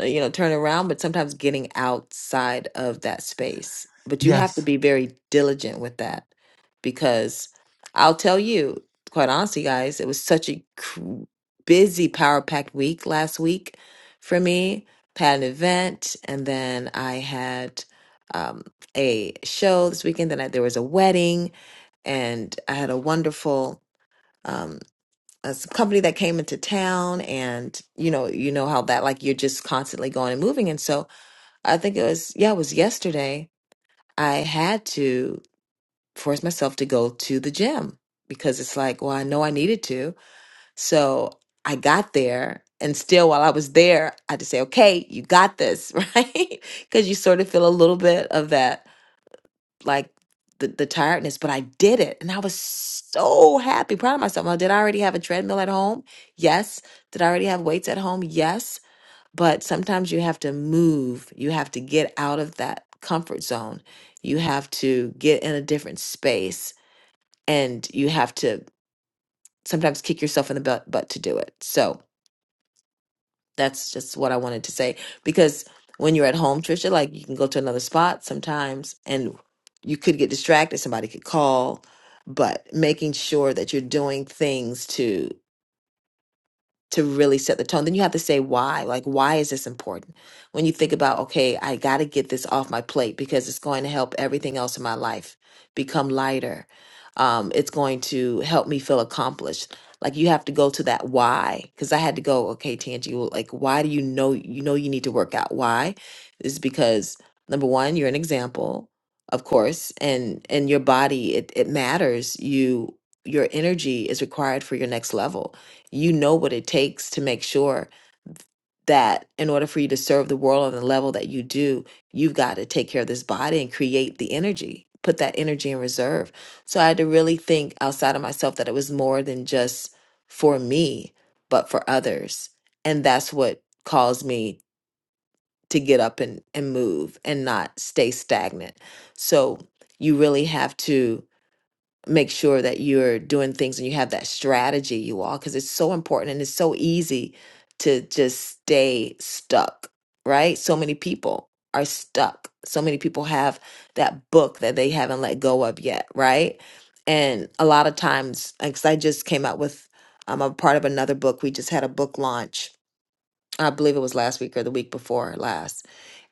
S35: uh, you know turn around but sometimes getting outside of that space but you have to
S1: yes.
S35: be very diligent with that because i'll tell you quite honestly guys it was such a cr- busy power packed week last week for me had an event and then i had um, a show this weekend then I, there was a wedding and i had a wonderful um, a s- company that came into town and you know you know how that like you're just constantly going and moving and so i think it was yeah it was yesterday i had to force myself to go to the gym because it's like well i know i needed to so i got there and still while i was there i had to say okay you got this right because you sort of feel a little bit of that like the, the tiredness, but I did it. And I was so happy, proud of myself. Now, did I already have a treadmill at home? Yes. Did I already have weights at home? Yes. But sometimes you have to move, you have to get out of that comfort zone, you have to get in a different space, and you have to sometimes kick yourself in the butt, butt to do it. So, that's just what I wanted to say. Because when you're at home, Trisha, like you can go to another spot sometimes and you could get distracted. Somebody could call, but making sure that you're doing things to to really set the tone. Then you have to say why. Like, why is this important? When you think about, okay, I got to get this off my plate because it's going to help everything else in my life become lighter. Um, it's going to help me feel accomplished. Like you have to go to that why. Because I had to go, okay, Tangie, well, like, why do you know you know you need to work out? Why? Is because number one, you're an example, of course, and and your body it it matters. You your energy is required for your next level you know what it takes to make sure that in order for you to serve the world on the level that you do, you've got to take care of this body and create the energy, put that energy in reserve. So I had to really think outside of myself that it was more than just for me, but for others. And that's what caused me to get up and, and move and not stay stagnant. So you really have to make sure that you're doing things and you have that strategy, you all, because it's so important and it's so easy to just stay stuck, right? So many people are stuck. So many people have that book that they haven't let go of yet, right? And a lot of times, because I just came out with, um, I'm a part of another book. We just had a book launch. I believe it was last week or the week before last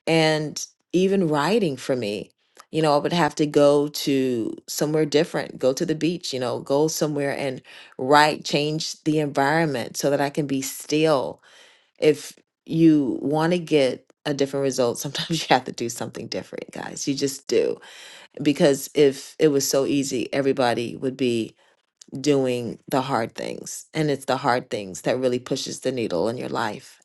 S35: and even writing for me you know i would have to go to somewhere different go to the beach you know go somewhere and write change the environment so that i can be still if you want to get a different result sometimes you have to do something different guys you just do because if it was so easy everybody would be doing the hard things and it's the hard things that really pushes the needle in your life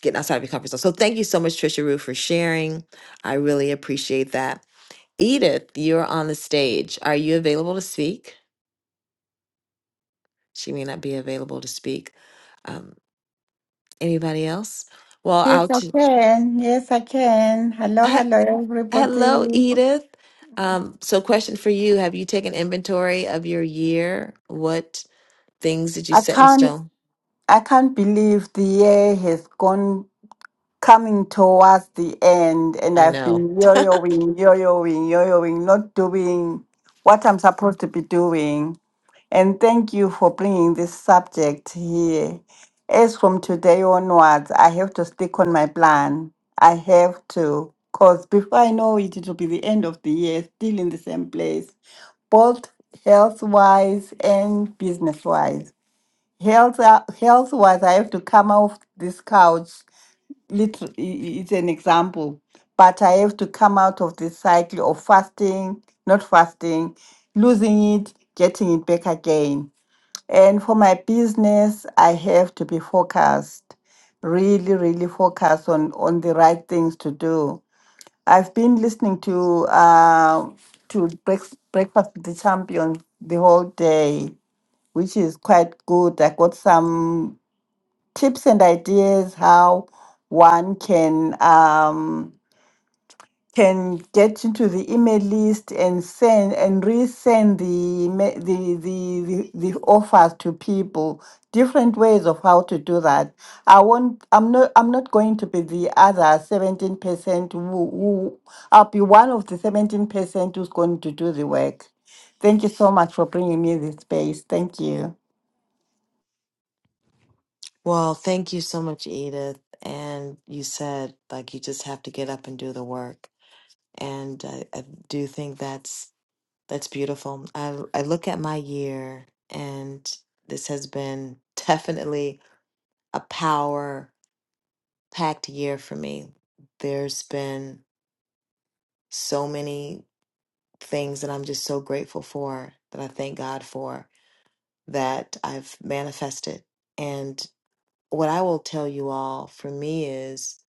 S35: getting outside of your comfort zone. So thank you so much, Trisha Rue, for sharing. I really appreciate that. Edith, you're on the stage. Are you available to speak? She may not be available to speak. Um, anybody else? Well, I'll.
S37: Yes, I
S35: T-
S37: can. Yes, I can. Hello,
S35: he-
S37: hello, everybody.
S35: Hello, Edith. Um, so, question for you: Have you taken inventory of your year? What things did you
S37: I
S35: set in
S37: can't.
S35: stone?
S37: I can't believe the year has gone. coming towards the end and
S35: I
S37: I've
S35: know.
S37: been yo-yoing, yo-yoing, yo-yoing, not doing what I'm supposed to be doing. And thank you for bringing this subject here. As from today onwards, I have to stick on my plan. I have to, because before I know it, it will be the end of the year, still in the same place, both health wise and business wise. Health, health wise, I have to come off this couch little it's an example but i have to come out of this cycle of fasting not fasting losing it getting it back again and for my business i have to be focused really really focused on on the right things to do i've been listening to uh to Breaks- breakfast with the champion the whole day which is quite good i got some tips and ideas how one can um, can get into the email list and send and resend the, ma- the the the the offers to people. Different ways of how to do that. I won't. I'm not. I'm not going to be the other seventeen percent who who. I'll be one of the seventeen percent who's going to do the work. Thank you so much for bringing me this space. Thank you.
S35: Well, thank you so much, Edith. And you said like you just have to get up and do the work. and I, I do think that's that's beautiful. I I look at my year, and this has been definitely a power packed year for me. There's been so many things that I'm just so grateful for that I thank God for that I've manifested. And what I will tell you all for me is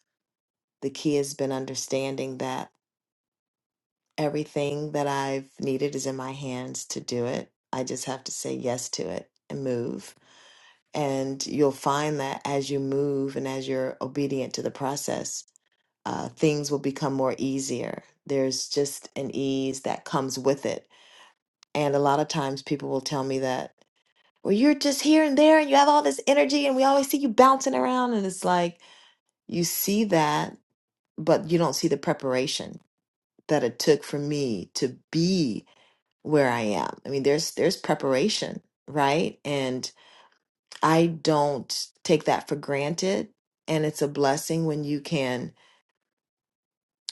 S35: the key has been understanding that. Everything that I've needed is in my hands to do it. I just have to say yes to it and move. And you'll find that as you move and as you're obedient to the process, uh, things will become more easier. There's just an ease that comes with it. And a lot of times people will tell me that, well, you're just here and there and you have all this energy and we always see you bouncing around. And it's like, you see that, but you don't see the preparation that it took for me to be where I am. I mean, there's there's preparation, right? And I don't take that for granted. And it's a blessing when you can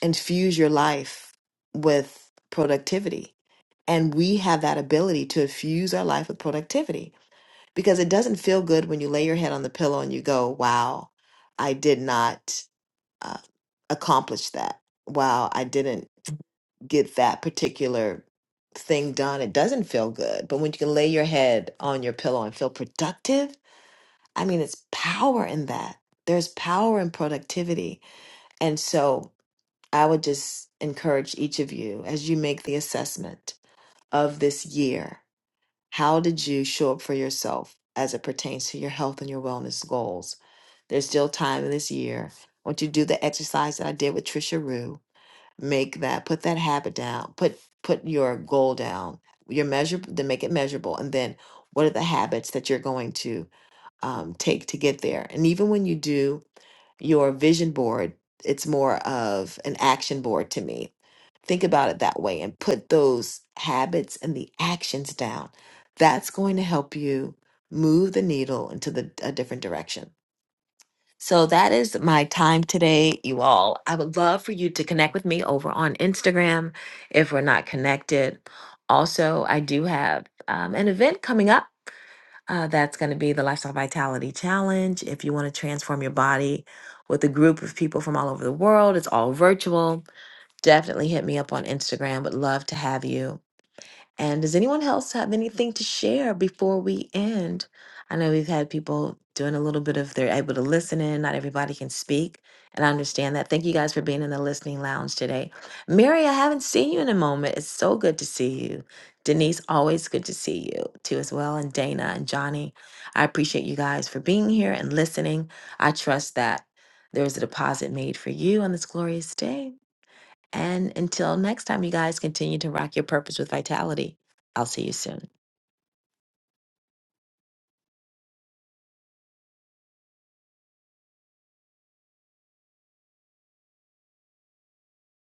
S35: infuse your life with productivity. And we have that ability to infuse our life with productivity because it doesn't feel good when you lay your head on the pillow and you go, wow, I did not uh, accomplish that. Wow, I didn't. get that particular thing done, it doesn't feel good. But when you can lay your head on your pillow and feel productive, I mean, it's power in that. There's power in productivity. And so I would just encourage each of you as you make the assessment of this year how did you show up for yourself as it pertains to your health and your wellness goals? There's still time in this year. I want you to do the exercise that I did with Trisha Rue make that put that habit down put put your goal down your measure then make it measurable and then what are the habits that you're going to um, take to get there and even when you do your vision board it's more of an action board to me think about it that way and put those habits and the actions down that's going to help you move the needle into the a different direction so that is my time today, you all. I would love for you to connect with me over on Instagram if we're not connected. Also, I do have um, an event coming up. Uh, that's going to be the Lifestyle Vitality Challenge. If you want to transform your body with a group of people from all over the world, it's all virtual. Definitely hit me up on Instagram. Would love to have you. And does anyone else have anything to share before we end? I know we've had people doing a little bit of they're able to listen in, not everybody can speak, and I understand that. Thank you guys for being in the listening lounge today. Mary, I haven't seen you in a moment. It's so good to see you. Denise, always good to see you too as well, and Dana and Johnny. I appreciate you guys for being here and listening. I trust that there is a deposit made for you on this glorious day and until next time, you guys continue to rock your purpose with vitality. I'll see you soon.